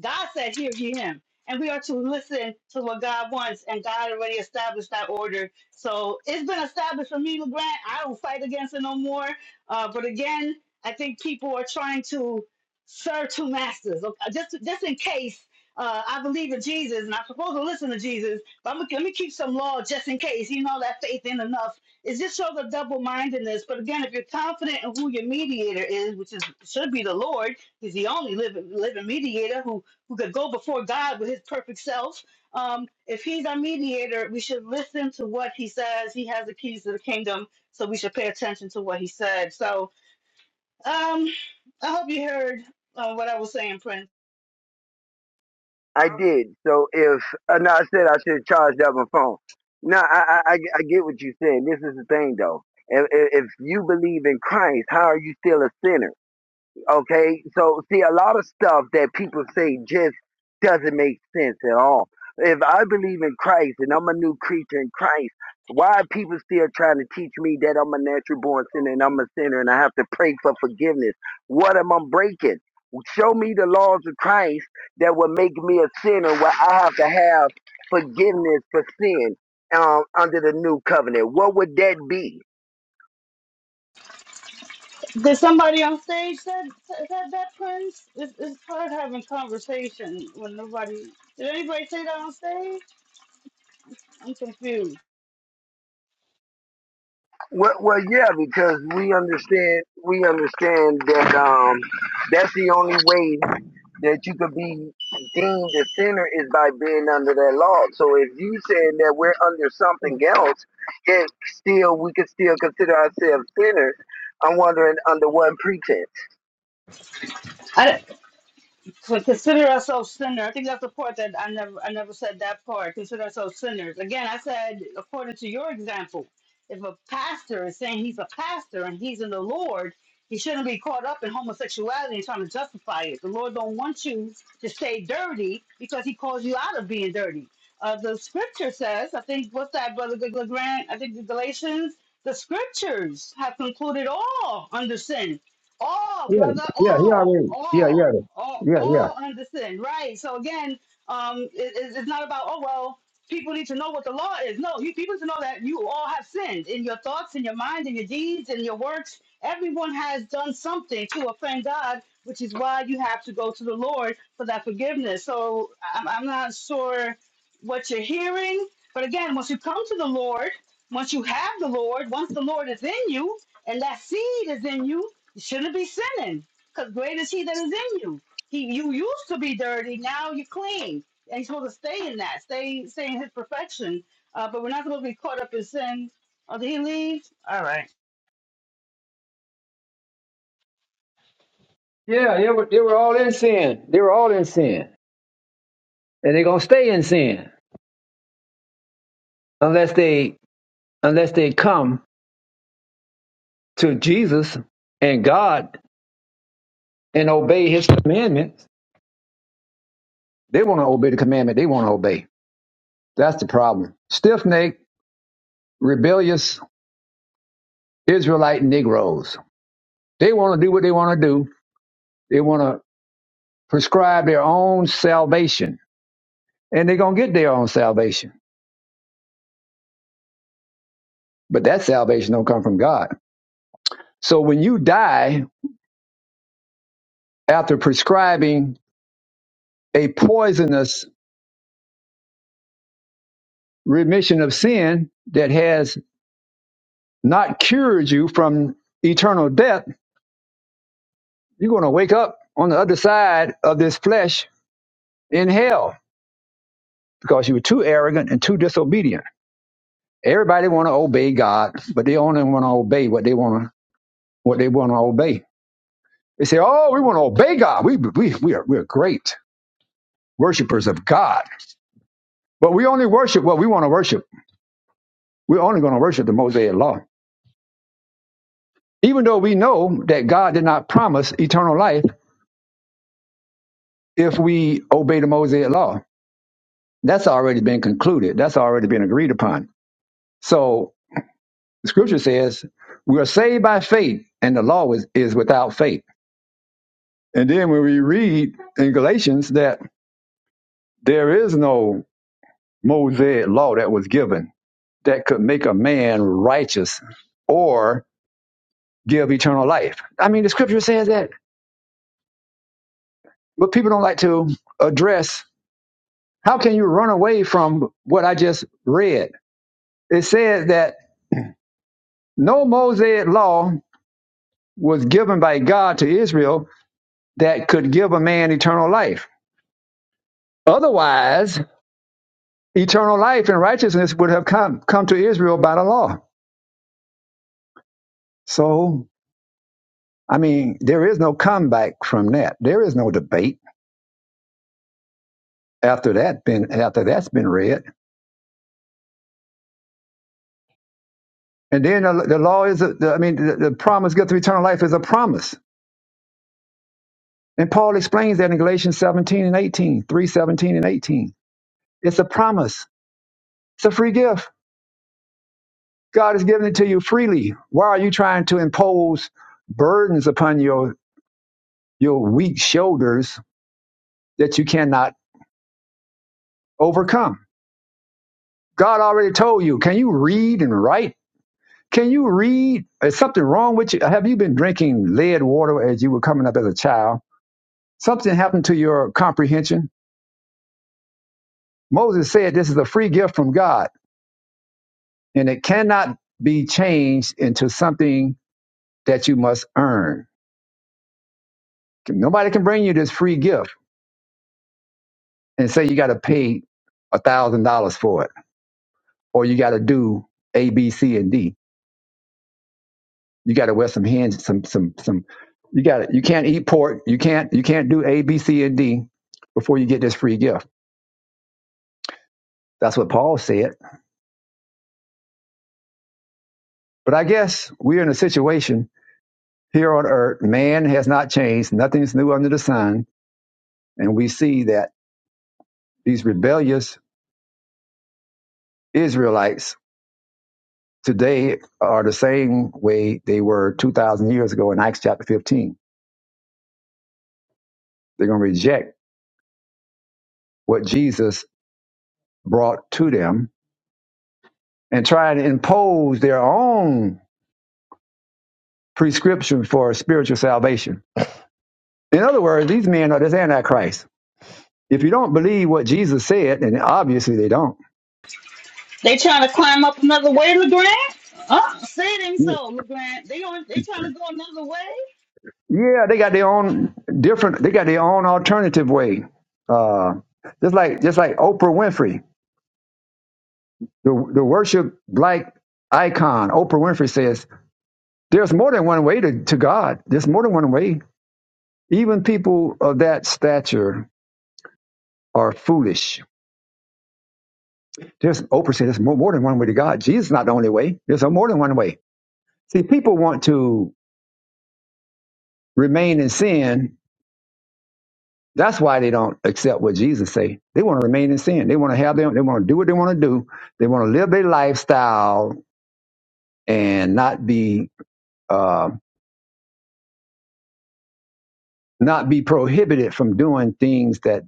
G: God said, Hear ye him. And we are to listen to what God wants, and God already established that order. So it's been established for me, LeGrand. I don't fight against it no more. Uh, but again, I think people are trying to serve two masters. Okay, Just, just in case uh, I believe in Jesus and I'm supposed to listen to Jesus, but I'm, let me keep some law just in case. You know, that faith ain't enough. It just shows a double mindedness. But again, if you're confident in who your mediator is, which is should be the Lord, He's the only living, living mediator who who could go before God with his perfect self. Um, if he's our mediator, we should listen to what he says. He has the keys to the kingdom, so we should pay attention to what he said. So um, I hope you heard uh, what I was saying, Prince.
F: did. I did. So if uh, no, I said I should have charged up my phone. No, I, I I get what you're saying. This is the thing though. if if you believe in Christ, how are you still a sinner? Okay, so see, a lot of stuff that people say just doesn't make sense at all. If I believe in Christ and I'm a new creature in Christ, why are people still trying to teach me that I'm a natural born sinner and I'm a sinner and I have to pray for forgiveness? What am I breaking? Show me the laws of Christ that would make me a sinner where I have to have forgiveness for sin um, under the new covenant. What would that be?
G: Did somebody on stage said said that, Prince? It's, it's hard having conversation when nobody. Did anybody say that on stage? I'm confused.
F: Well, well, yeah, because we understand we understand that um, that's the only way that you could be deemed a sinner is by being under that law. So if you saying that we're under something else, yet still we could still consider ourselves sinners. I'm wondering under what pretense.
G: I, So consider ourselves sinners. I think that's the part that I never I never said that part. Consider ourselves sinners. Again, I said according to your example, if a pastor is saying he's a pastor and he's in the Lord, he shouldn't be caught up in homosexuality and trying to justify it. The Lord don't want you to stay dirty because he calls you out of being dirty. Uh, the scripture says, I think what's that, brother Legrand? I think the Galatians. The scriptures have concluded all under sin all
A: Yeah,
G: brother
A: yeah, he
G: all
A: already. Yeah,
G: all
A: yeah,
G: all
A: yeah, yeah.
G: all understand right so again um it, it's it's not about oh well people need to know what the law is no you people need to know that you all have sinned in your thoughts in your mind in your deeds in your works everyone has done something to offend god which is why you have to go to the lord for that forgiveness so i'm, I'm not sure what you're hearing but again once you come to the lord once you have the lord once the lord is in you and that seed is in you you shouldn't be sinning, because great is He that is in you. He, you used to be dirty, now you're clean, and you're supposed to stay in that, stay, stay in His perfection. Uh, but we're not supposed to be caught up in sin. Oh, did he leave? All right.
A: Yeah, they were, they were all in sin. They were all in sin. And they're going to stay in sin unless they unless they come to Jesus and God and obey his commandments. They want to obey the commandment they want to obey. That's the problem. Stiff-necked, rebellious Israelite Negroes. They want to do what they want to do. They want to prescribe their own salvation. And they're going to get their own salvation. But that salvation don't come from God. So when you die after prescribing a poisonous remission of sin that has not cured you from eternal death, you're going to wake up on the other side of this flesh in hell because you were too arrogant and too disobedient. Everybody want to obey God, but they only want to obey what they want to what they want to obey. They say, "Oh, we want to obey God. We we we are we're great worshipers of God, but we only worship what we want to worship. We're only going to worship the Mosaic Law, even though we know that God did not promise eternal life if we obey the Mosaic law. That's already been concluded. That's already been agreed upon. So the scripture says we are saved by faith, and the law is, is without faith. And then when we read in Galatians that there is no Mosaic law that was given that could make a man righteous or give eternal life. I mean, the scripture says that, but people don't like to address how can you run away from what I just read? It says that No Mosaic law was given by God to Israel that could give a man eternal life. Otherwise, eternal life and righteousness would have come, come to Israel by the law. So, I mean, there is no comeback from that. There is no debate after that been after that's been read. And then the, the law is, a, the, I mean, the, the promise given to eternal life is a promise. And Paul explains that in Galatians 17 and 18, 3 17 and 18. It's a promise. It's a free gift. God has given it to you freely. Why are you trying to impose burdens upon your your weak shoulders that you cannot overcome? God already told you. Can you read and write? Can you read? Is something wrong with you? Have you been drinking lead water as you were coming up as a child? Something happened to your comprehension? Moses said this is a free gift from God and it cannot be changed into something that you must earn. Nobody can bring you this free gift and say you got to pay a thousand dollars for it, or you got to do A, B, C, and D. You got to wear some hands, some, some, some. You got to You can't eat pork. You can't. You can't do A, B, C, and D before you get this free gift. That's what Paul said. But I guess we're in a situation here on earth. Man has not changed. Nothing's new under the sun, and we see that these rebellious Israelites today are the same way they were two thousand years ago in Acts chapter fifteen. They're going to reject what Jesus brought to them and try to impose their own prescription for spiritual salvation. In other words, these men are this antichrist. If you don't believe what Jesus said, and obviously they don't,
G: They trying to climb up another way, Legrand? Oh, say it ain't so, Legrand. They on, they trying to go another way.
A: yeah, they got their own different. They got their own alternative way. Uh, just like just like Oprah Winfrey, the the worship black icon, Oprah Winfrey says, "There's more than one way to, to God. There's more than one way. Even people of that stature are foolish." There's Oprah said there's more, more than one way to God. Jesus is not the only way. There's more than one way. See, people want to remain in sin. That's why they don't accept what Jesus say. They want to remain in sin. They want to have them. They want to do what they want to do. They want to live their lifestyle and not be uh, not be prohibited from doing things that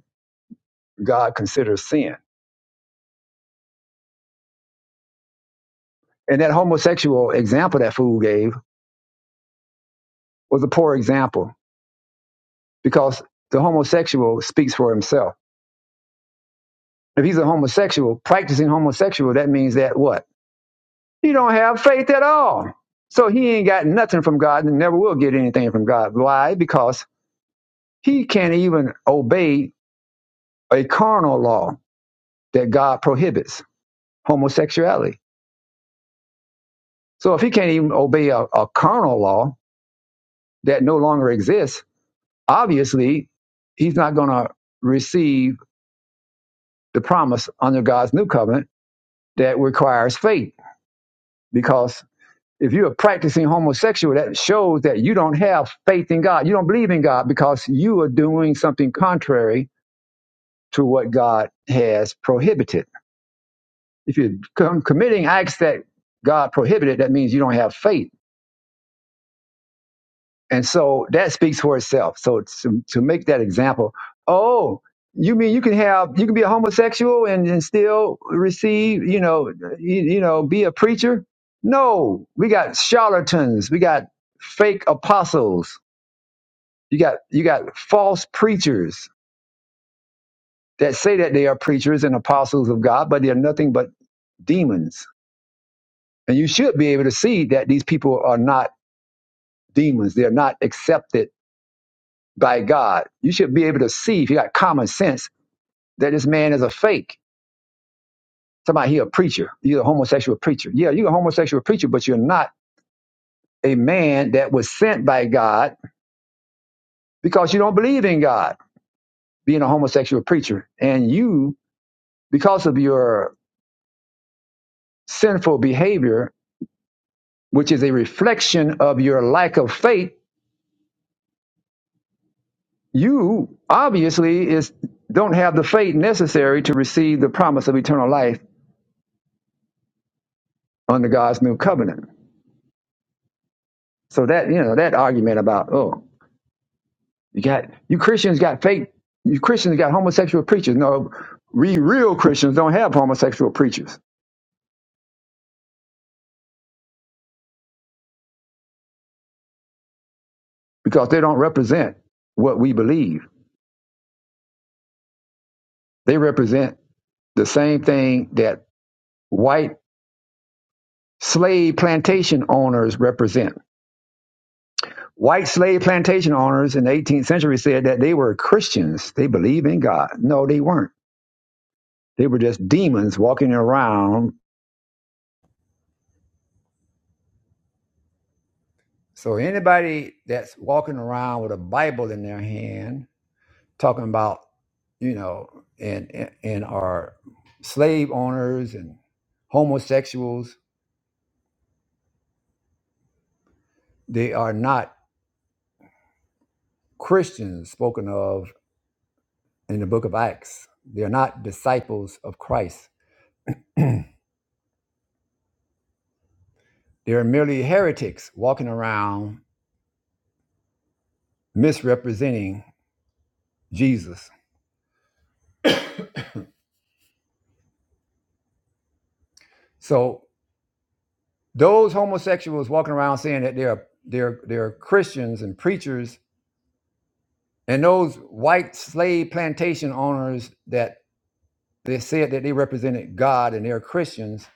A: God considers sin. And that homosexual example that fool gave was a poor example because the homosexual speaks for himself If he's a homosexual, practicing homosexual, that means that what? He don't have faith at all. So he ain't got nothing from God and never will get anything from God. Why? Because he can't even obey a carnal law that God prohibits, homosexuality. So if he can't even obey a, a carnal law that no longer exists, obviously he's not going to receive the promise under God's new covenant that requires faith because If you're practicing homosexual, that shows that you don't have faith in God. You don't believe in God because you are doing something contrary to what God has prohibited. If you're com- committing acts that God prohibited, that means you don't have faith. And so that speaks for itself. So to, to make that example, oh, you mean you can have you can be a homosexual and, and still receive, you know, you, you know, be a preacher? No, we got charlatans, we got fake apostles You got you got false preachers that say that they are preachers and apostles of God, but they're nothing but demons. And you should be able to see that these people are not demons. They're not accepted by God. You should be able to see if you got common sense that this man is a fake. Somebody he a preacher. You're a homosexual preacher. Yeah, you're a homosexual preacher, but you're not a man that was sent by God because you don't believe in God, being a homosexual preacher. And you, because of your sinful behavior which is a reflection of your lack of faith, you obviously is don't have the faith necessary to receive the promise of eternal life under God's new covenant. So that you know that argument about oh you got you Christians got faith you Christians got homosexual preachers. No, we real Christians don't have homosexual preachers because they don't represent what we believe. They represent the same thing that white slave plantation owners represent White slave plantation owners in the 18th century said that they were Christians. They believed in God. No, they weren't. They were just demons walking around. So anybody that's walking around with a Bible in their hand, talking about, you know, and and our slave owners and homosexuals, they are not Christians spoken of in the book of Acts. They're not disciples of Christ. They're merely heretics walking around misrepresenting Jesus. So those homosexuals walking around saying that they're they're they're Christians and preachers, and those white slave plantation owners that they said that they represented God and they're Christians,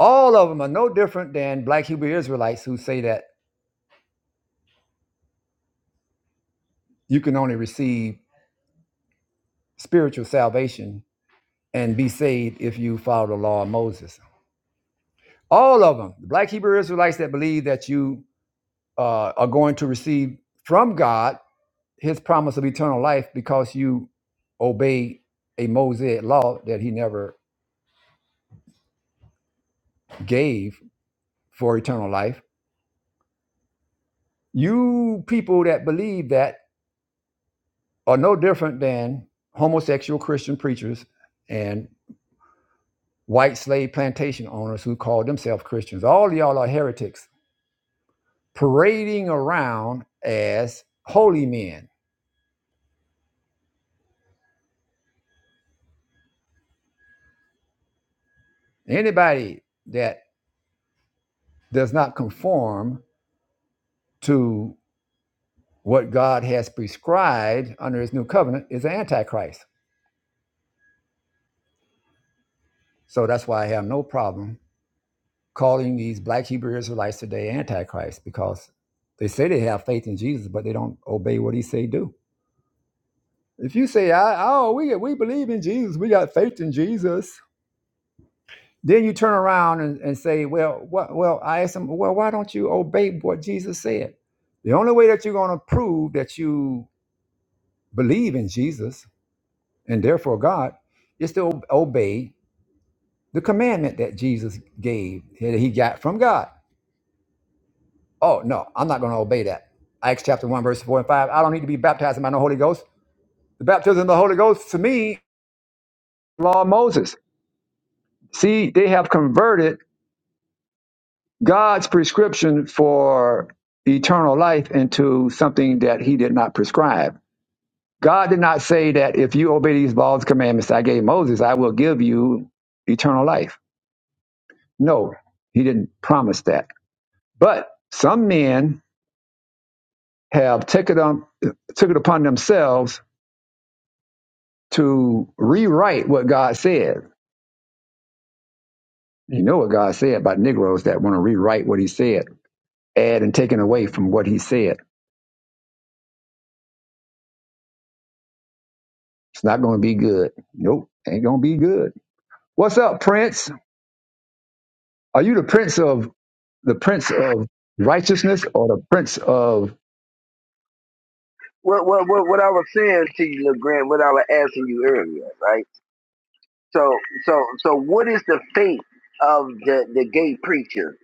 A: all of them are no different than black Hebrew Israelites who say that you can only receive spiritual salvation and be saved if you follow the law of Moses. All of them, the black Hebrew Israelites that believe that you uh, are going to receive from God his promise of eternal life because you obey a Mosaic law that he never gave for eternal life. You people that believe that are no different than homosexual Christian preachers and white slave plantation owners who call themselves Christians. All y'all are heretics parading around as holy men. Anybody that does not conform to What God has prescribed under his new covenant is the Antichrist. So that's why I have no problem calling these black Hebrew Israelites today Antichrist because they say they have faith in Jesus, but they don't obey what he say do. If you say, I, oh, we, we believe in Jesus, we got faith in Jesus, then you turn around and, and say, well, what, well, I asked them, well, why don't you obey what Jesus said? The only way that you're going to prove that you believe in Jesus and therefore God is to obey The commandment that Jesus gave, that he got from God. Oh, no, I'm not going to obey that. Acts chapter 1, verse 4 and 5. I don't need to be baptized by the Holy Ghost. The baptism of the Holy Ghost, to me, law of Moses. See, they have converted God's prescription for eternal life into something that he did not prescribe. God did not say that if you obey these laws, commandments I gave Moses, I will give you eternal life. No, he didn't promise that. But some men have taken on took it upon themselves to rewrite what God said. You know what God said about Negroes that want to rewrite what He said, add and taken away from what He said. It's not going to be good. Nope, ain't going to be good. What's up, Prince? Are you the Prince of the Prince of righteousness or the Prince of
F: What what what, what I was saying to you, LeGrand, what I was asking you earlier, right? So so so what is the fate of the the gay preacher?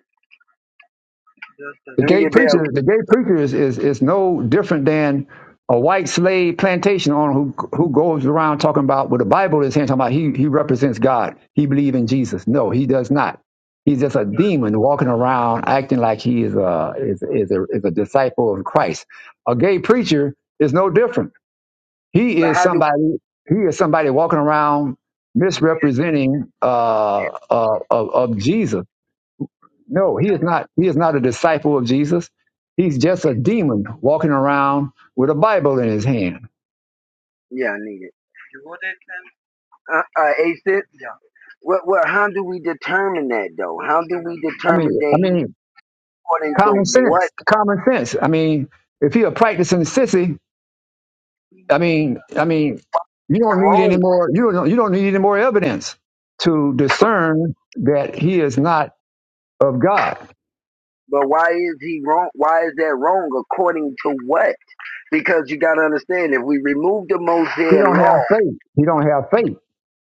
A: The
F: Let me
A: gay
F: get back.
A: preacher, the gay preacher is, is, is no different than a white slave plantation owner who who goes around talking about what the Bible is saying, talking about he he represents God. He believes in Jesus. No, he does not. He's just a demon walking around acting like he is a is, is a is a disciple of Christ. A gay preacher is no different. He is
F: How do?
A: somebody he is somebody walking around misrepresenting uh, uh, of, of Jesus no, he is not. He is not a disciple of Jesus. He's just a demon walking around with a Bible in his hand.
F: Yeah, I need it. You would? Uh, uh, eight Yeah. Well, well, how do we determine that though? How do we
A: I mean,
F: determine
A: I
F: that he's
A: mean,
F: according
A: common
F: to what
A: sense, common sense. I mean, if he a practicing sissy, I mean, I mean, you don't need any
F: wrong?
A: more. You don't. You don't need any more evidence to discern that he is not of God.
F: But why is he wrong? Why is that wrong? According to what? Because you got to understand, if we remove the
A: He
F: Mosaic
A: don't have faith. He don't have faith.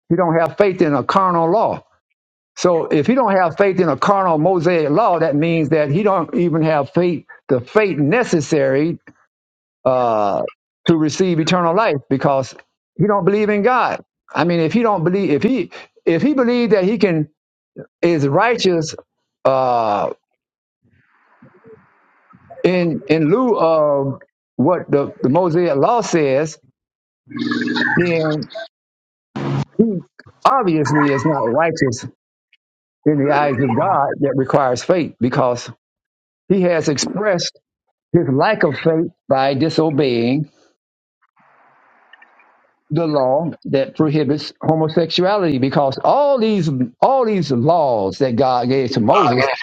A: He don't have faith in a carnal law. So if he don't have faith in a carnal Mosaic law, that means that he don't even have faith, the faith necessary uh, to receive eternal life, because he don't believe in God. I mean, if he don't believe, if he if he believed that he can is righteous uh, in in lieu of what the, the Mosaic law says, then he obviously is not righteous in the eyes of God that requires faith, because he has expressed his lack of faith by disobeying the law that prohibits homosexuality because all these all these laws that God gave to Moses
F: law,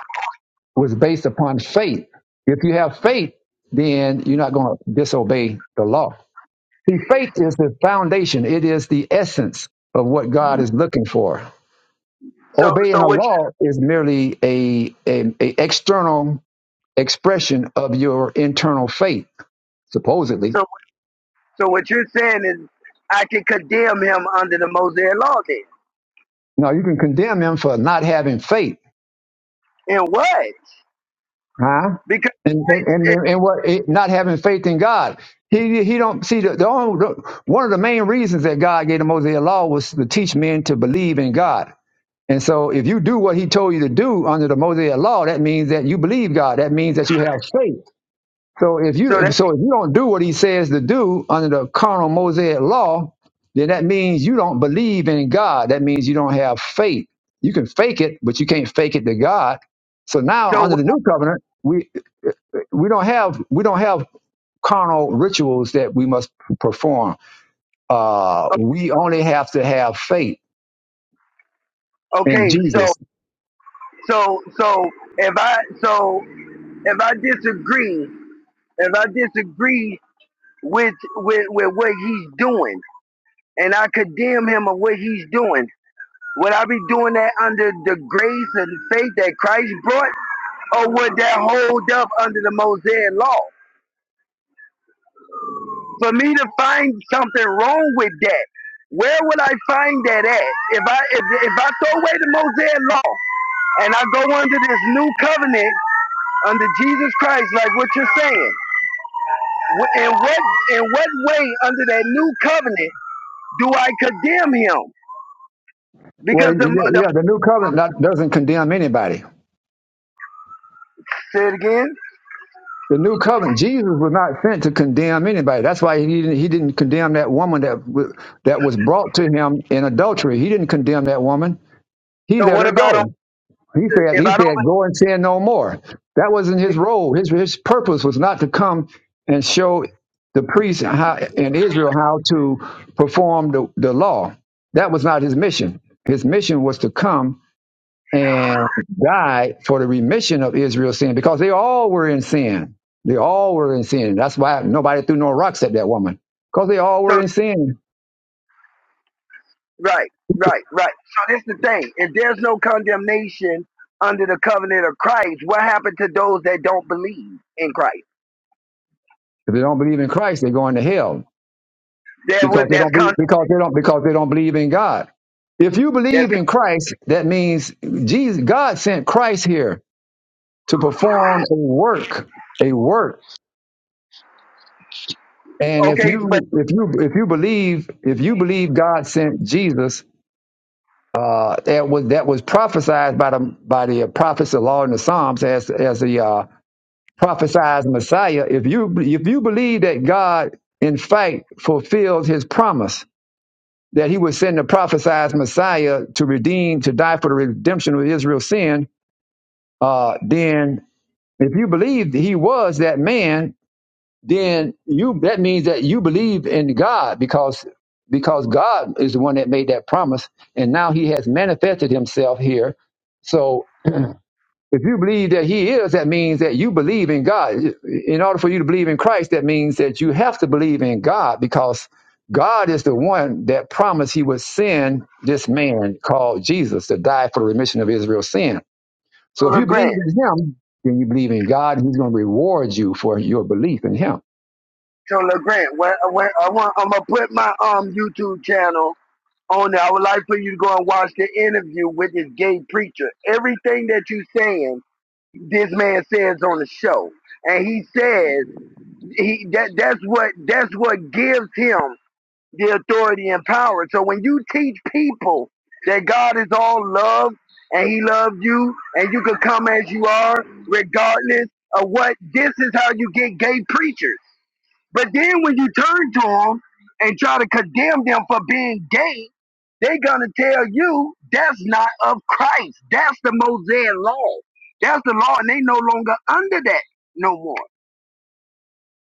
A: was based upon faith. If you have faith, then you're not going to disobey the law. See, faith is the foundation. It is the essence of what God is looking for.
F: so
A: Obeying
F: so
A: a
F: what?
A: law is merely a, a, a external expression of your internal faith, supposedly
F: So so what you're saying is, I can condemn him under the Mosaic law then,
A: No, you can condemn him for not having faith,
F: and what?
A: huh?
F: Because
A: And and
F: Christ.
A: and,
F: Is,
A: and what it- not having faith in God. He he don't see the, the only, one of the main reasons that God gave the Mosaic law was to teach men to believe in God. And so, if you do what He told you to do under the Mosaic law, that means that you believe God. That means that you have faith. So if
F: so
A: you
F: that
A: so if you don't do what he says to do under the carnal Mosaic law, then that means you don't believe in God. That means you don't have faith. You can fake it, but you can't fake it to God. So now under
F: so
A: the new covenant, we we don't have we don't have carnal rituals that we must perform. Uh, we only have to have faith in
F: okay. so.
A: Jesus.
F: So so if I so if I disagree, if I disagree with with with what he's doing, and I condemn him of what he's doing, would I be doing that under the grace and faith that Christ brought, or would that hold up under the Mosaic law? For me to find something wrong with that, where would I find that at? If I if, if I throw away the Mosaic law and I go under this new covenant under Jesus Christ, like what you're saying. Wh- In what in what way under that new covenant do I condemn him?
A: Well,
F: Because
A: yeah,
F: the the
A: yeah, the new covenant not, doesn't condemn anybody.
F: say it again.
A: The new covenant. Jesus was not sent to condemn anybody. That's why he didn't, he didn't condemn that woman that w- that was brought to him in adultery. He didn't condemn that woman. He
F: So
A: let
F: what
A: her
F: about on-
A: go. He said
F: if
A: he
F: I don't?
A: said go and sin no more. That wasn't his role. His his purpose was not to come and show the priests how, in Israel how to perform the, the law. That was not his mission. His mission was to come and died for the remission of Israel's sin because they all were in sin. They all were in sin. That's why nobody threw no rocks at that woman because they all were
F: So
A: in sin.
F: right, right, right. So this the thing. If there's no condemnation under the covenant of Christ, what happened to those that don't believe in Christ?
A: If they don't believe in Christ, they're going to hell
F: That was
A: because they
F: that's
A: don't be,
F: con.
A: because they don't because they don't believe in God. If you
F: That's
A: believe in Christ, that means Jesus God sent Christ here to perform a work, a work. And
F: con-
A: if
F: okay. But
A: you if you if you believe if you believe God sent Jesus uh, that was that was prophesied by the by the uh, prophets of law in the Psalms as as the uh, prophesied Messiah. If you if you believe that God in fact fulfilled His promise that He would send the prophesied Messiah to redeem to die for the redemption of Israel's sin, uh, then if you believe that He was that man, then you that means that you believe in God because because God is the one that made that promise and now he has manifested himself here. So if you believe that he is, that means that you believe in God. In order for you to believe in Christ, that means that you have to believe in God because God is the one that promised he would send this man called Jesus to die for the remission of Israel's sin. So
F: so
A: if you believe in
F: Legrand.
A: him, then you believe in God and he's going to reward you for your belief in him.
F: So Legrand, where, where I want, I'm gonna put my um YouTube channel on there. I would like for you to go and watch the interview with this gay preacher. Everything that you saying, this man says on the show, and he says he that that's what that's what gives him the authority and power. So when you teach people that God is all love and He loves you, and you can come as you are, regardless of what. This is how you get gay preachers. But then when you turn to them and try to condemn them for being gay, they're going to tell you that's not of Christ. That's the Mosaic law. That's the law, and they no longer under that no more.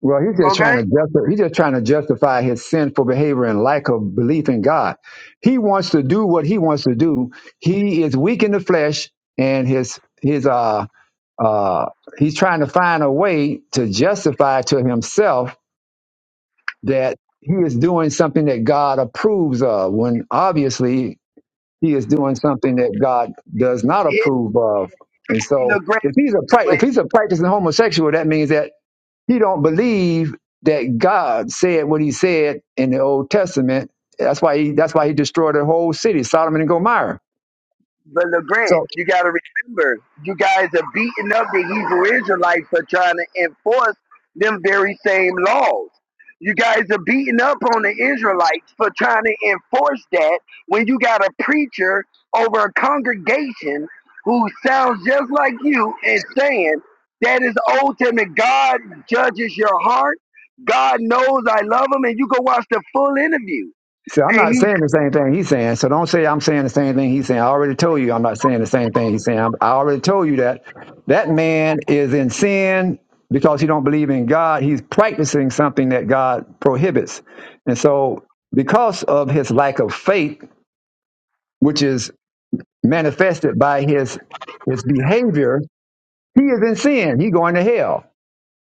A: Well, he's just
F: Okay?
A: trying to justify, he's just trying to justify his sinful behavior and lack of belief in God. He wants to do what he wants to do. He is weak in the flesh, and his his uh uh he's trying to find a way to justify to himself that he is doing something that God approves of, when obviously he is doing something that God does not
F: It's
A: approve of. And so,
F: the great.
A: if he's a prac-
F: way
A: if he's a practicing homosexual, that means that he don't believe that God said what he said in the Old Testament. That's why he that's why he destroyed the whole city, Solomon and Gomorrah.
F: But LeGrant,
A: So
F: you got to remember, you guys are beating up the Hebrew Israelites for trying to enforce them very same laws. You guys are beating up on the Israelites for trying to enforce that when you got a preacher over a congregation who sounds just like you and saying that is ultimate. God judges your heart. God knows I love him, and you go watch the full interview.
A: so I'm
F: And
A: not
F: he's
A: saying the same thing he's saying. So don't say I'm saying the same thing he's saying. I already told you I'm not saying the same thing he's saying. I'm- I already told you that that man is in sin because he don't believe in God. He's practicing something that God prohibits. And so because of his lack of faith, which is manifested by his his behavior He is in sin. He going to hell.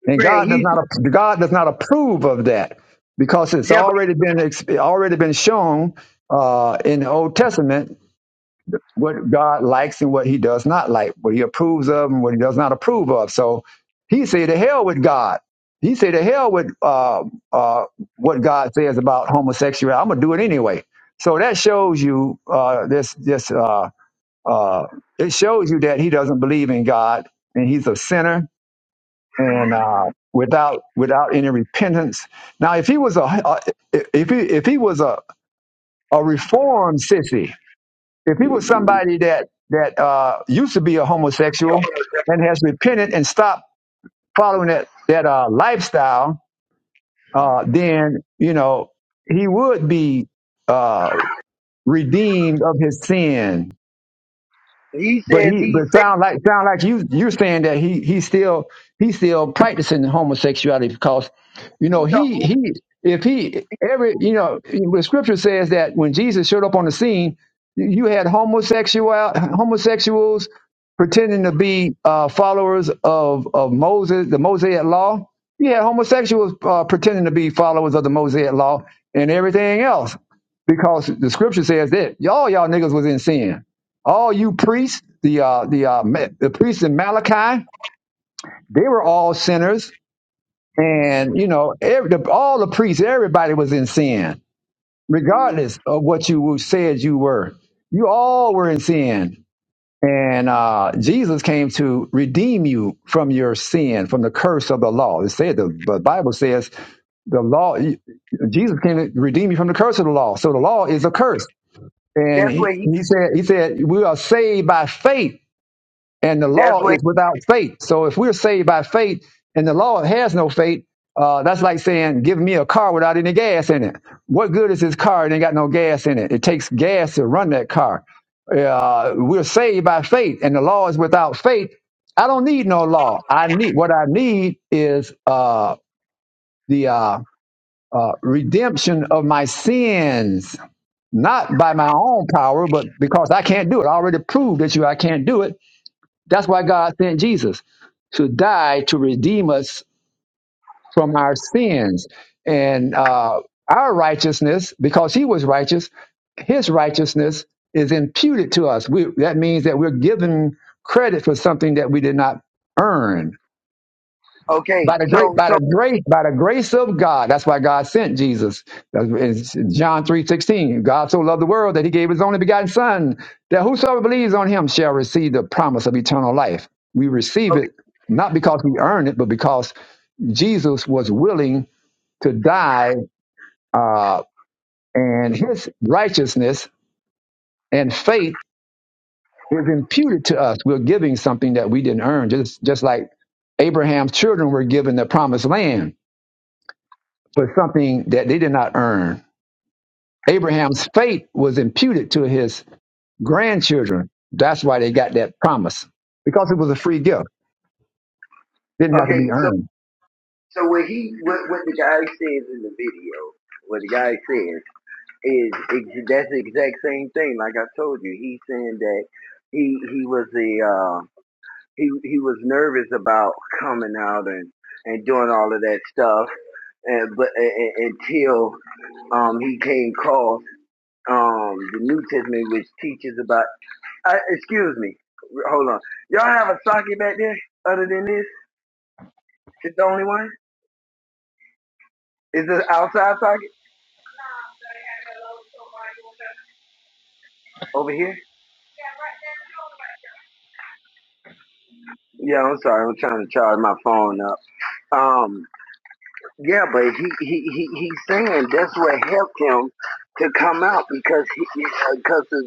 A: And
F: LeGrant,
A: God does
F: he's
A: not God does not approve of that because it's
F: yeah,
A: already been ex- already been shown uh, in the Old Testament what God likes and what He does not like, what He approves of and what He does not approve of. So He said to hell with God. He said to hell with uh, uh, what God says about homosexuality. I'm gonna do it anyway. So that shows you uh, this this uh, uh, it shows you that He doesn't believe in God and He's a sinner and uh, without without any repentance. Now, if he was a uh, if he if he was a a reformed sissy, if he was somebody that that uh, used to be a homosexual
F: but
A: and has repented and stopped following that that uh, lifestyle, uh, then you know he would be uh, redeemed of his sin
F: He
A: But
F: says
A: he,
F: he
A: but
F: said
A: sound like sound like you you're saying that he he still he's still practicing homosexuality because, you know,
F: so.
A: he he if he every you know the scripture says that when Jesus showed up on the scene, you you had homosexual homosexuals pretending to be uh, followers of of Moses, the Mosaic law. You had homosexuals uh, pretending to be followers of the Mosaic law and everything else because the scripture says that all y'all niggas was in sin all you priests, the uh, the uh, Ma- the priests in Malachi, they were all sinners, and you know, every, the, all the priests, everybody was in sin, regardless of what you said you were. You all were in sin, and uh, Jesus came to redeem you from your sin, from the curse of the law. It said the, the Bible says the law jesus came to redeem you from the curse of the law so the law is a curse and
F: That's
A: he,
F: where he.
A: he said he said we are saved by faith and the
F: That's
A: law
F: where.
A: is without faith. So if we're saved by faith and the law has no faith, uh, that's like saying, give me a car without any gas in it. What good is this car? It ain't got no gas in it. It takes gas to run that car. Uh, we're saved by faith and the law is without faith. I don't need no law. I need what I need is uh, the uh, uh, redemption of my sins, not by my own power, but because I can't do it. I already proved that you I can't do it that's why God sent Jesus to die to redeem us from our sins and uh, our righteousness, because He was righteous. His righteousness is imputed to us. We, that means that we're given credit for something that we did not earn
F: Okay.
A: by the great
F: So
A: by
F: so
A: the great by the grace of god that's why god sent jesus That's in john three sixteen. god so loved the world that he gave his only begotten son that whosoever believes on him shall receive the promise of eternal life we receive
F: okay
A: it not because we earn it but because jesus was willing to die uh, and his righteousness and faith is imputed to us we're giving something that we didn't earn just just like abraham's children were given the promised land for something that they did not earn. Abraham's faith was imputed to his grandchildren. That's why they got that promise because it was a free gift. Didn't have to
F: okay.
A: be
F: So
A: earned.
F: so what he what, what the guy says in the video, what the guy says is ex- that's the exact same thing. Like I told you, he's saying that he he was the uh, he he was nervous about coming out and and doing all of that stuff, and but and, until um he came across um the New Testament, which teaches about I, excuse me. Hold on. Y'all have a socket back there other than this? It's the only one? Is this outside socket? Over here? Yeah, I'm sorry. I'm trying to charge my phone up. Um, yeah, but he, he, he, he's saying that's what helped him to come out because he, because of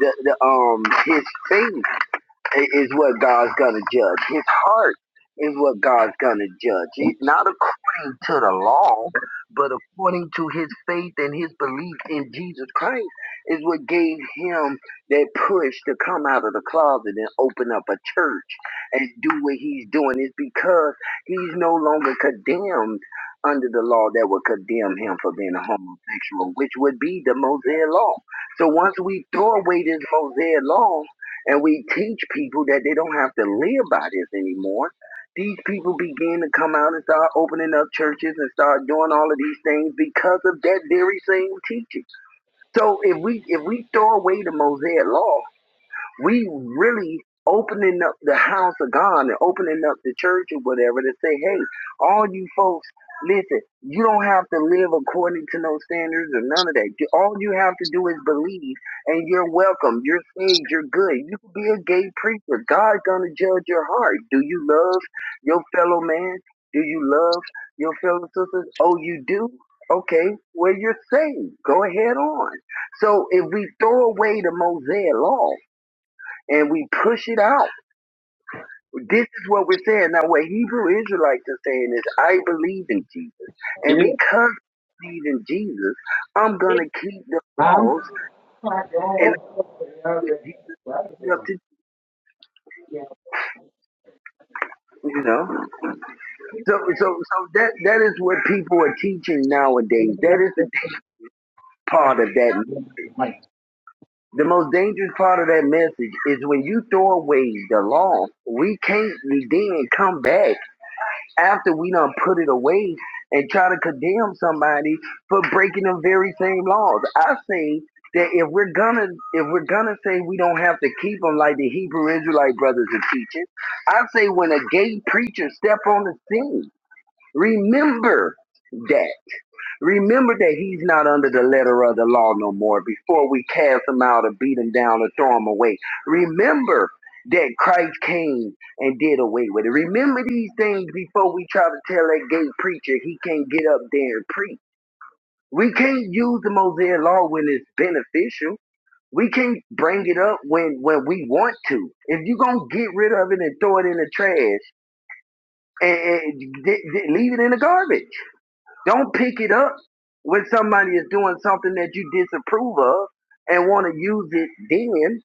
F: the, the, um, his faith. is what God's gonna judge. His heart is what God's gonna judge. It, not according to the law, but according to his faith and his belief in Jesus Christ is what gave him that push to come out of the closet and open up a church and do what he's doing. Is because he's no longer condemned under the law that would condemn him for being a homosexual, which would be the Mosaic law. So once we throw away this Mosaic law, and we teach people that they don't have to live by this anymore. These people begin to come out and start opening up churches and start doing all of these things because of that very same teaching. So if we if we throw away the Mosaic law we really opening up the house of God and opening up the church or whatever to say, hey, all you folks, listen, you don't have to live according to no standards or none of that. All you have to do is believe and you're welcome. You're saved. You're good. You can be a gay preacher. God's going to judge your heart. Do you love your fellow man? Do you love your fellow sisters? Oh, you do? Okay, well, you're saved. Go ahead on. So if we throw away the Mosaic law, and we push it out. This is what we're saying. Now, what Hebrew Israelites are saying is, I believe in Jesus. And because I believe in Jesus, I'm going to keep the
A: Huh?
F: laws and with Jesus up to, you know. So, so, so that, that is what people are teaching nowadays. That is the part of that.
A: Right.
F: The most dangerous part of that message is when you throw away the law, we can't then come back after we done put it away and try to condemn somebody for breaking the very same laws. I say that if we're gonna if we're gonna say we don't have to keep them like the Hebrew Israelite brothers are teaching, I say when a gay preacher step on the scene, remember that. Remember that he's not under the letter of the law no more before we cast him out or beat him down or throw him away. Remember that Christ came and did away with it. Remember these things before we try to tell that gay preacher he can't get up there and preach. We can't use the Mosaic law when it's beneficial. We can't bring it up when, when we want to. If you're going to get rid of it and throw it in the trash, and, and, d- d- leave it in the garbage. Don't pick it up when somebody is doing something that you disapprove of and want to use it then.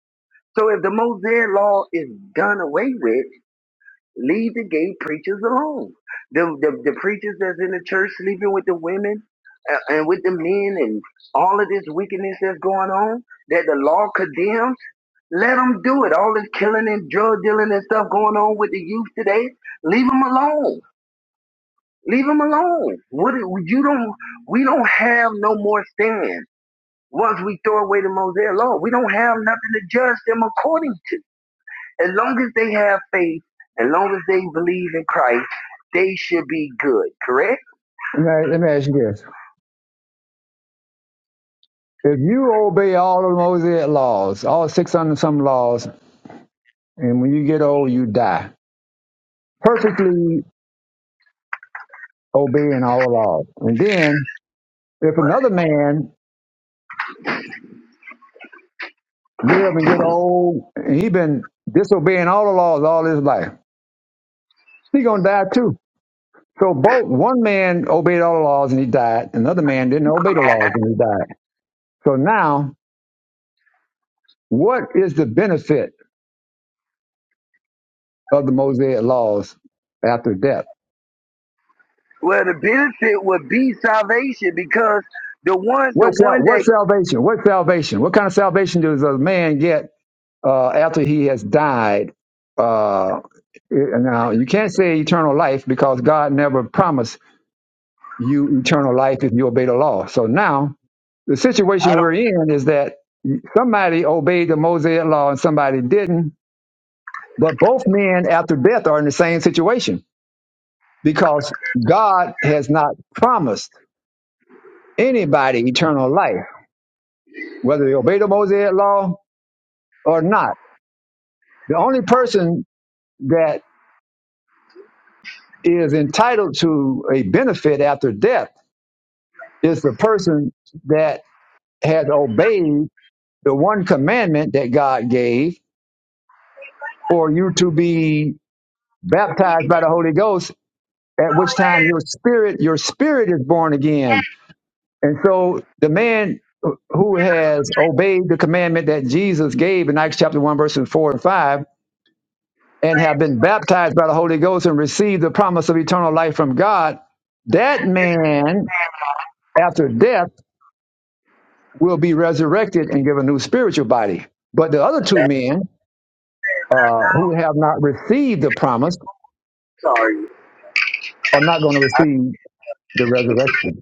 F: So if the Mosaic law is done away with, leave the gay preachers alone. The, the, the preachers that's in the church sleeping with the women uh, and with the men and all of this wickedness that's going on that the law condemns, let them do it. All this killing and drug dealing and stuff going on with the youth today, leave them alone. Leave him alone. What you don't we don't have no more stand. Once we throw away the Mosaic law, we don't have nothing to judge them according to. As long as they have faith, as long as they believe in Christ, they should be good, correct?
A: Let me, let me ask you this: If you obey all of the Mosaic laws, all six hundred and some laws, and when you get old, you die perfectly obeying all laws, and then if another man live and get old, and he been disobeying all the laws all his life, he gonna die too So both one man obeyed all the laws and he died. Another man didn't obey the laws and he died. So now, what is the benefit of the Mosaic laws after death?
F: Well, the benefit would be salvation because the one, the
A: What sal-
F: one
A: what
F: that
A: salvation? What salvation? What kind of salvation does a man get uh, after he has died? Uh, it- now you can't say eternal life because God never promised you eternal life if you obey the law. So now the situation
F: I
A: we're
F: don't.
A: in is that somebody obeyed the Mosaic law and somebody didn't But both men after death are in the same situation because God has not promised anybody eternal life, whether they obey the Mosaic law or not. The only person that is entitled to a benefit after death is the person that has obeyed the one commandment that God gave for you to be baptized by the Holy Ghost, at which time your spirit, your spirit is born again And so the man who has obeyed the commandment that Jesus gave in Acts chapter 1, verses 4 and 5, and have been baptized by the Holy Ghost and received the promise of eternal life from God, that man, after death, will be resurrected and given a new spiritual body. But the other two men uh, who have not received the promise
F: Sorry,
A: are not going to
F: I,
A: receive the resurrection.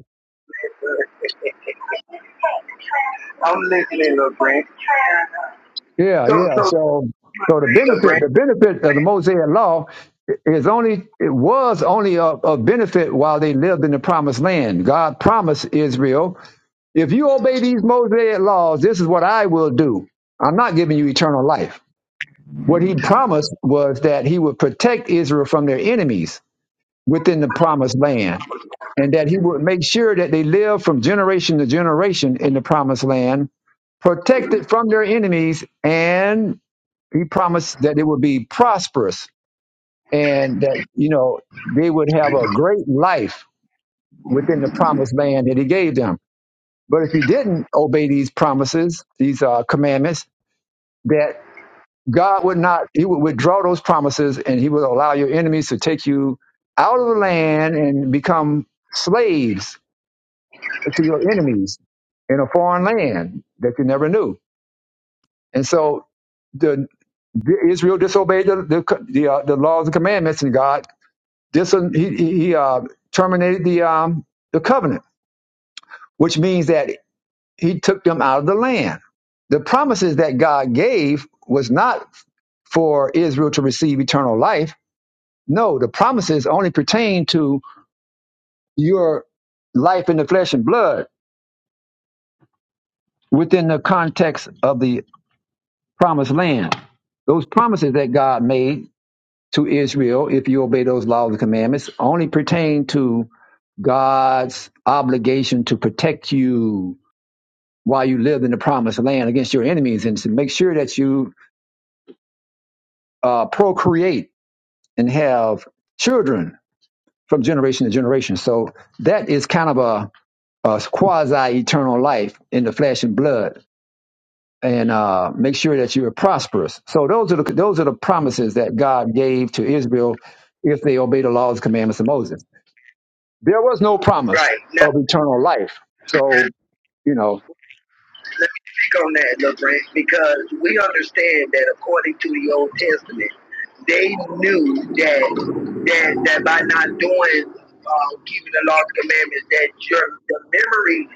F: I'm listening, little Brent.
A: Yeah,
F: So,
A: yeah.
F: so,
A: So, so the
F: little
A: benefit,
F: Brent.
A: the benefit of the Mosaic law is only it was only a, a benefit while they lived in the promised land. God promised Israel, if you obey these Mosaic laws, this is what I will do. I'm not giving you eternal life. What he promised was that he would protect Israel from their enemies within the promised land and that he would make sure that they live from generation to generation in the promised land, protected from their enemies and he promised that it would be prosperous and that you know they would have a great life within the promised land that he gave them but if you didn't obey these promises these uh, commandments that god would not he would withdraw those promises and he would allow your enemies to take you out of the land and become slaves to your enemies in a foreign land that you never knew and so the, the- israel disobeyed the the, the, uh, the laws and commandments and god This he he uh, terminated the um, the covenant, which means that he took them out of the land. The promises that God gave was not for Israel to receive eternal life. No, the promises only pertain to your life in the flesh and blood within the context of the promised land. Those promises that God made to Israel, if you obey those laws and commandments, only pertain to God's obligation to protect you while you live in the promised land against your enemies and to make sure that you uh, procreate and have children from generation to generation. So that is kind of a, a quasi eternal life in the flesh and blood and uh, make sure that you are prosperous. So those are the, those are the promises that God gave to Israel if they obey the laws and commandments of Moses. There was no promise
F: Right. now.
A: of eternal life. So, you know,
F: Let me speak on that, little because we understand that according to the Old Testament, they knew that that that by not doing uh, keeping the law and commandments, that your the memories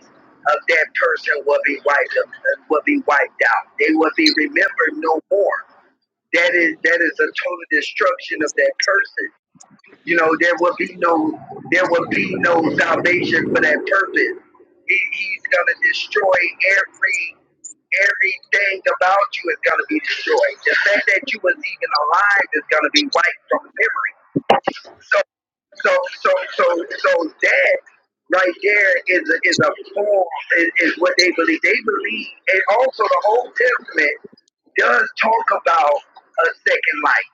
F: of that person will be wiped up, will be wiped out. They will be remembered no more. That is that is a total destruction of that person. You know, there will be no there will be no salvation for that purpose. He, he's gonna destroy every Everything about you is going to be destroyed. The fact that you was even alive is going to be wiped from memory. So, so, so, so, so that right there is a, is a form is, is what they believe. They believe, and also the Old Testament does talk about a second life.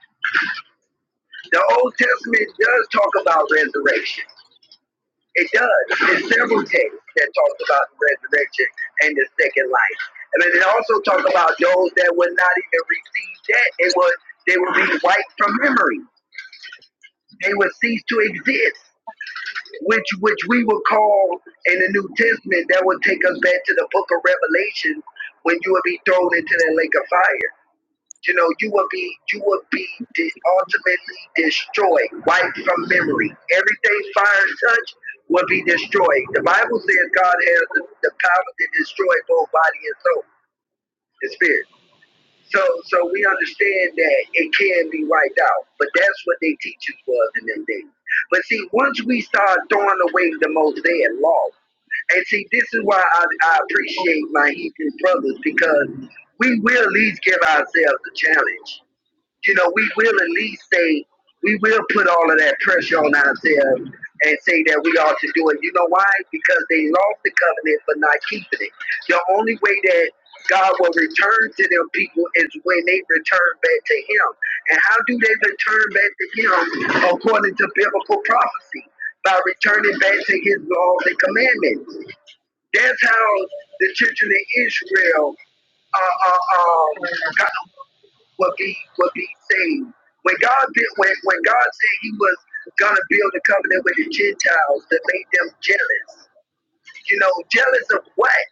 F: The Old Testament does talk about resurrection. It does. There's several texts that talks about the resurrection and the second life. And then it also talks about those that would not even receive that. They would they would be wiped from memory. They would cease to exist, which which we would call in the New Testament that would take us back to the book of Revelation when you would be thrown into that lake of fire. You know, you will be you will be de- ultimately destroyed, wiped from memory. Everything fire touch will be destroyed. The Bible says God has the, the power to destroy both body and soul and spirit. So so we understand that it can be wiped out. But that's what they teachers was in them days. But see, once we start throwing away the Mosaic law, and see, this is why I, I appreciate my Hebrew brothers because we will at least give ourselves a challenge you know, we will at least say, we will put all of that pressure on ourselves and say that we ought to do it. You know why? Because they lost the covenant for not keeping it. The only way that God will return to them people is when they return back to Him. And how do they return back to Him according to biblical prophecy? By returning back to His laws and commandments. That's how the children of Israel uh, uh, um, will be will be saved. When God when when God said He was gonna build a covenant with the Gentiles that made them jealous. You know, jealous of what?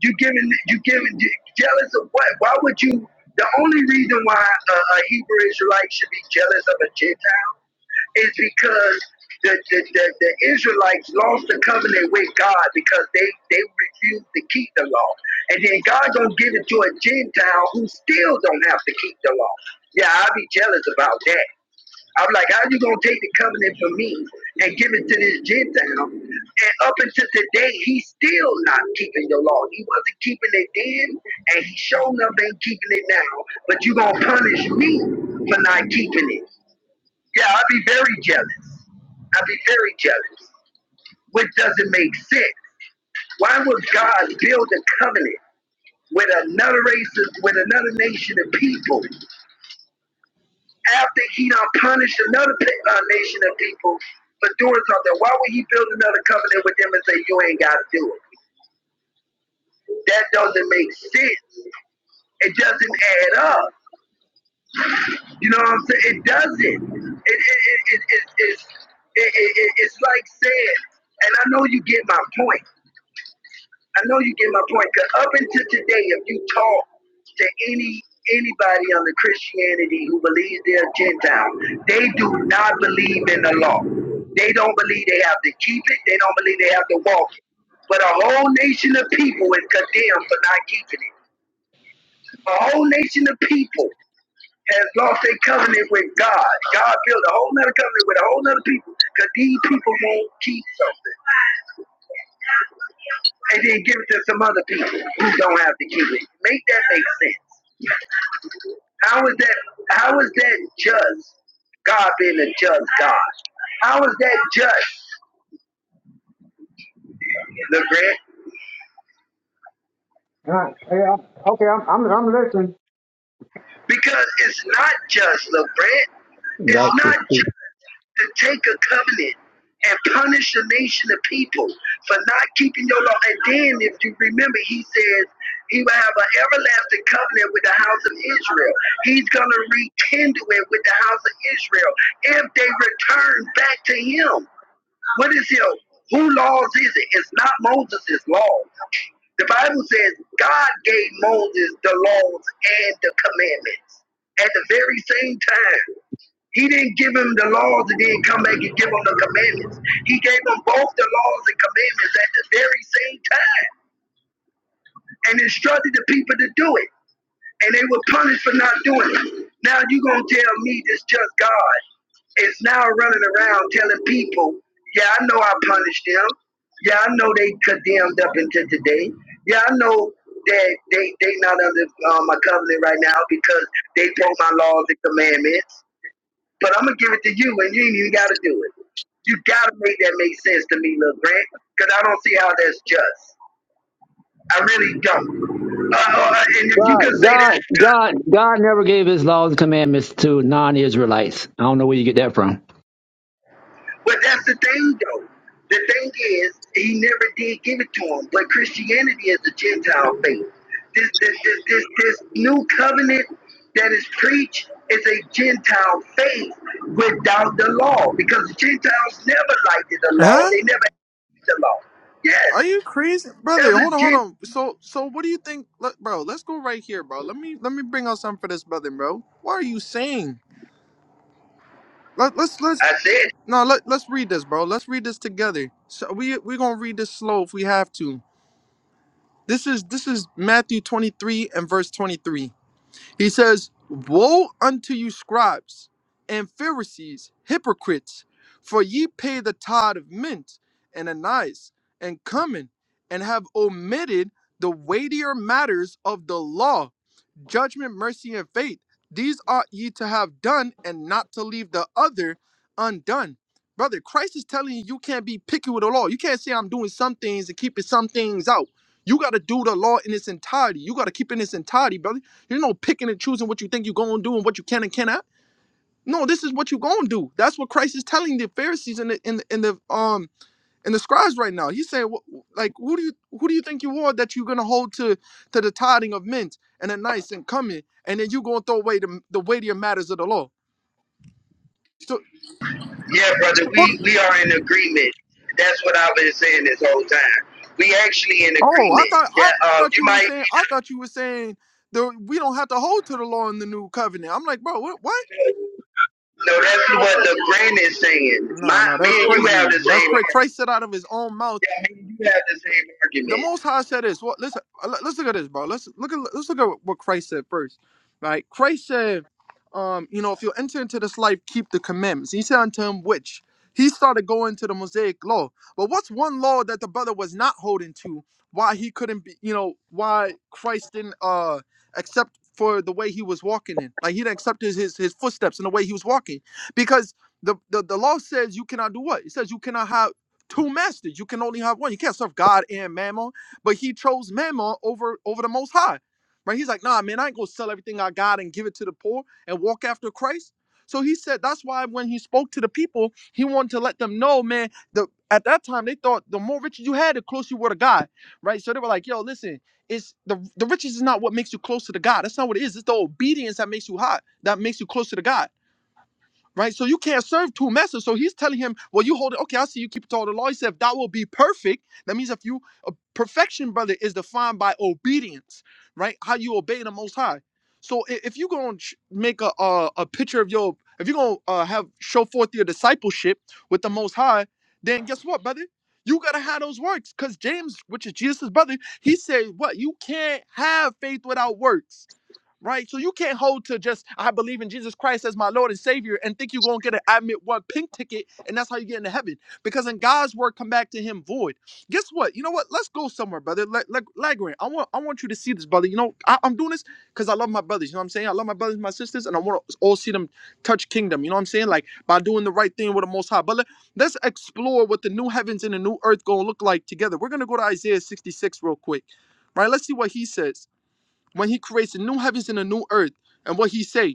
F: You giving you giving jealous of what? Why would you? The only reason why a, a Hebrew Israelite should be jealous of a Gentile is because the, the, the, the Israelites lost the covenant with God because they, they refused to keep the law. And then God gonna give it to a Gentile who still don't have to keep the law. Yeah, I'd be jealous about that. I'm like, how you gonna take the covenant from me and give it to this Gentile? And up until today, he's still not keeping the law. He wasn't keeping it then, and he sure up ain't keeping it now. But you gonna punish me for not keeping it. Yeah, I'd be very jealous. I'd be very jealous, which doesn't make sense. Why would God build a covenant with another race, with another nation of people, after He done punished another uh, nation of people for doing something? Why would He build another covenant with them and say you ain't got to do it? That doesn't make sense. It doesn't add up. You know what I'm saying? It doesn't. It, it, it, it, it, it's, it, it, it- it's like saying, and I know you get my point I know you get my point. Cause up until today, if you talk to any anybody under Christianity who believes they're Gentile, they do not believe in the law. They don't believe they have to keep it. They don't believe they have to walk it. But a whole nation of people is condemned for not keeping it. A whole nation of people has lost their covenant with God. God built a whole other covenant with a whole other people because these people won't keep something. and then give it to some other people who don't have to keep it. Make that make sense. How is that? How is that just God being a just God? How is that just, LeGrant?
A: All right. Yeah. Okay. I'm, I'm, I'm listening.
F: Because it's not just, LeGrant. It's
A: like
F: not. to take a covenant and punish a nation of people for not keeping your law. And then, if you remember, he says he will have an everlasting covenant with the house of Israel. He's going to rekindle it with the house of Israel if they return back to him. What is him? Who laws is it? It's not Moses' laws. The Bible says God gave Moses the laws and the commandments at the very same time. He didn't give him the laws and then come back and give him the commandments. He gave him both the laws and commandments at the very same time and instructed the people to do it. And they were punished for not doing it. Now you going to tell me this just God is now running around telling people, yeah, I know I punished them. Yeah, I know they condemned up until today. Yeah, I know that they they not under uh, my covenant right now because they broke my laws and commandments. But I'm gonna give it to you, and you ain't even gotta do it. You gotta make that make sense to me, Lil Grant, because I don't see how that's just. I really don't. Uh, uh, and if you
A: God,
F: can say
A: God,
F: that's just,
A: God, God never gave his laws and commandments to non Israelites. I don't know where you get that from.
F: but that's the thing, though. The thing is, he never did give it to him. But Christianity is a Gentile faith. This, this, this, this, this new covenant that is preached is a Gentile faith without the law, because the Gentiles never liked the law.
I: Huh?
F: They never hated the law.
I: Are
F: Yes.
I: you crazy, brother?
F: That's a
I: Hold on, hold
F: gen-
I: on. So, so what do you think, let, bro? Let's go right here, bro. Let me let me bring out something for this brother, bro. What are you saying? Let, let's let's
F: I said,
I: no let let's read this, bro. Let's read this together. So we we gonna read this slow if we have to. This is this is Matthew twenty three and verse twenty three. He says, Woe unto you, scribes and Pharisees, hypocrites, for ye pay the tithe of mint and anise and cumin, and have omitted the weightier matters of the law judgment, mercy, and faith. These ought ye to have done, and not to leave the other undone. Brother, Christ is telling you you can't be picky with the law. You can't say I'm doing some things and keeping some things out. You got to do the law in its entirety. You got to keep it in its entirety, brother. You're no picking and choosing what you think you're going to do and what you can and cannot. No, this is what you're going to do. That's what Christ is telling the Pharisees and the, in the, in the um and the scribes right now. He's saying, wh- like, who do you who do you think you are that you're gonna hold to to the tithing of mint and the nice and coming, and then you gonna throw away the the weightier matters of the law? So,
F: yeah, brother,
I: what?
F: we, we are in agreement. That's what I've been saying this whole time. We actually in
I: Oh, I
F: agreement.
I: thought I
F: That uh,
I: thought
F: you
I: you were
F: might
I: saying I thought you were saying that we don't have to hold to the law in the new covenant. I'm like, bro, what? what?
F: know that's what the grand is saying.
I: No,
F: My
I: no,
F: me
I: that's
F: and you
I: crazy.
F: have the
I: That's
F: same
I: crazy.
F: argument.
I: Christ said out of his own mouth.
F: Yeah, Me and you have the same
I: the
F: argument.
I: Most High said this. Well, listen, uh, let- us look at this, bro. Let's look at let's look at what Christ said first, right? Christ said, um, you know, if you enter into this life, keep the commandments. He said unto him, which he started going to the Mosaic law. But what's one law that the brother was not holding to? Why he couldn't be, you know, why Christ didn't uh accept for the way he was walking in, like he didn't accept his his, his footsteps and the way he was walking, because the, the the law says you cannot do what it says you cannot have two masters. You can only have one. You can't serve God and Mammon. But he chose Mammon over over the Most High, right? He's like, nah, man, I ain't gonna sell everything I got and give it to the poor and walk after Christ. So he said that's why when he spoke to the people, he wanted to let them know, man. The at that time they thought the more riches you had, the closer you were to God, right? So they were like, yo, listen, it's the the riches is not what makes you close to the God. That's not what it is. It's the obedience that makes you hot, that makes you closer to God right? So you can't serve two masters. So he's telling him, well, you hold it. Okay, I see you keep it to all the law. He said, if that will be perfect. That means if you, uh, perfection, brother, is defined by obedience, right? How you obey the Most High. So i- if you're going to make a, a a picture of your, if you're going to uh, have show forth your discipleship with the Most High, then guess what, brother? You gotta have those works, cause James, which is Jesus' brother, he said, "What you can't have faith without works." right? So you can't hold to just I believe in Jesus Christ as my Lord and Savior and think you're gonna get an admit one pink ticket and that's how you get into heaven. Because in God's word come back to him void. Guess what? You know what? Let's go somewhere, brother. Like like, Lagrange, I want I want you to see this, brother. You know, I, I'm doing this because I love my brothers. You know what I'm saying? I love my brothers, and my sisters, and I want to all see them touch kingdom. You know what I'm saying? Like by doing the right thing with the most high. But let, let's explore what the new heavens and the new earth gonna look like together. We're gonna go to Isaiah 66 real quick. Right? Let's see what he says when he creates the new heavens and a new earth. And what he say?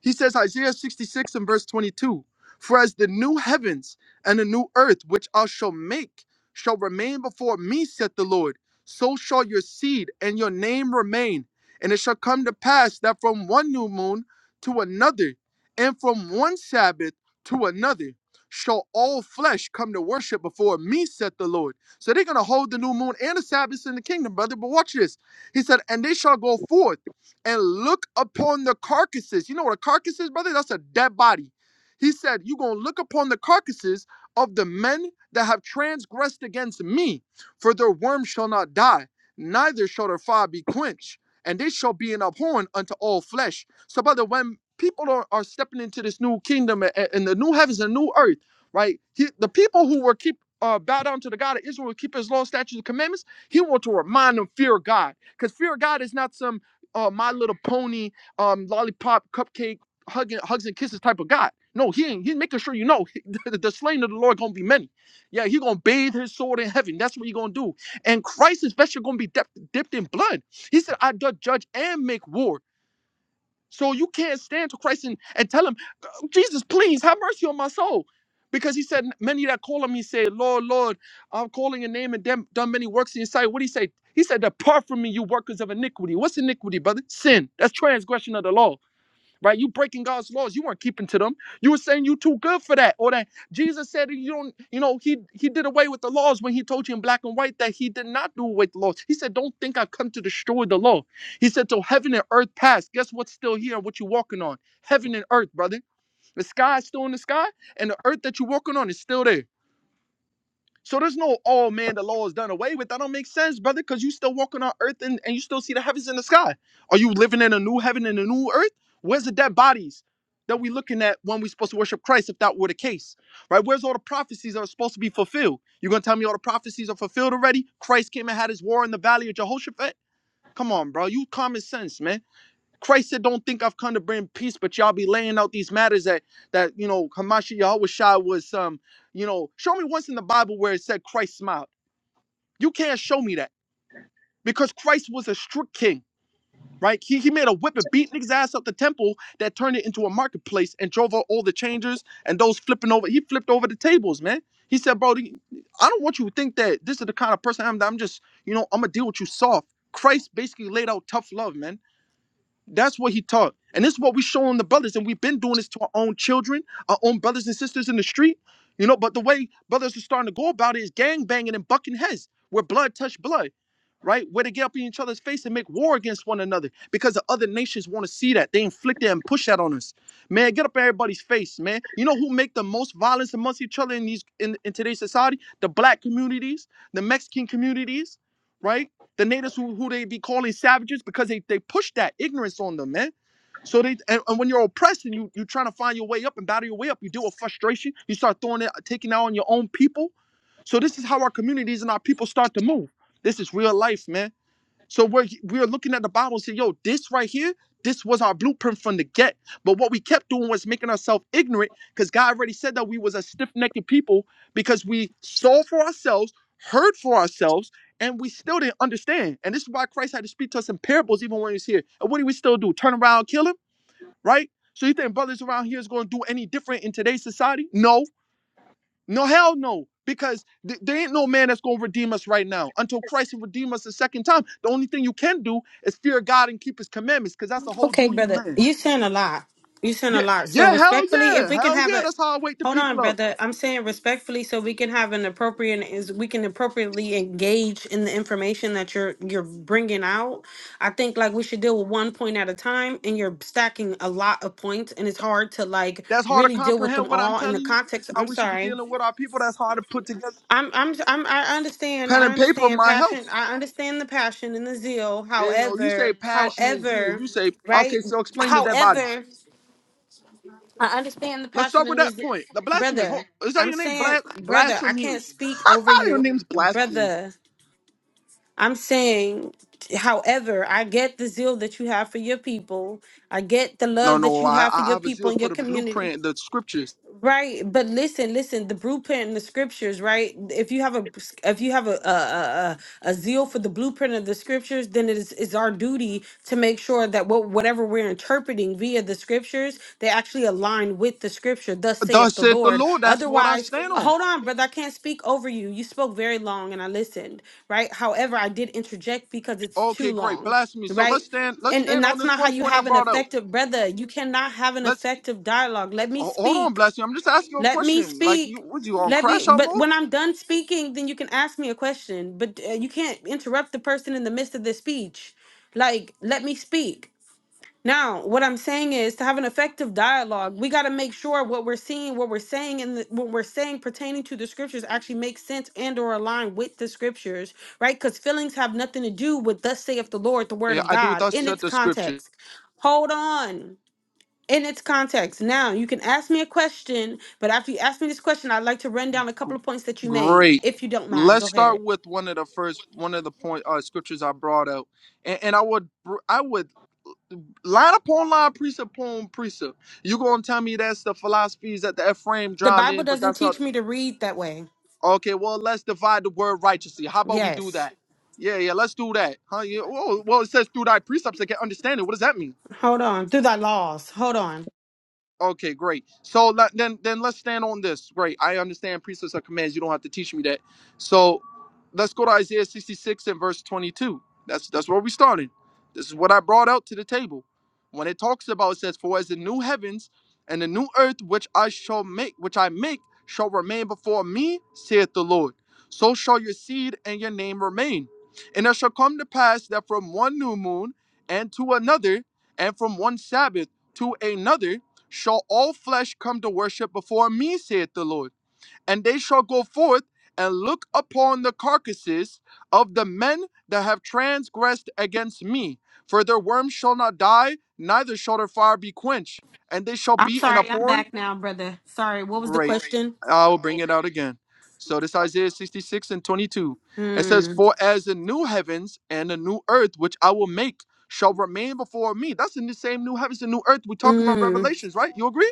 I: He says, Isaiah 66 and verse 22 For as the new heavens and the new earth which I shall make shall remain before me, saith the Lord, so shall your seed and your name remain. And it shall come to pass that from one new moon to another, and from one Sabbath to another, shall all flesh come to worship before me, saith the Lord. So they're going to hold the new moon and the Sabbath in the kingdom, brother. But watch this. He said, And they shall go forth and look upon the carcasses. You know what a carcass is, brother? That's a dead body. He said, You're going to look upon the carcasses of the men that have transgressed against me, for their worm shall not die, neither shall their fire be quenched, and they shall be an abhorrent unto all flesh. So, brother, when people are, are stepping into this new kingdom and, and the new heavens and new earth, right? He, the people who were keep uh, bow down to the God of Israel, keep his law, statutes, and commandments, he want to remind them, fear God. Because fear God is not some uh, My Little Pony, um, lollipop, cupcake, hugging, hugs and kisses type of guy. No, he ain't. He's making sure you know the, the slain of the Lord gonna be many. Yeah, he gonna bathe his sword in heaven. That's what he gonna do. And Christ is especially gonna be dep- dipped in blood. He said, "I do judge and make war." So you can't stand to Christ and, and tell him, Jesus, please have mercy on my soul. Because he said, Many that call on me say, Lord, Lord, I'm calling your name and dem- done many works in your sight. What did he say? He said, Depart from me, you workers of iniquity. What's iniquity, brother? Sin. That's transgression of the law right? You breaking God's laws. You weren't keeping to them. You were saying you too good for that, or that Jesus said you don't. You know, he he did away with the laws when he told you in black and white that he did not do away with the laws. He said, "Don't think I've come to destroy the law." He said, "Till heaven and earth pass, guess what's still here and what you're walking on? Heaven and earth, brother. The sky is still in the sky, and the earth that you're walking on is still there." So there's no oh man, the law is done away with. That don't make sense, brother, because you still walking on earth and, and you still see the heavens in the sky. Are you living in a new heaven and a new earth? Where's the dead bodies that we looking at when we supposed to worship Christ if that were the case? Right? Where's all the prophecies that are supposed to be fulfilled? You're gonna tell me all the prophecies are fulfilled already? Christ came and had his war in the valley of Jehoshaphat? Come on, bro. You common sense, man. Christ said, "Don't think I've come to bring peace, but y'all be laying out these matters that that you know Hamashi Yahushua was um you know show me once in the Bible where it said Christ smiled. You can't show me that because Christ was a strict king, right? He he made a whip and beat niggas ass up the temple that turned it into a marketplace and drove out all the changers and those flipping over. He flipped over the tables, man. He said, bro, the- I don't want you to think that this is the kind of person I am. That I'm just you know I'm gonna deal with you soft. Christ basically laid out tough love, man. That's what he taught. And this is what we showing the brothers. And we've been doing this to our own children, our own brothers and sisters in the street. You know, but the way brothers are starting to go about it is gang banging and bucking heads where blood touch blood, right? Where they get up in each other's face and make war against one another because the other nations want to see that. They inflict that and push that on us. Man, get up in everybody's face, man. You know who make the most violence amongst each other in these in, in today's society? The black communities, the Mexican communities, right? the natives who, who they be calling savages because they, they push that ignorance on them, man. So they and, and when you're oppressed and you you trying to find your way up and battle your way up, you deal with frustration. You start throwing it, uh, taking it out on your own people. So this is how our communities and our people start to move. This is real life, man. So we're we're looking at the Bible and say, yo, this right here, this was our blueprint from the get. But what we kept doing was making ourselves ignorant because God already said that we was a stiff-necked people because we saw for ourselves, heard for ourselves, and we still didn't understand. And this is why Christ had to speak to us in parables even when he was here. And what do we still do? Turn around, kill him, right? So you think brothers around here is going to do any different in today's society? No. No, hell no. Because th- there ain't no man that's going to redeem us right now until Christ will redeem us the second time. The only thing you can do is fear God and keep his commandments because that's the whole
B: Okay,
I: duty of
B: brother.
I: man.
B: You saying a lot. You saying
I: Yeah,
B: a lot. So
I: yeah, hell
B: respectfully, if
I: yeah.
B: we can
I: Hell
B: have
I: yeah.
B: a
I: That's how I wake the
B: hold on,
I: people up.
B: brother. I'm saying respectfully so we can have an appropriate is we can appropriately engage in the information that you're you're bringing out. I think like we should deal with one point at a time and you're stacking a lot of points and it's hard to like
I: That's hard to
B: really deal with them
I: comprehend what I'm
B: all in
I: telling
B: the
I: you,
B: context.
I: how
B: I'm
I: we should be
B: sorry.
I: dealing with our people. That's hard to put together.
B: I'm, I'm, I'm, I understand.
I: Pen
B: I
I: and paper
B: understand
I: might help.
B: passion. I understand the passion and the zeal.
I: You know, you say
B: However,
I: passion and zeal.
B: however,
I: You say, okay,
B: right?
I: so explain to dead bodies.
B: However, I understand the
I: Let's
B: passion
I: start with
B: and the
I: that
B: zeal.
I: point. The blasphemies. Hold-
B: Brother,
I: Is that
B: I'm
I: your name?
B: saying,
I: Blas-
B: brother, I can't
I: blasphemies.
B: speak over
I: your
B: you.
I: name's blasphemies.
B: Brother, I'm saying, however, I get the zeal that you have for your people. I get the
I: No,
B: love that
I: no,
B: you
I: I,
B: have for
I: I I
B: your
I: have a
B: people
I: zeal
B: and
I: for
B: your
I: the
B: community.
I: blueprint, the scriptures.
B: Right, but listen, listen. The blueprint in the scriptures, right? If you have a, if you have a a, a, a a zeal for the blueprint of the scriptures, then it is it's our duty to make sure that what whatever we're interpreting via the scriptures, they actually align with the scripture. Thus saith
I: Thus
B: the
I: said the
B: Lord.
I: Lord, that's what I
B: Otherwise,
I: stand on.
B: hold on, brother. I can't speak over you. You spoke very long, and I listened. Right. However, I did interject because it's too
I: Okay, great.
B: long.
I: Blasphemy. So let's
B: Right
I: stand let's
B: and and
I: stand on
B: that's
I: this
B: not how
I: one
B: you
I: point I
B: have an
I: brought out.
B: effective brother you cannot have an
I: Let's
B: effective dialogue let me
I: ho- hold on,
B: speak
I: blasphemy. I'm just asking a
B: let me
I: question. Like you
B: speak.
I: was you on
B: Let
I: crash
B: me,
I: out
B: but
I: mode?
B: when I'm done speaking, then you can ask me a question. But uh, you can't interrupt the person in the midst of the speech. Like, let me speak. Now, what I'm saying is to have an effective dialogue, we got to make sure what we're seeing, what we're saying, and the- what we're saying pertaining to the scriptures actually makes sense and or align with the scriptures, right? Because feelings have nothing to do with thus saith the Lord, the word
I: Yeah,
B: of
I: I do
B: God,
I: thus
B: in
I: said
B: its
I: the scripture.
B: context. Hold on in its context. Now, you can ask me a question, but after you ask me this question, I'd like to run down a couple of points that you made,
I: Great.
B: if you don't mind.
I: Let's
B: Go ahead.
I: start with one of the first one of the point uh scriptures I brought out. And, and I would br- I would line upon line, precept upon precept. You gonna tell me that's the philosophies that the Ephraim
B: The
I: drowned
B: Bible
I: in, but
B: doesn't
I: that's how
B: teach me to read that way.
I: Okay, well, let's divide the word righteously. How about we do
B: Yes.
I: that? Yeah, yeah, let's do that. Huh? Yeah, well, well, it says through thy precepts they can understand it. What does that mean?
B: Hold on. Through thy laws. Hold on.
I: Okay, great. So let, then then let's stand on this. Great. I understand precepts are commands. You don't have to teach me that. So let's go to Isaiah 66 and verse 22. That's that's where we started. This is what I brought out to the table. When it talks about it says, For as the new heavens and the new earth which I shall make, which I make, shall remain before me, saith the Lord. So shall your seed and your name remain. And it shall come to pass that from one new moon and to another, and from one Sabbath to another shall all flesh come to worship before me, saith the Lord. And they shall go forth and look upon the carcasses of the men that have transgressed against me. For their worm shall not die, neither shall their fire be quenched. And they shall
B: I'm
I: be in a
B: sorry. I'm
I: porn.
B: back now, brother. Sorry. What was the
I: Great.
B: question?
I: I will bring it out again. So this Isaiah 66 and 22. It says,
B: Hmm.
I: For as the new heavens and the new earth which I will make shall remain before me. That's in the same new heavens and new earth we're talking about
B: Mm.
I: Revelations, right? You agree?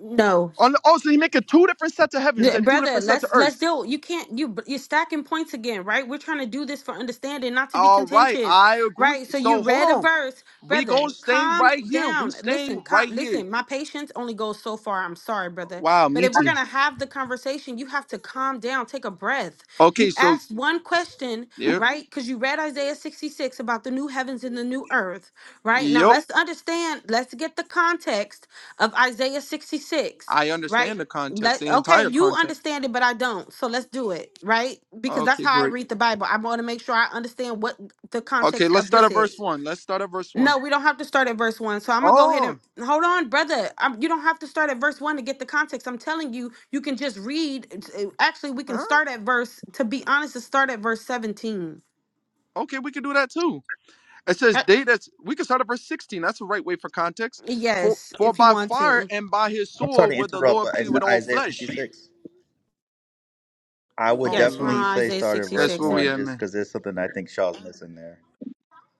B: No.
I: On oh, so he making two different sets of heavens
B: Yeah,
I: and two
B: Brother,
I: different sets of
B: let's let's
I: earths.
B: deal. You can't you you're stacking points again, right? We're trying to do this for understanding, not to be
I: All right,
B: contentious,
I: I agree.
B: right? So you
I: So hold
B: read a
I: on,
B: verse,
I: we gonna
B: brother.
I: stay
B: Calm
I: right here. We
B: down. Listen,
I: staying
B: calm,
I: right here.
B: listen. My patience only goes so far. I'm sorry, brother,
I: Wow,
B: but
I: me
B: if we're
I: too.
B: gonna have the conversation, you have to calm down. Take a breath.
I: Okay,
B: You
I: so
B: asked one question,
I: yeah,
B: right? Because you read Isaiah 66 about the new heavens and the new earth, right? Now
I: yep,
B: let's understand. Let's get the context of Isaiah 66
I: I
B: right?
I: understand the context, the
B: Let okay,
I: entire
B: you
I: context.
B: understand it, but I don't. So let's do it, right? Because that's
I: Okay,
B: how I
I: great.
B: read the Bible. I want to make sure I understand what the
I: Okay,
B: context
I: let's
B: of
I: start
B: this
I: at verse
B: is.
I: one. Let's start at verse one.
B: No, we don't have to start at verse one. So I'm gonna go ahead and
I: Oh,
B: hold on, brother. Um you don't have to start at verse one to get the context. I'm telling you, you can just read. it's- it- Actually, we can
I: huh?
B: start at verse. To be honest, to start at verse 17.
I: Okay, we can do that too. It says
B: Uh,
I: they that's we can start at verse 16. That's the right way for context. For
B: Yes,
I: for
B: if you
I: by
B: want
I: fire
B: to.
I: and by his
J: I'm sorry to
I: sword would the
J: interrupt,
I: Lord
J: but
I: plead
J: is it
I: with all
J: Isaiah
I: flesh.
J: 66? I would
I: Oh
B: Yes, we're
I: Lord.
J: definitely
B: on
J: say
B: Isaiah
J: start at verse
I: That's where
B: 66.
I: we
J: 1
I: at,
J: just
I: man.
J: because there's something I think Shaw's missing there.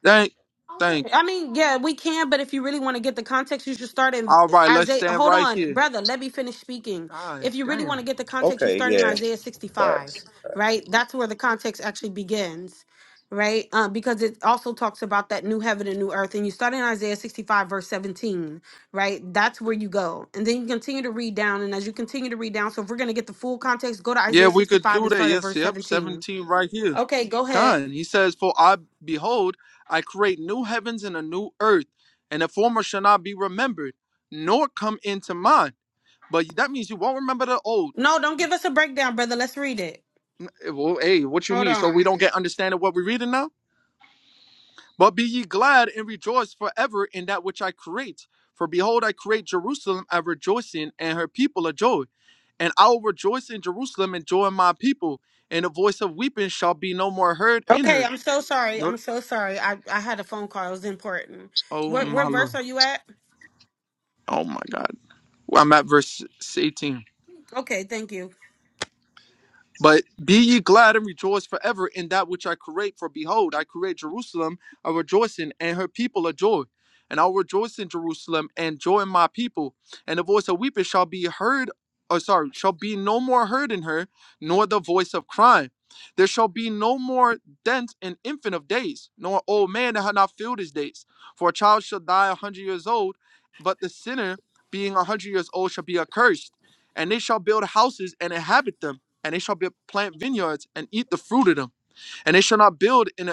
I: Thank, thank you.
B: I mean, yeah, we can, but if you really want to get the context, you should start in
I: All right, let's
B: Isaiah.
I: stand
B: Hold
I: right
B: on,
I: here.
B: brother, let me finish speaking.
I: God
B: If you really want
I: damn.
B: to get the context, you
J: Okay,
B: start in
J: yeah,
B: Isaiah 65,
J: facts, facts.
B: right? That's where the context actually begins, right? Um, because it also talks about that new heaven and new earth. And you start in Isaiah 65, verse 17, right? That's where you go. And then you continue to read down. And as you continue to read down, so if we're going to get the full context, go to
I: Yeah,
B: Isaiah
I: we could
B: 65
I: do
B: and
I: that.
B: start at
I: Yes,
B: verse
I: yep.
B: 17.
I: 17 right here.
B: Okay, go ahead.
I: Con, he says, For I behold, I create new heavens and a new earth, and the former shall not be remembered, nor come into mind. But that means you won't remember the old.
B: No, don't give us a breakdown, brother. Let's read it.
I: Eh, Well, hey, what you
B: Hold
I: mean? So we
B: on.
I: don't get understanding what we're reading now? But be ye glad and rejoice forever in that which I create. For behold, I create Jerusalem a rejoicing, and her people a joy. And I will rejoice in Jerusalem and joy in my people, and the voice of weeping shall be no more heard in
B: Okay,
I: her.
B: I'm so sorry.
I: No-
B: I'm so sorry. I, I had a phone call. It was important.
I: oh
B: What
I: my
B: what
I: Lord.
B: verse are you at?
I: Oh my God. Well, I'm at verse 18.
B: Okay, thank you.
I: But be ye glad and rejoice forever in that which I create. For behold, I create Jerusalem a rejoicing, and her people a joy. And I'll rejoice in Jerusalem and joy in my people. And the voice of weeping shall be heard, or sorry, shall be no more heard in her, nor the voice of crying. There shall be no more dent and infant of days, nor an old man that hath not filled his days. For a child shall die a hundred years old, but the sinner being a hundred years old shall be accursed. And they shall build houses and inhabit them and they shall be plant vineyards and eat the fruit of them. And they shall not build in a.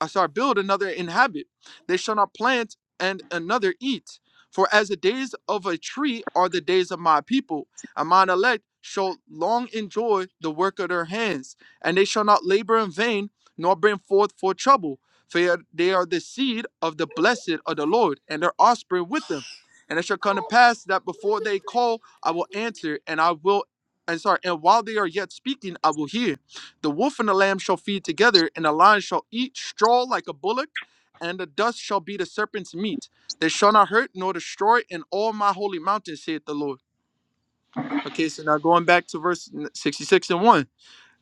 I: I sorry, build another inhabit. They shall not plant and another eat. For as the days of a tree are the days of my people, and mine elect shall long enjoy the work of their hands, and they shall not labor in vain, nor bring forth for trouble. For they are the seed of the blessed of the Lord, and their offspring with them. And it shall come to pass that before they call, I will answer, and I will, and sorry, and while they are yet speaking, I will hear. The wolf and the lamb shall feed together, and the lion shall eat straw like a bullock, and the dust shall be the serpent's meat. They shall not hurt nor destroy in all my holy mountain, saith the Lord. Okay, so now going back to verse 66 and 1.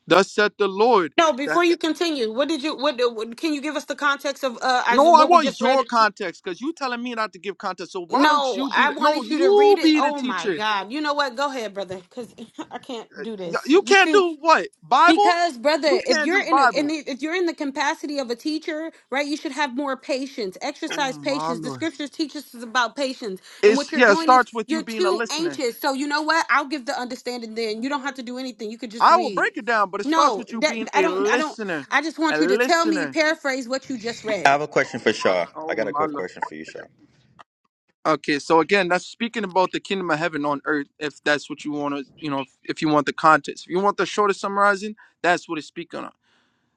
I: Thus saith the Lord
B: No,
I: that.
B: before you continue, what did you what, what can you give us the context of uh Isaiah,
I: No, I
B: what we
I: want
B: just
I: your
B: read?
I: context because you telling me not to give context. So why don't
B: No,
I: you be
B: I
I: the. No,
B: wanted you to
I: you
B: read it.
I: be the
B: Oh my
I: teacher.
B: God. You know what? Go ahead, brother, cuz I can't do
I: Y-
B: this.
I: You
B: You
I: can't
B: too
I: do what? Bible?
B: Because,
I: You
B: brother, if
I: can't
B: you're
I: do
B: in a in
I: Bible.
B: the, if you're in the capacity of a teacher, right, you should have more patience.
I: Oh,
B: Exercise
I: my
B: patience. The
I: Lord.
B: scriptures teach us about patience, and
I: It's,
B: what you're
I: yeah, it
B: doing is
I: starts with you
B: you're
I: being a
B: too
I: listener.
B: anxious. So you know what? I'll give the understanding. Then you don't have to do anything. You could just
I: I will
B: read.
I: break it down, but it starts
B: No,
I: with you being
B: that I
I: a
B: don't. I don't.
I: listener.
B: I just
I: A
B: want you to tell me
I: listener.
B: paraphrase what you just
J: I
B: read.
J: have a question for Shaw. I
I: Oh
J: got a
I: my
J: quick
I: lord.
J: question for you, Shaw.
I: Okay, so again, that's speaking about the kingdom of heaven on earth. If that's what you want to, you know, if you want the context, if you want the shortest summarizing, that's what it's speaking on.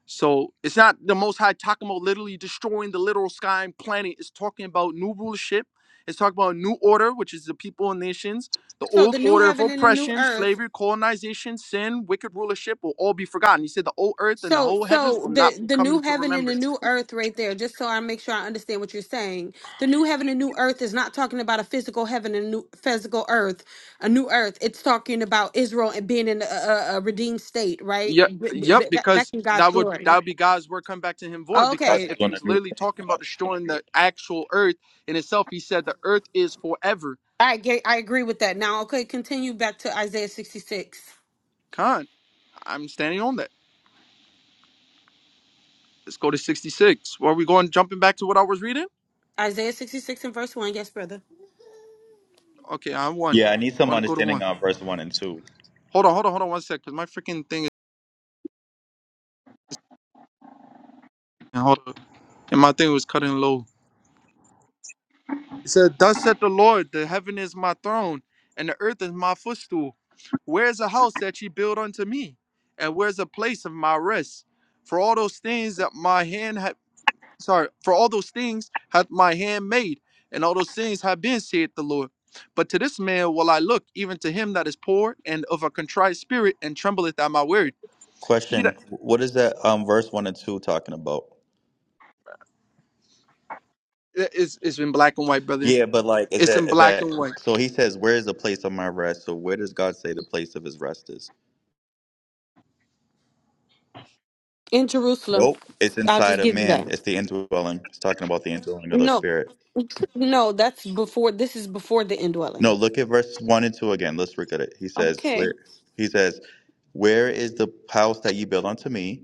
I: So it's not the Most High talking about literally destroying the literal sky and planet. It's talking about new rulership. It's talking about a new order, which is the people and nations. The
B: So
I: old
B: the new
I: order of
B: heaven and the new
I: oppression,
B: earth
I: slavery, colonization, sin, wicked rulership will all be forgotten. He said the old earth and the
B: So,
I: whole heavens
B: so
I: will not
B: the
I: be
B: the new
I: coming to
B: heaven and the
I: remembrance.
B: new earth, right there. Just so I make sure I understand what you're saying, the new heaven and new earth is not talking about a physical heaven and new physical earth, a new earth. It's talking about Israel and being in a, a, a redeemed state, right?
I: Yep,
B: B- b-
I: yep,
B: b- ba- back
I: because
B: in God's
I: that would that
B: glory.
I: would be God's word coming back to him void.
J: Uh,
I: Because
B: Okay,
J: just
I: if he
J: doing a
I: was
J: new
I: literally
J: thing.
I: talking about destroying the actual earth in itself, he said the earth is forever.
B: I get, I agree with that. Now, okay, continue back to Isaiah 66,
I: Con, I'm standing on that. Let's go to 66. Well, are we going jumping back to what I was reading?
B: Isaiah 66 and verse one. Yes, brother.
I: Okay, I'm one.
J: Yeah, I need
I: I
J: some
I: want to go to
J: understanding
I: one.
J: on verse 1 and 2.
I: Hold on, hold on, hold on one sec, because my freaking thing is hold on. And my thing was cutting low. It said, Thus said the Lord, the heaven is my throne, and the earth is my footstool. Where's a house that ye build unto me? And where's a place of my rest? For all those things that my hand hath sorry, for all those things hath my hand made, and all those things have been, saith the Lord. But to this man will I look, even to him that is poor and of a contrite spirit, and trembleth at my word. He
J: Question
I: that
J: What is that um verse 1 and 2 talking about?
I: it- it's, it's in black and white, brother.
J: Yeah, but like, is
I: It's
J: that,
I: in
J: is
I: black
J: that,
I: and white.
J: so he says, Where is the place of my rest? So where does God say the place of his rest is?
B: In Jerusalem,
J: Nope. It's
B: I'll
J: inside
B: just
J: of
B: give you
J: man,
B: that.
J: it's the indwelling. It's talking about the indwelling of the
B: No,
J: spirit.
B: no, that's before. This is before the
J: No,
B: indwelling.
J: look at verse one and two again. Let's look at it. He says,
B: Okay.
J: Where he says, Where is the house that you built unto me?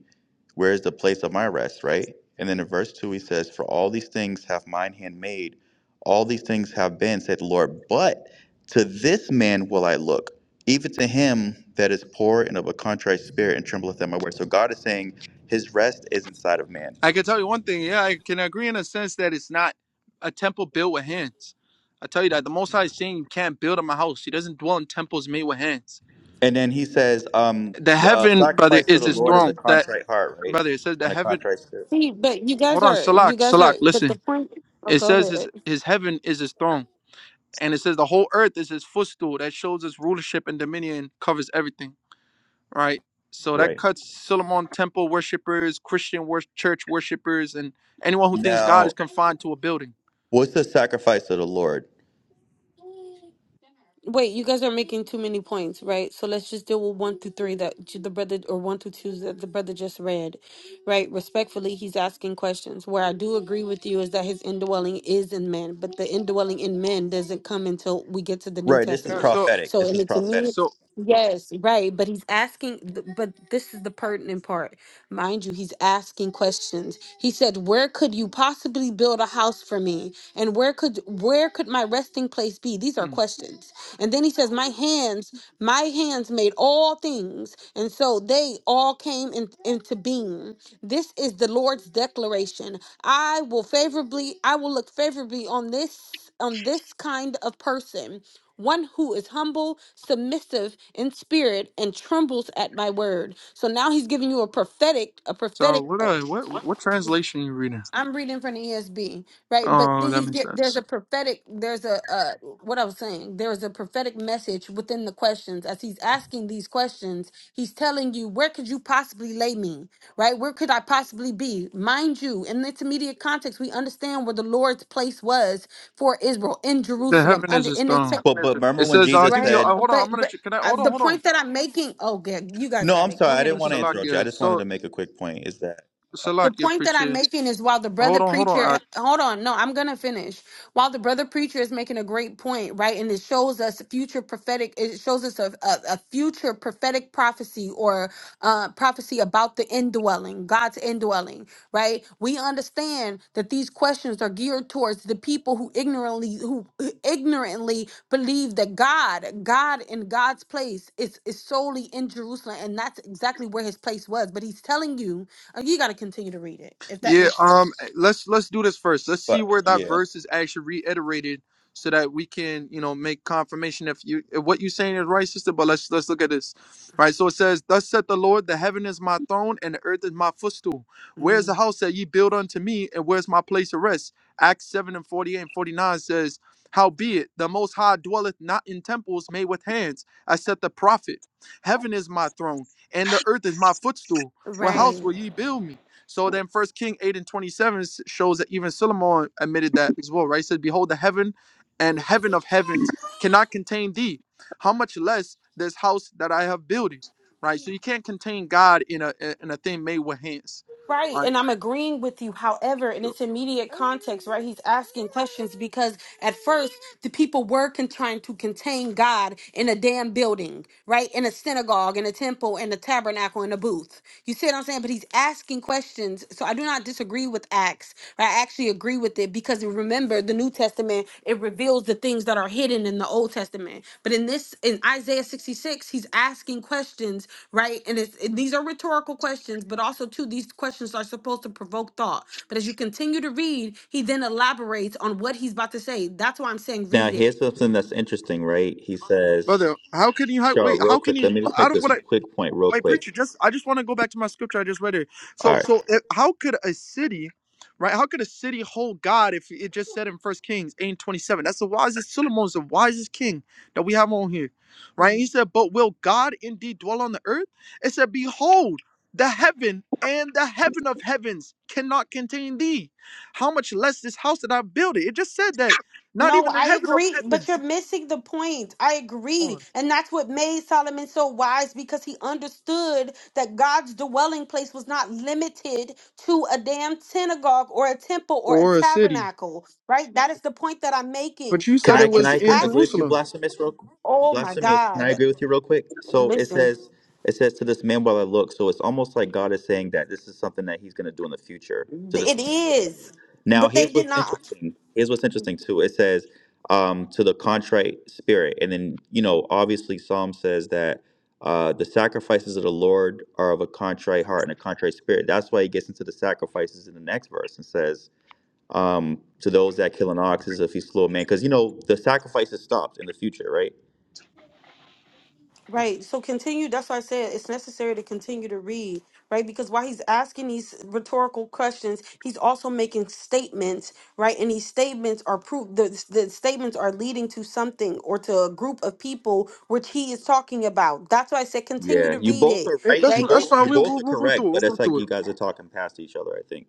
J: Where is the place of my rest? Right? And then in verse two he says, For all these things have mine hand made, all these things have been, said the Lord, but to this man will I look, even to him that is poor and of a contrite spirit and trembleth at my word. So God is saying his rest is inside of man.
I: I can tell you one thing, yeah, I can agree in a sense that it's not a temple built with hands. I tell you that the Most High is saying you can't build him a house. He doesn't dwell in temples made with hands.
J: And then he says, um,
I: The
J: the, uh,
I: heaven, brother,
J: sacrifice to
I: is
J: the
I: his
J: Lord is
I: throne.
J: a
B: Mm.
I: That
J: contrite heart, right?
I: brother, it says the
J: And a
I: heaven.
J: contrite spirit.
B: See, but you guys
I: Hold on,
B: are you
I: Salak,
B: guys are
I: Salak,
B: but
I: listen.
B: the point oh
I: It
B: go
I: says his,
B: ahead.
I: his heaven is his throne. And it says the whole earth is his footstool that shows his rulership and dominion covers everything, right? So that
J: Right.
I: cuts Solomon temple worshippers, Christian wor- church worshippers, and anyone who thinks God is
J: Now,
I: confined to a building.
J: what's the sacrifice of the Lord?
B: Wait, you guys are making too many points, right? So let's just deal with one through three that j- the brother, or one through two that the brother just read, right? Respectfully, he's asking questions. Where I do agree with you is that his indwelling is in men, but the indwelling in men doesn't come until we get to the New
J: Right, this is
I: Okay,
B: Testament.
I: So,
J: prophetic.
B: So,
J: This
B: and
J: is
B: it's
J: prophetic.
B: immediate.
I: so,
B: Yes, right. But he's asking, th- but this is the pertinent part. Mind you, he's asking questions. He said, Where could you possibly build a house for me? and where could where could my resting place be these are
I: mm,
B: questions and then he says my hands my hands made all things and so they all came in, into being this is the lord's declaration i will favorably i will look favorably on this on this kind of person one who is humble, submissive in spirit, and trembles at my word. So now he's giving you a prophetic, a
I: so
B: prophetic.
I: what, uh, what, what translation you reading?
B: I'm reading from the ESV, right? But
I: Oh,
B: then
I: that
B: he's
I: makes
B: get, there's
I: sense.
B: a prophetic, there's a uh, what I was saying. There is a prophetic message within the questions. As he's asking these questions, he's telling you, where could you possibly lay me, right? Where could I possibly be? Mind you, in the intermediate context, we understand where the Lord's place was for Israel in
I: The
B: Jerusalem,
I: heaven is
B: under
I: his
B: in the
I: throne.
J: But but
I: It
J: remember when
I: says, I'll
J: Jesus
I: give
B: right.
I: you, uh,
J: said,
I: hold on,
B: But
I: I'm gonna,
B: but
I: sh- can I,
B: uh,
I: hold on,
B: the
I: hold on.
B: point that I'm making, oh, good, you guys
J: "No,
B: got
J: I'm
B: it.
J: sorry,
B: Go
J: I
B: ahead
I: Uh,
J: didn't
B: and
J: want to
B: continue.
J: interrupt you. I
I: Salakia,
J: just wanted
I: so,
J: to make a quick point." Is that?
B: The
I: Salakia,
B: point that I'm
I: preacher.
B: making is while the
I: Hold
B: brother
I: on, hold on,
B: preacher, hold on, no, I'm gonna finish. While the brother preacher is making a great point, right, and it shows us future prophetic, it shows us a, a, a future prophetic prophecy or uh, prophecy about the indwelling, God's indwelling, right? We understand that these questions are geared towards the people who ignorantly who ignorantly believe that God, God in God's place is is solely in Jerusalem, and that's exactly where His place was. But He's telling you uh, You got to continue to read it, if that
I: Yeah,
B: makes sense.
I: um let's let's do this first. Let's see
J: But
I: where that
J: yeah.
I: verse is actually reiterated so that we can, you know, make confirmation if you if what you're saying is right, sister, but let's let's look at this. All right, so it says, Thus saith the Lord, the heaven is my throne and the earth is my footstool. Where's the
B: Mm.
I: house that ye build unto me, and where's my place of rest? Acts 7 and 48 and 49 says, Howbeit, the most high dwelleth not in temples made with hands, as saith the prophet. Heaven is my throne, and the earth is my footstool. What house
B: Right.
I: will ye build me? So then First King 8 and 27 shows that even Solomon admitted that as well, right? He said, Behold, the heaven and heaven of heavens cannot contain thee. How much less this house that I have builded, right? So you can't contain God in a in a thing made with hands,
B: Right,
I: right?
B: and I'm agreeing with you. However, in
I: So
B: its immediate context, right, he's asking questions because at first the people were con- trying to contain God in a damn building, right, in a synagogue, in a temple, in a tabernacle, in a booth. You see what I'm saying? But he's asking questions, so I do not disagree with Acts. Right? I actually agree with it because remember, the New Testament it reveals the things. that are hidden in the Old Testament. But in this, in Isaiah 66, he's asking questions, right? And it's and these are rhetorical questions, but also too, these questions are supposed to provoke thought. But as you continue to read, he then elaborates on what he's about to say. That's why I'm saying
J: Now
B: read
J: here's
B: it.
J: something that's interesting, right? He says,
I: brother. How can you hi-
J: "Sure,
I: wait?
J: real
I: How can
J: quick.
I: you
J: Let me just
I: out
J: make
I: of
J: this
I: what I
J: quick point, real
I: my
J: quick."
I: preacher? Just I just want to go back to my scripture I just read it. So so eh, how could a city, right? How could a city hold God if it just said in First Kings eight twenty seven? That's the wisest Solomon's the wisest king that we have on here, right? He said, "But will God indeed dwell on the earth?" It said, "Behold, the heaven." And the heaven of heavens cannot contain thee. How much less this house that I built it? It just said that not
B: No,
I: even the
B: I
I: heaven of
B: agree, but you're
I: heavens
B: missing the point. I agree.
I: or,
B: And that's what made Solomon so wise because he understood that God's dwelling place was not limited to a damn synagogue or a temple or a
I: or a city.
B: tabernacle, right? That is the point that I'm making,
I: But you
J: Can
I: said
B: right?
I: it
J: I
B: And
J: can
I: was
J: I
B: he's
J: agree,
I: in
J: agree
B: asking,
J: with you,
I: Jerusalem.
J: Blasphemous? Real
B: oh my
J: Blasphemous. Can I
B: God,
J: agree with you real quick? So it
B: listen,
J: says it says to this man while I look. So it's almost like God is saying that this is something that He's going to do in the future to this
B: it
J: man while I
B: is.
J: look. Now
B: But they
J: here's
B: did
J: what's
B: not.
J: interesting. Here's what's interesting too. It says um, to the contrite spirit, and then you know obviously Psalm says that. Uh, the sacrifices of the Lord are of a contrite heart and a contrite spirit. That's why he gets into the sacrifices in the next verse and says, um, to those that kill an ox as if he's slow of man, because you know the sacrifices stopped in the future, right?
B: Right. So continue. That's why I said it's necessary to continue to read, right? Because while he's asking these rhetorical questions, he's also making statements, right? And these statements are proof. The, the statements are leading to something or to a group of people which he is talking about. That's why I said continue
J: Yeah,
B: to
J: you
B: read
J: both
B: it,
J: are
I: It,
J: right.
I: that's
B: right?
J: You
I: that's
J: both you
I: fine. We'll,
J: both
I: we'll
J: are
I: we'll go
J: correct,
I: through it. We'll
J: but
I: go
J: it's like
I: through it.
J: you guys are talking past each other. I think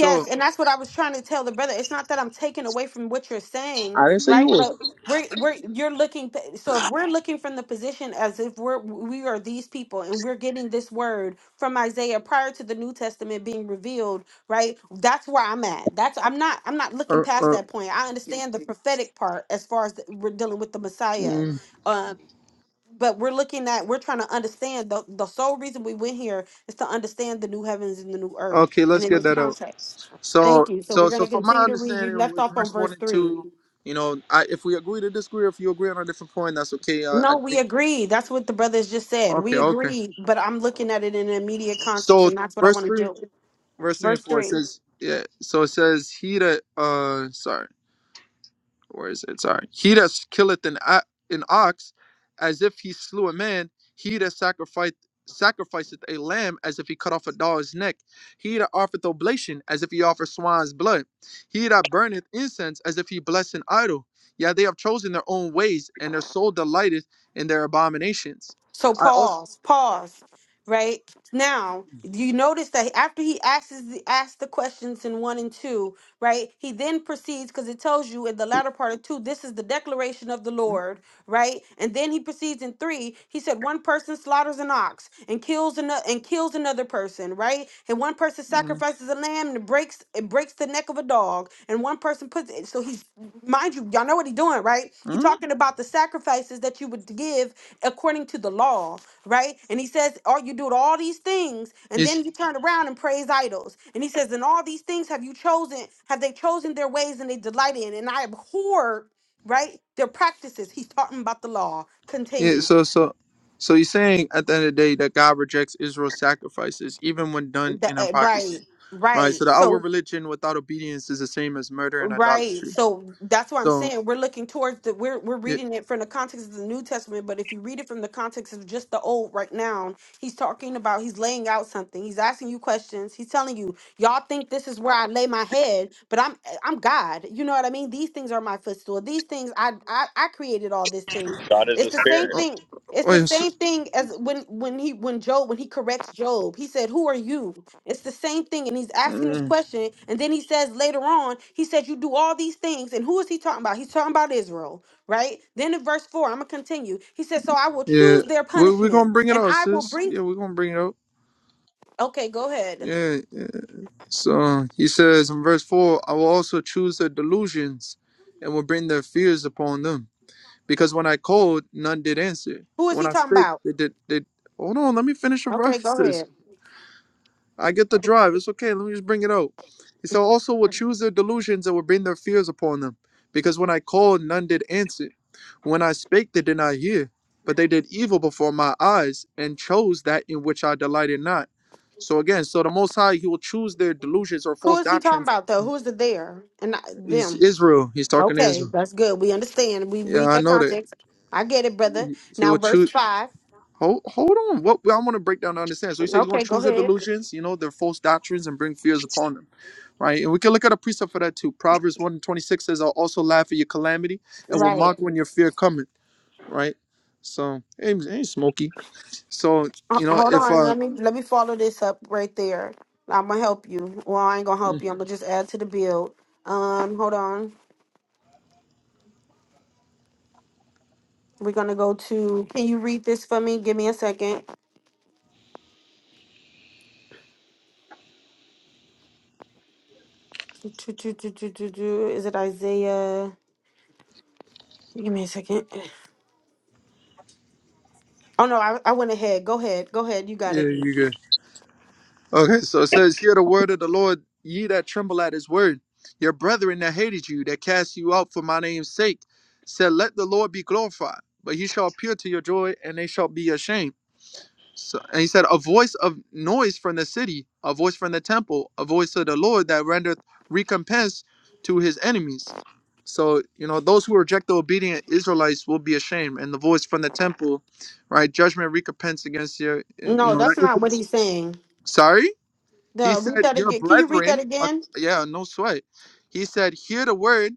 I: So
B: and that's what I was trying to tell the brother. It's not that I'm taking away from what you're saying,
I: I didn't say you
B: right? But
I: were.
B: we're we're you're looking th- so if we're looking from the position as if we're we are these people and we're getting this word from Isaiah prior to the New Testament being revealed, right? That's where I'm at. That's I'm not I'm not looking
I: Uh,
B: past
I: uh,
B: that point. I understand the prophetic part as far as the, we're dealing with the Messiah.
I: mm,
B: Um but we're looking at we're trying to understand the the sole reason we went here is to understand the new heavens and the new earth
I: okay,
B: and
I: let's
B: in
I: get
B: this
I: that out.
B: context
I: So
B: thank you so
I: so
B: we're going
I: so
B: to
I: from my
B: continue to read you
I: understanding,
B: left
I: with
B: off
I: verse
B: on
I: one
B: verse
I: and
B: 3
I: two, you know, I, if we agree to disagree, if you agree on a different point, that's okay. I, I
B: no we
I: think
B: agree that's what the brothers just said
I: okay,
B: we
I: okay.
B: agree but i'm looking at it in an immediate context
I: So
B: and that's what i
I: verse
B: want to
I: three,
B: do
I: verse three and
B: verse
I: four, it
B: 3
I: says yeah. So it says he that uh sorry. Where is it? Sorry. He that killeth an, a- an ox as if he slew a man, he that sacrificed sacrificeth a lamb as if he cut off a dog's neck, he that offereth oblation as if he offered swine's blood, he that burneth incense as if he blessed an idol. Yeah, they have chosen their own ways, and their soul delighteth in their abominations.
B: So
I: I also.
B: pause, pause. Right now, you notice that after he asks the, asks the questions in one and two, right? He then proceeds because it tells you in the latter part of two, this is the declaration of the Lord, right? And then he proceeds in three. He said, one person slaughters an ox and kills another and kills another person, right? And one person
I: Mm-hmm.
B: sacrifices a lamb and breaks it breaks the neck of a dog. And one person puts it. So he's mind you, y'all know what he's doing, right? He's talking about the sacrifices that you would give according to the law, right? And he says, Oh, you do all these things, and then you turn around and praise idols. And he says, And all these things have you chosen, have they chosen their ways and they delight in. And I abhor right? Their practices. He's talking about the law.
I: Yeah,
B: Continue.
I: so so so you're saying at the end of the day that God rejects Israel's sacrifices, even when done
B: The-
I: in
B: uh, right,
I: hypocrisy. Right?
B: right.
I: So the
B: So
I: outward religion without obedience is the same as murder and
B: Right.
I: idolatry.
B: So that's what I'm
I: So
B: saying. We're looking towards the we're we're
I: yeah,
B: reading it from the context of the New Testament, but if you read it from the context of just the old right now, he's talking about he's laying out something. He's asking you questions. He's telling you, y'all think this is where I lay my head, but I'm I'm God. You know what I mean? These things are my footstool. These things I I, I created all these things.
J: God is
B: It's
J: a
B: the same
J: spirit.
I: oh,
B: thing. It's
I: oh,
B: the
I: yes,
B: same thing as when when he when Job when he corrects Job. He said, "Who are you?" It's the same thing, and he's asking this
I: mm,
B: question, and then he says later on, he says, You do all these things, and who is he talking about? He's talking about Israel, right? Then in verse 4, I'm gonna continue. He says, So I will
I: yeah.
B: choose their
I: We we're gonna
B: punishment,
I: bring it
B: and
I: up,
B: I will
I: sis.
B: bring
I: Yeah, we're gonna bring it up.
B: okay, go ahead.
I: Yeah, yeah. So he says in verse four, I will also choose their delusions and will bring their fears upon them. Because when I called, none did answer.
B: Who is
I: When
B: he
I: I
B: talking
I: spake,
B: about?
I: they did they hold on, let me finish the
B: Okay, go
I: verses.
B: ahead.
I: I get the drive. It's okay. Let me just bring it out. He said, also will choose their delusions and will bring their fears upon them. Because when I called, none did answer. When I spake, they did not hear. But they did evil before my eyes and chose that in which I delighted not. So again, so the Most High, He will choose their delusions or
B: Who
I: false
B: is he talking
I: doctrines.
B: about though? Who is the there and I,
I: He's
B: them?
I: Israel. He's talking to
B: Okay,
I: Israel.
B: that's good. We understand. We
I: Yeah,
B: read
I: I
B: that
I: know that.
B: context. I get it, brother.
I: He
B: Now
I: will
B: verse
I: choose.
B: five.
I: Hold, hold on. What I want to break down to understand. So he said he's going
B: Okay,
I: to choose
B: go
I: their
B: ahead.
I: delusions, you know, their false doctrines, and bring fears upon them. right? And we can look at a precept for that too. Proverbs 1 and 26 says, I'll also laugh at your calamity and will
B: Right.
I: mock when your fear cometh, right? So, ain't, ain't smoky. So,
B: Uh,
I: you know,
B: hold
I: if,
B: on,
I: uh,
B: let me let me follow this up right there. I'm gonna help you. Well, I ain't gonna help
I: mm,
B: you. I'm gonna just add to the build. Um, hold on. We're gonna go to. Can you read this for me? Give me a second. Do, do, do, do, do, do. Is it Isaiah? Give me a second. Oh no, I, I went ahead. Go ahead. Go ahead. You got
I: yeah,
B: it.
I: you good. Okay, so it says, Hear the word of the Lord, ye that tremble at his word. Your brethren that hated you, that cast you out for my name's sake, said, Let the Lord be glorified, but he shall appear to your joy, and they shall be ashamed. So, and he said, A voice of noise from the city, a voice from the temple, a voice of the Lord that rendereth recompense to his enemies. So, you know, those who reject the obedient Israelites will be ashamed. And the voice from the temple, right? Judgment, recompense against your, eh, you
B: No,
I: know, that
B: that's not what
I: equals.
B: he's saying.
I: Sorry? He
B: No, read
I: said,
B: that
I: Your
B: again. Can you read that
I: brethren, uh,
B: again?
I: yeah, no sweat. He said, Hear the word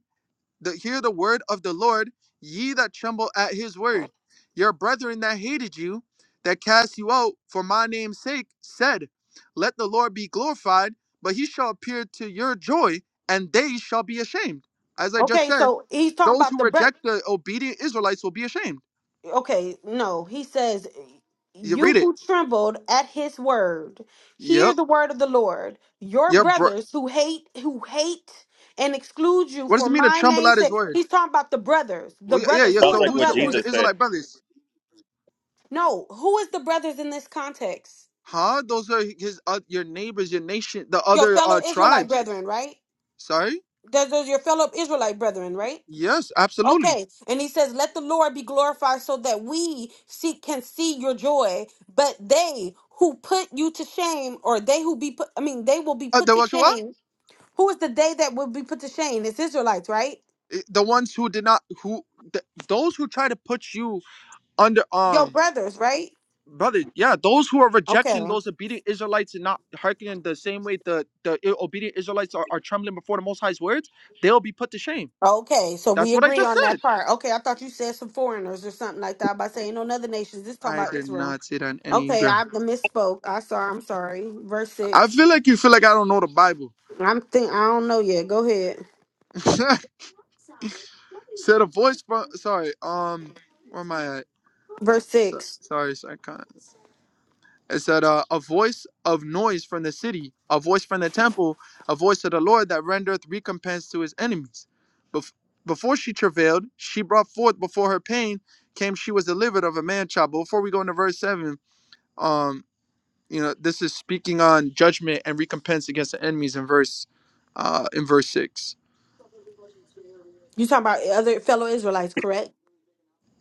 I: the, hear the word of the Lord, ye that tremble at his word. Your brethren that hated you, that cast you out for my name's sake, said, Let the Lord be glorified, but he shall appear to your joy, and they shall be ashamed. As I just
B: Okay,
I: said,
B: so he's talking
I: those
B: about
I: who
B: the bre-
I: reject the obedient Israelites will be ashamed.
B: okay, no, he says,
I: You read
B: You
I: it.
B: who trembled at his word,
I: Yep.
B: hear the word of the Lord. Your
I: Yep. Bro.
B: brothers who hate, who hate and exclude you
I: What does
B: for
I: it mean to
B: my
I: tremble at
B: name's
I: his
B: sake.
I: word?
B: He's talking about the brothers.
I: Oh
B: The
I: yeah, yeah.
B: brothers.
I: yeah.
B: Who
J: Sounds
B: is
I: So
B: the
J: like
I: who's
J: what
I: the, who's
J: Jesus
I: the
B: brothers?
J: said.
I: Israelite brothers?
B: No, who is the brothers in this context?
I: Huh? Those are his uh, your neighbors, your nation, the
B: Your
I: other
B: fellow
I: uh,
B: Israelite
I: tribes.
B: brethren, right?
I: Sorry.
B: Those those are your fellow Israelite brethren, right?
I: Yes, absolutely.
B: Okay, and he says, "Let the Lord be glorified, so that we see can see your joy." But they who put you to shame, or they who be put—I mean, they will be
I: Uh,
B: put
I: the
B: to
I: Washua,
B: shame. Who is the day that will be put to shame? It's Israelites, right?
I: the ones who did not, who th- those who try to put you under,
B: Your
I: um,
B: brothers, right?
I: brother, yeah, those who are
B: Okay,
I: rejecting those obedient Israelites and not hearkening the same way the the i- obedient Israelites are, are trembling before the Most High's words, they'll be put to shame.
B: okay. So
I: That's
B: we
I: what I
B: agree
I: just
B: on
I: said.
B: that part. Okay, I thought you said some foreigners or something like that by saying on other nations. This time
I: I
B: about
I: did
B: Israel.
I: not say that on any
B: Okay,
I: ground.
B: I misspoke. I saw. I'm sorry. Verse
I: I
B: six.
I: feel like you feel like I don't know the Bible.
B: I'm think. I don't know yet. Go ahead.
I: said a voice from sorry, um, where am I at?
B: Verse
I: So,
B: six.
I: sorry, not It said, uh, "A voice of noise from the city, a voice from the temple, a voice of the Lord that rendereth recompense to his enemies." Bef- before she travailed, she brought forth. Before her pain came, she was delivered of a man child. But Before we go into verse seven, um, you know, this is speaking on judgment and recompense against the enemies in verse, uh, in verse six.
B: You talking about other fellow Israelites, correct?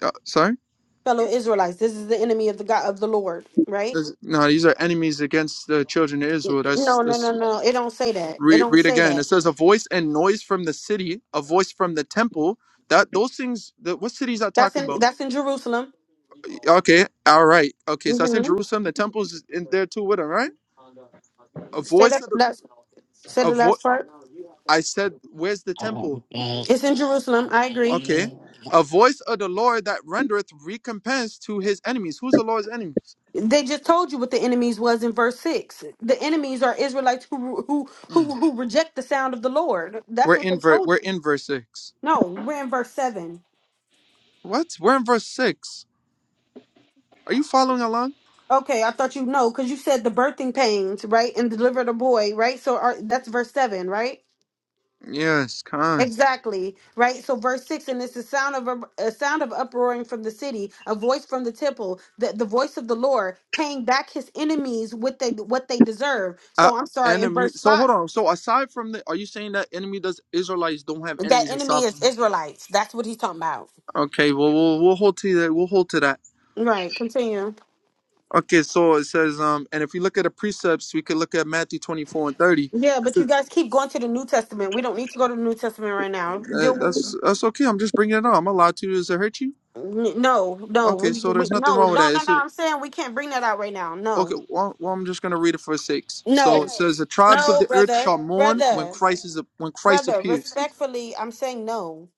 I: Uh, sorry,
B: Fellow Israelites. This is the enemy of the God of the Lord, right?
I: This- no, these are enemies against the children of Israel. That's
B: No, no,
I: that's
B: no, no. It don't say that. It
I: Read,
B: don't
I: read
B: say
I: again.
B: that.
I: It says a voice and noise from the city, a voice from the temple. That those things. That, what cities are
B: That's
I: talking
B: in
I: about?
B: that's in Jerusalem.
I: Okay, all right. Okay, so that's in
B: hmm
I: Jerusalem. The temple's in there too with them, right? A
B: Say
I: voice
B: that.
I: of the,
B: That's say
I: a
B: the
I: vo-
B: last part.
I: I said, where's the temple?
B: It's in Jerusalem. I agree.
I: Okay, a voice of the Lord that rendereth recompense to his enemies. Who's the Lord's enemies?
B: They just told you what the enemies was in verse six. The enemies are Israelites who who
I: Mm.
B: who who reject the sound of the Lord.
I: We're
B: That's what
I: in
B: they
I: ver-
B: told
I: We're
B: you.
I: in verse six.
B: No, we're in verse seven.
I: What? We're in verse six. Are you following along?
B: Okay, I thought you know because you said the birthing pains, right, and delivered a boy, right? So are, that's verse seven, right?
I: Yes, con.
B: Exactly, right. So verse six, and it's the sound of a, a sound of uproaring from the city, a voice from the temple, the, the voice of the Lord paying back his enemies what they what they deserve.
I: Uh,
B: So I'm sorry, in
I: enemy.
B: verse
I: So
B: five,
I: hold on. So aside from that, are you saying that enemy does Israelites don't have
B: that
I: enemies
B: enemy
I: aside from
B: is
I: that?
B: Israelites. That's what he's talking about.
I: Okay. Well, we'll we'll hold to that. We'll hold to that.
B: Right. Continue.
I: Okay. So it says, um, and if we look at the precepts, we could look at Matthew twenty four and thirty.
B: Yeah,
I: That's
B: but you
I: it.
B: guys keep going to the New Testament. We don't need to go to the New Testament right now.
I: That-
B: Deal
I: that's that's okay. I'm just bringing it up. I'm allowed to. Does it hurt you?
B: N- No, no,
I: Okay.
B: we,
I: So
B: we,
I: there's nothing
B: no,
I: wrong with
B: no,
I: that.
B: no,
I: It's
B: no.
I: a,
B: I'm saying we can't bring that out right now. No,
I: okay. Well, well, I'm just gonna read it for sakes. So it
B: no,
I: says, the tribes of
B: no,
I: the earth
B: brother,
I: shall mourn when
B: brother,
I: Christ is when Christ
B: brother.
I: appears.
B: Respectfully, I'm saying no.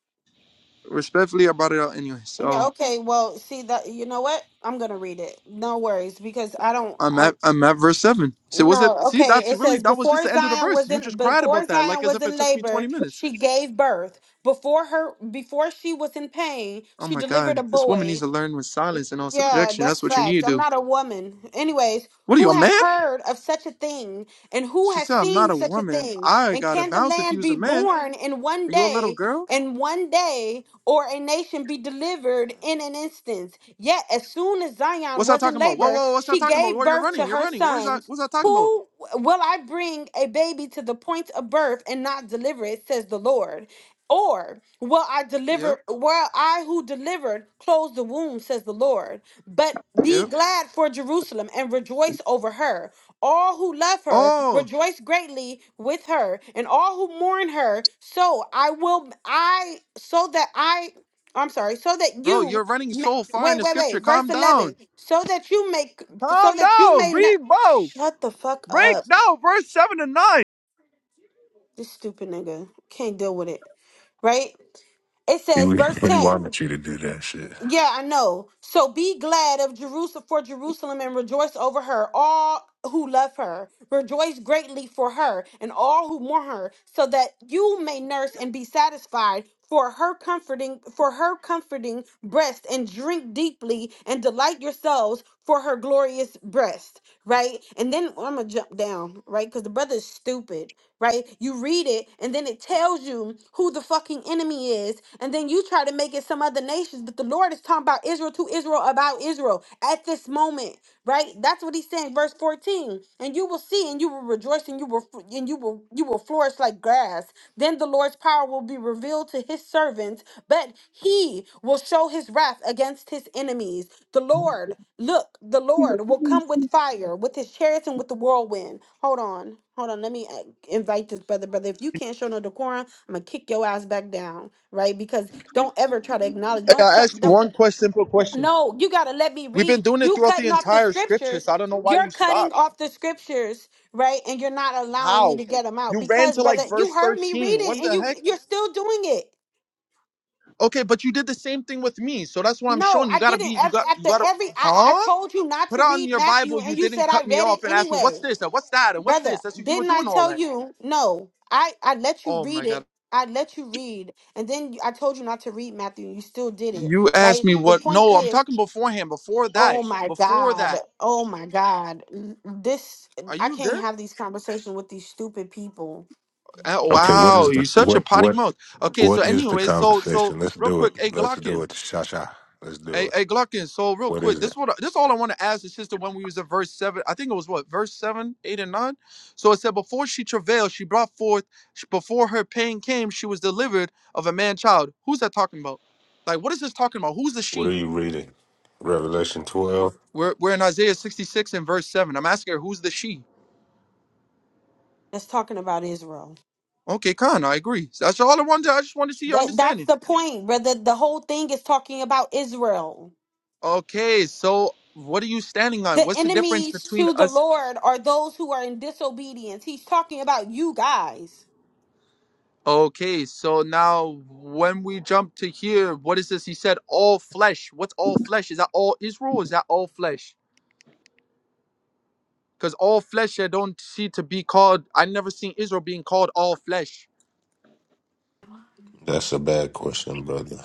I: Respectfully, I brought it out anyway. So.
B: Yeah, okay. Well, see that. You know what? I'm gonna read it. No worries, because I don't.
I: I'm
B: I,
I: at I'm at verse seven. So was it?
B: no.
I: See,
B: Okay.
I: that's
B: It
I: really
B: says
I: that was just
B: before
I: the end of the
B: Zion
I: verse.
B: was
I: You
B: in
I: just cried about
B: before
I: that, like
B: Zion
I: as
B: was
I: if it
B: in
I: took me twenty
B: labor,
I: minutes.
B: she gave birth. Before her, before she was in pain,
I: Oh
B: she
I: my
B: delivered
I: God,
B: a
I: this woman needs
B: boy
I: to learn with silence and all
B: Yeah,
I: subjection.
B: that's
I: That's what you need to
B: facts. I'm
I: do.
B: not a woman. Anyways,
I: What are you,
B: who
I: a
B: has
I: man?
B: heard of such a thing and who
I: She
B: has
I: said, I'm not
B: seen
I: a
B: such a
I: woman.
B: thing?
I: I
B: And
I: gotta
B: can the
I: bounce. If you
B: land
I: was a
B: be
I: man,
B: born in one
I: are you a little
B: day,
I: girl?
B: in one day, or a nation be delivered in an instant? Yet, as soon as Zion
I: What's that
B: was in
I: talking about? Whoa,
B: labor,
I: whoa, what's that
B: she
I: talking about?
B: gave
I: Where you're
B: birth to
I: running? You're
B: her
I: running. Where's that?
B: sons.
I: What's that talking about?
B: Who will I bring a baby to the point of birth and not deliver it, says the Lord? Or will I
I: Yep,
B: deliver, will I who delivered close the womb, says the Lord. But be
I: yep.
B: glad for Jerusalem and rejoice over her. All who love her
I: Oh,
B: rejoice greatly with her, and all who mourn her. So I will, I, so that I, I'm sorry, so that
I: bro,
B: you,
I: you're running
B: ma-
I: so far in
B: wait,
I: the
B: wait,
I: scripture.
B: wait, verse
I: Calm down.
B: 11, so that you make, so
I: Calm
B: that you
I: down.
B: may not,
I: Read, bro.
B: shut the fuck up.
I: Break down verse seven and nine.
B: This stupid nigga can't deal with it, right? It
K: He,
B: says,
K: would-
B: verse
K: he
B: 10.
K: wanted you to do that shit.
B: Yeah, I know. So be glad of Jerusalem for Jerusalem and rejoice over her, all who love her. Rejoice greatly for her and all who mourn her, so that you may nurse and be satisfied for her comforting for her comforting breast and drink deeply and delight yourselves for her glorious breast, right? And then I'm gonna jump down, right? Because the brother is stupid right? You read it and then it tells you who the fucking enemy is, and then you try to make it some other nations, but the Lord is talking about Israel to Israel about Israel at this moment, right? That's what he's saying, verse 14. And you will see and you will rejoice and you will and you will you will flourish like grass. Then the Lord's power will be revealed to his servants, but he will show his wrath against his enemies. The Lord, look, the Lord will come with fire, with his chariots and with the whirlwind. Hold on, hold on. Let me uh, invite this brother, brother. If you can't show no decorum, I'm gonna kick your ass back down, right? Because don't ever try to acknowledge.
I: Hey,
B: Don't
I: I
B: try.
I: asked you
B: Don't.
I: one question, simple question.
B: No, you gotta let me
I: We've been
B: read.
I: doing it
B: You
I: throughout the
B: cutting off the
I: entire scripture,
B: scriptures.
I: so I don't know why
B: You're
I: you
B: cutting
I: stopped.
B: off the scriptures, right? And you're not allowing me
I: How?
B: to get them out
I: You ran
B: because,
I: to like
B: brother, you
I: verse
B: heard me
I: 13. What
B: reading, and
I: the
B: you
I: heck?
B: you're still doing it.
I: Okay, but you did the same thing with me, so that's why I'm
B: No,
I: showing you
B: I
I: gotta be
B: didn't.
I: you
B: Ev-
I: got you
B: After
I: gotta
B: every, I, I
I: huh?
B: told you not
I: Put
B: to
I: on
B: read
I: your
B: Matthew,
I: Bible, you
B: and you
I: didn't
B: said I
I: cut me
B: read it
I: off and ask me what's
B: anyway,
I: this and what's that and what's
B: brother.
I: this. That's you were
B: Didn't I
I: doing all
B: tell
I: that.
B: you? No, I I let you
I: Oh my
B: read it.
I: god.
B: I let you read, and then you- I told you not to read Matthew. and You still did it,
I: You asked
B: right?
I: me
B: The
I: what
B: point
I: no, I'm
B: is,
I: talking beforehand, before that.
B: oh my
I: Before
B: God,
I: that.
B: oh my God, N- this
I: Are
B: I
I: you
B: can't
I: good?
B: have these conversations with these stupid people
I: Uh,
K: Okay, what
I: wow,
K: is
I: you're
K: the
I: such a
K: what
I: potty
K: what
I: mouth. Okay,
K: what
I: so
K: is the
I: anyway, so so
K: conversation? Let's
I: real
K: do it.
I: quick, hey
K: Let's do
I: Glockin.
K: it. Sha sha. Let's do
I: Hey,
K: it.
I: hey, Gluckin. So real
K: What
I: quick,
K: is
I: this
K: it?
I: is what I- this is all I want to ask the sister when we was at verse seven. I think it was what verse seven, eight, and nine. So it said, before she travailed, she brought forth. sh- Before her pain came, she was delivered of a man child. Who's that talking about? Like, what is this talking about? Who's the
K: What are
I: she?
K: you reading? Revelation twelve.
I: We're we're in Isaiah sixty six and verse seven. I'm asking her, who's the she?
B: that's talking about Israel.
I: Okay, Khan, I agree. So that's all I wanted. To, I just wanted to see your
B: That that's
I: understanding.
B: the point, brother. The whole thing is talking about Israel.
I: Okay, so what are you standing on?
B: The
I: What's the difference
B: enemies
I: between
B: to the
I: us?
B: Lord are those who are in disobedience. He's talking about you guys.
I: Okay, so now when we jump to here, what is this? He said all flesh. What's all flesh? Is that all Israel? Or Is that all flesh? Because all flesh I don't see to be called. I never seen Israel being called all flesh.
K: That's a bad question, brother.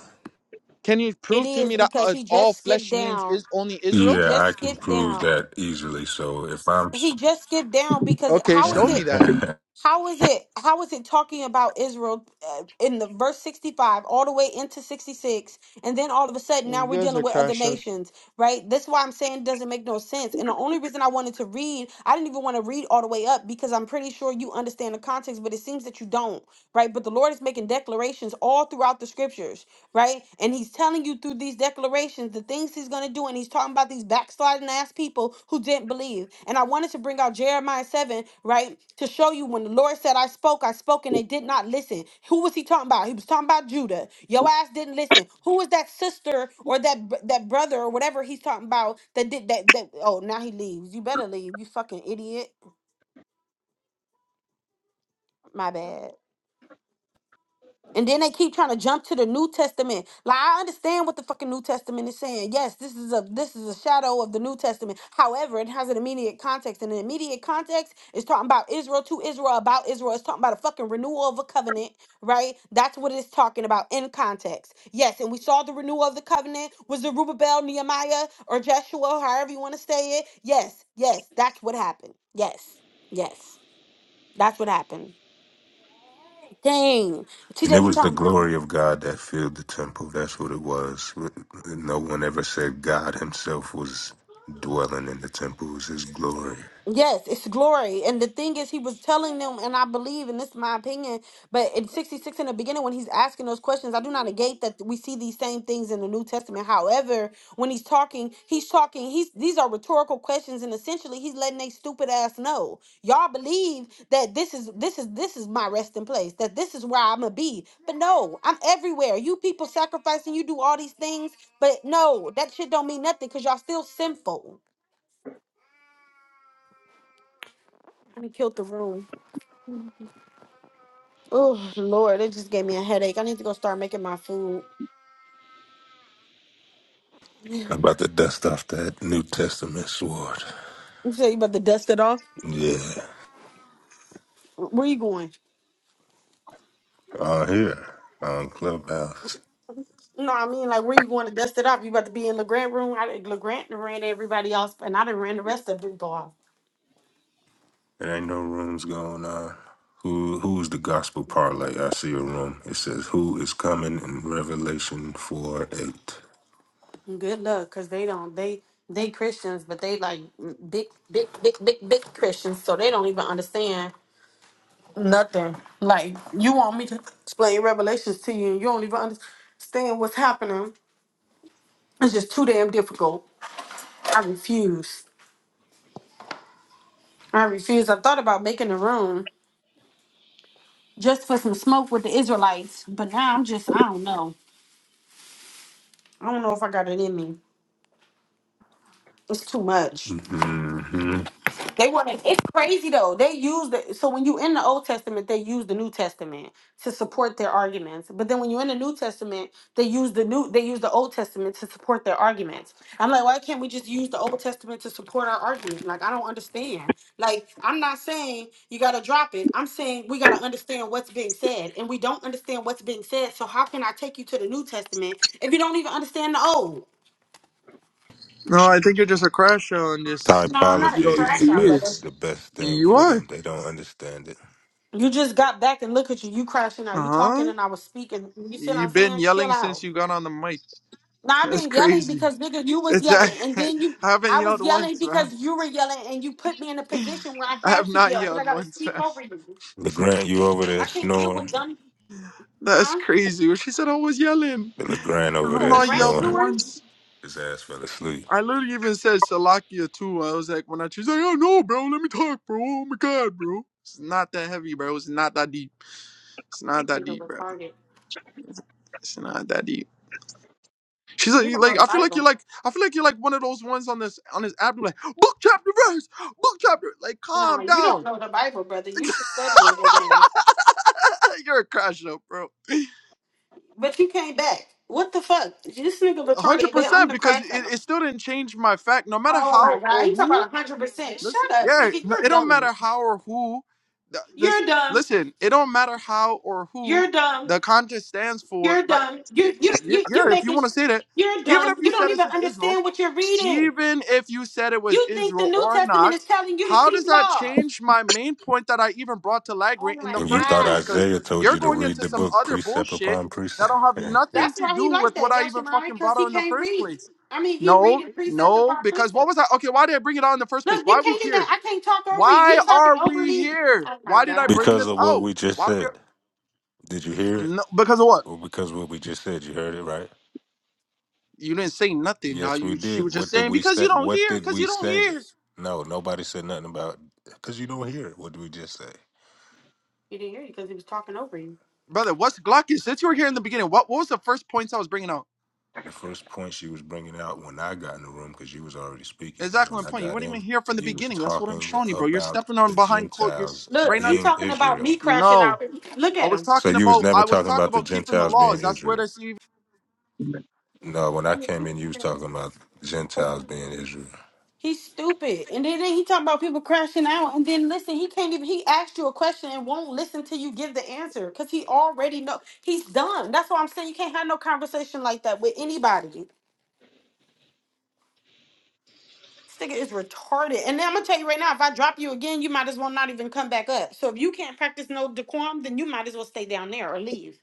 I: Can you
B: It
I: prove to
B: is
I: me that
B: because
I: uh,
B: he
I: all
B: just skipped
I: flesh means
B: down.
I: is only
B: He
I: Israel?
K: Yeah,
B: just
K: I can
B: skipped
K: prove
B: down.
K: that easily. So if I'm, s-
B: He just skipped down because
I: Okay,
B: how is
I: show
B: it
I: me that.
K: and
B: How is it? How is it talking about Israel uh, in the verse sixty-five all the way into sixty-six, and then all of a sudden now
I: You
B: we're
I: guys
B: dealing
I: are
B: with other
I: crash show.
B: nations, right? That's why I'm saying it doesn't make no sense. And the only reason I wanted to read, I didn't even want to read all the way up because I'm pretty sure you understand the context, but it seems that you don't, right? But the Lord is making declarations all throughout the scriptures, right? And He's telling you through these declarations, the things he's going to do, and he's talking about these backsliding ass people who didn't believe. And I wanted to bring out Jeremiah 7, right, to show you when the Lord said, I spoke, I spoke, and they did not listen. Who was he talking about? He was talking about Judah. Your ass didn't listen. Who was that sister or that br- that brother or whatever he's talking about that did that? that oh, now he leaves. You better leave, you fucking idiot. My bad. And then they keep trying to jump to the New Testament. Like I understand what the fucking New Testament is saying. Yes, this is a this is a shadow of the New Testament. However, it has an immediate context. And the immediate context is talking about Israel to Israel, about Israel. It's talking about a fucking renewal of a covenant, right? That's what it's talking about in context. Yes, and we saw the renewal of the covenant. Was it Rubabel, Nehemiah, or Joshua, however you want to say it? Yes, yes, that's what happened. Yes. Yes. That's what happened. Dang.
K: it
B: TJ be
K: was the
B: talking about.
K: glory of God that filled the temple. That's what it was. No one ever said God Himself was dwelling in the temple. It was His glory.
B: Yes, it's glory. And the thing is, he was telling them, and I believe, and this is my opinion, but in 66 in the beginning, when he's asking those questions, I do not negate that we see these same things in the New Testament. However, when he's talking, he's talking, he's these are rhetorical questions, and essentially he's letting they stupid ass know. Y'all believe that this is this is this is my resting place, that this is where I'm gonna be. But no, I'm everywhere. You people sacrificing, you do all these things, but no, that shit don't mean nothing because y'all still sinful. I done killed the room. Oh Lord, it just gave me a headache. I need to go start making my food. You
K: about to dust off that New Testament sword.
B: say you about to dust it off?
K: Yeah.
B: Where you going?
K: On here. On Clubhouse.
B: No, I mean like where you going to dust it off? You about to be in LeGrant room? I LeGrant done ran everybody off, and I done ran the rest of the people off.
K: There ain't no rooms going on. Who who's the gospel parlay? I see a room. It says who is coming in Revelation four eight.
B: Good luck, cause they don't they they Christians, but they like mm, big big big big big Christians, so they don't even understand nothing. Like you want me to explain Revelations to you, and you don't even understand what's happening. It's just too damn difficult. I refuse. I refuse. I've thought about making a room just for some smoke with the Israelites, but now I'm just I don't know. I don't know if I got it in me. It's too much.
K: Mm-hmm.
B: They want to. It's crazy though. They use the so when you in the Old Testament, they use the New Testament to support their arguments. But then when you're in the New Testament, they use the new they use the Old Testament to support their arguments. I'm like, why can't we just use the Old Testament to support our argument? Like, I don't understand. Like, I'm not saying you gotta drop it. I'm saying we gotta understand what's being said, and we don't understand what's being said. So how can I take you to the New Testament if you don't even understand the Old?
I: No, I think you're just a crash show and just
B: No, I'm not
I: you
B: a
K: Typology
I: don't
K: is
I: use
B: trash
K: the
B: out,
I: your
K: best
B: brother.
I: ears.
K: the best thing
I: You
K: for
I: are.
K: them. They don't understand it.
B: You just got back and look at you. You crashing out. You
I: Uh
B: talking
I: huh.
B: and I was speaking. You see what I'm
I: You've been
B: saying? Chill
I: yelling since
B: out.
I: you got on the mic.
B: Now I've
I: That's
B: been yelling
I: crazy.
B: because nigga, you was
I: It's, I
B: yelling, and then you,
I: I haven't
B: I was
I: yelled
B: yelling
I: once, man.
B: because you were yelling, and you put me in a position where I
I: I have
B: had to
I: not
B: yell because I
I: yelled
B: got to
I: once,
B: speak
I: man.
B: over you.
K: LeGrand, you over there
B: I can't deal with
K: snoring?
B: dumb,
I: That's
B: huh?
I: crazy. She said I was yelling.
K: The LeGrand over
I: I've
B: So
K: there
B: the
I: not
B: grand
I: yelled
K: snoring.
B: steward,
I: once.
K: His ass fell asleep.
I: I literally even said Salakia too. I was like, when I she's like, oh no, bro, let me talk, bro. Oh my god, bro. It's not that heavy, bro. It's not that deep. It's
B: this
I: not that
B: nigga
I: deep, bro.
B: retarded.
I: It's not that deep. She's like,
B: You
I: you
B: don't know
I: like
B: the
I: I feel like
B: Bible.
I: you're like I feel like you're like one of those ones on this on this app. You're like book chapter verse, book chapter. Like
B: No,
I: calm
B: you don't
I: down.
B: know the Bible, brother. You should study it again.
I: you're crashing up, bro.
B: But you came back. What the fuck? This nigga
I: one hundred
B: retarded. But I'm
I: percent
B: the
I: because it,
B: crack.
I: it still didn't change my fact. No matter
B: Oh my
I: how
B: god,
I: or
B: you talk
I: who,
B: about hundred percent.
I: listen,
B: Shut up,
I: yeah,
B: nigga.
I: no,
B: You're
I: it don't
B: dumb.
I: matter how or who. th- This
B: You're dumb.
I: listen, it don't matter how or who
B: You're dumb.
I: the contest stands for.
B: You're
I: Like,
B: dumb. You
I: it,
B: you
I: yeah,
B: you you
I: yeah, if you
B: making.
I: want to
B: sh-
I: say that,
B: You're
I: even
B: dumb.
I: if
B: You
I: you said
B: don't
I: this
B: even
I: is Israel,
B: understand what you're reading.
I: even if you said it was
B: You think the
I: Israel
B: New
I: or
B: Testament
I: not,
B: is telling you to
I: how
B: keep
I: does that
B: laws.
I: change my main point that I even brought to
B: Oh
I: Lagrange in
B: my
I: the
K: And you
I: first
K: thought
I: place?
B: god,
I: Because
K: Isaiah told
I: you're
K: you to
I: going
K: read
I: into
K: the
I: some
K: book
I: other
K: precept
I: bullshit
K: upon
I: that
K: precept?
I: don't have nothing
B: that's
I: to
B: why
I: do
B: he
I: with
B: like
I: what
B: that
I: I even
B: Yoshimari
I: fucking
B: because
I: brought out
B: he
I: in the
B: can't
I: first
B: read.
I: place.
B: I mean, he
I: No,
B: reading precept
I: no,
B: upon
I: because what
B: precept.
I: was I? Okay, why did I bring it out in the first place?
B: Look,
I: Why
B: you
I: are we
B: can't even.
I: here?
B: I can't talk over you.
I: Why
B: You talking
I: are
B: over
I: we
B: me.
I: here?
B: Oh my
I: Why did I
B: god,
I: bring
K: because
I: this
K: of what
I: out?
K: we just
I: Why we?
K: said. Did you hear it?
I: No, because of what?
K: Well, because what we just said, you heard it, right?
I: You didn't say nothing. Now
K: Yes, we
I: you she
K: did.
I: was just
K: What did
I: saying
K: we
I: because you
K: say?
I: don't
K: What
I: hear,
K: did
I: because
K: we
I: you don't
K: say?
I: hear.
K: No, nobody said nothing about because you don't hear it. What did we just say?
B: he didn't hear you because he was talking over you.
I: brother. What's Glockus? Since you were here in the beginning, what what was the first points I was bringing out?
K: The first point she was bringing out when I got in the room, because you was already speaking.
I: Exactly
K: When
I: my
K: I
I: point. You
K: got
I: weren't even
K: in,
I: here from the
K: you was
I: beginning. That's what I'm
K: talking
I: showing you, bro. You're
K: about
I: stepping on
K: the
I: behind clothes. You're s-
K: Gentiles
B: Look,
I: right now.
B: he
K: being
B: talking about
K: Israel.
B: me crashing
I: No,
B: out. Look
I: I
B: at
I: was
B: him.
K: So
I: talking
K: you was
I: about.
K: never
I: I was
K: talking
I: talking
K: about the
I: about keeping the
K: Gentiles
I: laws.
K: being
I: That's where
K: Israel.
I: this.
K: No, when I came in, you was talking about Gentiles being Israel.
B: He's stupid. And then, then he talking about people crashing out. And then listen, he can't even he asked you a question and won't listen till you give the answer. Cause he already know he's done. That's why I'm saying you can't have no conversation like that with anybody. Sticker is retarded. And then I'm gonna tell you right now, if I drop you again, you might as well not even come back up. So if you can't practice no decorum, then you might as well stay down there or leave.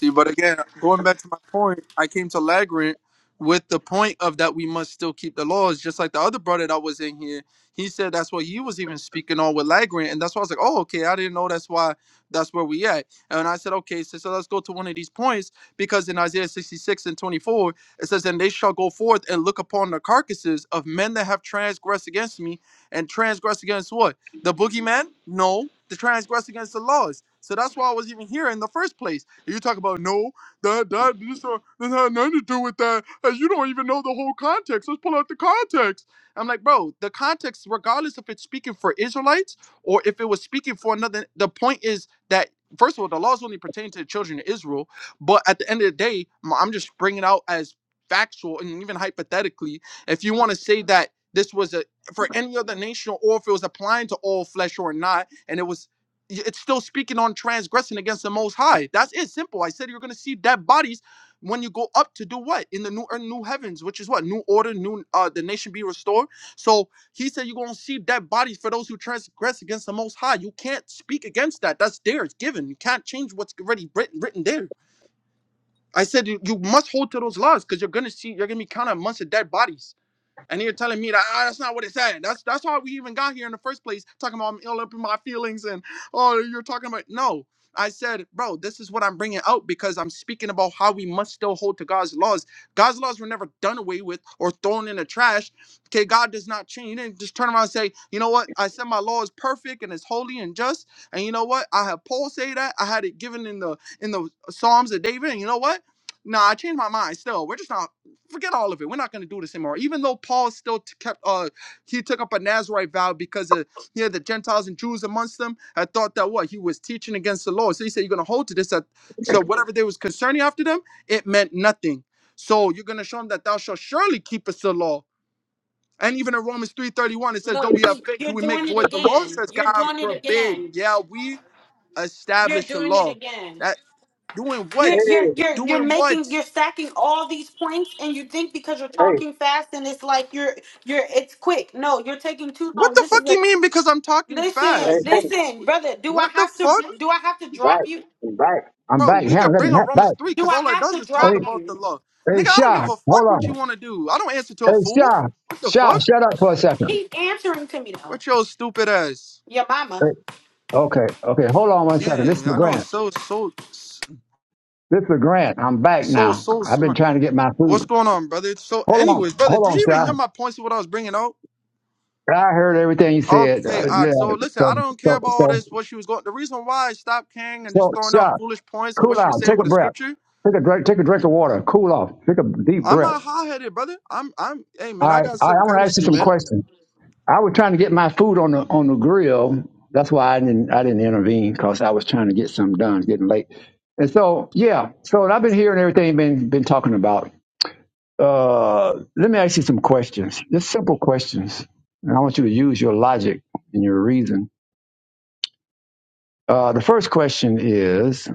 I: See, but again, going back to my point, I came to Lagrant with the point of that we must still keep the laws, just like the other brother that was in here. He said that's what he was even speaking on with Lagrant, and that's why I was like, oh, okay, I didn't know that's why that's where we at. And I said, okay, so, so let's go to one of these points because in Isaiah 66 and 24, it says, and they shall go forth and look upon the carcasses of men that have transgressed against me, and transgressed against what? The boogeyman? No, the transgressed against the laws. So that's why I was even here in the first place and you talk about no, that that this, uh, this had nothing to do with that. And you don't even know the whole context. Let's pull out the context. I'm like, bro, the context, regardless if it's speaking for Israelites or if it was speaking for another, the point is that first of all, the laws only pertain to the children of Israel. But at the end of the day, m- I'm just bringing out as factual and even hypothetically, if you want to say that this was a for any other nation or if it was applying to all flesh or not, and it was it's still speaking on transgressing against the most high that's it simple i said you're going to see dead bodies when you go up to do what in the new earth new heavens which is what new order new uh the nation be restored so he said you're going to see dead bodies for those who transgress against the most high you can't speak against that that's there it's given you can't change what's already written, written there i said you, you must hold to those laws because you're going to see you're going to be counted amongst the dead bodies and you're telling me that "Ah, that's not what it said. That's that's how we even got here in the first place, talking about I'm ill up in my feelings and oh, you're talking about no. I said, bro, this is what I'm bringing out because I'm speaking about how we must still hold to God's laws. God's laws were never done away with or thrown in the trash. Okay, God does not change. You didn't just turn around and say, you know what? I said my law is perfect and it's holy and just. And you know what? I have Paul say that. I had it given in the in the Psalms of David. And you know what? Nah, I changed my mind. Still, we're just not forget all of it. We're not going to do this anymore. Even though Paul still t- kept, uh, he took up a Nazarite vow because of, he had the Gentiles and Jews amongst them. I thought that what he was teaching against the Lord. So he said, you're going to hold to this. That, so whatever they was concerning after them, it meant nothing. So you're going to show them that thou shalt surely keep us the law. And even in Romans 3.31, it says, though
B: Look,
I: we have
B: he,
I: faith, do
B: you're
I: we make
B: doing it
I: void the law? It
B: again.
I: says,
B: You're
I: God
B: doing it
I: forbid.
B: again.
I: Yeah, we
B: You're
I: establish a
B: doing it
I: law.
B: again.
I: That doing
B: You're
I: what?
B: you're you're you're
I: Doing what?
B: making you're stacking all these points, and you think because you're talking fast and it's like you're you're it's quick. No, you're taking too
I: What
B: long.
I: the
B: This is
I: fuck
B: a
I: you mean because I'm talking
B: listen,
I: fast?
B: listen, brother. Do I
I: What the
B: have
I: fuck?
B: to do I have to drop you?
A: I'm
I: Bro,
A: back.
I: we
A: Hang on,
I: could
A: let me
I: bring up Romans
A: back.
I: 3
B: Do
I: because
B: I
I: all it
B: have
I: does
B: to
I: is talk
B: drop
A: Hey,
I: about the
B: you?
I: law. Nigga,
A: hey,
I: I don't give
A: Shah,
I: a fuck
A: hold
I: what you
A: on.
I: want to do. I don't answer to a
A: Hey,
I: fool.
A: Shah,
I: What the
A: Shah,
I: fuck?
A: shut up for a second.
B: Keep answering to me though.
I: What your stupid ass?
B: Your mama.
A: Hey, okay, okay, hold on one
I: Yeah,
A: second. This is
I: I know it's
A: Grant.
I: so, so,
A: This is Grant. I'm back
I: so,
A: now.
I: so
A: I've been
I: smart.
A: trying to get my
I: What's
A: food.
I: going on, brother? So,
A: Hold on,
I: anyways, brother,
A: hold
I: did
A: on,
I: you even hear
A: Shah.
I: my points of what I was bringing out?
A: I heard everything you said.
I: Okay,
A: Uh, yeah.
I: Ox. So, listen, I
A: So,
I: don't care
A: so,
I: about all
A: so,
I: this, what she was going The reason why I stopped caring and just
A: so,
I: throwing out
A: Shah,
I: foolish points of what
A: cool
I: she was
A: out.
I: saying
A: Take
I: with
A: a
I: the
A: breath.
I: scripture,
A: Take a drink. Take a drink of water. Cool off. Take a deep
I: I'm
A: breath.
I: not high headed, brother. I'm, I'm, hey, man,
A: All
I: I
A: right,
I: got
A: all right. I
I: some
A: want to ask you
I: courtesy,
A: some
I: man.
A: questions. I was trying to get my food on the on the grill. That's why I didn't I didn't intervene because I was trying to get something done. It's getting late, and so yeah. So I've been hearing everything you've been been talking about. Uh, let me ask you some questions. Just simple questions, and I want you to use your logic and your reason. Uh, the first question is: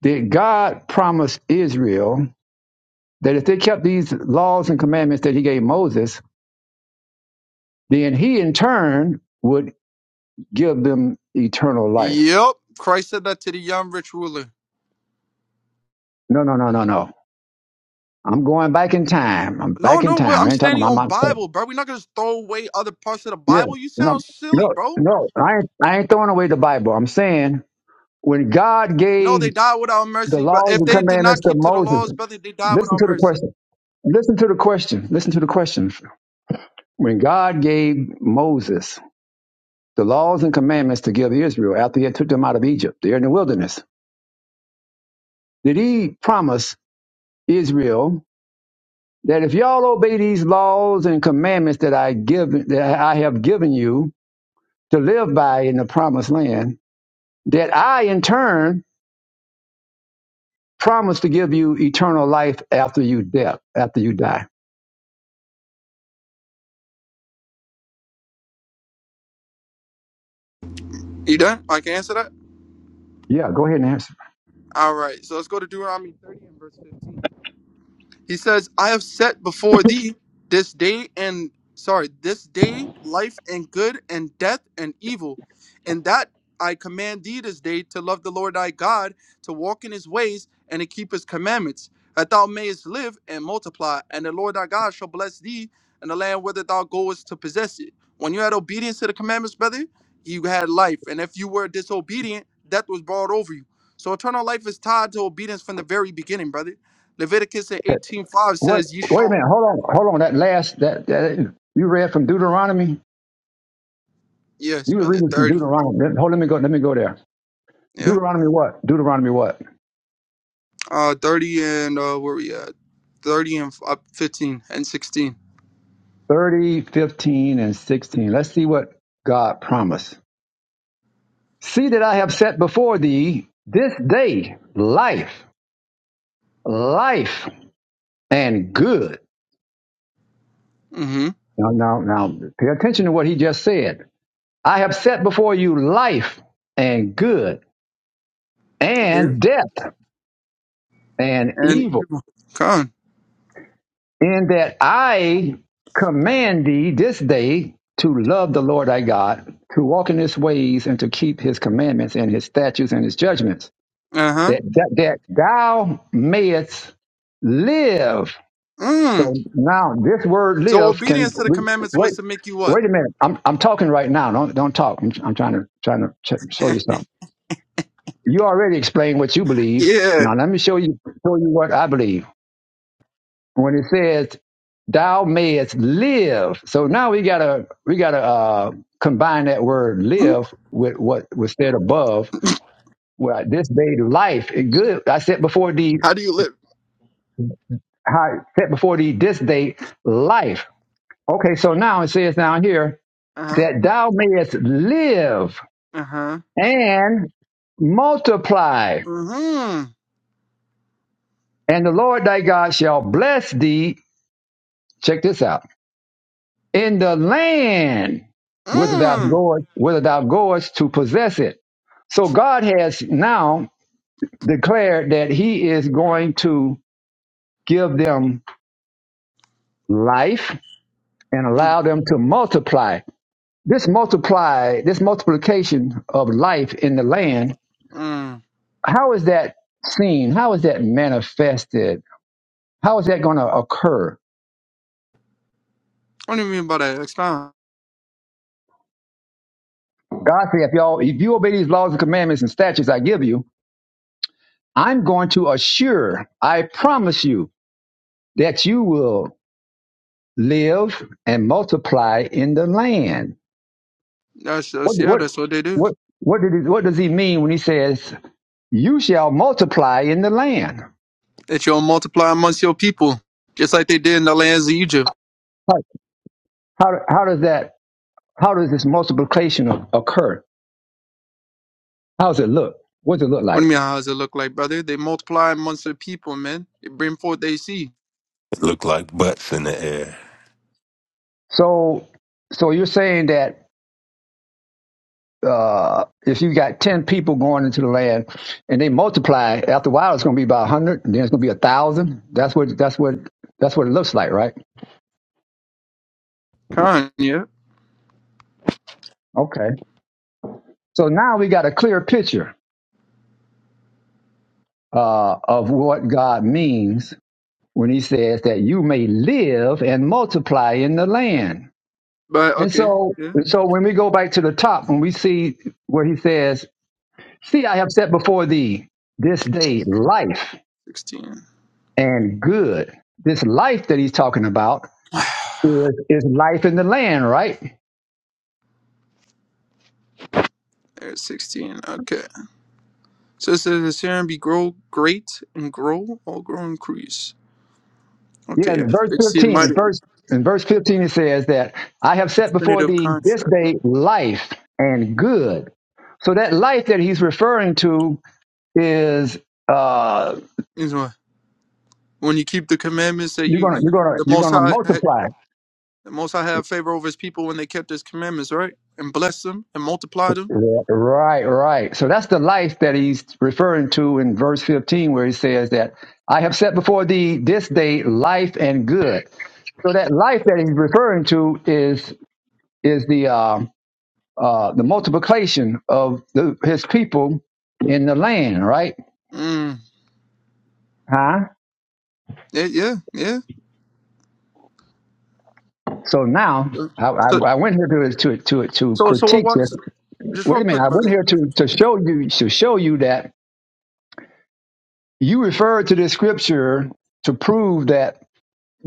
A: Did God promise Israel that if they kept these laws and commandments that He gave Moses, then He in turn would give them eternal life.
I: Yep. Christ said that to the young rich ruler.
A: No, no, no, no, no. I'm going back in time. I'm
I: No,
A: back in
I: no, wait,
A: time.
I: I'm
A: I ain't talking
I: standing
A: about
I: on
A: my.
I: Bible, bro. We're not gonna just throw away other parts of the
A: Yeah.
I: Bible. You
A: No,
I: sound silly,
A: no,
I: bro.
A: no. I ain't, I ain't throwing away the Bible. I'm saying when God
I: No, they
A: gave
I: died without
A: the
I: mercy, but
A: laws
I: if
A: and
I: they did not
A: commandments to
I: keep to the
A: Moses,
I: laws, brother, they died
A: listen
I: without
A: to the
I: mercy.
A: question. Listen to the question. Listen to the question. When God gave Moses the laws and commandments to give Israel after he had took them out of Egypt, they're in the wilderness. Did he promise Israel that if y'all obey these laws and commandments that I give that I have given you to live by in the promised land, that I in turn promise to give you eternal life after you death, after you die.
I: You done? I can answer that?
A: Yeah, go ahead and answer.
I: All right. So let's go to Deuteronomy 30 and verse 15. He says, I have set before thee this day and sorry, this day life and good and death and evil, and that I command thee this day to love the Lord thy God, to walk in his ways, and to keep his commandments, that thou mayest live and multiply, and the Lord thy God shall bless thee in the land whither thou goest to possess it. When you had obedience to the commandments, brother, you had life. And if you were disobedient, death was brought over you. So eternal life is tied to obedience from the very beginning, brother. Leviticus in eighteen five
A: What
I: says, "You
A: wait a
I: shall."
A: minute, hold on, hold on. That last that, that you read from Deuteronomy?
I: Yes,
A: You were
I: brother.
A: reading from
I: Thirty.
A: Deuteronomy. Let- Hold let me go, let me go there.
I: Yeah.
A: Deuteronomy what? Deuteronomy what?
I: Uh, thirty and uh, where we at? Thirty and up fifteen and sixteen.
A: 30 15 and 16. Let's see what God promised. See that I have set before thee this day life, life and good.
I: Mm-hmm.
A: Now, now, now, pay attention to what he just said. I have set before you life and good
I: Yeah.
A: and death and
I: And
A: evil,
I: con.
A: in that I command thee this day to love the Lord thy God, to walk in his ways and to keep his commandments and his statutes and his judgments,
I: Uh huh.
A: that, that, that thou mayest live
I: Mm.
A: So now this word
I: So
A: live can
I: obedience to the
A: we-
I: commandments
A: wait.
I: was to make you what?
A: Wait a minute. I'm I'm talking right now. Don't don't talk. I'm, I'm trying to trying to ch- show you something. You already explained what you believe.
I: yeah.
A: Now let me show you show you what I believe. When it says thou mayest live, so now we gotta we gotta uh, combine that word live with what was said above. Well, this day life is good. I said before the
I: How do you live?
A: how I said before the this day life. Okay, so now it says down here
I: Uh huh.
A: that thou mayest live
I: Uh huh.
A: and multiply.
I: Mm-hmm.
A: And the Lord thy God shall bless thee. Check this out. In the land whither thou
I: Mm.
A: goest, whither thou goest to possess it. So God has now declared that He is going to give them life and
I: Mm.
A: allow them to multiply. This multiply, this multiplication of life in the land,
I: Mm.
A: how is that seen? How is that manifested? How is that going to occur?
I: What do you mean by that? Expound.
A: God said, if y'all, if you obey these laws and commandments and statutes I give you, I'm going to assure, I promise you that you will live and multiply in the land.
I: That's,
A: What,
I: that's yeah.
A: what,
I: That's what they do.
A: what, what, did he, what does he mean when he says, you shall multiply in the land?
I: That you'll multiply amongst your people, just like they did in the lands of Egypt.
A: How, how, how does that, how does this multiplication occur? How does it look? What does it look
I: What do you
A: like?
I: mean, how does it look like, brother? They multiply amongst the people, man. They bring forth they see.
K: It looked like butts in the air.
A: So, so you're saying that uh, if you got 10 people going into the land and they multiply after a while it's going to be about 100 and then it's going to be a thousand that's what that's what that's what it looks like right
I: Con, yeah.
A: okay so now we got a clear picture uh, of what god means when he says that you may live and multiply in the land
I: But,
A: and
I: okay,
A: so
I: yeah.
A: and so when we go back to the top when we see where he says see i have set before thee this day life
I: 16.
A: and good this life that he's talking about is, is life in the land, right?
I: There's 16. Okay. So it says, the serum be grow great and grow, all grow increase.
A: Yeah,
I: Okay,
A: in
I: yes.
A: verse
I: Exceed
A: 15, in
I: mighty
A: verse, in verse 15, it says that I have set before
I: infinitive
A: thee this
I: contract.
A: day life and good. So that life that he's referring to is, uh,
I: Means what? When you keep the commandments that
A: you're
I: you,
A: gonna, you're gonna,
I: the
A: you're
I: Most
A: gonna
I: High, had-
A: multiply.
I: the Most High have favor over His people when they kept His commandments, right? And bless them and multiply them.
A: Right, right. So that's the life that he's referring to in verse 15, where he says that I have set before thee this day life and good. So that life that he's referring to is, is the, um, uh, the multiplication of the, his people in the land, right?
I: Mm.
A: Huh?
I: Yeah, yeah, yeah.
A: So now
I: So.
A: I, I,
I: so
A: I went here to to to to
I: So so what
A: critique this.
I: what's just
A: Wait
I: real
A: a minute,
I: quick,
A: I went
I: brother.
A: here to to show you to show you that you referred to this scripture to prove that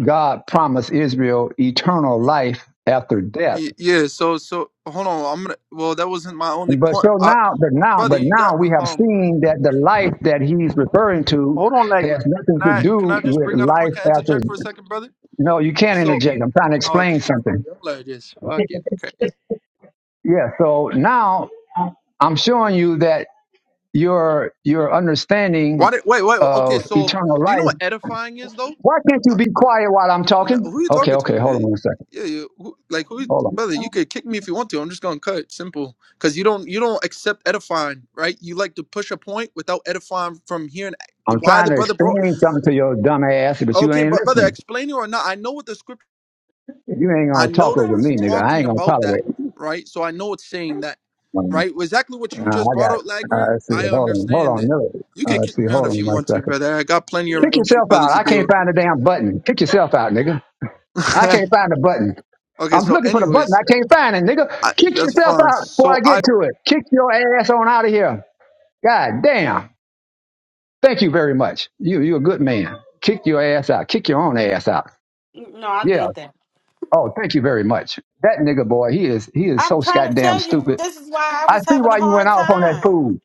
A: God promised Israel eternal life after death.
I: Y- Yeah. So so hold on. I'm gonna. Well, that wasn't my only
A: But
I: point,
A: so
I: I,
A: now, but now,
I: brother.
A: but
I: You got
A: now we have
I: um.
A: seen that the life that he's referring to
I: Hold on,
A: has
I: Lagrin.
A: nothing
I: Can
A: to
I: I can
A: do
I: I just
A: with
I: bring out a
A: life
I: point? Can I
A: after
I: interject for a second, brother?
A: No, you can't
I: So
A: interject. I'm trying to
I: oh,
A: explain
I: okay. So
A: something.
I: y'all are just fucking crazy.
A: Yeah. So now I'm showing you that your your
I: Why
A: understanding
I: did wait wait? Okay.
A: of
I: So
A: eternal
I: do you know
A: life.
I: what edifying is though?
A: Why can't you be quiet while I'm
I: No,
A: talking?
I: who you
A: Okay,
I: talking
A: okay, hold
I: to?
A: on
I: Eh,
A: one second.
I: Yeah, yeah. Who, like who,
A: Hold on.
I: brother? You could kick me if you want to. I'm just gonna cut. Simple. Cause you don't you don't accept edifying, right? You like to push a point without edifying from hearing
A: I'm
I: why
A: trying
I: the
A: to
I: brother brought.
A: explain something to your dumb ass, but you
I: Okay,
A: ain't
I: but brother,
A: listening.
I: explain it or not. I know what the scripture.
A: You ain't
I: I
A: gonna
I: know
A: talk
I: that
A: over
I: it's
A: me, nigga. I
I: talking
A: ain't gonna
I: about that,
A: tolerate. it.
I: right? So I know it's saying that, right?
A: Uh,
I: Exactly what you just
A: I
I: brought
A: got.
I: out, Lagrid.
A: Uh, let's see.
I: I
A: Hold on. Hold
I: understand
A: on.
I: it.
A: No.
I: You
A: Uh,
I: could
A: let's see.
I: kick me out
A: Hold
I: if
A: on
I: you
A: one
I: want to,
A: second.
I: brother. I got plenty of
A: Kick
I: rooms and
A: yourself out.
I: brothers to
A: I can't
I: deal
A: find the damn button. Kick yourself out, nigga. I
I: with.
A: can't find the button.
I: okay,
A: I'm
I: so
A: looking for the button.
I: anyways,
A: I can't find it,
I: I,
A: nigga. Kick
I: that's
A: yourself
I: fine.
A: out before
I: So
A: I
I: I
A: get to it. Kick your ass on out of here. God damn. Thank you very much. You you a good man. Kick your ass out. Kick your own ass out.
B: No, I
A: Yeah.
B: did that.
A: Oh, thank you very much. That nigga boy, he is he is
B: I'm
A: so
B: trying to
A: goddamn
B: tell you.
A: stupid.
B: This is why I
A: I
B: was
A: see
B: having a
A: why you went
B: hard
A: off on that
B: time.
A: food.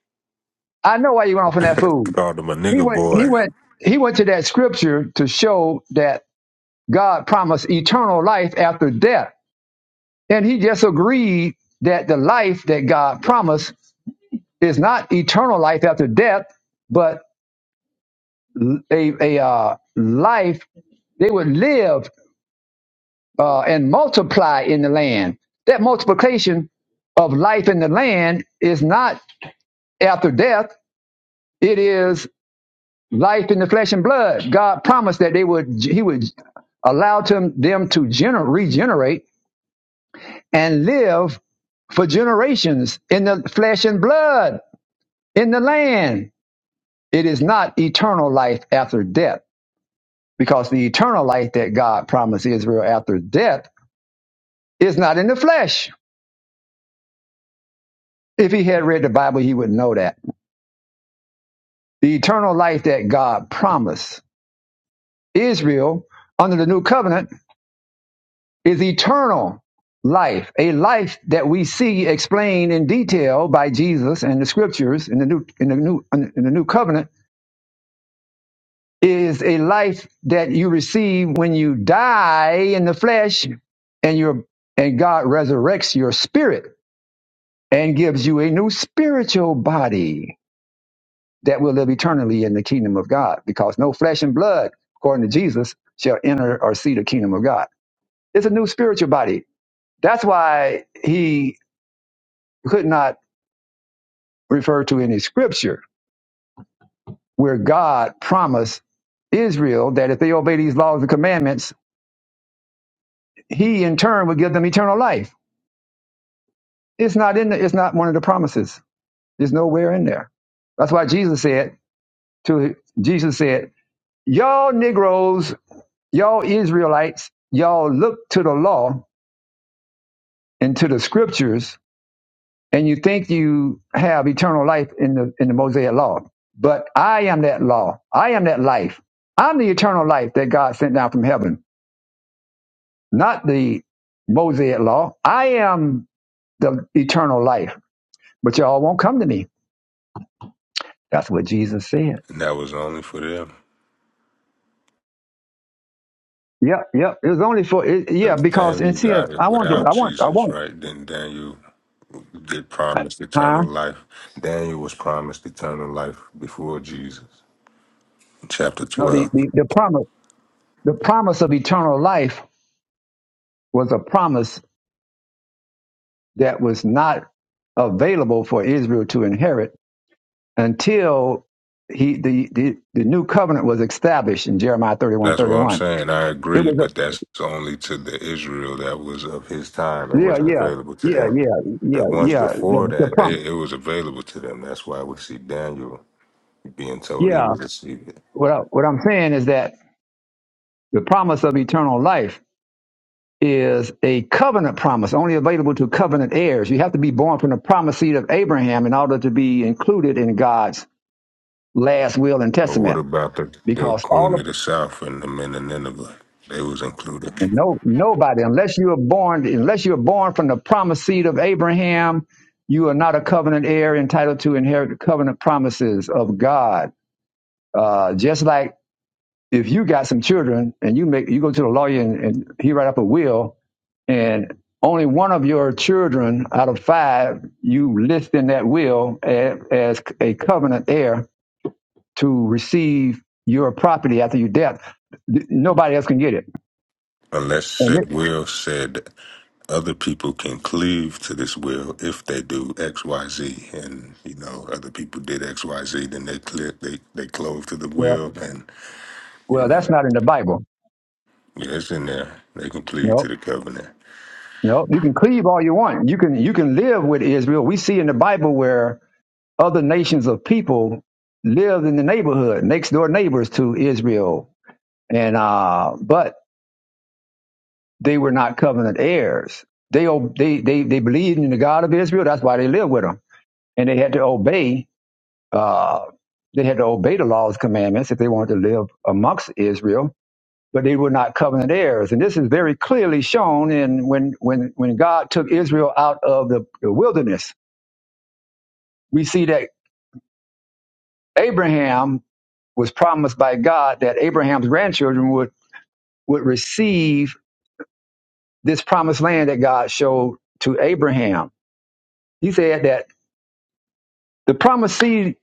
A: I know why you went off on that food.
K: Called him a
A: He
K: nigger
A: went he
K: boy.
A: went he went to that scripture to show that God promised eternal life after death. And he just agreed that the life that God promised Is not eternal life after death, but a, a uh, life they would live uh, and multiply in the land. That multiplication of life in the land is not after death; it is life in the flesh and blood. God promised that they would He would allow them them to gener- regenerate and live for generations in the flesh and blood in the land. It is not eternal life after death because the eternal life that God promised Israel after death is not in the flesh. If he had read the Bible, he would know that. The eternal life that God promised Israel under the new covenant is eternal life, a life that we see explained in detail by Jesus and the scriptures in the new in the new in the new covenant is a life that you receive when you die in the flesh and your and God resurrects your spirit and gives you a new spiritual body that will live eternally in the kingdom of God, because no flesh and blood, according to Jesus, shall enter or see the kingdom of God. It's a new spiritual body. That's why he could not refer to any scripture where God promised Israel that if they obey these laws and commandments, he in turn would give them eternal life. It's not in the, it's not one of the promises. There's nowhere in there. That's why Jesus said to Jesus said, Y'all Negroes Y'all Israelites, y'all look to the law and to the scriptures, and you think you have eternal life in the in the Mosaic law. But I am that law. I am that life. I'm the eternal life that God sent down from heaven, not the Mosaic law. I am the eternal life. But y'all won't come to me. That's what Jesus said.
K: And that was only for them.
A: Yep, yep. It was only for it, yeah,
K: If
A: because and
K: Daniel
A: see,
K: got it
A: I want, to,
K: without
A: I want, I
K: Jesus,
A: want,
K: right? Then Daniel get promised
A: huh?
K: eternal life. Daniel was promised eternal life before Jesus. Chapter
A: No,
K: 12.
A: the, the the promise, the promise of eternal life was a promise that was not available for Israel to inherit until he the the, the new covenant was established in Jeremiah 31
K: That's
A: thirty
K: what I'm
A: one.
K: saying. I
A: It
K: agree,
A: was
K: but that's only to the Israel that was of his time
A: a
K: and
A: yeah,
K: wasn't
A: yeah,
K: available to
A: yeah,
K: them.
A: yeah, yeah,
K: The ones
A: yeah.
K: before
A: The, the
K: that,
A: promise.
K: they it was available to them. That's why we see Daniel being told he
A: Yeah.
K: would receive it.
A: What I, what I'm saying is that the promise of eternal life is a covenant promise only available to covenant heirs. You have to be born from the promise seed of Abraham in order to be included in God's last will and
K: But what
A: testament
K: about the, the
A: because all of
K: Queen of the South and the men of Nineveh? They was included.
A: And no, nobody, unless you are born, unless you are born from the promised seed of Abraham, you are not a covenant heir entitled to inherit the covenant promises of God. Uh, just like if you got some children and you make you go to the lawyer and, and he write up a will, and only one of your children out of five you list in that will as, as a covenant heir to receive your property after your death. Nobody else can get it.
K: Unless
A: And
K: it
A: it
K: will said other people can cleave to this will if they do X, Y, Z. And you know, other people did X, Y, Z, then they clear, they they clove to the
A: well,
K: will, and. You
A: well,
K: know,
A: that's not in the Bible.
K: yeah, it's in there. They can plead
A: No,
K: to the covenant.
A: no. You can cleave all you want. You can you can live with Israel. We see in the Bible where other nations of people lived in the neighborhood, next door neighbors to Israel, and uh, but they were not covenant heirs. They o- they they they believed in the God of Israel. That's why they lived with him, and they had to obey. Uh, they had to obey the laws, commandments if they wanted to live amongst Israel but they were not covenant heirs. And this is very clearly shown in when when when God took Israel out of the, the wilderness. We see that Abraham was promised by God that Abraham's grandchildren would would receive this promised land that God showed to Abraham. He said that the promised seed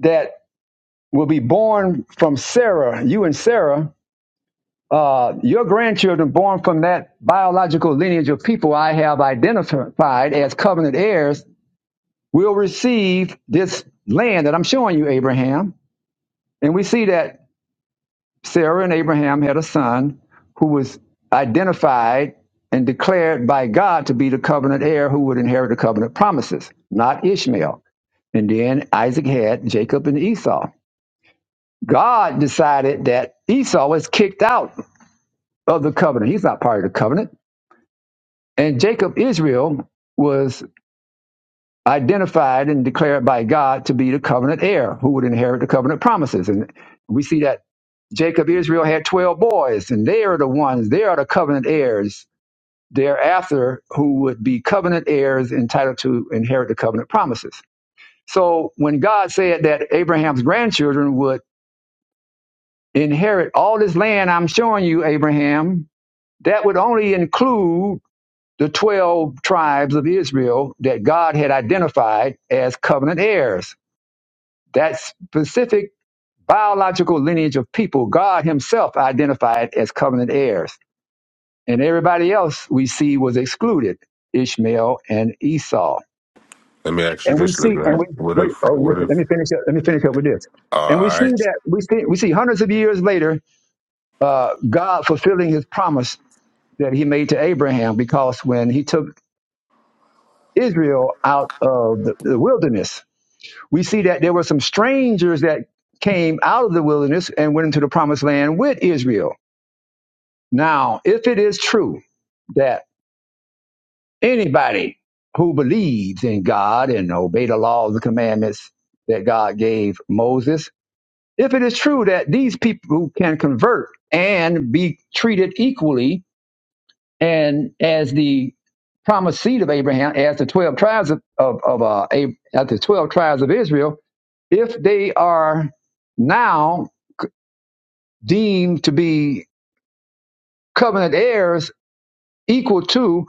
A: that will be born from Sarah, you and Sarah, uh, your grandchildren born from that biological lineage of people I have identified as covenant heirs will receive this land that I'm showing you, Abraham. And we see that Sarah and Abraham had a son who was identified and declared by God to be the covenant heir who would inherit the covenant promises, not Ishmael. And then Isaac had Jacob and Esau. God decided that Esau was kicked out of the covenant. He's not part of the covenant. And Jacob, Israel, was identified and declared by God to be the covenant heir who would inherit the covenant promises. And we see that Jacob, Israel had 12 boys, and they are the ones, they are the covenant heirs thereafter who would be covenant heirs entitled to inherit the covenant promises. So when God said that Abraham's grandchildren would inherit all this land I'm showing you, Abraham, that would only include the 12 tribes of Israel that God had identified as covenant heirs That specific biological lineage of people, God Himself identified as covenant heirs. And everybody else we see was excluded Ishmael and Esau.
K: Let me ask you
A: And we
K: this,
A: see, and
K: LeGrand.
A: we,
K: What
A: wait,
K: if,
A: oh, let
K: what
A: me let
K: if,
A: me finish up, let me finish up with this. And we
K: all
A: see
K: right,
A: that, we see, we see hundreds of years later, uh, God fulfilling His promise that He made to Abraham because when He took Israel out of the, the wilderness, we see that there were some strangers that came out of the wilderness and went into the promised land with Israel. Now, if it is true that anybody who believes in God and obey the laws and commandments that God gave Moses, if it is true that these people who can convert and be treated equally and as the promised seed of Abraham, as the twelve tribes of, of, of uh, as the twelve tribes of Israel, if they are now deemed to be covenant heirs equal to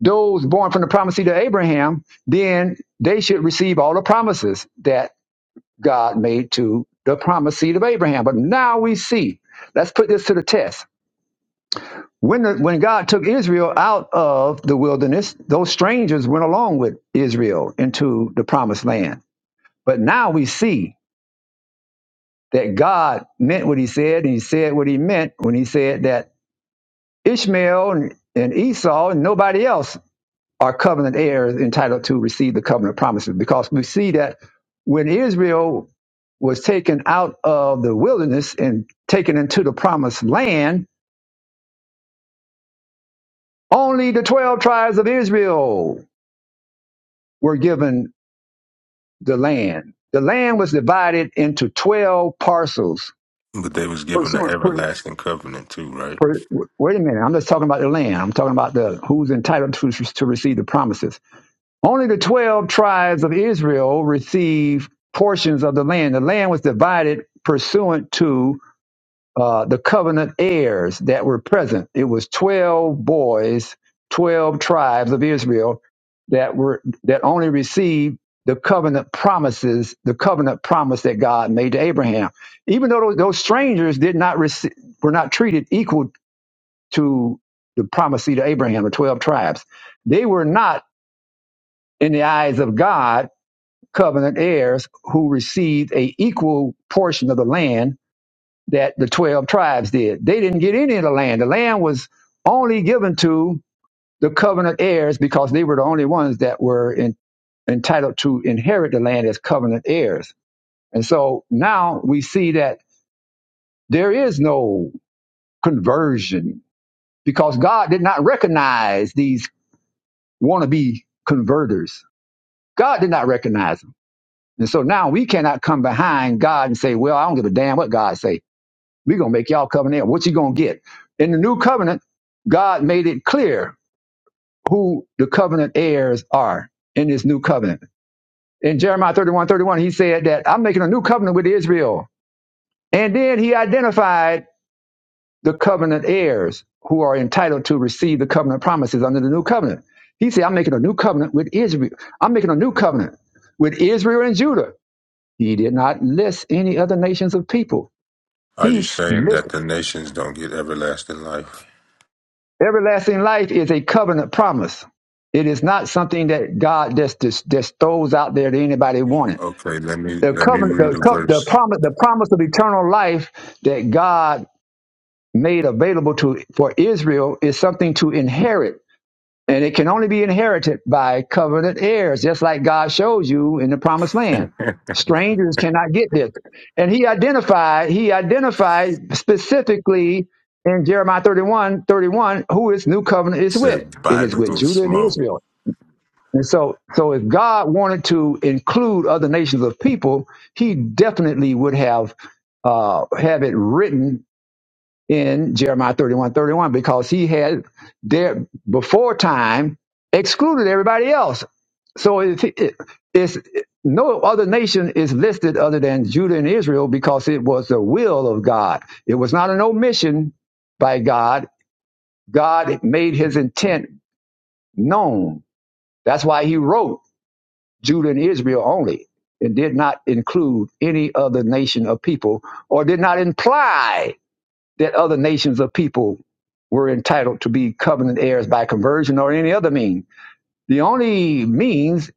A: those born from the promise seed of Abraham, then they should receive all the promises that God made to the promise seed of Abraham. But now we see, let's put this to the test. When, the, when God took Israel out of the wilderness, those strangers went along with Israel into the promised land. But now we see that God meant what he said, and he said what he meant when he said that Ishmael and Esau and nobody else are covenant heirs entitled to receive the covenant promises because we see that when Israel was taken out of the wilderness and taken into the promised land, only the 12 tribes of Israel were given the land. The land was divided into 12 parcels.
K: but they was given the
A: Pursuant, per,
K: everlasting covenant too, right?
A: per, wait a minute, I'm just talking about the land. I'm talking about the who's entitled to, to receive the promises Only the 12 tribes of Israel received portions of the land. The land was divided pursuant to uh, the covenant heirs that were present. It was 12 boys, 12 tribes of Israel that were that only received the covenant promises, the covenant promise that God made to Abraham. Even though those, those strangers did not receive, were not treated equal to the promise to Abraham, the 12 tribes, they were not in the eyes of God covenant heirs who received a equal portion of the land that the 12 tribes did. They didn't get any of the land. The land was only given to the covenant heirs because they were the only ones that were in, entitled to inherit the land as covenant heirs. And so now we see that there is no conversion because God did not recognize these wannabe converters. God did not recognize them. And so now we cannot come behind God and say, well, I don't give a damn what God say. We're going to make y'all covenant. What you going to get? In the new covenant, God made it clear who the covenant heirs are in this new covenant. In Jeremiah 31, 31, he said that I'm making a new covenant with Israel. And then he identified the covenant heirs who are entitled to receive the covenant promises under the new covenant. He said, I'm making a new covenant with Israel. I'm making a new covenant with Israel and Judah He did not list any other nations of people.
K: Are
A: He
K: you saying that
A: listed
K: the nations don't get everlasting life?
A: everlasting life is a covenant promise. It is not something that God just, just, just throws out there that anybody wanted.
K: Okay, let me,
A: The
K: let me
A: covenant,
K: read
A: the,
K: a
A: co- the
K: verse.
A: promise, the promise of eternal life that God made available to for Israel is something to inherit And it can only be inherited by covenant heirs, just like God shows you in the promised land. Strangers cannot get this. And he identified, he identified specifically in Jeremiah 31, 31, who his new covenant
K: It
A: is with.
K: said,
A: It is with
K: biblical
A: Judah and
K: smoke.
A: Israel. And so, so if God wanted to include other nations of people, he definitely would have uh, have it written in Jeremiah 31 31, because he had there before time excluded everybody else. So it, it, it's no other nation is listed other than Judah and Israel because it was the will of God. It was not an omission by God. God made his intent known. That's why he wrote Judah and Israel only and did not include any other nation of people or did not imply that other nations of people were entitled to be covenant heirs by conversion or any other mean. The only means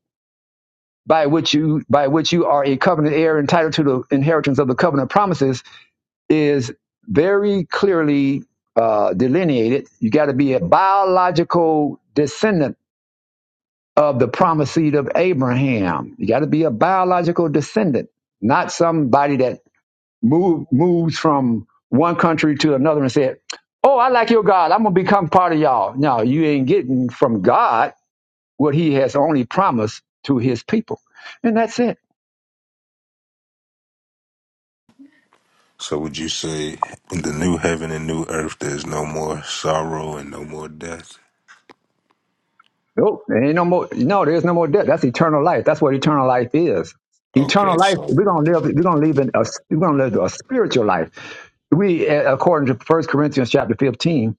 A: by which you by which you are a covenant heir entitled to the inheritance of the covenant promises is very clearly uh, delineated. You got to be a biological descendant of the promised seed of Abraham. You got to be a biological descendant, not somebody that move, moves from one country to another and said, Oh, I like your God. I'm going to become part of y'all. No, you ain't getting from God what he has only promised to his people. And that's it.
K: So would you say in the new heaven and new earth, there's no more sorrow and no more death?
A: Nope. There ain't no more. No, there's no more death. That's eternal life. That's what eternal life is.
K: Okay,
A: Eternal life.
K: so
A: We're gonna live. We're gonna live in a. We're gonna live a spiritual life. We, according to First Corinthians chapter fifteen,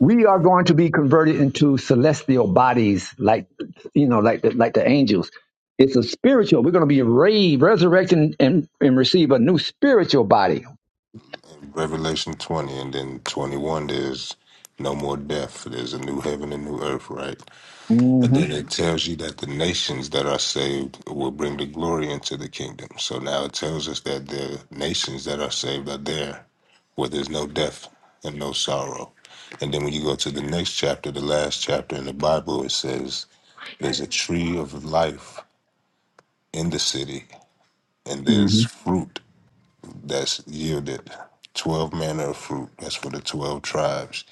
A: we are going to be converted into celestial bodies like you know like the, like the angels it's a spiritual we're going to be raised resurrected and, and receive a new spiritual body
K: Revelation 20 and then 21 there's no more death. There's a new heaven and new earth, right? And
A: hmm
K: then it tells you that the nations that are saved will bring the glory into the kingdom. So now it tells us that the nations that are saved are there where there's no death and no sorrow. And then when you go to the next chapter, the last chapter in the Bible, it says there's a tree of life in the city and there's
A: hmm
K: fruit that's yielded 12 manner of fruit. That's for the 12 tribes.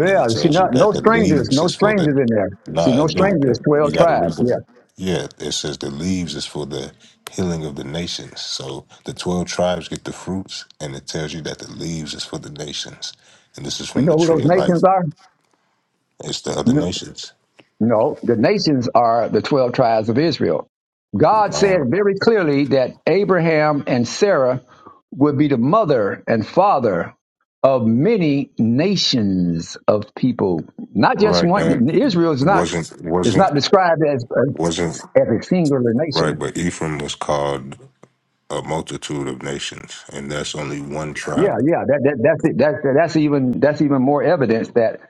K: And then it
A: see
K: tells you
A: not, no
K: that the
A: strangers
K: leaves
A: no
K: is for the,
A: strangers in there see
K: nah,
A: no
K: it do,
A: strangers
K: but
A: 12
K: you got to read
A: tribes
K: the,
A: yeah
K: yeah, it says the leaves is for the healing of the nations. So the 12 tribes get the fruits, and it tells you that the leaves is for the nations. And this is
A: we
K: from
A: know
K: the
A: who those
K: tree of life.
A: nations are
K: It's the other
A: No,
K: nations.
A: No, the nations are the 12 tribes of Israel. God
K: Uh,
A: said very clearly that Abraham and Sarah would be the mother and father of many nations of people. Not just
K: right, that
A: one. Israel is not
K: wasn't,
A: is
K: wasn't,
A: not described as a,
K: wasn't,
A: as a singular nation.
K: right, but Ephraim was called a multitude of nations, and that's only one
A: Yeah,
K: tribe.
A: yeah, that, that that's it. That, that- that's even that's even more evidence that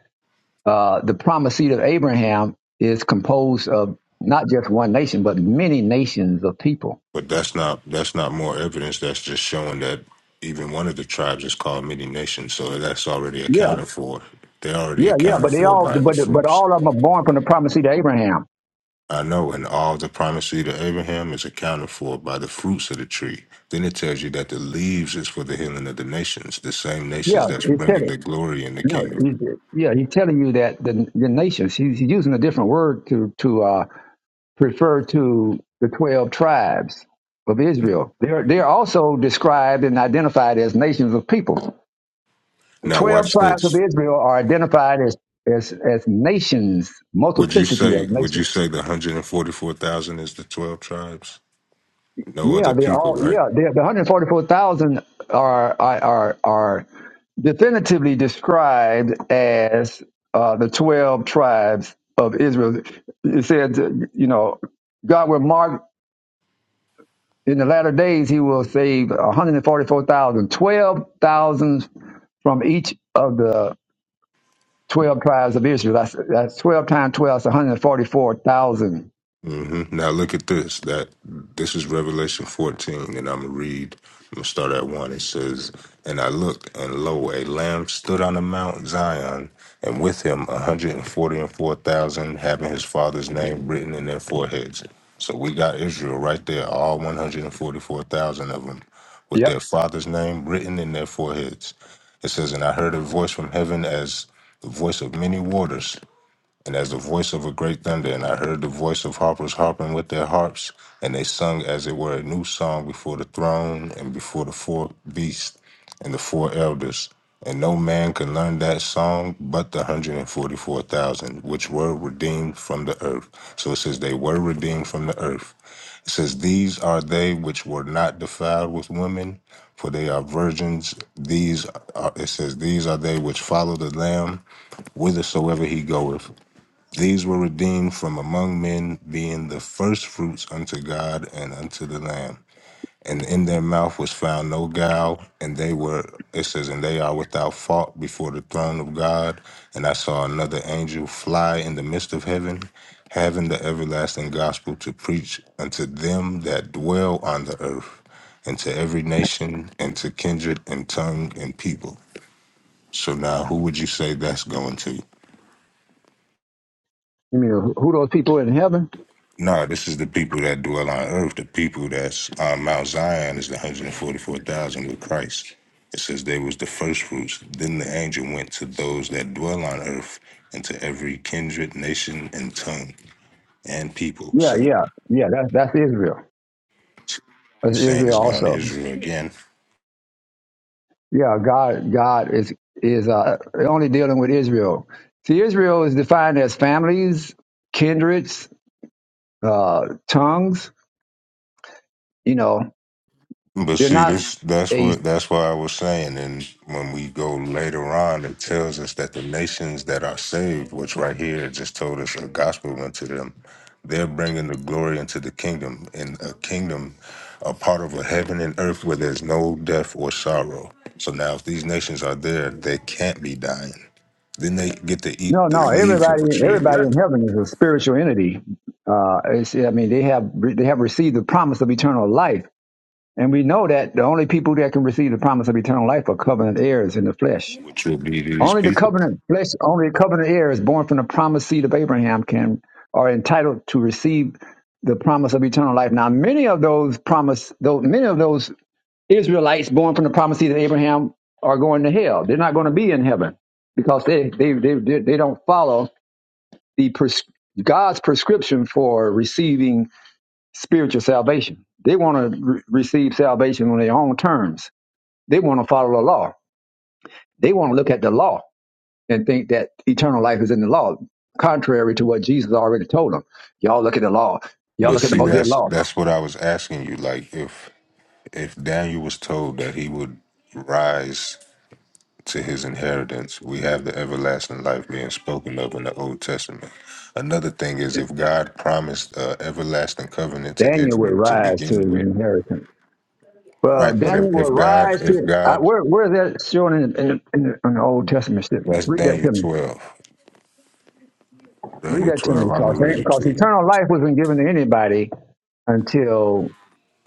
A: uh, the promised seed of Abraham is composed of not just one nation but many nations of people.
K: But that's not that's not more evidence. That's just showing that even one of the tribes is called many nations. So that's already accounted for. They're already
A: Yeah, yeah, but
K: accounted
A: they
K: for
A: all,
K: by the
A: but but
K: fruits.
A: all of them are born from the promise seed of Abraham.
K: I know, and all the primacy to Abraham is accounted for by the fruits of the tree. Then it tells you that the leaves is for the healing of the nations, the same
A: Yeah,
K: nations that's
A: he's
K: bringing
A: telling.
K: the glory in the
A: No,
K: kingdom.
A: he, yeah, he's telling you that the the nations. He's he's using a different word to to uh, refer to the twelve tribes of Israel. They're they're also described and identified as nations of people. The
K: Now
A: twelve
K: watch
A: tribes of
K: this.
A: Israel are identified as as as nations,
K: Would you
A: multiplicity
K: say?
A: of
K: Would
A: nations.
K: you say the one hundred and forty-four thousand is the twelve tribes? no
A: Yeah,
K: other
A: they're
K: people,
A: all.
K: right?
A: Yeah, they're, the one hundred forty-four thousand are are are are definitively described as uh, the twelve tribes of Israel. It said, you know, God will mark in the latter days. He will save one hundred forty-four thousand, twelve thousand from each of the twelve tribes of Israel. That's that's twelve times twelve. That's one hundred forty-four thousand.
K: hmm Now look at this. That this is Revelation 14, and I'm gonna read. I'm gonna start at one. It says, "And I looked, and lo, a lamb stood on the mount Zion, and with him a hundred and forty and four thousand, having his father's name written in their foreheads." So we got Israel right there, all one hundred and forty-four thousand of them, with
A: Yep.
K: their father's name written in their foreheads. It says, "And I heard a voice from heaven as the voice of many waters." And as the voice of a great thunder, and I heard the voice of harpers harping with their harps, and they sung as it were a new song before the throne and before the four beasts and the four elders. And no man can learn that song but the 144,000, which were redeemed from the earth. So it says they were redeemed from the earth. It says, These are they which were not defiled with women, for they are virgins. These are, it says, These are they which follow the Lamb whithersoever he goeth. These were redeemed from among men, being the firstfruits unto God and unto the Lamb. And in their mouth was found no guile, and they were, it says, and they are without fault before the throne of God. And I saw another angel fly in the midst of heaven, having the everlasting gospel to preach unto them that dwell on the earth, and to every nation, and to kindred, and tongue, and people. So now, who would you say that's going to?
A: You mean who those people in heaven?
K: No, this is the people that dwell on earth. The people that's on Mount Zion is the 144,000 with Christ. It says they was the first fruits. Then the angel went to those that dwell on earth and to every kindred, nation, and tongue and people.
A: Yeah,
K: So
A: yeah, yeah. That's that's Israel. That's
K: he's saying
A: Israel
K: it's going to
A: also.
K: Israel again.
A: Yeah, God, God is is uh, only dealing with Israel. See, Israel is defined as families, kindreds, uh, tongues. You know,
K: But
A: they're
K: see,
A: not
K: this that's
A: a
K: what that's why I was saying. And when we go later on, it tells us that the nations that are saved, which right here it just told us a gospel unto them, they're bringing the glory into the kingdom, and a kingdom, a part of a heaven and earth where there's no death or sorrow. So now, if these nations are there, they can't be dying. Then they get to eat
A: no,
K: the
A: no.
K: leaves of
A: Everybody,
K: the tree of
A: everybody in
K: life,
A: heaven is a spiritual entity. Uh, it's, I mean, they have they have received the promise of eternal life, and we know that the only people that can receive the promise of eternal life are covenant heirs in the flesh.
K: which will be these
A: Only the
K: people.
A: covenant flesh, only the covenant heirs born from the promised seed of Abraham can are entitled to receive the promise of eternal life. Now, many of those promise, those many of those Israelites born from the promised seed of Abraham are going to hell. They're not going to be in heaven because they they they they, they don't follow the pres- God's prescription for receiving spiritual salvation. They want to re- receive salvation on their own terms. They want to follow the law. They want to look at the law and think that eternal life is in the law, contrary to what Jesus already told them. Y'all look at the law. Y'all
K: But
A: look at the
K: see,
A: Mosaic
K: that's
A: law.
K: that's what I was asking you. Like if if Daniel was told that he would rise to his inheritance, we have the everlasting life being spoken of in the Old Testament. Another thing is if God promised uh, everlasting covenant to
A: Daniel will
K: Israel to
A: rise to his
K: begin with,
A: inheritance.
K: right?
A: Well,
K: But
A: Daniel
K: if,
A: will
K: if God,
A: rise to
K: if
A: it. I,
K: God,
A: where where is that shown in, in, in, the, in the Old Testament?
K: that's
A: Read that
K: Daniel
A: to me.
K: twelve.
A: Read
K: Daniel
A: that to me,
K: twelve. I'm gonna
A: because
K: read it
A: because
K: to you.
A: eternal life wasn't given to anybody until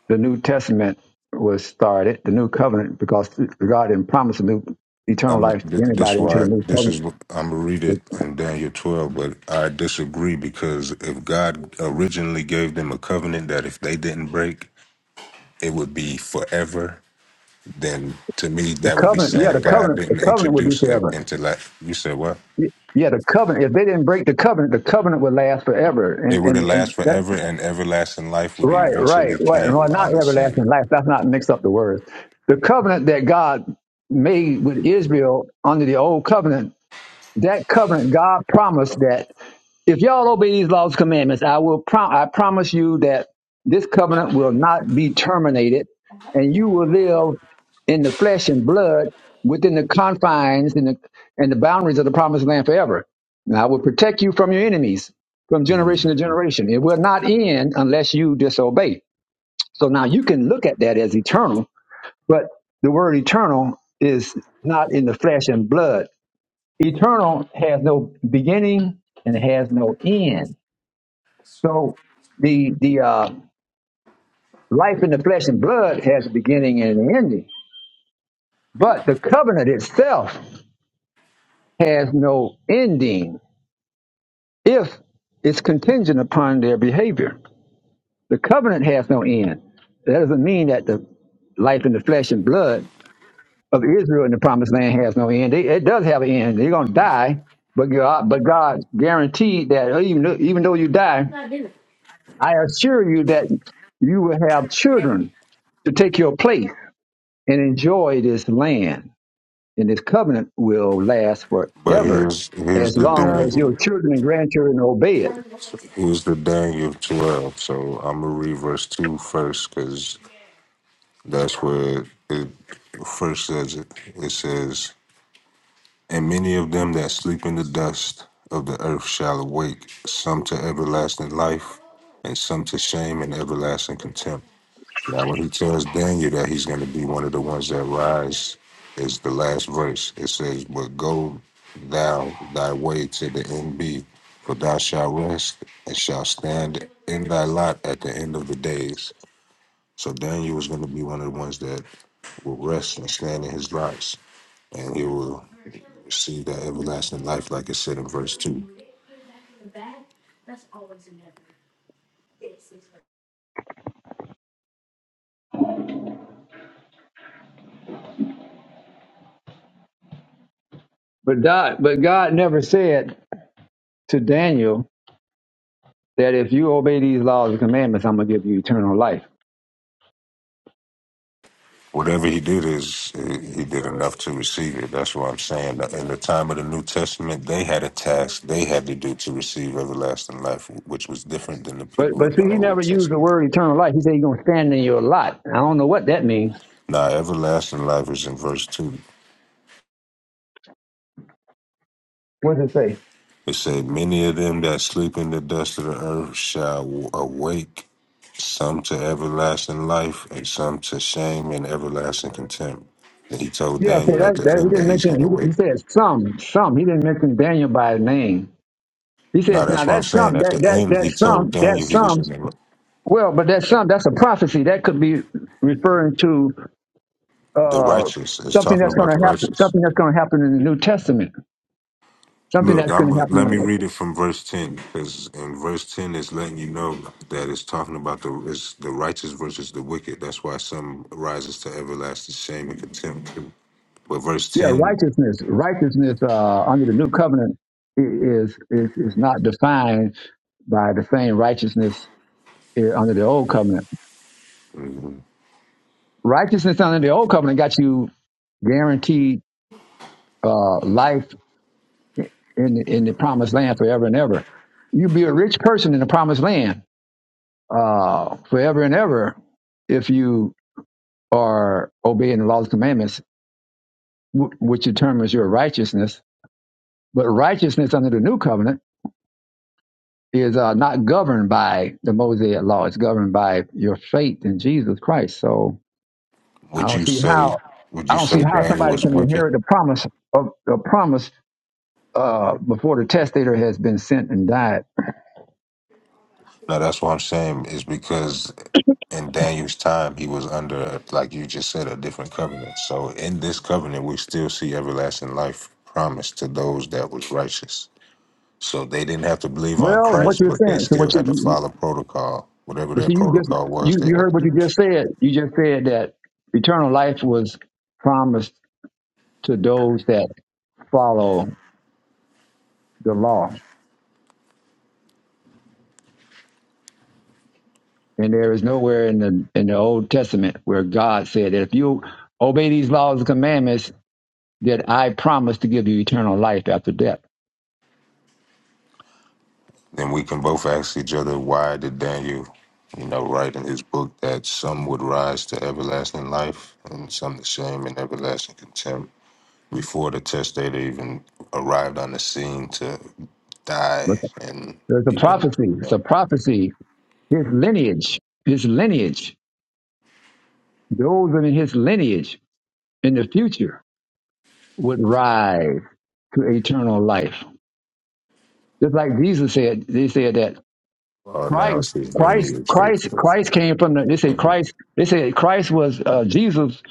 A: the New Testament was started, the New Covenant, because God didn't promise a new eternal
K: I'm
A: life to
K: th-
A: anybody
K: this
A: until the
K: why
A: New
K: this
A: Covenant.
K: is what- I'm gonna read it in Daniel 12, but I disagree because if God originally gave them a covenant that if they didn't break, it would be forever, then to me
A: The
K: that would be
A: covenant, yeah,
K: saying
A: the
K: God
A: covenant, the
K: didn't
A: covenant would be
K: introduce it
A: forever
K: into life. You said what?
A: Yeah, the covenant. If they didn't break the covenant, the covenant would last forever.
K: It
A: And
K: would
A: and,
K: have
A: and
K: last
A: that
K: forever, and everlasting life would
A: right, right,
K: eventually
A: right. Well,
K: came
A: not
K: on the scene.
A: everlasting life. That's not mixed up the words. The covenant that God made with Israel under the old covenant, that covenant God promised that. If y'all obey these laws, commandments, I will. Prom- I promise you that this covenant will not be terminated, and you will live in the flesh and blood within the confines and the and the boundaries of the promised land forever. And I will protect you from your enemies from
K: Mm.
A: generation to generation. It will not end unless you disobey. So now you can look at that as eternal, but the word eternal is not in the flesh and blood. Eternal has no beginning and it has no end. So the the uh, life in the flesh and blood has a beginning and an ending, but the covenant itself has no ending if it's contingent upon their behavior. The covenant has no end. That doesn't mean that the life in the flesh and blood of Israel in the promised land has no end. They- It does have an end. They're going to die, but God, but God guaranteed that even though, even though you die, I assure you that you will have children to take your place and enjoy this land. And this covenant will last
K: But
A: forever
K: here's here's
A: as
K: the
A: long as
K: dangle.
A: your children and grandchildren obey it.
K: Here's the Daniel twelve. So I'm gonna read verse two first because that's where it first says it. It says. And many of them that sleep in the dust of the earth shall awake, some to everlasting life, and some to shame and everlasting contempt. Now, when he tells Daniel that he's going to be one of the ones that rise, is the last verse. It says, But go thou thy way to the end be, for thou shalt rest and shalt stand in thy lot at the end of the days. So Daniel is going to be one of the ones that will rest and stand in his lots and you will receive that everlasting life, like it said in verse two.
A: But God, but God never said to Daniel that if you obey these laws and commandments, I'm going to give you eternal life.
K: Whatever he did is eh, he did enough to receive it. That's what I'm saying. In the time of the New Testament, they had a task they had to do to receive everlasting life, which was different than the
A: But
K: people
A: but
K: in
A: see,
K: the
A: he never
K: Old
A: used the
K: Testament.
A: word eternal life. He said he's going to stand in your lot. I don't know what that means.
K: Now, everlasting life is in verse two.
A: What does it say?
K: It say, Many of them that sleep in the dust of the earth shall awake, some to everlasting life, and some to shame and everlasting contempt. And he told
A: Yeah, so
K: Daniel at
A: that,
K: the
A: that he
K: end
A: didn't
K: that he's
A: mention.
K: going to
A: He, he
K: wake.
A: said some, some. He didn't mention Daniel by name. He says
K: Now,
A: now
K: that's what I'm
A: that
K: saying.
A: some,
K: At
A: that
K: the
A: that
K: end,
A: that
K: he told
A: some, that
K: Daniel he was
A: some
K: going to,
A: Well, but that's some that's a prophecy that could be referring to
K: the
A: uh,
K: righteous, it's
A: something
K: talking
A: that's going
K: about
A: to
K: the
A: happen,
K: righteous.
A: something that's going to happen in the New Testament, something
K: Look,
A: that's
K: I'm
A: going to happen.
K: let me read it from verse ten because in verse ten is letting you know that it's talking about the is the righteous versus the wicked. That's why some rises to everlasting shame and contempt. But verse
A: yeah,
K: ten,
A: righteousness, righteousness uh, under the new covenant i- is is is not defined by the same righteousness eh, under the old covenant. Righteousness under the old covenant got you guaranteed uh, life in the, in the promised land forever and ever. You be a rich person in the promised land uh, forever and ever if you are obeying the laws and commandments, wh- which you term as your righteousness. But righteousness under the new covenant is uh, not governed by the Mosaic law; it's governed by your faith in Jesus Christ. So I
K: would
A: don't
K: you
A: see
K: say
A: how
K: would
A: I
K: you
A: don't see
K: say
A: how
K: Daniel
A: somebody
K: was
A: can
K: wicked?
A: inherit the promise of the promise uh, before the testator has been sent and died.
K: No, that's what I'm saying is because in Daniel's time he was under like you just said a different covenant. So in this covenant, we still see everlasting life promised to those that was righteous. So they didn't have to believe on
A: Well, what
K: Christ,
A: you're
K: but they
A: saying? So
K: still
A: what
K: had to
A: you
K: follow protocol. Whatever
A: But
K: their
A: see, you just
K: protocol was,
A: you,
K: they
A: you
K: had to
A: heard what you
K: do it.
A: just said. You just said that eternal life was promised to those that follow the law, and there is nowhere in the in the Old Testament where God said that if you obey these laws and commandments, that I promise to give you eternal life after death.
K: Then we can both ask each other, why did Daniel, you know, write in his book that some would rise to everlasting life and some to shame and everlasting contempt before the testator even arrived on the scene to die
A: But
K: and
A: There's a
K: even,
A: prophecy.
K: you
A: It's a
K: know,
A: prophecy. His lineage, his lineage, those in his lineage in the future would rise to eternal life Just like Jesus said, they said that
K: well, now
A: Christ,
K: it's his
A: Christ,
K: lineage.
A: Christ, Christ came from the. They said Christ. They said Christ was uh, Jesus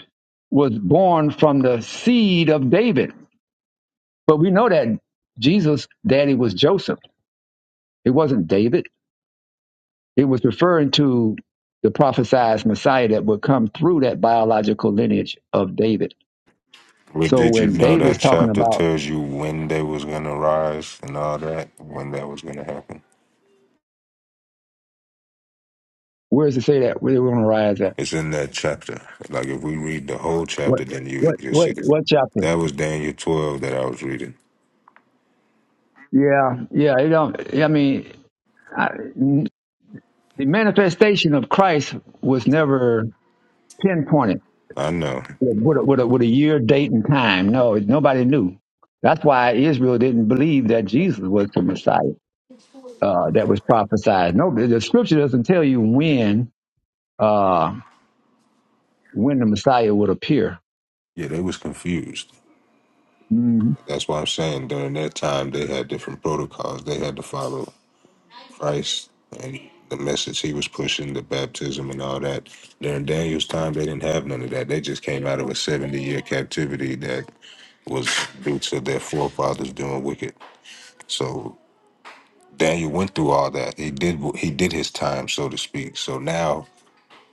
A: was born from the seed of David. But we know that Jesus' daddy was Joseph. It wasn't David. It was referring to the prophesied Messiah that would come through that biological lineage of David.
K: But
A: So
K: did you
A: when
K: know
A: David's
K: that
A: talking
K: chapter
A: about
K: tells you when they was gonna rise and all that, when that was gonna happen?
A: where does it say that? Where do we want to rise at?
K: It's in that chapter. Like if we read the whole
A: What
K: chapter, then you
A: what
K: you'll
A: what
K: see it.
A: what chapter?
K: That was Daniel twelve that I was reading.
A: Yeah, yeah. It don't. I mean, I, The manifestation of Christ was never pinpointed
K: I know.
A: with a, with a, with a year, date, and time. No, nobody knew. That's why Israel didn't believe that Jesus was the Messiah uh, that was prophesied. No, the the scripture doesn't tell you when uh, when the Messiah would appear.
K: Yeah, they was confused.
A: hmm
K: That's why I'm saying during that time they had different protocols they had to follow. Christ and the message he was pushing, the baptism and all that. During Daniel's time, they didn't have none of that. They just came out of a 70 year captivity that was due to their forefathers doing wicked. So Daniel went through all that. He did he did his time, so to speak. So now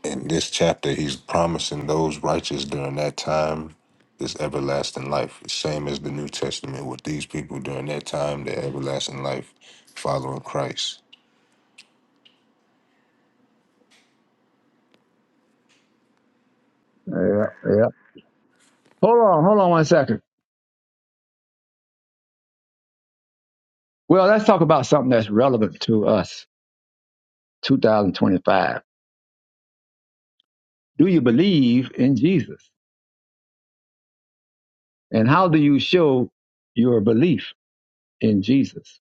K: in this chapter, he's promising those righteous during that time this everlasting life, same as the New Testament with these people during that time, their everlasting life following Christ.
A: Yeah, yeah. Hold on, hold on one second. Well, let's talk about something that's relevant to us, 2025. Do you believe in Jesus? And how do you show your belief? in Jesus.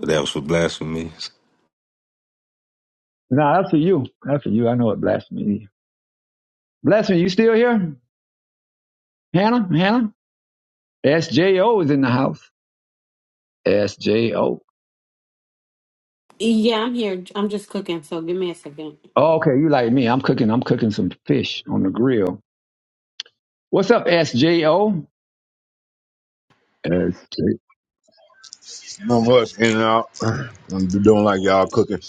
K: That was for blasphemy.
A: Now that's for you. That's for you. I know what blasphemy is. Blasphemy, you still here? Hannah? Hannah? SJO is in the house. SJO.
B: Yeah, I'm here. I'm just cooking, so give me a second.
A: Oh, okay, you like me. I'm cooking, I'm cooking some fish on the grill. What's up, SJO? SJ.
L: Not much in and out. I'm doing like y'all cooking.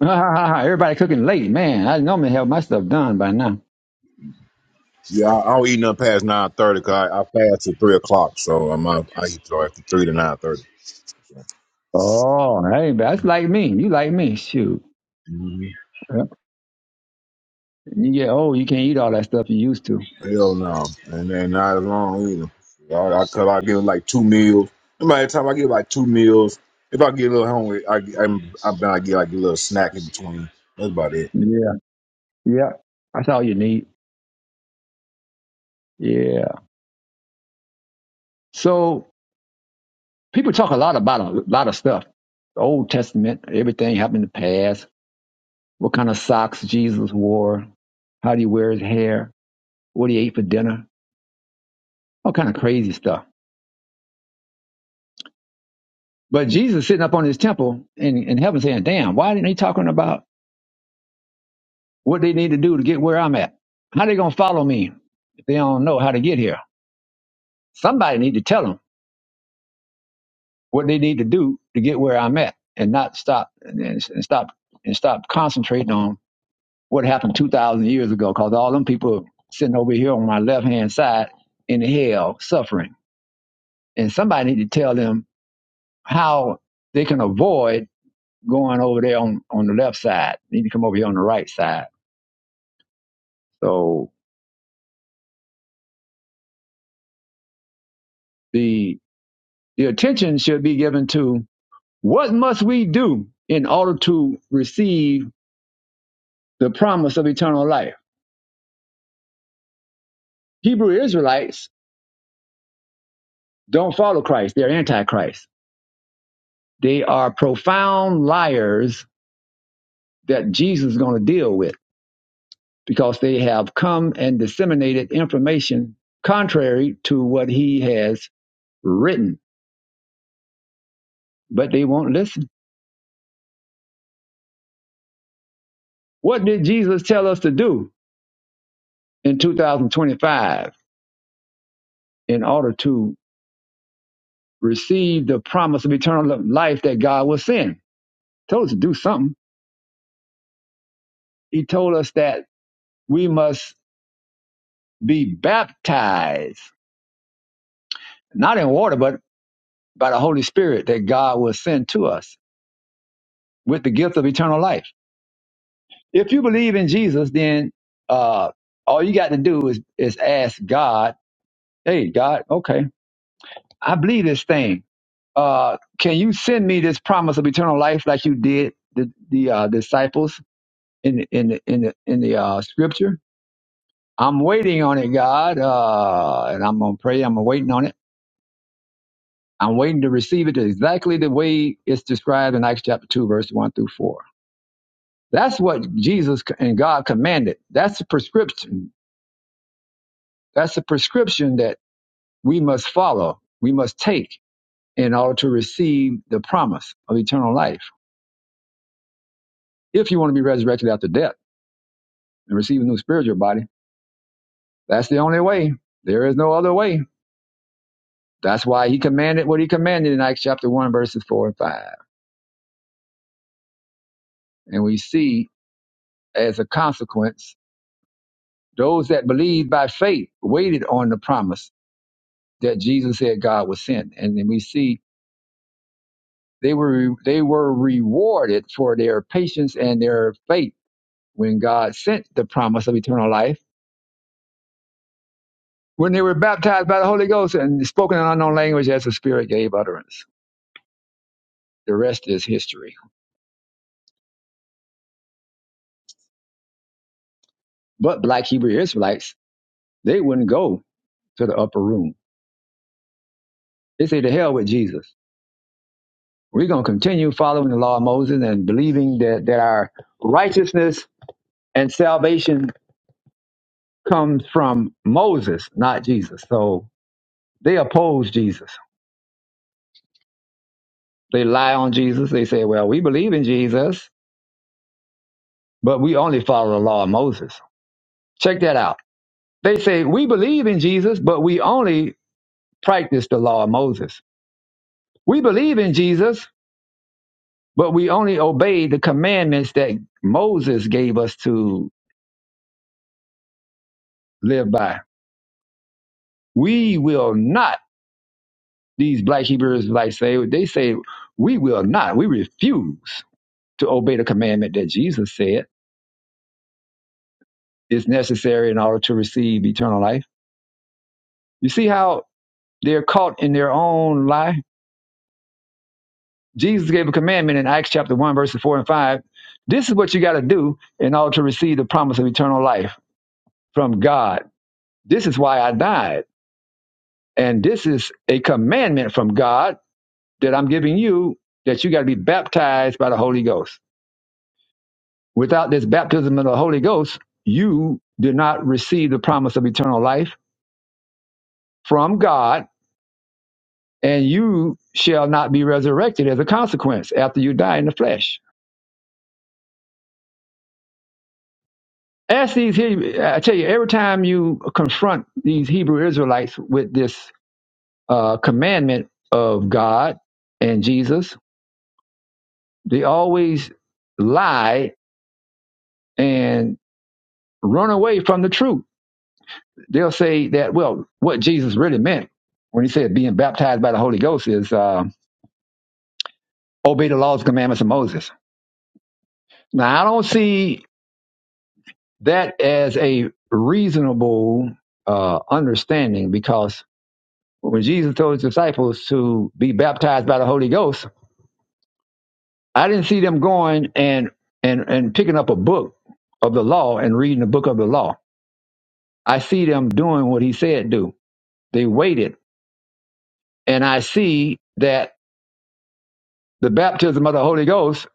A: Everybody cooking late, man. I normally have my stuff done by now.
L: Yeah, I, I don't eat nothing past nine thirty. Cause I, I fast at three o'clock, so I'm out, I eat so after three to nine thirty.
A: Oh, hey, that's like me. You like me. Shoot.
L: hmm
A: Yep. You get old, you can't eat all that stuff you used to.
L: Hell no, and then not as long either. I, I cut. I get like two meals. And by the time I get like two meals, if I get a little hungry, I i I bet I get like a little snack in between. That's about it.
A: Yeah. Yeah. That's all you need. Yeah. So people talk a lot about a lot of stuff. The Old Testament, everything happened in the past. What kind of socks Jesus wore? How do he wear his hair? What he ate for dinner? All kind of crazy stuff. But Jesus sitting up on his temple in, in heaven saying, "Damn, why didn't they talking about what they need to do to get where I'm at? How they gonna follow me if they don't know how to get here? Somebody need to tell them what they need to do to get where I'm at, and not stop and, and stop and stop concentrating on." what happened 2,000 years ago because all them people sitting over here on my left hand side in hell suffering. And somebody need to tell them how they can avoid going over there on, on the left side. They need to come over here on the right side. So the, the attention should be given to what must we do in order to receive the promise of eternal life. Hebrew Israelites don't follow Christ. They're antichrist. They are profound liars that Jesus is going to deal with because they have come and disseminated information contrary to what he has written, but they won't listen. What did Jesus tell us to do in 2025 in order to receive the promise of eternal life that God will send? He told us to do something. He told us that we must be baptized, not in water, but by the Holy Spirit that God will send to us with the gift of eternal life. If you believe in Jesus, then uh, all you got to do is is ask God, "Hey, God, okay, I believe this thing. Uh, can you send me this promise of eternal life like you did the the uh, disciples in the, in the, in the, in the uh, scripture? I'm waiting on it, God, uh, and I'm gonna pray. I'm waiting on it. I'm waiting to receive it exactly the way it's described in Acts chapter two, verse one through four. That's what Jesus and God commanded. That's the prescription. That's the prescription that. we must follow, we must take in order to receive the promise of eternal life. If you want to be resurrected after death and receive a new spiritual body, that's the only way. There is no other way. That's why he commanded what he commanded in Acts chapter 1, verses 4 and 5. And we see as a consequence, those that believed by faith waited on the promise that Jesus said God would send. And then we see they were they were rewarded for their patience and their faith when God sent the promise of eternal life when they were baptized by the Holy Ghost and spoken in unknown language as the Spirit gave utterance. The rest is history. But black Hebrew Israelites, they wouldn't go to the upper room. They say, to hell with Jesus. We're going to continue following the law of Moses and believing that, that our righteousness and salvation comes from Moses, not Jesus. So they oppose Jesus. They lie on Jesus. They say, well, we believe in Jesus, but we only follow the law of Moses. Check that out. They say, We believe in Jesus, but we only practice the law of Moses. We believe in Jesus, but we only obey the commandments that Moses gave us to live by. We will not, these black Hebrews like say, they say, we will not, we refuse to obey the commandment that Jesus said is necessary in order to receive eternal life. You see how they're caught in their own lie? Jesus gave a commandment in Acts chapter 1, verses 4 and 5. This is what you got to do in order to receive the promise of eternal life from God. This is why I died. And this is a commandment from God that I'm giving you that you got to be baptized by the Holy Ghost. Without this baptism of the Holy Ghost, you do not receive the promise of eternal life from God, and you shall not be resurrected as a consequence after you die in the flesh. Ask these Hebrew, I tell you, every time you confront these Hebrew Israelites with this uh, commandment of God and Jesus, they always lie and run away from the truth. They'll say that, well, what Jesus really meant when he said being baptized by the Holy Ghost is uh, obey the laws and commandments of Moses. Now, I don't see that as a reasonable uh, understanding because when Jesus told his disciples to be baptized by the Holy Ghost, I didn't see them going and and and picking up a book of the law and reading the book of the law. I see them doing what he said do. They waited, and I see that the baptism of the Holy Ghost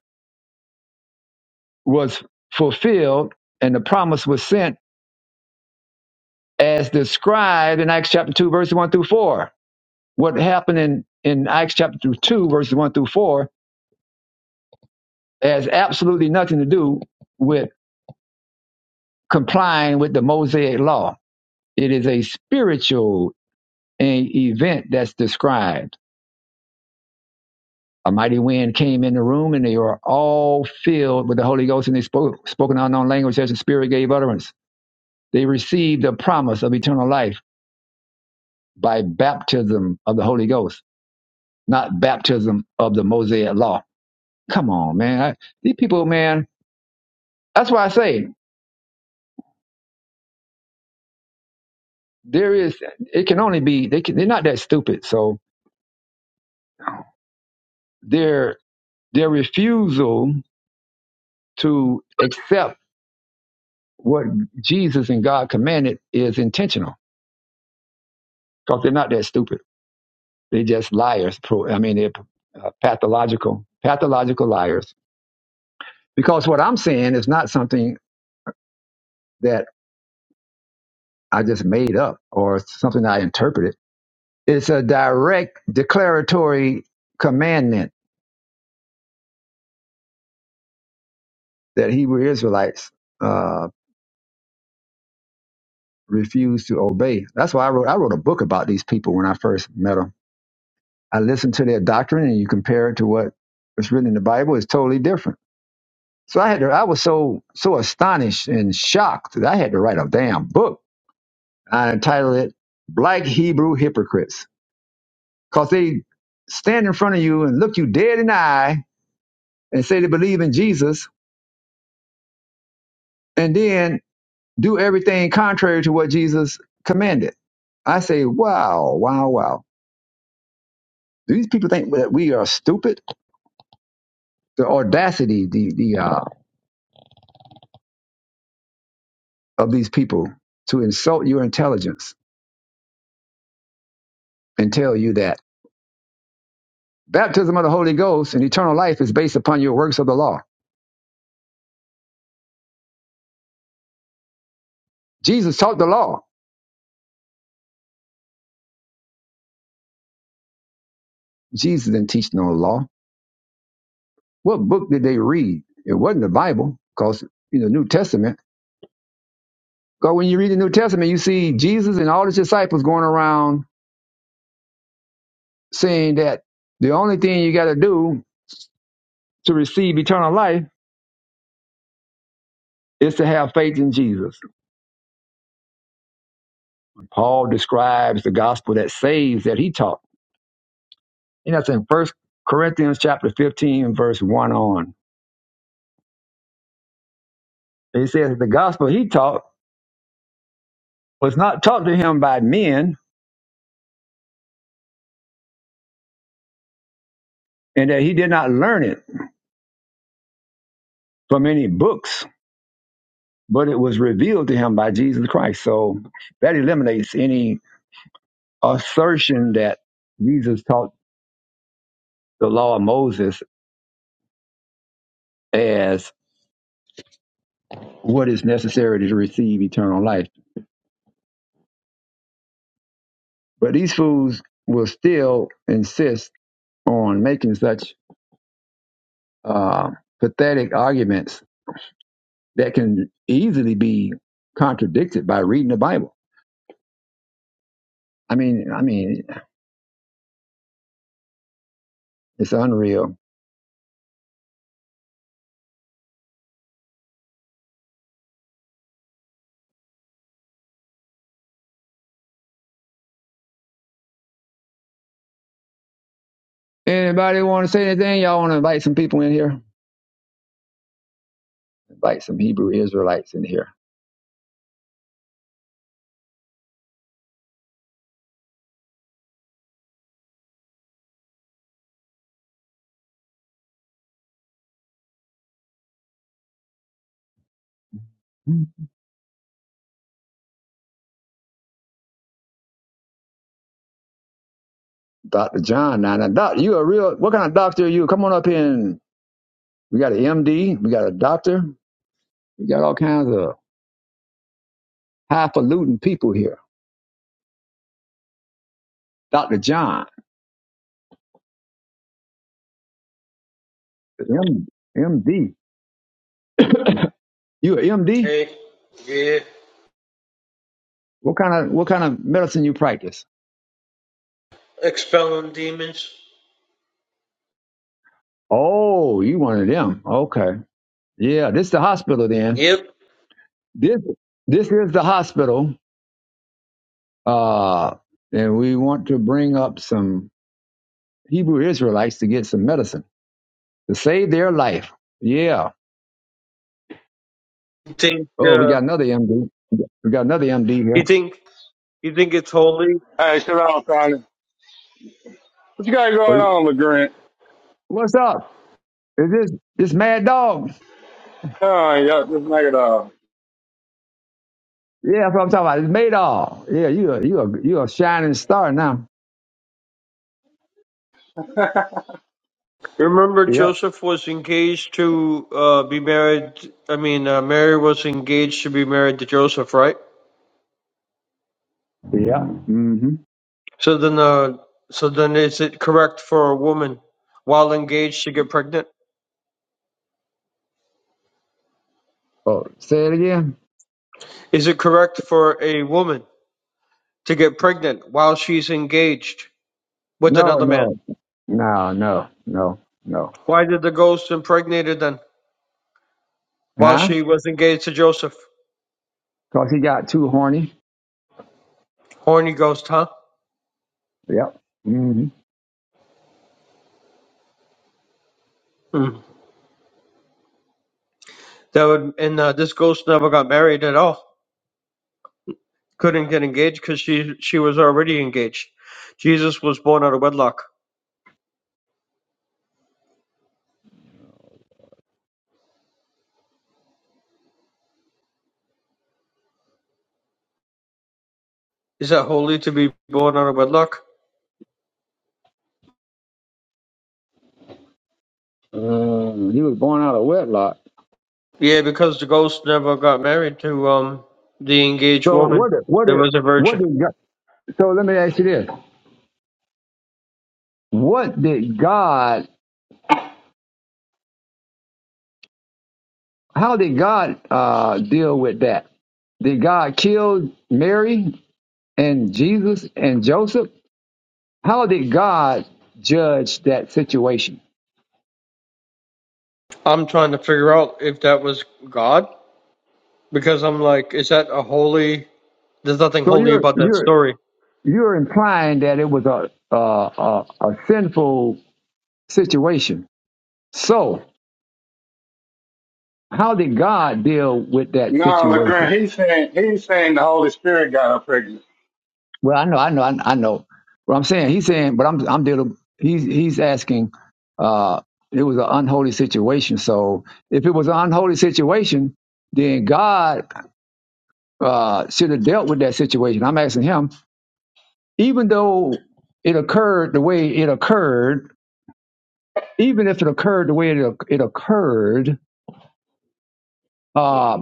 A: was fulfilled, and the promise was sent as described in Acts chapter two, verses one through four. What happened in in Acts chapter two, verses one through four, has absolutely nothing to do with complying with the Mosaic law. It is a spiritual eh, event that's described. A mighty wind came in the room, and they were all filled with the Holy Ghost, and they spoke spoken unknown language as the Spirit gave utterance. They received the promise of eternal life by baptism of the Holy Ghost, not baptism of the Mosaic law. Come on, man! I, these people, man. That's why I say there is. It can only be. They can, they're not that stupid. So their their refusal to accept what Jesus and God commanded is intentional because they're not that stupid. They're just liars. pro- I mean, they're uh, pathological, pathological liars. Because what I'm saying is not something that I just made up or something I interpreted. It's a direct declaratory commandment that Hebrew Israelites uh, refused to obey. That's why I wrote. I wrote a book about these people when I first met them. I listened to their doctrine and you compare it to what was written in the Bible, it's totally different. So I had to, I was so so astonished and shocked that I had to write a damn book. I entitled it Black Hebrew Hypocrites. Because they stand in front of you and look you dead in the eye and say they believe in Jesus and then do everything contrary to what Jesus commanded. I say, wow, wow, wow. Do these people think that we are stupid? The audacity, the the uh, of these people to insult your intelligence and tell you that baptism of the Holy Ghost and eternal life is based upon your works of the law. Jesus taught the law. Jesus didn't teach no law. What book did they read? It wasn't the Bible, because you know New Testament. Because when you read the New Testament, you see Jesus and all his disciples going around saying that the only thing you got to do to receive eternal life is to have faith in Jesus. Paul describes the gospel that saves that he taught And that's in First Corinthians chapter 15, verse 1 on. He says that the gospel he taught was not taught to him by men, and that he did not learn it from any books, but it was revealed to him by Jesus Christ. So that eliminates any assertion that Jesus taught the law of Moses as what is necessary to receive eternal life. But these fools will still insist on making such uh, pathetic arguments that can easily be contradicted by reading the Bible. I mean, I mean, it's unreal. Anybody want to say anything? Y'all want to invite some people in here? Invite some Hebrew Israelites in here. Dr. John, now, now doc, you a real, what kind of doctor are you? Come on up here and we got an MD, we got a doctor, we got all kinds of highfalutin people here. Dr. John, MD. you an MD?
M: Hey, yeah,
A: What kind of, what kind of medicine you practice?
M: expelling demons.
A: Oh, you one of them. Okay. Yeah, this the hospital then.
M: Yep.
A: This this is the hospital. Uh and we want to bring up some Hebrew Israelites to get some medicine to save their life. Yeah.
M: You think,
A: Oh, we
M: uh,
A: got another MD. We got another MD
M: you
A: here.
M: think, you think it's holy?
N: Hey, Shalom, Connie. What you got
A: Oh,
N: going on, LeGrant?
A: What's up? Is this this mad dog?
N: Oh, yeah, this nigga dog.
A: Yeah, that's what I'm talking about. It's Maydog. Yeah, you a you a you a shining star now.
M: Remember,
A: Yep.
M: Joseph was engaged to uh, be married. I mean, uh, Mary was engaged to be married to Joseph, right?
A: Yeah. Mm-hmm.
M: So then, uh, so then, is it correct for a woman while engaged to get pregnant?
A: Oh, say it again.
M: Is it correct for a woman to get pregnant while she's engaged with
A: No,
M: another man?
A: no, no, no, no, no.
M: Why did the ghost impregnate her then while
A: Huh?
M: she was engaged to Joseph?
A: Cause he got too horny.
M: Horny ghost, huh?
A: Yep. hmm
M: Hmm. That would, and uh, this ghost never got married at all. Couldn't get engaged because she she was already engaged. Jesus was born out of wedlock. Is that holy to be born out of wedlock?
A: Uh, you was born out of wedlock.
M: Yeah, because the ghost never got married to um the engaged
A: So
M: woman.
A: what? did- What?
M: There
A: did-
M: was a
A: What
M: virgin.
A: did God? So let me ask you this: What did God? How did God uh, deal with that? Did God kill Mary and Jesus and Joseph? How did God judge that situation?
M: I'm trying to figure out if that was God because I'm like, is that a holy? There's nothing
A: So
M: holy
A: you're
M: about that
A: you're
M: story.
A: you're implying that it was a a, a, a sinful situation. So how did God deal with that
N: No,
A: situation?
N: LeGrant, he's saying, he's saying the Holy Spirit got her pregnant.
A: Well, I know, I know, I, I know. What I'm saying, he's saying, but I'm, I'm dealing. He's, he's asking. Uh, it was an unholy situation. So if it was an unholy situation, then God uh, should have dealt with that situation. I'm asking him, even though it occurred the way it occurred, even if it occurred the way it, it occurred, uh,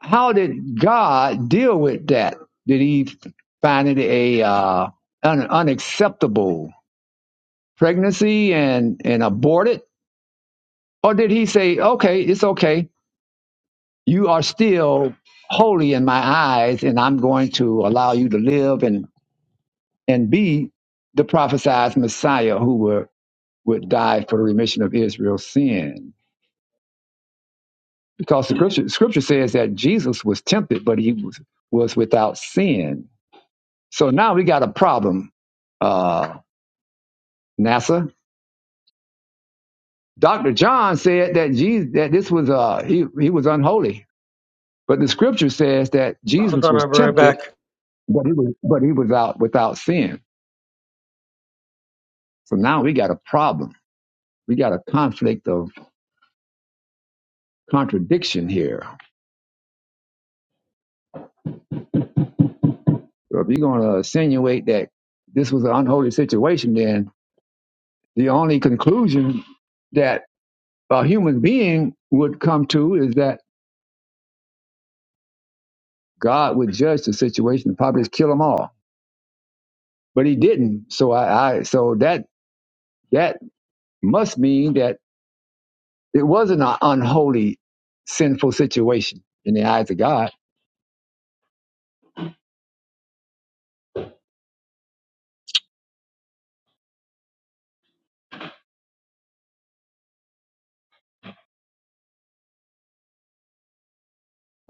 A: how did God deal with that? Did he find it a uh, un, unacceptable? pregnancy and, and abort it? Or did he say, okay, it's okay. You are still holy in my eyes, and I'm going to allow you to live and, and be the prophesied Messiah who would, would die for the remission of Israel's sin? Because the scripture, scripture says that Jesus was tempted, but he was, was without sin. So now we got a problem, uh, NASA. Dr. John said that Jesus, that this was uh he he was unholy But the scripture says that
M: Hold
A: Jesus
M: on,
A: was
M: I'll be right
A: tempted,
M: back.
A: but he was but he was out without sin. So now we got a problem. We got a conflict of contradiction here. So if you're gonna insinuate that this was an unholy situation, then the only conclusion that a human being would come to is that God would judge the situation and probably just kill them all. But he didn't. So I, I so that that must mean that It was an unholy, sinful situation in the eyes of God.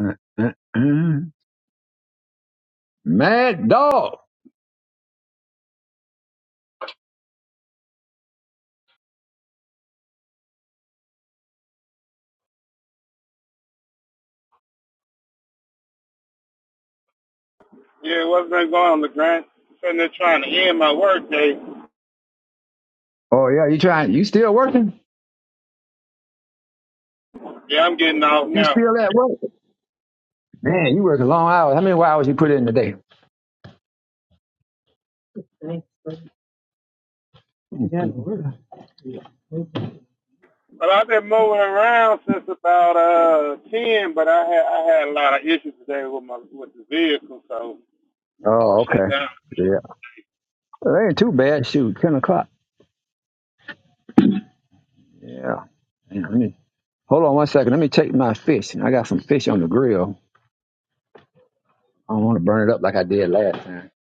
A: Uh, uh, uh. Mad dog.
N: Yeah, what's been going on, LeGrant? Sitting there trying to end my work day.
A: Oh yeah, you trying? You still working?
N: Yeah, I'm getting off
A: You
N: now.
A: still at work? Man, you working long hours. How many hours you put in today? Yeah.
N: But I've been moving around since about uh ten, but I had I had a lot of issues today with my with the vehicle, so I was
A: Oh,
N: shut
A: okay.
N: down.
A: Yeah. Well, that ain't too bad. Shoot, 10 o'clock. Yeah. Man, let me, hold on one second. Let me take my fish. I got some fish on the grill. I don't want to burn it up like I did last time.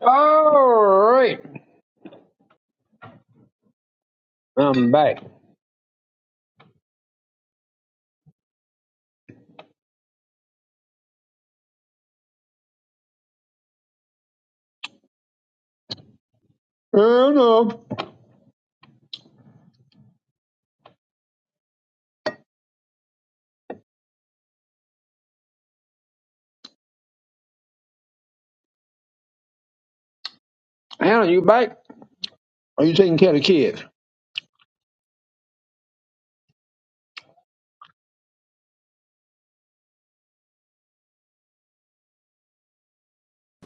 A: All right. I'm back. Anna, Anna, you back? Are you taking care of the kids?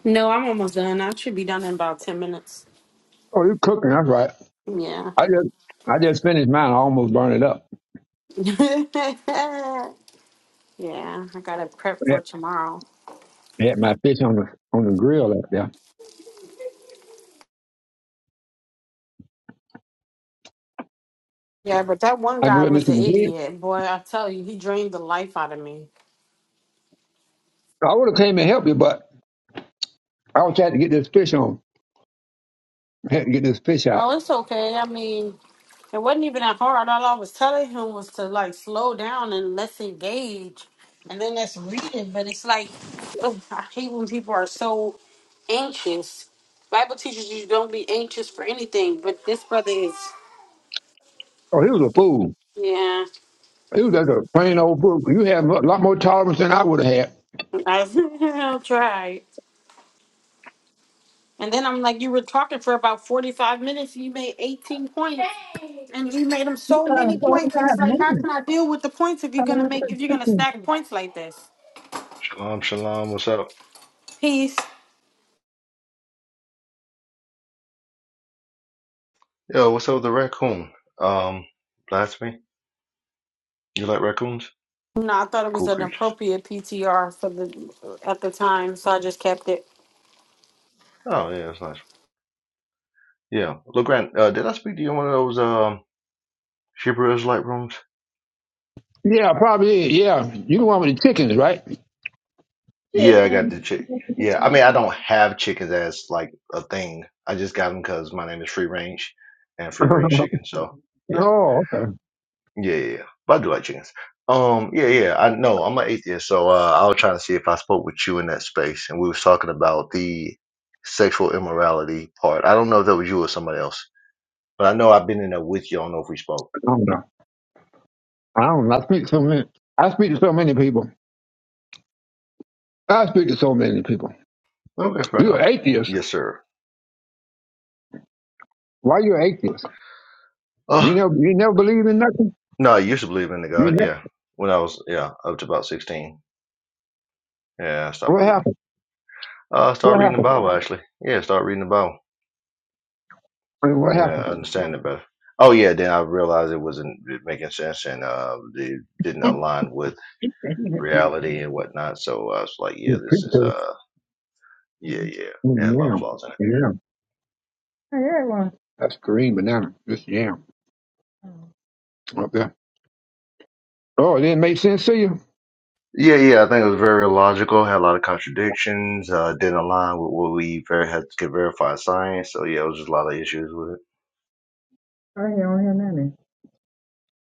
B: No, I'm almost done. I should be done in about ten minutes.
A: Oh, you're cooking. That's right.
B: Yeah.
A: I just I just finished mine. I almost burned it up.
B: yeah, I gotta prep
A: I
B: for
A: had,
B: tomorrow.
A: I had my fish on the on the grill out there.
B: Yeah, but that one
A: I
B: guy
A: grilled me
B: was an
A: some green.
B: idiot. Boy, I tell you, he drained the life out of me.
A: I would have came and helped you, but I was trying to get this fish on. I Had to get this fish out.
B: No, it's okay. I mean, it wasn't even that hard. All I was telling him was to like slow down and let's engage. And then let's read it. But it's like, ugh, I hate when people are so anxious. Bible teaches you don't be anxious for anything, but this brother is.
A: Oh, he was a fool.
B: Yeah,
A: He was just a plain old fool. You had a lot more tolerance than I would have had.
B: I'll try. And then I'm like, you were talking for about 45 minutes. You made 18 points. And you made them so many points. And it's like, how can I deal with the points if you're gonna make if you're gonna stack points like this?
O: Shalom, shalom. What's up?
B: Peace.
O: Yo, what's up with the raccoon? Um, blasphemy. You like raccoons?
B: No, I thought it was
O: Cool
B: an
O: creatures.
B: appropriate PTR for the at the time, so I just kept it.
O: Oh yeah, that's nice. Yeah, LeGrand, uh, did I speak to you in one of those um Hebrew Israelite rooms?
A: Yeah, probably. Yeah, you the one with the chickens, right?
O: Yeah, I got the chick. Yeah, I mean, I don't have chickens as like a thing. I just got them because my name is Free Range, and free range chicken. So yeah.
A: Oh, okay. I
O: Yeah, yeah, yeah. But I do like chickens. Um, yeah, yeah. I know I'm an atheist, so uh, I was trying to see if I spoke with you in that space, and we was talking about the sexual immorality part. I don't know if that was you or somebody else, but I know I've been in there with you. I don't know if we spoke.
A: don't know. I don't know. I speak to so many. I speak to so many people. I speak to so many people.
O: Okay, fair
A: You're
O: enough.
A: an atheist.
O: Yes, sir.
A: Why you an atheist? You
O: Uh
A: never, you never believe in nothing.
O: no, I used to believe in the
A: You
O: God.
A: never.
O: Yeah, when I was yeah up to about sixteen. Yeah, I stopped
A: What
O: believing.
A: happened?
O: Uh, I started
A: What
O: reading the
A: happened?
O: Bible actually. Yeah, start reading the Bible.
A: I mean, What
O: and uh,
A: happened?
O: understand Oh yeah, then I realized it wasn't making sense and uh, it didn't align with reality and whatnot. So I was like, yeah,
A: Yeah,
O: this
A: pretty
O: is
A: good.
O: uh, yeah, yeah, it
A: Mm,
O: had a lot of
A: yeah,
O: flaws in it.
A: yeah. I hear one. That's green banana. Just yam up there. Oh, it didn't make sense to you?
O: Yeah, yeah, I think it was very illogical. Had a lot of contradictions. Uh, didn't align with what we ver- had to verify science. So yeah, it was just a lot of issues with it.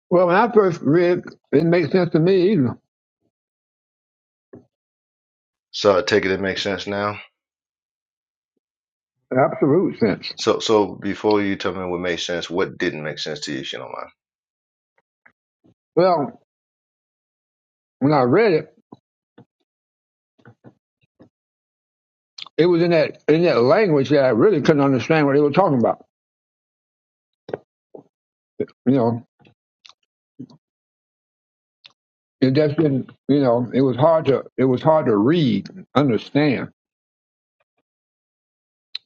A: Well, when I first read, it didn't make sense to me either.
O: So I take it it makes sense now.
A: Absolute sense.
O: So so before you tell me what made sense, what didn't make sense to you, if you don't mind?
A: Well, when I read it, it was in that in that language that I really couldn't understand what they were talking about. You know. It just didn't, you know, it was hard to it was hard to read, and understand,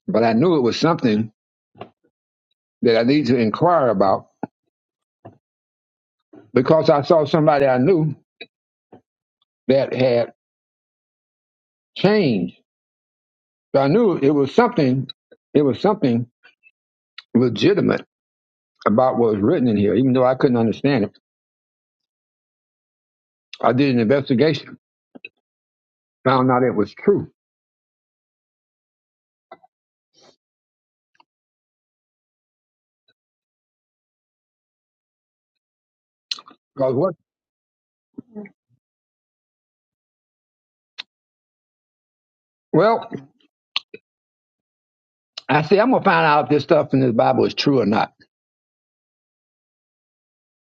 A: but I knew it was something that I needed to inquire about because I saw somebody I knew that had changed. So I knew it was something, it was something legitimate about what was written in here, even though I couldn't understand it. I did an investigation, found out it was true. Because what? Well, I said I'm gonna find out if this stuff in this Bible is true or not.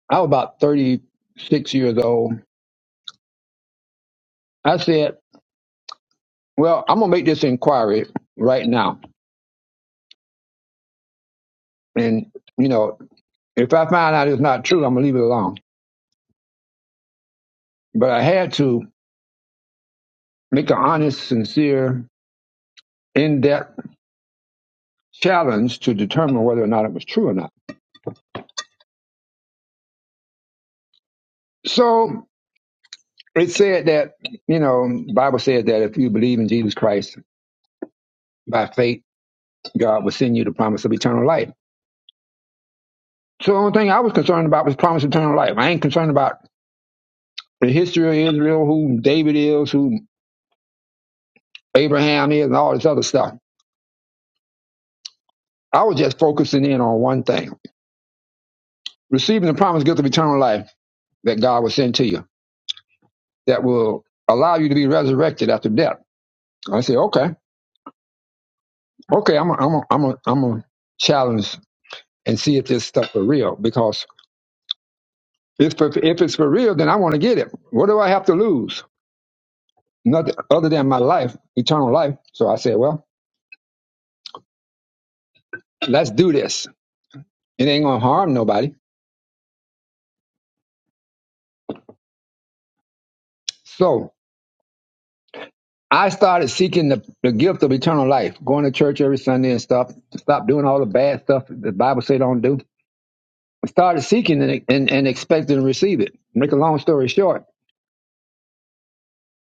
A: I was about 36 years old. I said. Well, I'm gonna make this inquiry right now, and you know, if I find out it's not true, I'm gonna leave it alone. But I had to make an honest, sincere, in-depth challenge to determine whether or not it was true or not. So it said that you know, the Bible says that if you believe in Jesus Christ by faith, God will send you the promise of eternal life. So the only thing I was concerned about was promise of eternal life. I ain't concerned about the history of Israel, who David is, who Abraham is, and all this other stuff. I was just focusing in on one thing receiving the promised gift of eternal life that God will send to you that will allow you to be resurrected after death. I said, okay, okay, I'm going I'm to I'm a- I'm a challenge and see if this stuff for real because if, if, it's for real, then I want to get it. What do I have to lose? Nothing other than my life, eternal life. So I said, well, let's do this. It ain't going to harm nobody. So." I started seeking the, the gift of eternal life, going to church every Sunday and stuff, stop doing all the bad stuff the Bible say don't do. I started seeking and, and, and expecting to receive it. Make a long story short,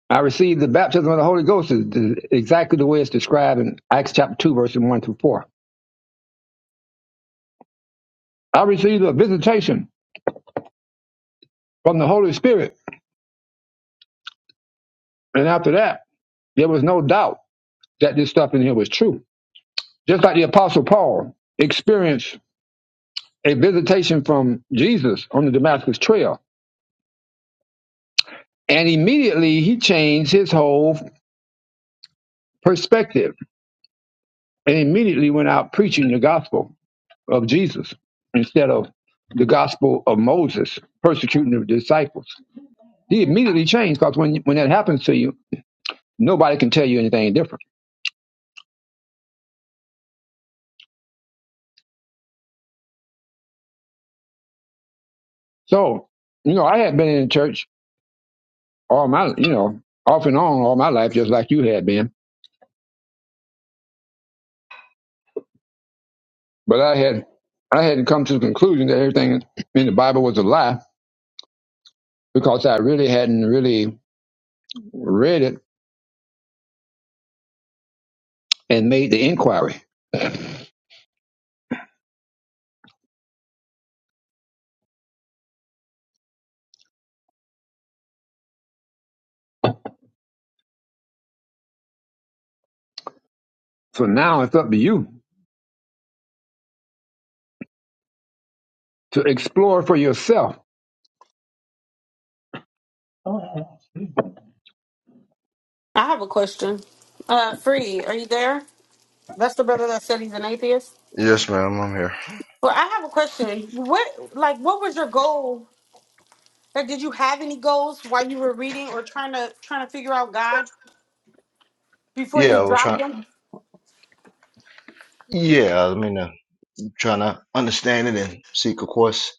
A: I received the baptism of the Holy Ghost is, is exactly the way it's described in Acts chapter 2, verses 1 through 4. I received a visitation from the Holy Spirit. And after that, there was no doubt that this stuff in here was true. Just like the Apostle Paul experienced a visitation from Jesus on the Damascus Trail And immediately he changed his whole perspective and immediately went out preaching the gospel of Jesus instead of the gospel of Moses, persecuting the disciples. He immediately changed because when, when that happens to you, nobody can tell you anything different. So, you know, I had been in church all my, you know, off and on all my life, just like you had been. But I had, I hadn't come to the conclusion that everything in the Bible was a lie because I really hadn't really read it and made the inquiry. So now it's up to you to explore for yourself.
B: I have a question. Uh free, are you there? That's the brother that said he's an atheist.
O: Yes, ma'am, I'm here.
B: Well, I have a question. What like what was your goal? Like did you have any goals while you were reading or trying to trying to figure out God before
O: Yeah,
B: you
O: I was
B: dropped
O: trying.
B: them?
O: Yeah, I mean. uh, trying to understand it and seek, of course,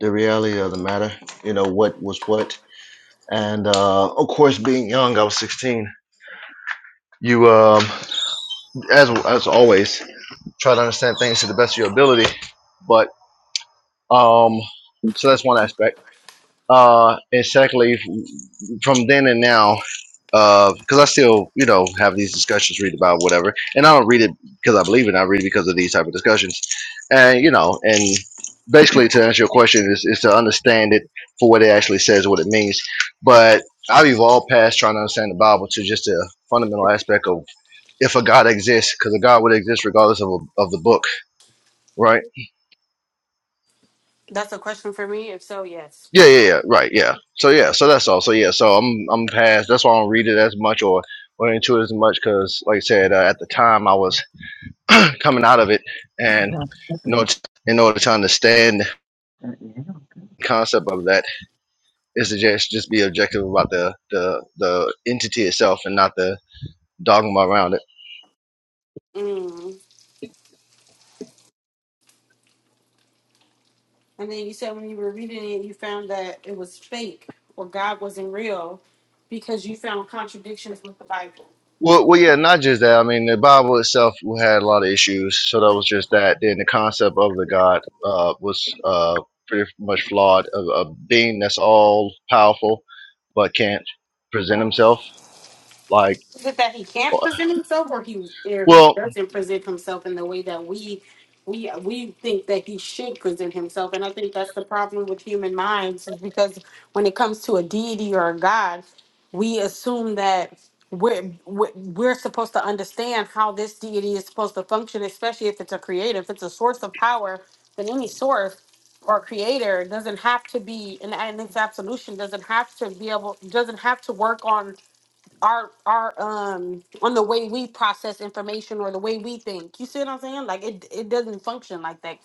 O: the reality of the matter. You know what was what, and uh, of course, being young, I was 16. You, um, as as always, try to understand things to the best of your ability. But um, so that's one aspect. Uh, and secondly, from then and now, because uh, I still, you know, have these discussions, read about whatever, and I don't read it because I believe it. I read it because of these type of discussions, and you know, and basically to answer your question is, is to understand it for what it actually says, what it means. But I've evolved past trying to understand the Bible to just a fundamental aspect of if a God exists, because a God would exist regardless of, a, of the book, right?
B: That's a question for me. If so, yes.
O: Yeah, yeah, yeah. Right, yeah. So yeah, so that's all. So yeah, so I'm I'm past. That's why I don't read it as much or or into it as much because, like I said, uh, at the time I was coming out of it, and in order to, in order to understand the concept of that is to just just be objective about the the the entity itself and not the dogma around it.
B: Mm. And then you said when you were reading it, you found that it was fake or God wasn't real because you found contradictions with the Bible.
O: Well, well, yeah, not just that. I mean, the Bible itself had a lot of issues, so that was just that. Then the concept of the God uh, was uh, pretty much flawed. A, a being that's all powerful but can't present himself. Like,
B: Is it that he can't
O: uh,
B: present himself, or he or he
O: well,
B: doesn't present himself in the way that we we we think that he should present himself? And I think that's the problem with human minds, is because when it comes to a deity or a god, we assume that we're we're we're supposed to understand how this deity is supposed to function, especially if it's a creator, if it's a source of power, then any source or creator doesn't have to be and, and its absolution doesn't have to be able doesn't have to work on our our um on the way we process information or the way we think. You see what I'm saying? Like it it doesn't function like that.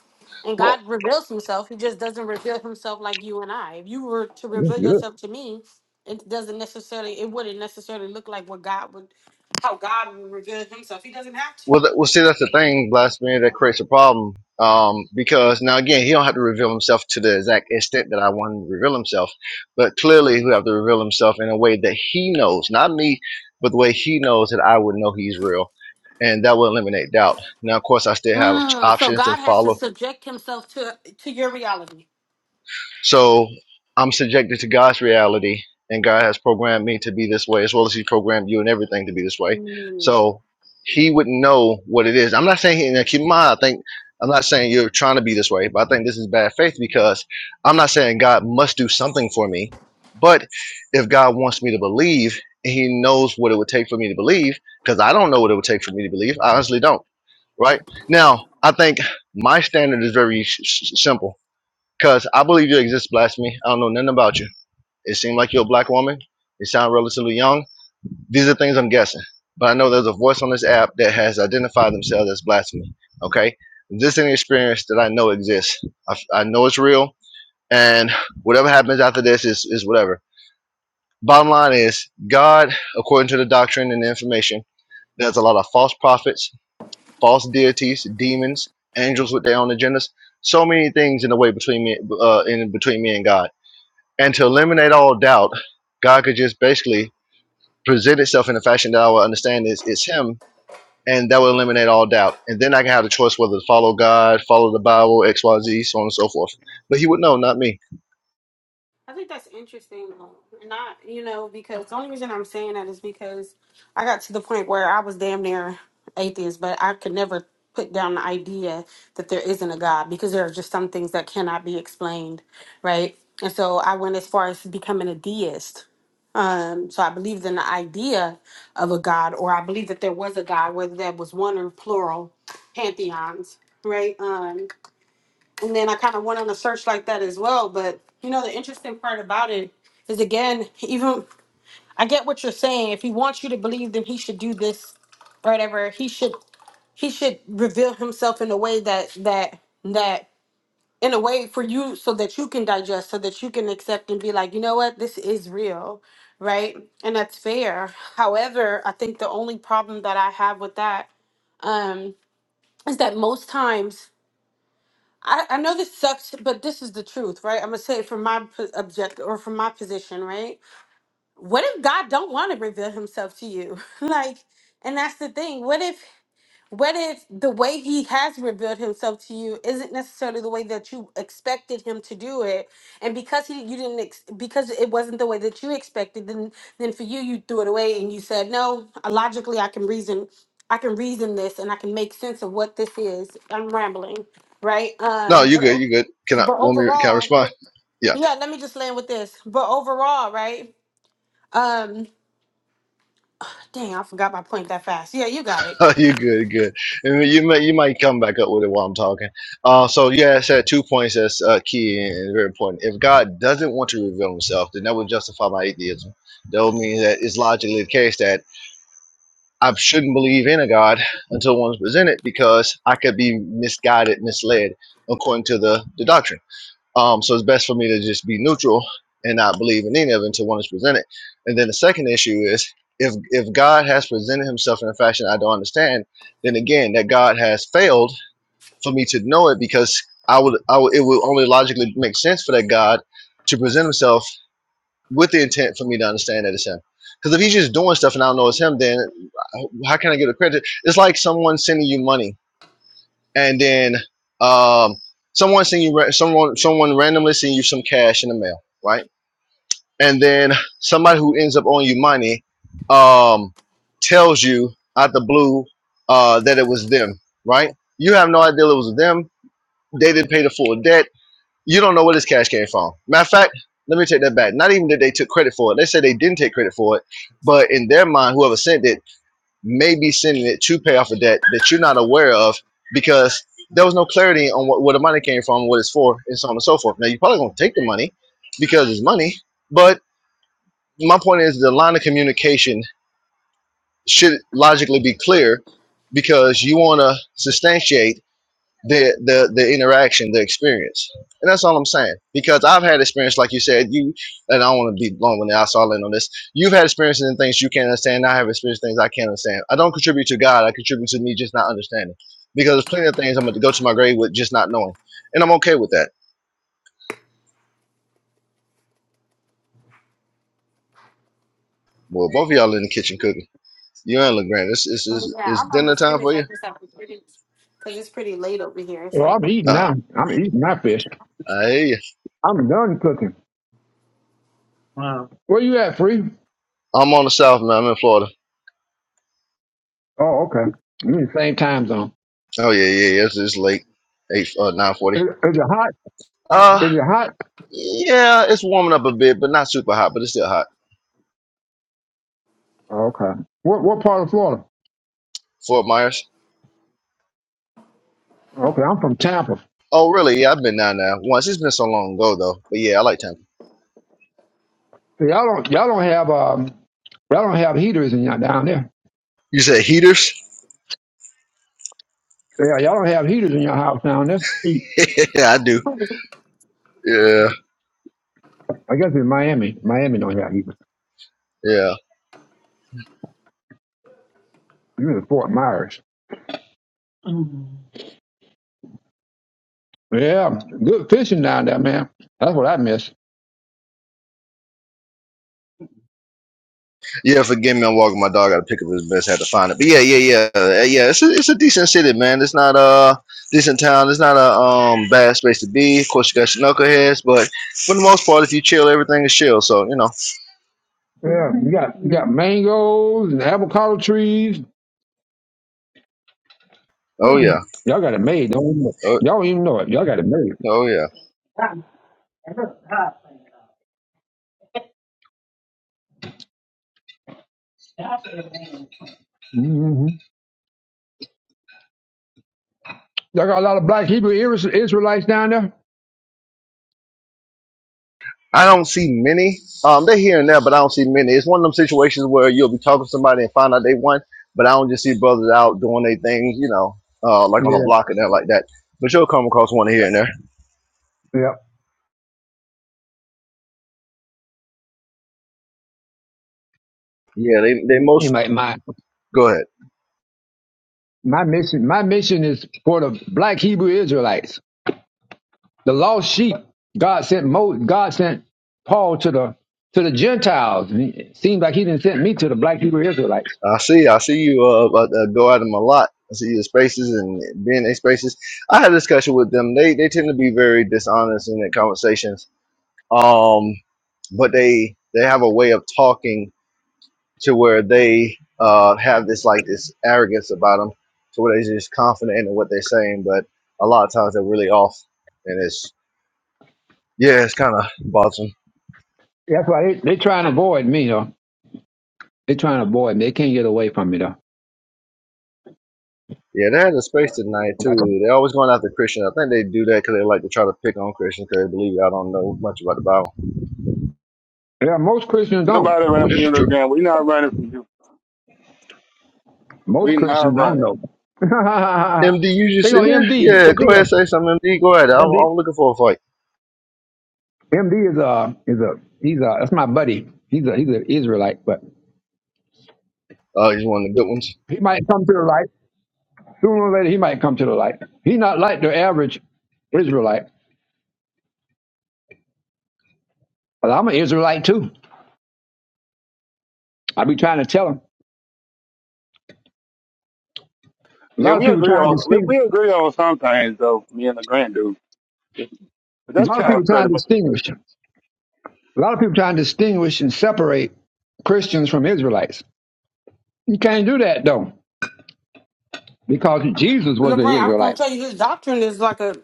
B: And
O: well,
B: God reveals himself. He just doesn't reveal himself like you and I. If you were to
A: That's
B: reveal
A: good.
B: yourself to me, it doesn't necessarily it wouldn't necessarily look like what God would how God would reveal himself. He doesn't have to.
O: Well, th- well, see, that's the thing, blasphemy, that creates a problem. Um, because now again, he don't have to reveal himself to the exact extent that I want him to reveal himself, but clearly he have to reveal himself in a way that he knows, not me, but the way he knows that I would know he's real, and that will eliminate doubt. Now, of course, I still have
B: Mm, so
O: options to
B: God has to
O: follow
B: subject himself to to your reality.
O: So I'm subjected to God's reality, and God has programmed me to be this way, as well as He programmed you and everything to be this way. So He would not know what it is. I'm not saying, and keep in mind, I think I'm not saying you're trying to be this way, but I think this is bad faith because I'm not saying God must do something for me. But if God wants me to believe, and He knows what it would take for me to believe, because I don't know what it would take for me to believe. I honestly don't. Right now, I think my standard is very s- s- simple Cause I believe you exist, blasphemy. I don't know nothing about you. It seemed like you're a black woman. You sound relatively young. These are things I'm guessing. But I know there's a voice on this app that has identified themselves as blasphemy. Okay? This is an experience that I know exists. I, I know it's real. And whatever happens after this is, is whatever. Bottom line is, God, according to the doctrine and the information, there's a lot of false prophets, false deities, demons, angels with their own agendas. So many things in the way between me, uh, in between me and God and to eliminate all doubt, God could just basically present itself in a fashion that I would understand is it's him and that would eliminate all doubt. And then I can have the choice whether to follow God, follow the Bible, XYZ, so on and so forth. But he would know, not me.
B: I think that's interesting, and not you know because the only reason I'm saying that is because I got to the point where I was damn near atheist, but I could never put down the idea that there isn't a God because there are just some things that cannot be explained, right? And so I went as far as becoming a deist. Um, so I believed in the idea of a God, or I believed that there was a God, whether that was one or plural pantheons, right? Um, and then I kind of went on a search like that as well. But you know, the interesting part about it is again, even I get what you're saying. If he wants you to believe, then he should do this or whatever. He should he should reveal himself in a way that that that in a way for you so that you can digest, so that you can accept and be like, you know what, this is real, right? And that's fair. However, I think the only problem that I have with that um, is that most times I, I know this sucks, but this is the truth, right? I'm gonna say it from my po- objective or from my position, right? What if God don't want to reveal Himself to you? like, and that's the thing. What if, what if the way He has revealed Himself to you isn't necessarily the way that you expected Him to do it, and because He you didn't ex- because it wasn't the way that you expected, then then for you you threw it away and you said, no, logically I can reason, I can reason this and I can make sense of what this is. I'm rambling, right?
O: No,
B: Um.
O: you good, you good. Can I
B: But
O: want me can I
B: overall,
O: respond? Yeah.
B: yeah, let me just land with this. But overall, right? Um, dang, I forgot my point that fast. Yeah, you got it.
O: you good, good. I mean, you may you might come back up with it while I'm talking. Uh so yeah, I said two points that's uh, key and very important. If God doesn't want to reveal himself, then that would justify my atheism. That would mean that it's logically the case that I shouldn't believe in a God until one's presented because I could be misguided, misled according to the, the doctrine. Um, so it's best for me to just be neutral and not believe in any of it until one is presented. And then the second issue is if if God has presented himself in a fashion I don't understand, then again that God has failed for me to know it because I would I would it would only logically make sense for that God to present himself with the intent for me to understand that it's him. Because if he's just doing stuff and I don't know it's him, then how can I give the credit? It's like someone sending you money and then um, someone sending you someone someone randomly sending you some cash in the mail, right? And then somebody who ends up owing you money um, tells you out the blue uh, that it was them, right? You have no idea it was them. They didn't pay the full debt you don't know where this cash came from. Matter of fact, let me take that back. Not even that they took credit for it. They said they didn't take credit for it, but in their mind, whoever sent it may be sending it to pay off a debt that you're not aware of because there was no clarity on what, where the money came from, what it's for, and so on and so forth. Now you're probably gonna take the money because it's money, but my point is the line of communication should logically be clear because you want to substantiate the the the interaction, the experience, and that's all I'm saying. Because I've had experience, like you said, you and I don't want to be blown when I saw in on this. You've had experiences in things you can't understand. I have experienced things I can't understand. I don't contribute to God. I contribute to me just not understanding. Because there's plenty of things I'm going to go to my grave with just not knowing, and I'm okay with that. Well, both of y'all in the kitchen cooking. You and LeGrand, it's it's
B: Oh
O: it's,
B: yeah,
O: it's
B: I'm
O: dinner
B: almost
O: time
B: finished.
O: for
B: I
O: you.
B: just have to pretty because it's pretty late over here. It's
A: Well,
B: like
A: I'm eating
O: Uh,
A: now. I'm eating my fish.
O: I hear you.
A: I'm done cooking. Where you at, Free?
O: I'm on the south, man. I'm in Florida.
A: Oh, okay. You in the same time zone.
O: Oh yeah, yeah, yeah. It's, it's late, eight uh, nine forty.
A: Is, is it hot?
O: Uh,
A: Is it hot?
O: Yeah, it's warming up a bit, but not super hot, but it's still hot.
A: Oh, Okay. What what part of Florida?
O: Fort Myers.
A: Okay, I'm from Tampa.
O: Oh, really? Yeah, I've been down there once. It's been so long ago, though. But yeah, I like Tampa.
A: See, y'all don't y'all don't have um y'all don't have heaters in y'all down there.
O: You said heaters?
A: Yeah, y'all don't have heaters in your house down there.
O: yeah, I do. Yeah,
A: I guess in Miami, Miami don't have heaters.
O: yeah,
A: You're in Fort Myers. Yeah, good fishing down there, man. That's what I miss.
O: yeah. Forgive me, I'm walking my dog. I gotta pick up his best. Had to find it, but yeah, yeah, yeah, Uh, yeah. It's a, it's a decent city, man. It's not a decent town. It's not a um bad space to be. Of course, you got your knuckleheads, but for the most part, if you chill, everything is chill. So you know.
A: Yeah, you got you got mangoes and avocado trees.
O: Oh yeah.
A: Y'all got it made. Don't even know.
O: Oh,
A: Y'all don't even know it. Y'all got it made.
O: oh yeah.
A: hmm Y'all got a lot of black Hebrew Is- Israelites down there.
O: I don't see many. Um, they're here and there, but I don't see many. It's one of them situations where you'll be talking to somebody and find out they won, but I don't just see brothers out doing their thing, you know, uh, like on a
A: Yeah,
O: block and that like that. But you'll come across one here and there.
A: yeah.
O: Yeah, they they most
A: Anyway, my
O: go ahead.
A: my mission my mission is for the black Hebrew Israelites, the lost sheep. God sent Mo, God sent Paul to the to the Gentiles. And it seems like he didn't send me to the black Hebrew Israelites.
O: I see, I see you uh, about to go at them a lot. I see your spaces and being in their spaces. I had a discussion with them. They they tend to be very dishonest in their conversations. Um, but they they have a way of talking to where they uh, have this like this arrogance about them to where they're just confident in what they're saying, but a lot of times they're really off, and it's yeah, it's kind of bothersome.
A: That's why they they try and avoid me, though. They are trying to avoid it. They can't get away from it though.
O: Yeah, they had a space tonight
A: Like
O: too.
A: a-
O: They're always going after Christian. I think they do that because they like to try to pick on Christians because they believe I don't know much about the Bible,
A: yeah, most Christians don't.
N: Nobody running
O: which
N: from you,
O: is true.
N: LeGrant. We are not running from you.
A: Most
N: We not
A: Christians don't
N: running.
A: know.
O: MD, you
A: they
O: just
A: go
O: sitting there?
A: MD.
O: Yeah,
A: MD,
O: go ahead, say something. MD, go ahead. I'm,
A: MD,
O: I'm looking for a fight.
A: MD is a is a he's a that's my buddy. He's a he's an Israelite, but
O: Oh, he's one of the good ones.
A: he might come to the light sooner or later. He might come to the light. He's not like the average Israelite, but I'm an Israelite too. I be trying to tell him. A
N: Yeah,
A: lot of
N: we
A: people
N: agree
A: trying to
N: on we,
A: distinguish.
N: we agree on some things though. Me and LeGrant do. But
A: A
N: that's
A: lot of
N: child
A: people trying
N: predator.
A: to distinguish. A lot of people trying to distinguish and separate Christians from Israelites. You can't do that though, because Jesus was an
B: Lorraine, I was gonna
A: Israelite.
B: tell you this doctrine is like a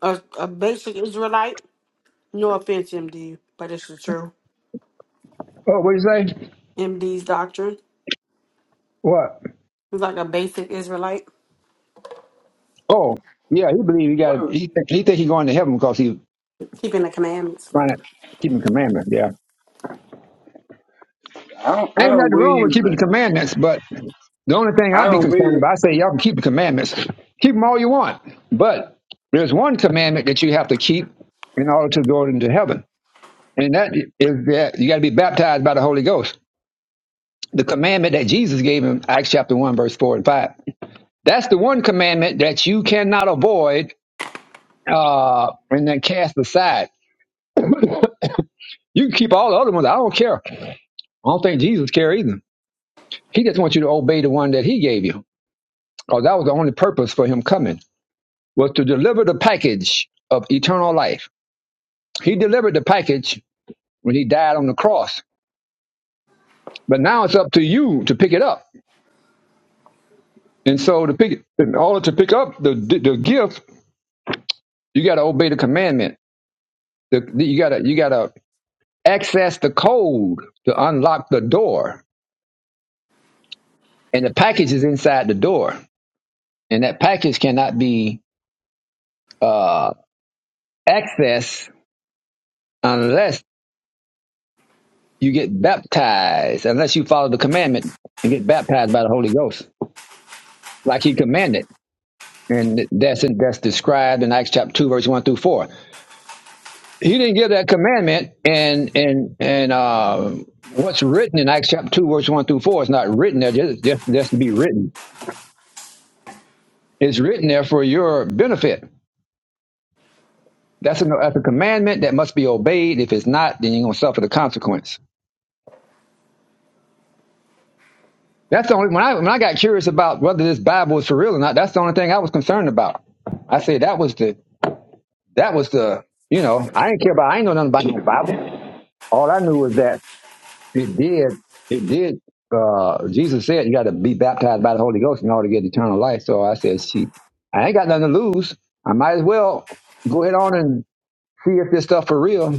B: a, a basic Israelite. No offense, MD, but it's the true
A: Oh, what you say?
B: MD's doctrine.
A: What?
B: It's like a basic Israelite
A: Oh, yeah, he believed he got.
N: Well,
A: He think he, think he going to heaven because he
B: keeping the commandments.
A: trying to keep the commandments. Yeah,
N: I don't, I
A: ain't
N: don't
A: nothing wrong with
N: believe,
A: keeping the commandments, but the only thing
N: I
A: I'd be
N: don't
A: concerned
N: believe,
A: about, I say y'all can keep the commandments, keep them all you want, but there's one commandment that you have to keep in order to go into heaven, and that is that you got to be baptized by the Holy Ghost. The commandment that Jesus gave him, Acts chapter one, verse four and five. That's the one commandment that you cannot avoid uh, and then cast aside. You can keep all the other ones. I don't care. I don't think Jesus care either. He just wants you to obey the one that he gave you. Because that was the only purpose for him coming, was to deliver the package of eternal life. He delivered the package when he died on the cross. But now it's up to you to pick it up. And so to pick, in order to pick up the, the, the gift, you got to obey the commandment. The, the- you got to you got to access the code to unlock the door and the package is inside the door, and that package cannot be uh, accessed unless you get baptized, unless you follow the commandment and get baptized by the Holy Ghost, like He commanded, and that's that's described in Acts chapter two, verse one through four. He didn't give that commandment, and and and uh, what's written in Acts chapter two, verse one through four is not written there just just, just to be written. It's written there for your benefit That's a, that's a commandment that must be obeyed. If it's not, then you're gonna suffer the consequence. That's the only when I when I got curious about whether this Bible is for real or not. That's the only thing I was concerned about. I said that was the that was the you know I didn't care about I didn't know nothing about the Bible. All I knew was that it did it did. Uh, Jesus said you got to be baptized by the Holy Ghost in order to get eternal life. So I said, she I ain't got nothing to lose. I might as well go ahead on and see if this stuff for real.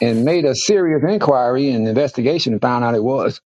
A: and made a serious inquiry and investigation and found out it was.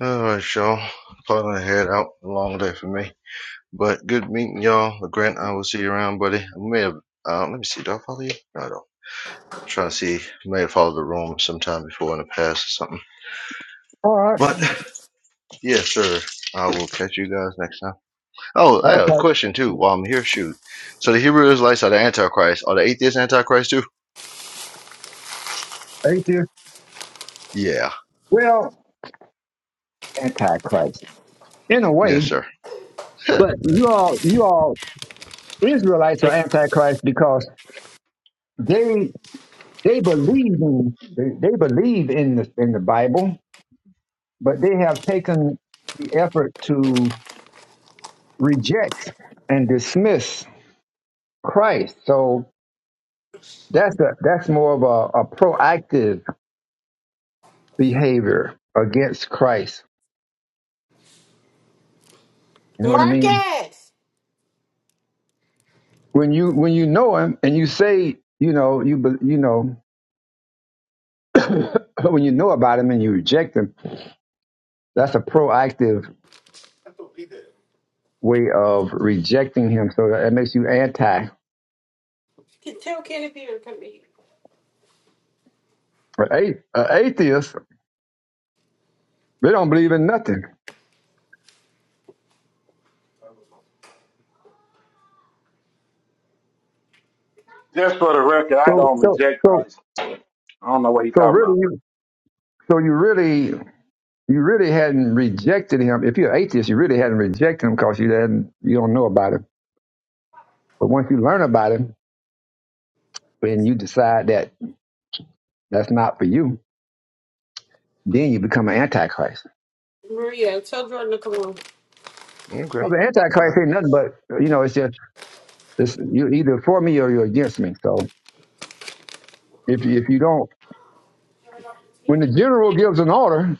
O: All right, y'all. Pulling the head out. Long day for me. But good meeting y'all. Grant, I will see you around, buddy. I may have, uh, let me see, do I follow you? No, I don't. I'm trying to see. I may have followed the room sometime before in the past or something.
A: All right.
O: But, yes, sir. I will catch you guys next time. Oh, I have a
A: Okay.
O: question, too, while I'm here. Shoot. So the Hebrew Israelites are the Antichrist. Are the atheists Antichrist, too?
A: Atheist.
O: Yeah.
A: Well, antichrist. In a
O: Yes,
A: way.
O: sir.
A: But you all you all Israelites are antichrist because they they believe in they, they believe in the in the Bible, but they have taken the effort to reject and dismiss Christ. So that's a that's more of a, a proactive behavior against Christ. You know what I mean?
B: Marcus,
A: when you when you know him and you say you know you be- you know when you know about him and you reject him that's a proactive way of rejecting him so that it makes you anti
B: Can- tell Kenneth Peter to come eat.
A: but a, a atheist they don't believe in nothing
N: just for the record, I
A: so
N: don't
A: so
N: reject
A: so
N: Christ. I don't know what he's
A: so
N: talking
A: really
N: about.
A: you so you really you really hadn't rejected him if you're an atheist you really hadn't rejected him because you hadn't you don't know about him but once you learn about him and you decide that that's not for you then you become an antichrist
B: Maria, tell Jordan to come on.
O: Okay.
A: Well, the
O: I,
A: Antichrist ain't nothing but you know it's just it's, you're either for me or you're against me. So if you, if you don't, when the general gives an order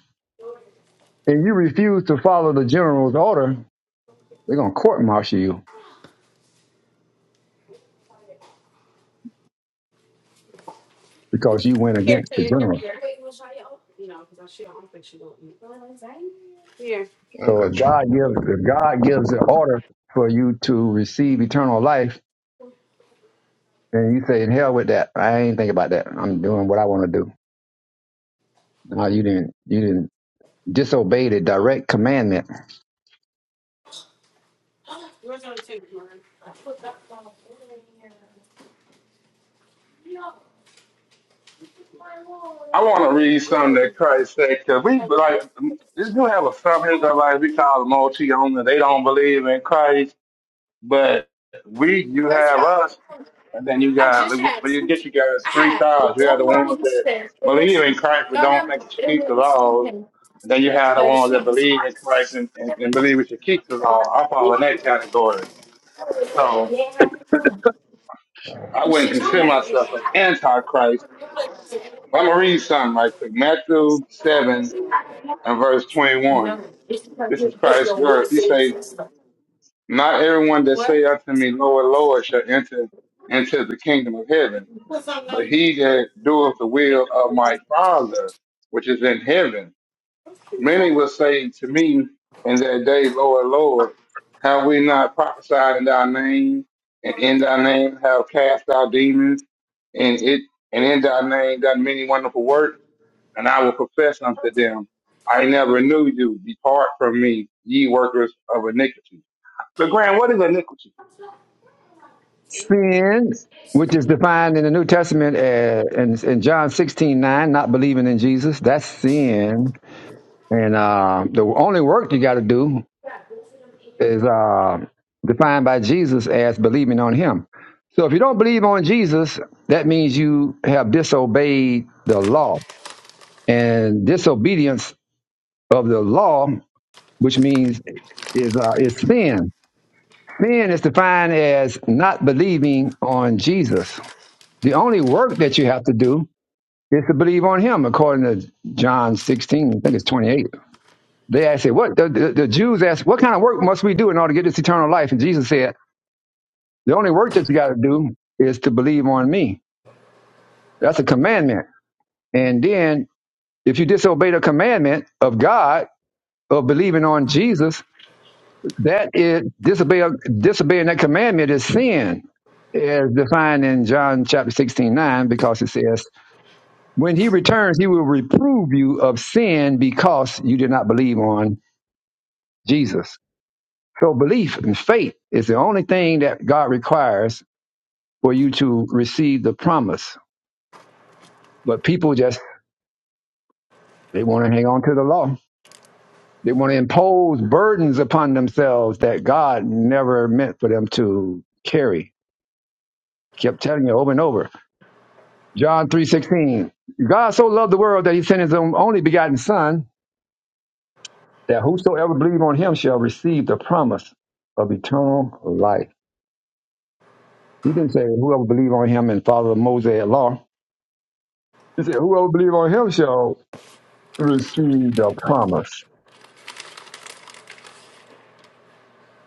A: and you refuse to follow the general's order, they're gonna court martial you because you went
B: Here,
A: against the
B: Tia, here,
A: general.
B: Peter. You know, because I shit on things. Here.
O: I
A: So if
O: got you.
A: God
O: Okay.
A: gives if God gives an order for you to receive eternal life, and you say, "In hell with that, I ain't thinking about that. I'm doing what I want to do." No, you didn't you didn't disobey the direct commandment
B: Where's the other two, Martin? No, my wall.
N: I want to read
B: Roll
N: something
B: over.
N: that Christ said, because we, like, if you have a subject of, like, we call them multi on they don't believe in Christ, but we, you
B: Every time
N: have
B: I
N: us.
B: don't know.
N: And then you got, like, what you
B: but-
N: get, you got is three styles. You have the ones
B: it's
N: that believe in Christ but don't think you should keep the laws. And then you have the ones that believe in Christ and,
B: something.
N: and, and believe we should keep the law. I fall in that category. So
B: Yeah.
N: I wouldn't
B: Since
N: consider myself an antichrist. But I'm going to read something right quick. Matthew 7
B: we had it.
N: and verse
B: No,
N: 21.
B: it's because
N: This is
B: you did
N: Christ's
B: your one
N: words. He
B: big
N: says,
B: system.
N: Not everyone that
B: What?
N: say unto me, Lord, Lord, shall enter into the kingdom of heaven
B: Put something on
N: But
B: your big
N: he that doeth the will of my Father, which is in heaven, many will say to me in that day, Lord, Lord, have we not prophesied in thy name, and in thy name have cast out demons, and it and in thy name done many wonderful works? And I will profess unto them, I never knew you. Depart from me, ye workers of iniquity. But Grant, what is iniquity?
A: sin, which is defined in the New Testament as, in, in John 16 9, not believing in Jesus, that's sin. And uh, the only work you got to do is uh, defined by Jesus as believing on him. So if you don't believe on Jesus, that means you have disobeyed the law. And disobedience of the law, which means is, uh, is sin. Sin is defined as not believing on Jesus. The only work that you have to do is to believe on him, according to John 16, I think it's 28. They asked, "Hey, what the, the, the Jews asked, what kind of work must we do in order to get this eternal life? And Jesus said, the only work that you got to do is to believe on me. That's a commandment. And then if you disobey the commandment of God of believing on Jesus, that is disobey, disobeying that commandment is sin as defined in John chapter 16, 9, because it says When he returns, he will reprove you of sin because you did not believe on Jesus. So belief and faith is the only thing that God requires for you to receive the promise. But people just, they want to hang on to the law. They want to impose burdens upon themselves that God never meant for them to carry. Kept telling you over and over. John 3.16, God so loved the world that he sent his own- only begotten son that whosoever believe on him shall receive the promise of eternal life. He didn't say whoever believe on him and follow the Mosaic law. He said whoever believe on him shall receive the promise.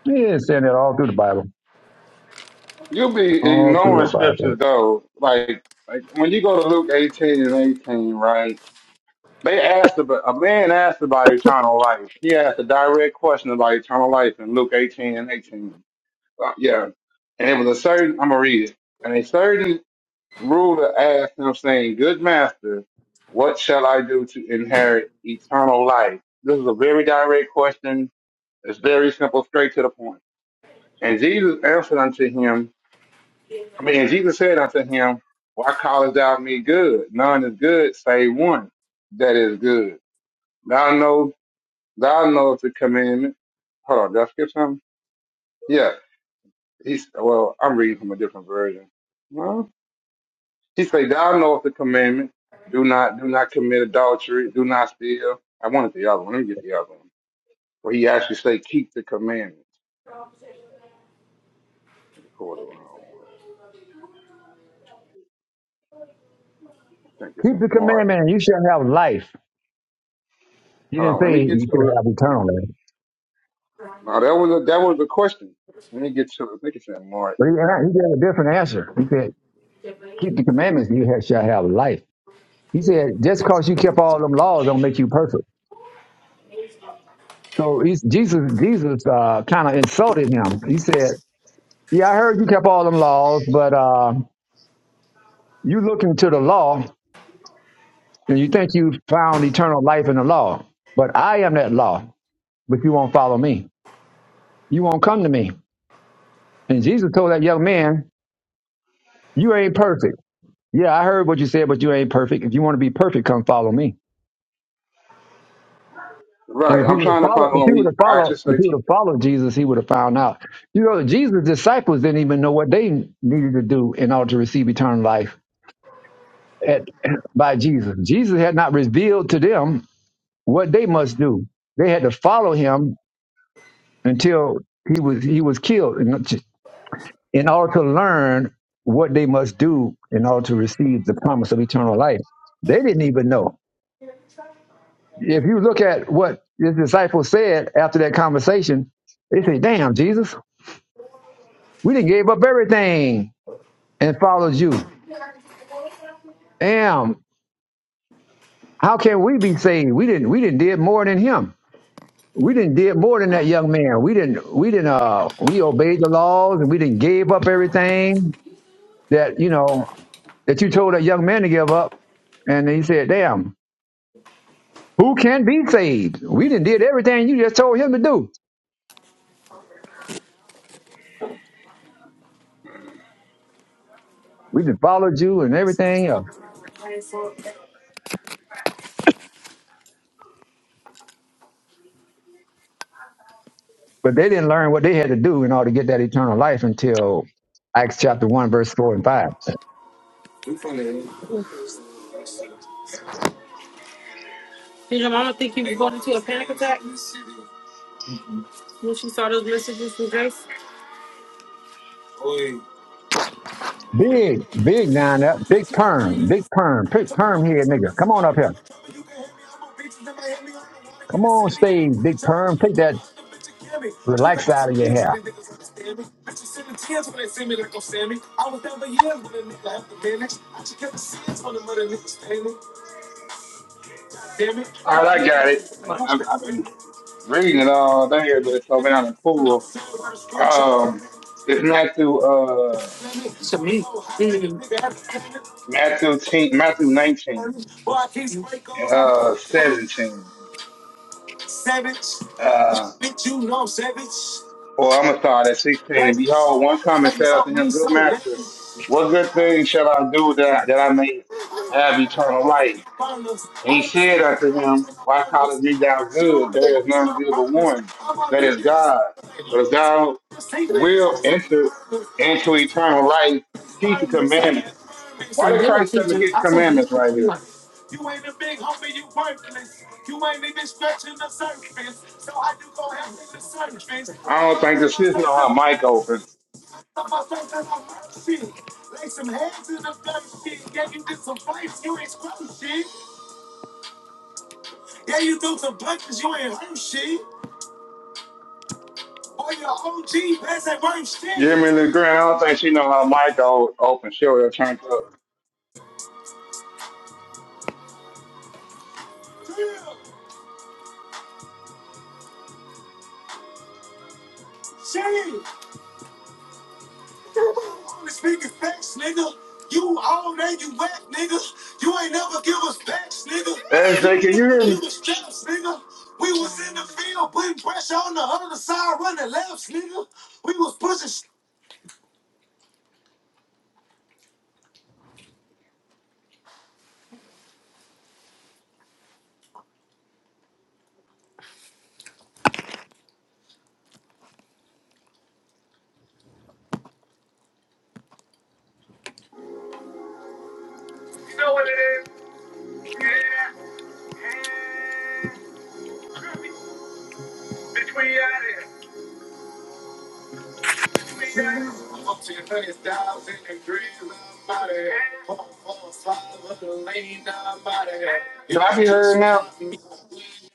A: He is saying that all through the Bible,
N: You be
A: all through
N: ignoring
A: the
N: scriptures
A: Bible.
N: though. Like, like when you go to Luke 18 and 18, right? They asked about, a man asked about eternal life. He asked a direct question about eternal life in Luke 18 and 18. Uh, yeah. And it was a certain, I'm going to read it. And a certain ruler asked him saying, good master, what shall I do to inherit eternal life? This is a very direct question. It's very simple, straight to the point. And Jesus answered unto him, I mean, and Jesus said unto him, Why callest thou me good? None is good save one that is good. Thou know, thou knowest the commandment. Hold on, did I skip something? Yeah. He's, well, I'm reading from a different version. No. He say, Thou knowest the commandment. Do not, do not commit adultery. Do not steal. I wanted the other one. Let me get the other one. Where he actually say, keep the commandments. Let me pull the wrong one. I think it's
A: Keep the
N: in Mark.
A: commandment and you shall have life. He
N: Hold
A: didn't
N: on, let me
A: say
N: get
A: you
N: to it.
A: shall have eternal life.
N: Now that was a, that was the question. Let me get to I think it's in Mark.
A: But he, he gave a different answer. He said, keep the commandments and you ha- shall have life. He said, just because you kept all them laws don't make you perfect. So he's, Jesus, Jesus uh, kind of insulted him. He said, "Yeah, I heard you kept all them laws, but uh, you look into the law and you think you found eternal life in the law. But I am that law. But you won't follow me. You won't come to me." And Jesus told that young man, "You ain't perfect. Yeah, I heard what you said, but you ain't perfect. If you want to be perfect, come follow me." And
N: Right.
A: if he
N: I'm
A: would have
N: trying to
A: followed,
N: find
A: if
N: out.
A: he would
N: He
A: have
N: I
A: followed,
N: just
A: if
N: like.
A: he would have followed Jesus, he would have found out. You know, Jesus' disciples didn't even know what they needed to do in order to receive eternal life at, by Jesus. Jesus had not revealed to them what they must do. They had to follow him until he was he was killed in, in order to learn what they must do in order to receive the promise of eternal life. They didn't even know. If you look at what his disciples said after that conversation, they say, Damn, Jesus, we didn't gave up everything and followed you. Damn, how can we be saved? We didn't we didn't did more than him we didn't did more than that young man. We didn't we didn't uh we obeyed the laws and we didn't gave up everything that you know that you told that young man to give up. And he said, "Damn, who can be saved? We didn't did everything you just told him to do. We did followed you and everything else, but they didn't learn what they had to do in order to get that eternal life until Acts chapter one, verse four and five.
B: You funny. Did your mama think you were going into a panic attack when she saw those messages from Grace? Oi.
A: Big, big nine up, big perm, big perm, big perm here, nigga. Come on up here.
B: You can hit me, I'm a beach, and might hit me on the water,
A: Come
B: get it
A: on,
B: sandy, get up,
A: stage,
B: put a
A: big
B: jump on
A: perm.
B: me,
A: Take that
B: the bitch a cammy. Just
A: Relax
B: about
A: out
B: some
A: of your
B: years when
A: hair.
B: they niggas understand me. Bitches send tears when they see me, they gon' stand me. I was down for years when a nigga have to manage. I just kept the sins when the mother niggas stand me. Damn it,
N: All
B: down
N: right,
B: in
N: I got it.
B: the
N: I,
B: my house,
N: I've,
B: better
N: I've
B: ran
N: been
B: me.
N: reading it all day, but it's over down in pool. Um, it's Matthew uh
B: To me, mm.
N: Matthew 10, Matthew 19
B: boy, I keep straight goals like a
N: uh 17.
B: savage. Yeah,
N: Uh,
B: Bitch, you know I'm savage.
N: or I'm gonna start at 16.
B: My
N: And behold, one coming said unto him, Good master, what good thing shall I do that that I may have eternal life? And he said unto him, Why callest thee thou good? There is none good but one, that is God. But if thou will enter into eternal life, keep the commandments. Why did
B: little
N: Christ tell him to
B: teacher,
N: keep
B: I
N: the
B: said,
N: commandments
B: this is
N: right
B: too
N: here?
B: much.
N: I don't think the sister know how mic open.
B: Lay some hands in the dirt shit. Yeah, you did some fights, you ain't scrum shit. Yeah, you threw some punches, you ain't hurt shit. Boy, your OG pass ain't worth shit.
N: You hear me, little girl? I don't think she know how mic o- open. She'll have turned up.
B: Drill, shit. Only speaking facts, nigga. You all that you whack, nigga. You ain't never give us backs, nigga. You
N: SJ, can
B: ain't
N: you
B: never
N: hear me?
B: give us straps, nigga. We was in the field putting pressure on the other side, running laps, nigga. We was pushing shit I'm up to a thousand degrees of body. Four, four, five, or the lane, nobody. Yeah,
N: Can I be heard
B: just
N: now?
B: pop me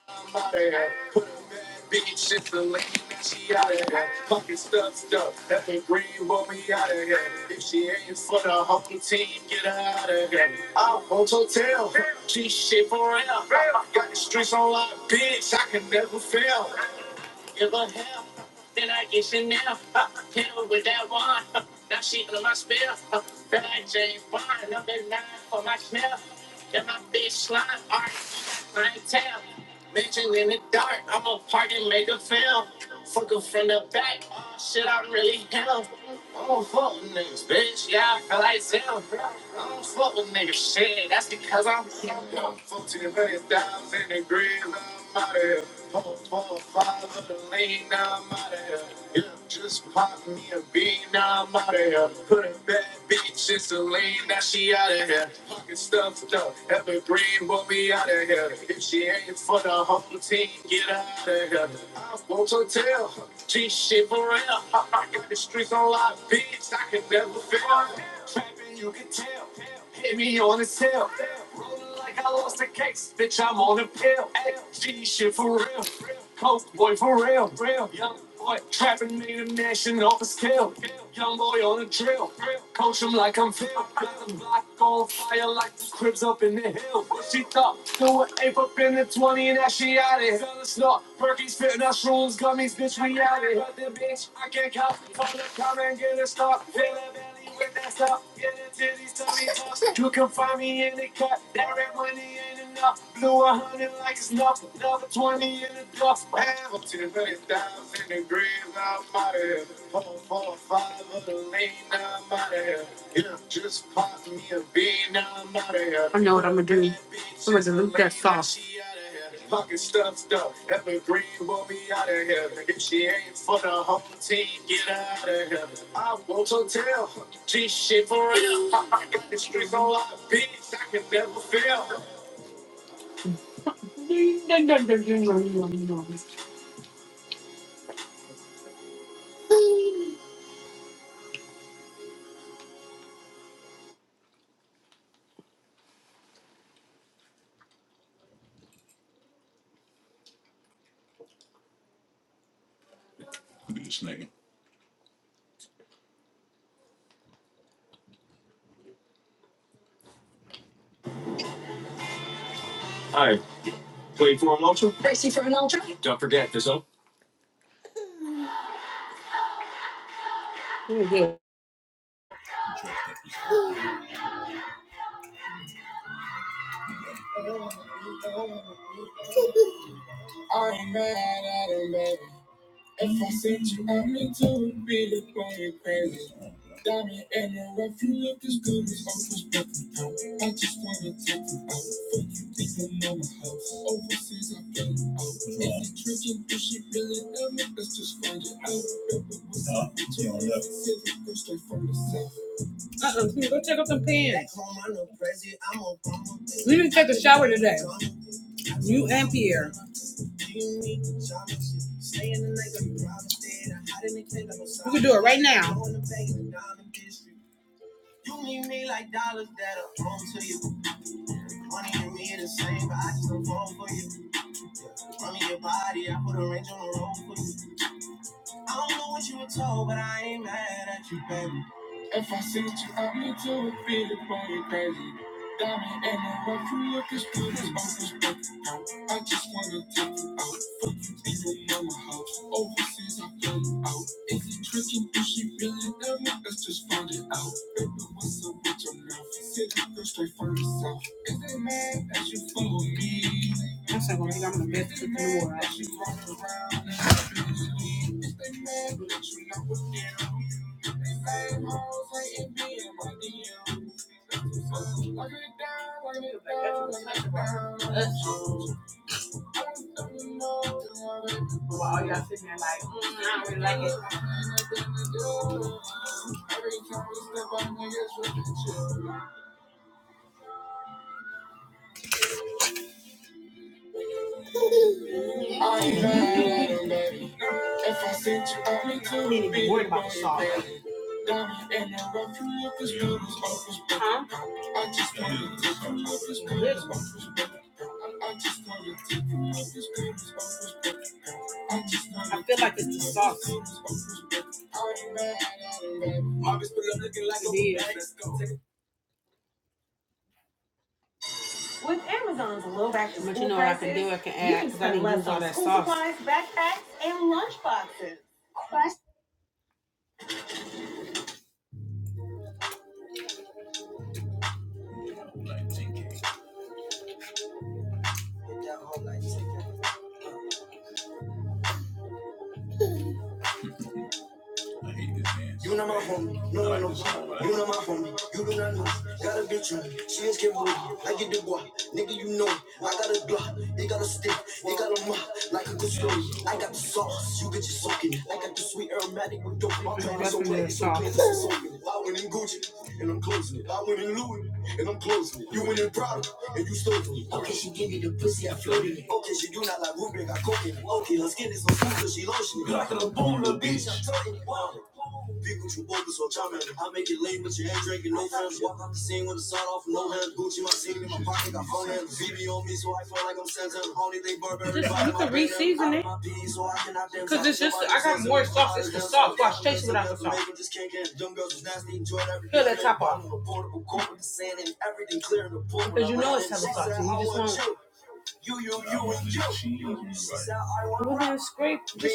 B: I'm out of here. Put a bad bitch in the lane, and she out of here. Funky stuff, stuff. That been green won't be out of here. If she ain't for the hunk team, get her out of here. I own hotel. She shit for real. Got the streets on lock, bitch. I can never fail. Give her hell. Then I get Chanel. Uh, hit her with that wine. Uh, now she under my spell. Uh, feel like James Bond. Number nine for my smell. And my bitch slime. All right, clientele. Vision in the dark. I'm a party make a film. Fuck her from the back. Oh, shit, I'm really hell. I'm a fuck niggas, bitch. Yeah, I feel like Zip. It's dimes in the green. Out of here. Four, five of the lane. Now I'm out of here. Yeah, just pop me a bean. Put a bad bitch in Celine, now she out of here. Pocket stuff, evergreen Boy, If she put her whole team out of here. G shit for real. I got the streets. Be out and hug the bitch, I can't cop from the come and get it stopped. Fill a belly with that stuff. Get the titties to me You can find me in the cut. That red money ain't enough. Blew a hundred like it's nothing. Another twenty in the duff. Half of ten million dollars in the grave. I'm out of here. Four, four, five of the lane. I'm out of here. Yeah, just pop me a bean. I'm out of here. She out of here. Pocket stuffed up. Evergreen will be out of here. If she ain't for the home team, get out of here. I won't hotel. G shit for real. I got the streets on lock, bitch. I can never fail. This nigga. All right. Wait for a motion. Don't forget this, oh. I'm mad at him, baby. If I said you want me to it'd be the going crazy. Got me anywhere if you look as good as Uncle's broken out. I just wanna take you out. Fuck you, think I'm on my house. Overseas, I feel it out. If you drinking, you should really love me, let's just find it out. Don't say the first day from What you were told, but I ain't mad at you, baby. If I said you out me to a bit upon you, baby. Got me the rough, you look as good as unexpected. I just wanna take you out. Fuck you in your mama house. Overseas, I feel you out. Is it tricking? Is she really there? Let's just find it out. Baby, what's up with your mouth? Said you go straight for yourself. As you follow me. One second, I think I'm gonna mess with the new world. You not my homie, no one know. You not my homie, you do not know. Got a bitch on, me, she is Kimbo. I get the boy, nigga, you know. I got a block, he got a stick, he got a mop, like a good story. I got the sauce, you get your soaking. I got the sweet aromatic with dope. My is soaking. I went in Gucci, and I'm closing it. I went in Louis, and I'm closing it. You went in Prada, and you stole from me. Okay, she give me the pussy, I floated it. Okay, she do not like Rubik, I cook it. Okay, her skin is on fire, she lotion it. Like a boom, little bitch, I'm talking. it. Wow.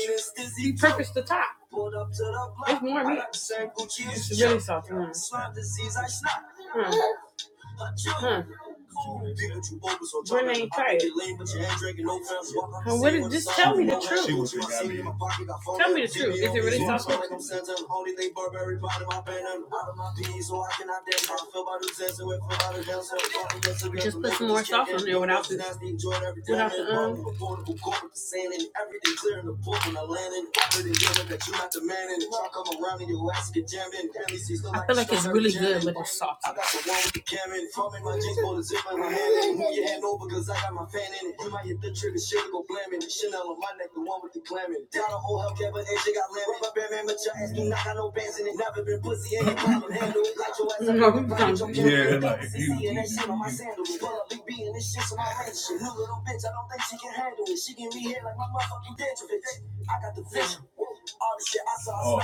B: This is Pulled up to the block, circle Gucci. slime disease, I snap. I chill, cool. People Pikachu bogus on lane, but your head drinking no friends. Walk on the my seat in my pocket, got phone. Like I'm Santa, only they Burberry bottom, my band, i banned them out of my peas, so I cannot dance. I feel about the dance, and went out of dance, so I'm going to nasty, enjoyed everything. Affordable court with the sand and everything clear in the port when I land in. Offer the deal that you're not demanding. Talk come around and your ass get jammed in. Barely see got the one with the camera in it. Call me my jeans, pull the zip in my hand. Move your hand over, cause I got my fan in it. You might hit the trigger, shit go blam Chanel on my neck, the one with the clam in it. Down on old Hellcat, but AJ got lamb. Rubber band, man, but your ass do not got no bands in it. Never been pussy, ain't no problem. Handle it like your Yeah, like if you, you, that shit like oh.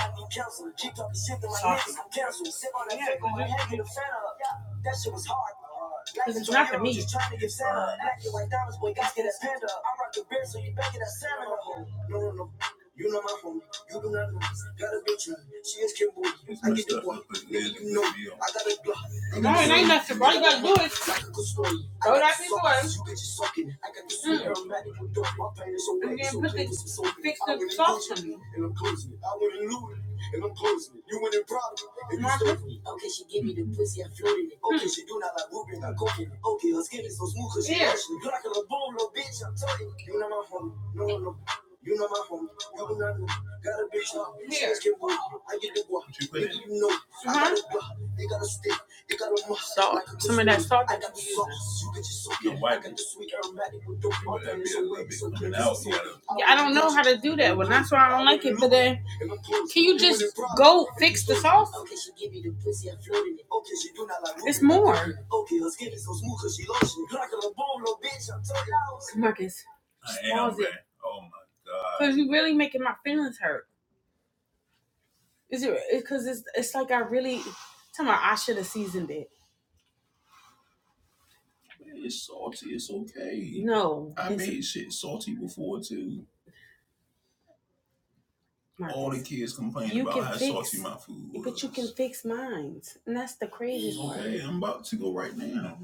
B: Get a fan up. Yeah, That shit was hard. Trying to get Santa, acting like diamonds, boy, got get that panda. I rock the beer, so you better get that Santa. No, no, no, you know my homie, you do not know. Got a bitch, she is Kimbo. I get the boy, you know. I got a block, good story. You bitches sucking, I got this. I'm mad at you, dog. my pain is so and I'm closing it. I went in Louis, and I'm closing it. You went in Prada, and you stole it. Okay, she gave me the pussy, I floated it. Okay, she do not like Ruby, I go for it. Okay, her skin is so smooth, You like a boom, little bitch, I'm telling you. You know my homie, no, no. no. You know my homie, you know me. Got a bitch, now, get wood. I get the walk. You it. know, they got a stick, they got a muscle. You get your soul. Your I got the sweet aromatic with dope. My family's so so good. Now, If I'm cool, can she give me the pussy? I floated it. Okay, she do not like it. Okay, her skin is so smooth, cause she lotion. You like a boom, little bitch, I'm telling you. I man. Oh my god. It's salty, it's okay. Shit, salty before too. Kids complain. my food. Hey, I'm about to go right now.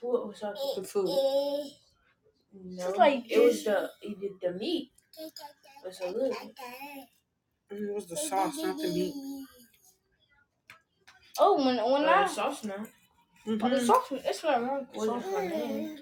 B: What was sauce? No, it's like it was the it did the meat. It was a little. bit. Oh, when when uh, Sauce the sauce, it's not wrong. was sauce my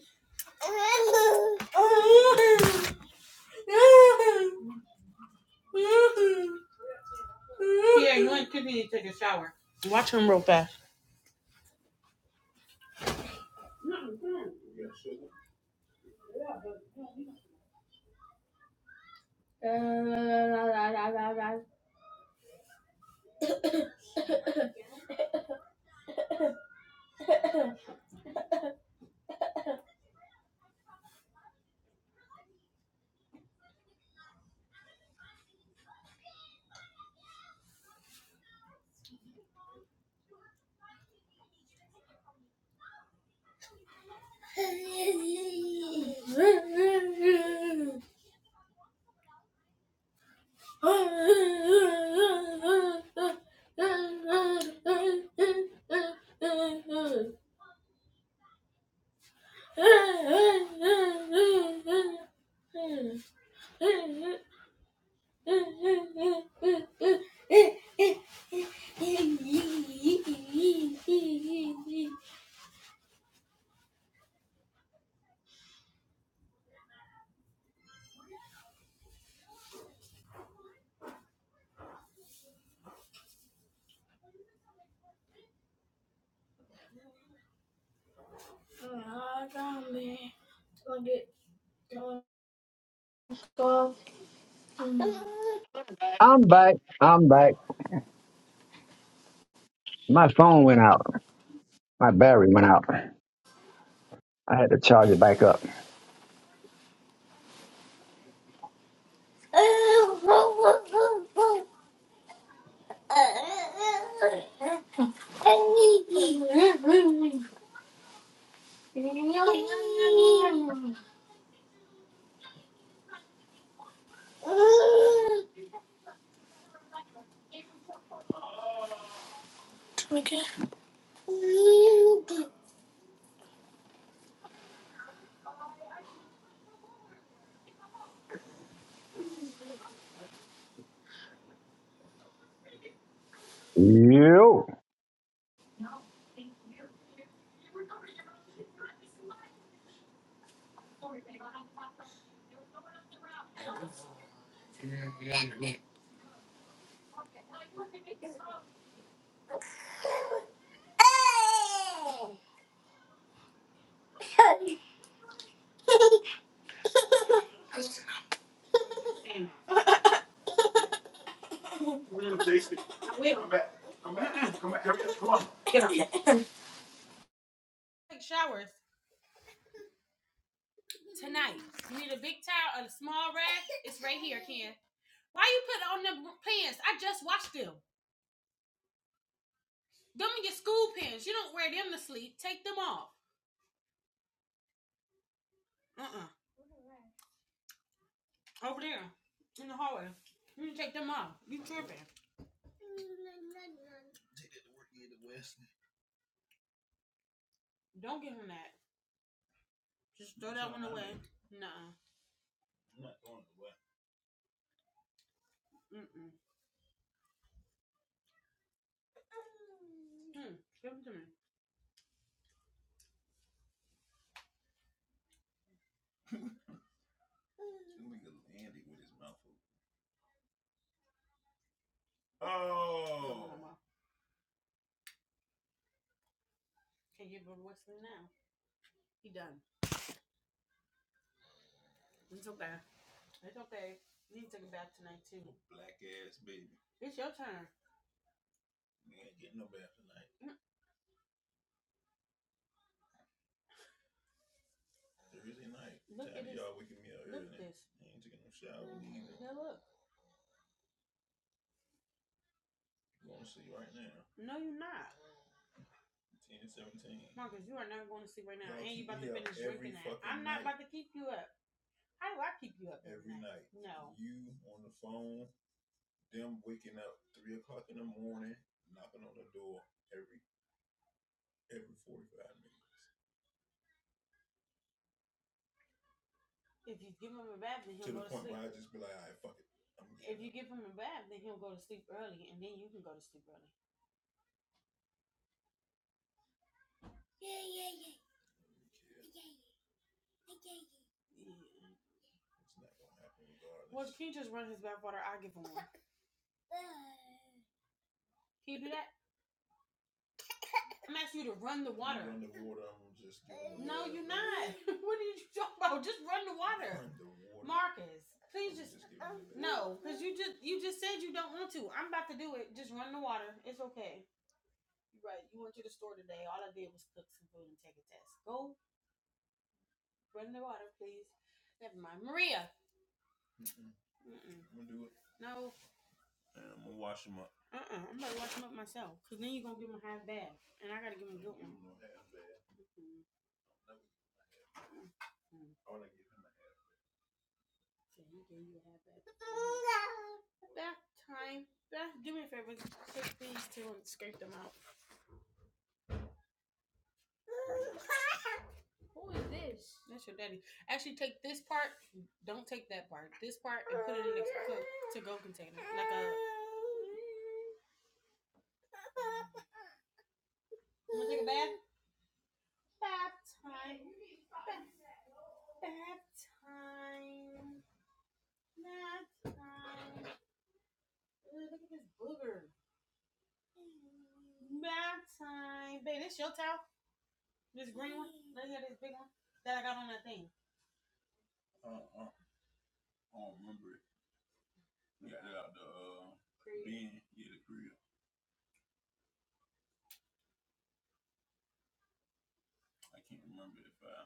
A: I'm back. I'm back. My phone went out. My battery went out. I had to charge it back up. Yo.
B: Come back. Come back. Come back. Hurry up. Come on. No. Andy with his mouth open. Oh, black ass baby. We ain't getting no bath tonight. Thursday night. Waking me up. You ain't taking no shower neither. You gonna see right now. Ten to seventeen. Night. No. You on the phone, them waking up three o'clock in the morning, knocking on the door every every forty five minutes. I just be like, all right, fuck it. I'm getting kids. It's not gonna happen regardless. The water, I'm gonna just giving them the water. I'm gonna do it. And I'm gonna wash them up. Uh, uh, I don't remember it. We got it out the uh, bin, yeah, the crib. I can't remember it if I.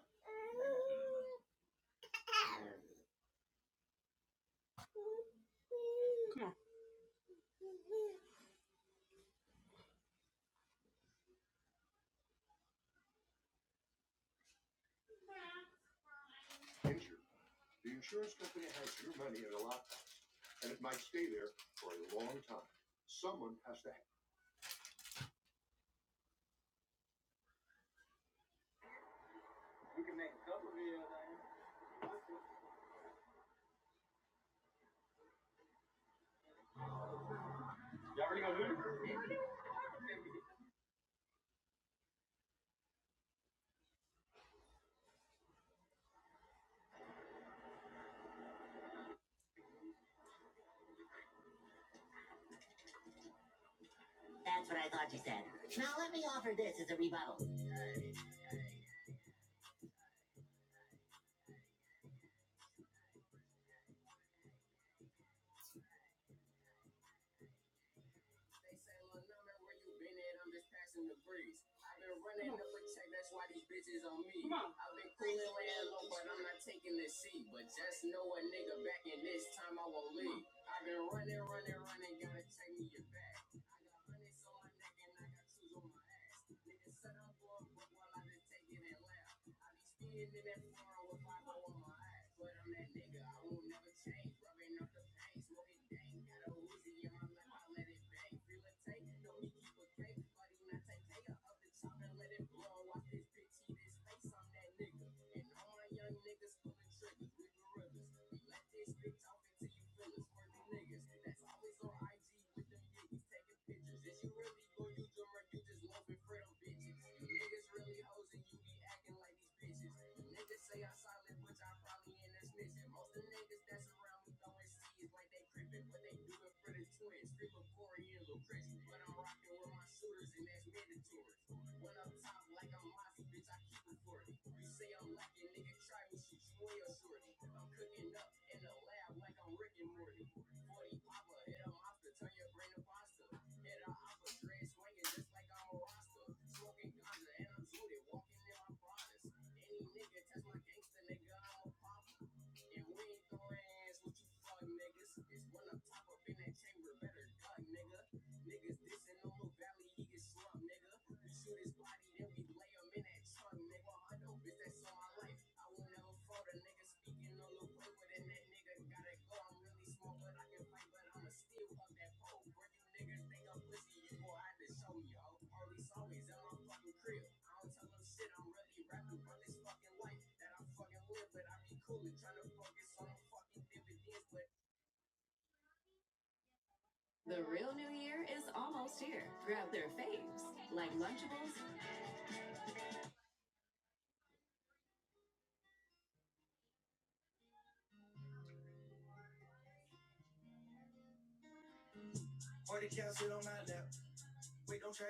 B: Or the couch sit on my lap. Wait, don't try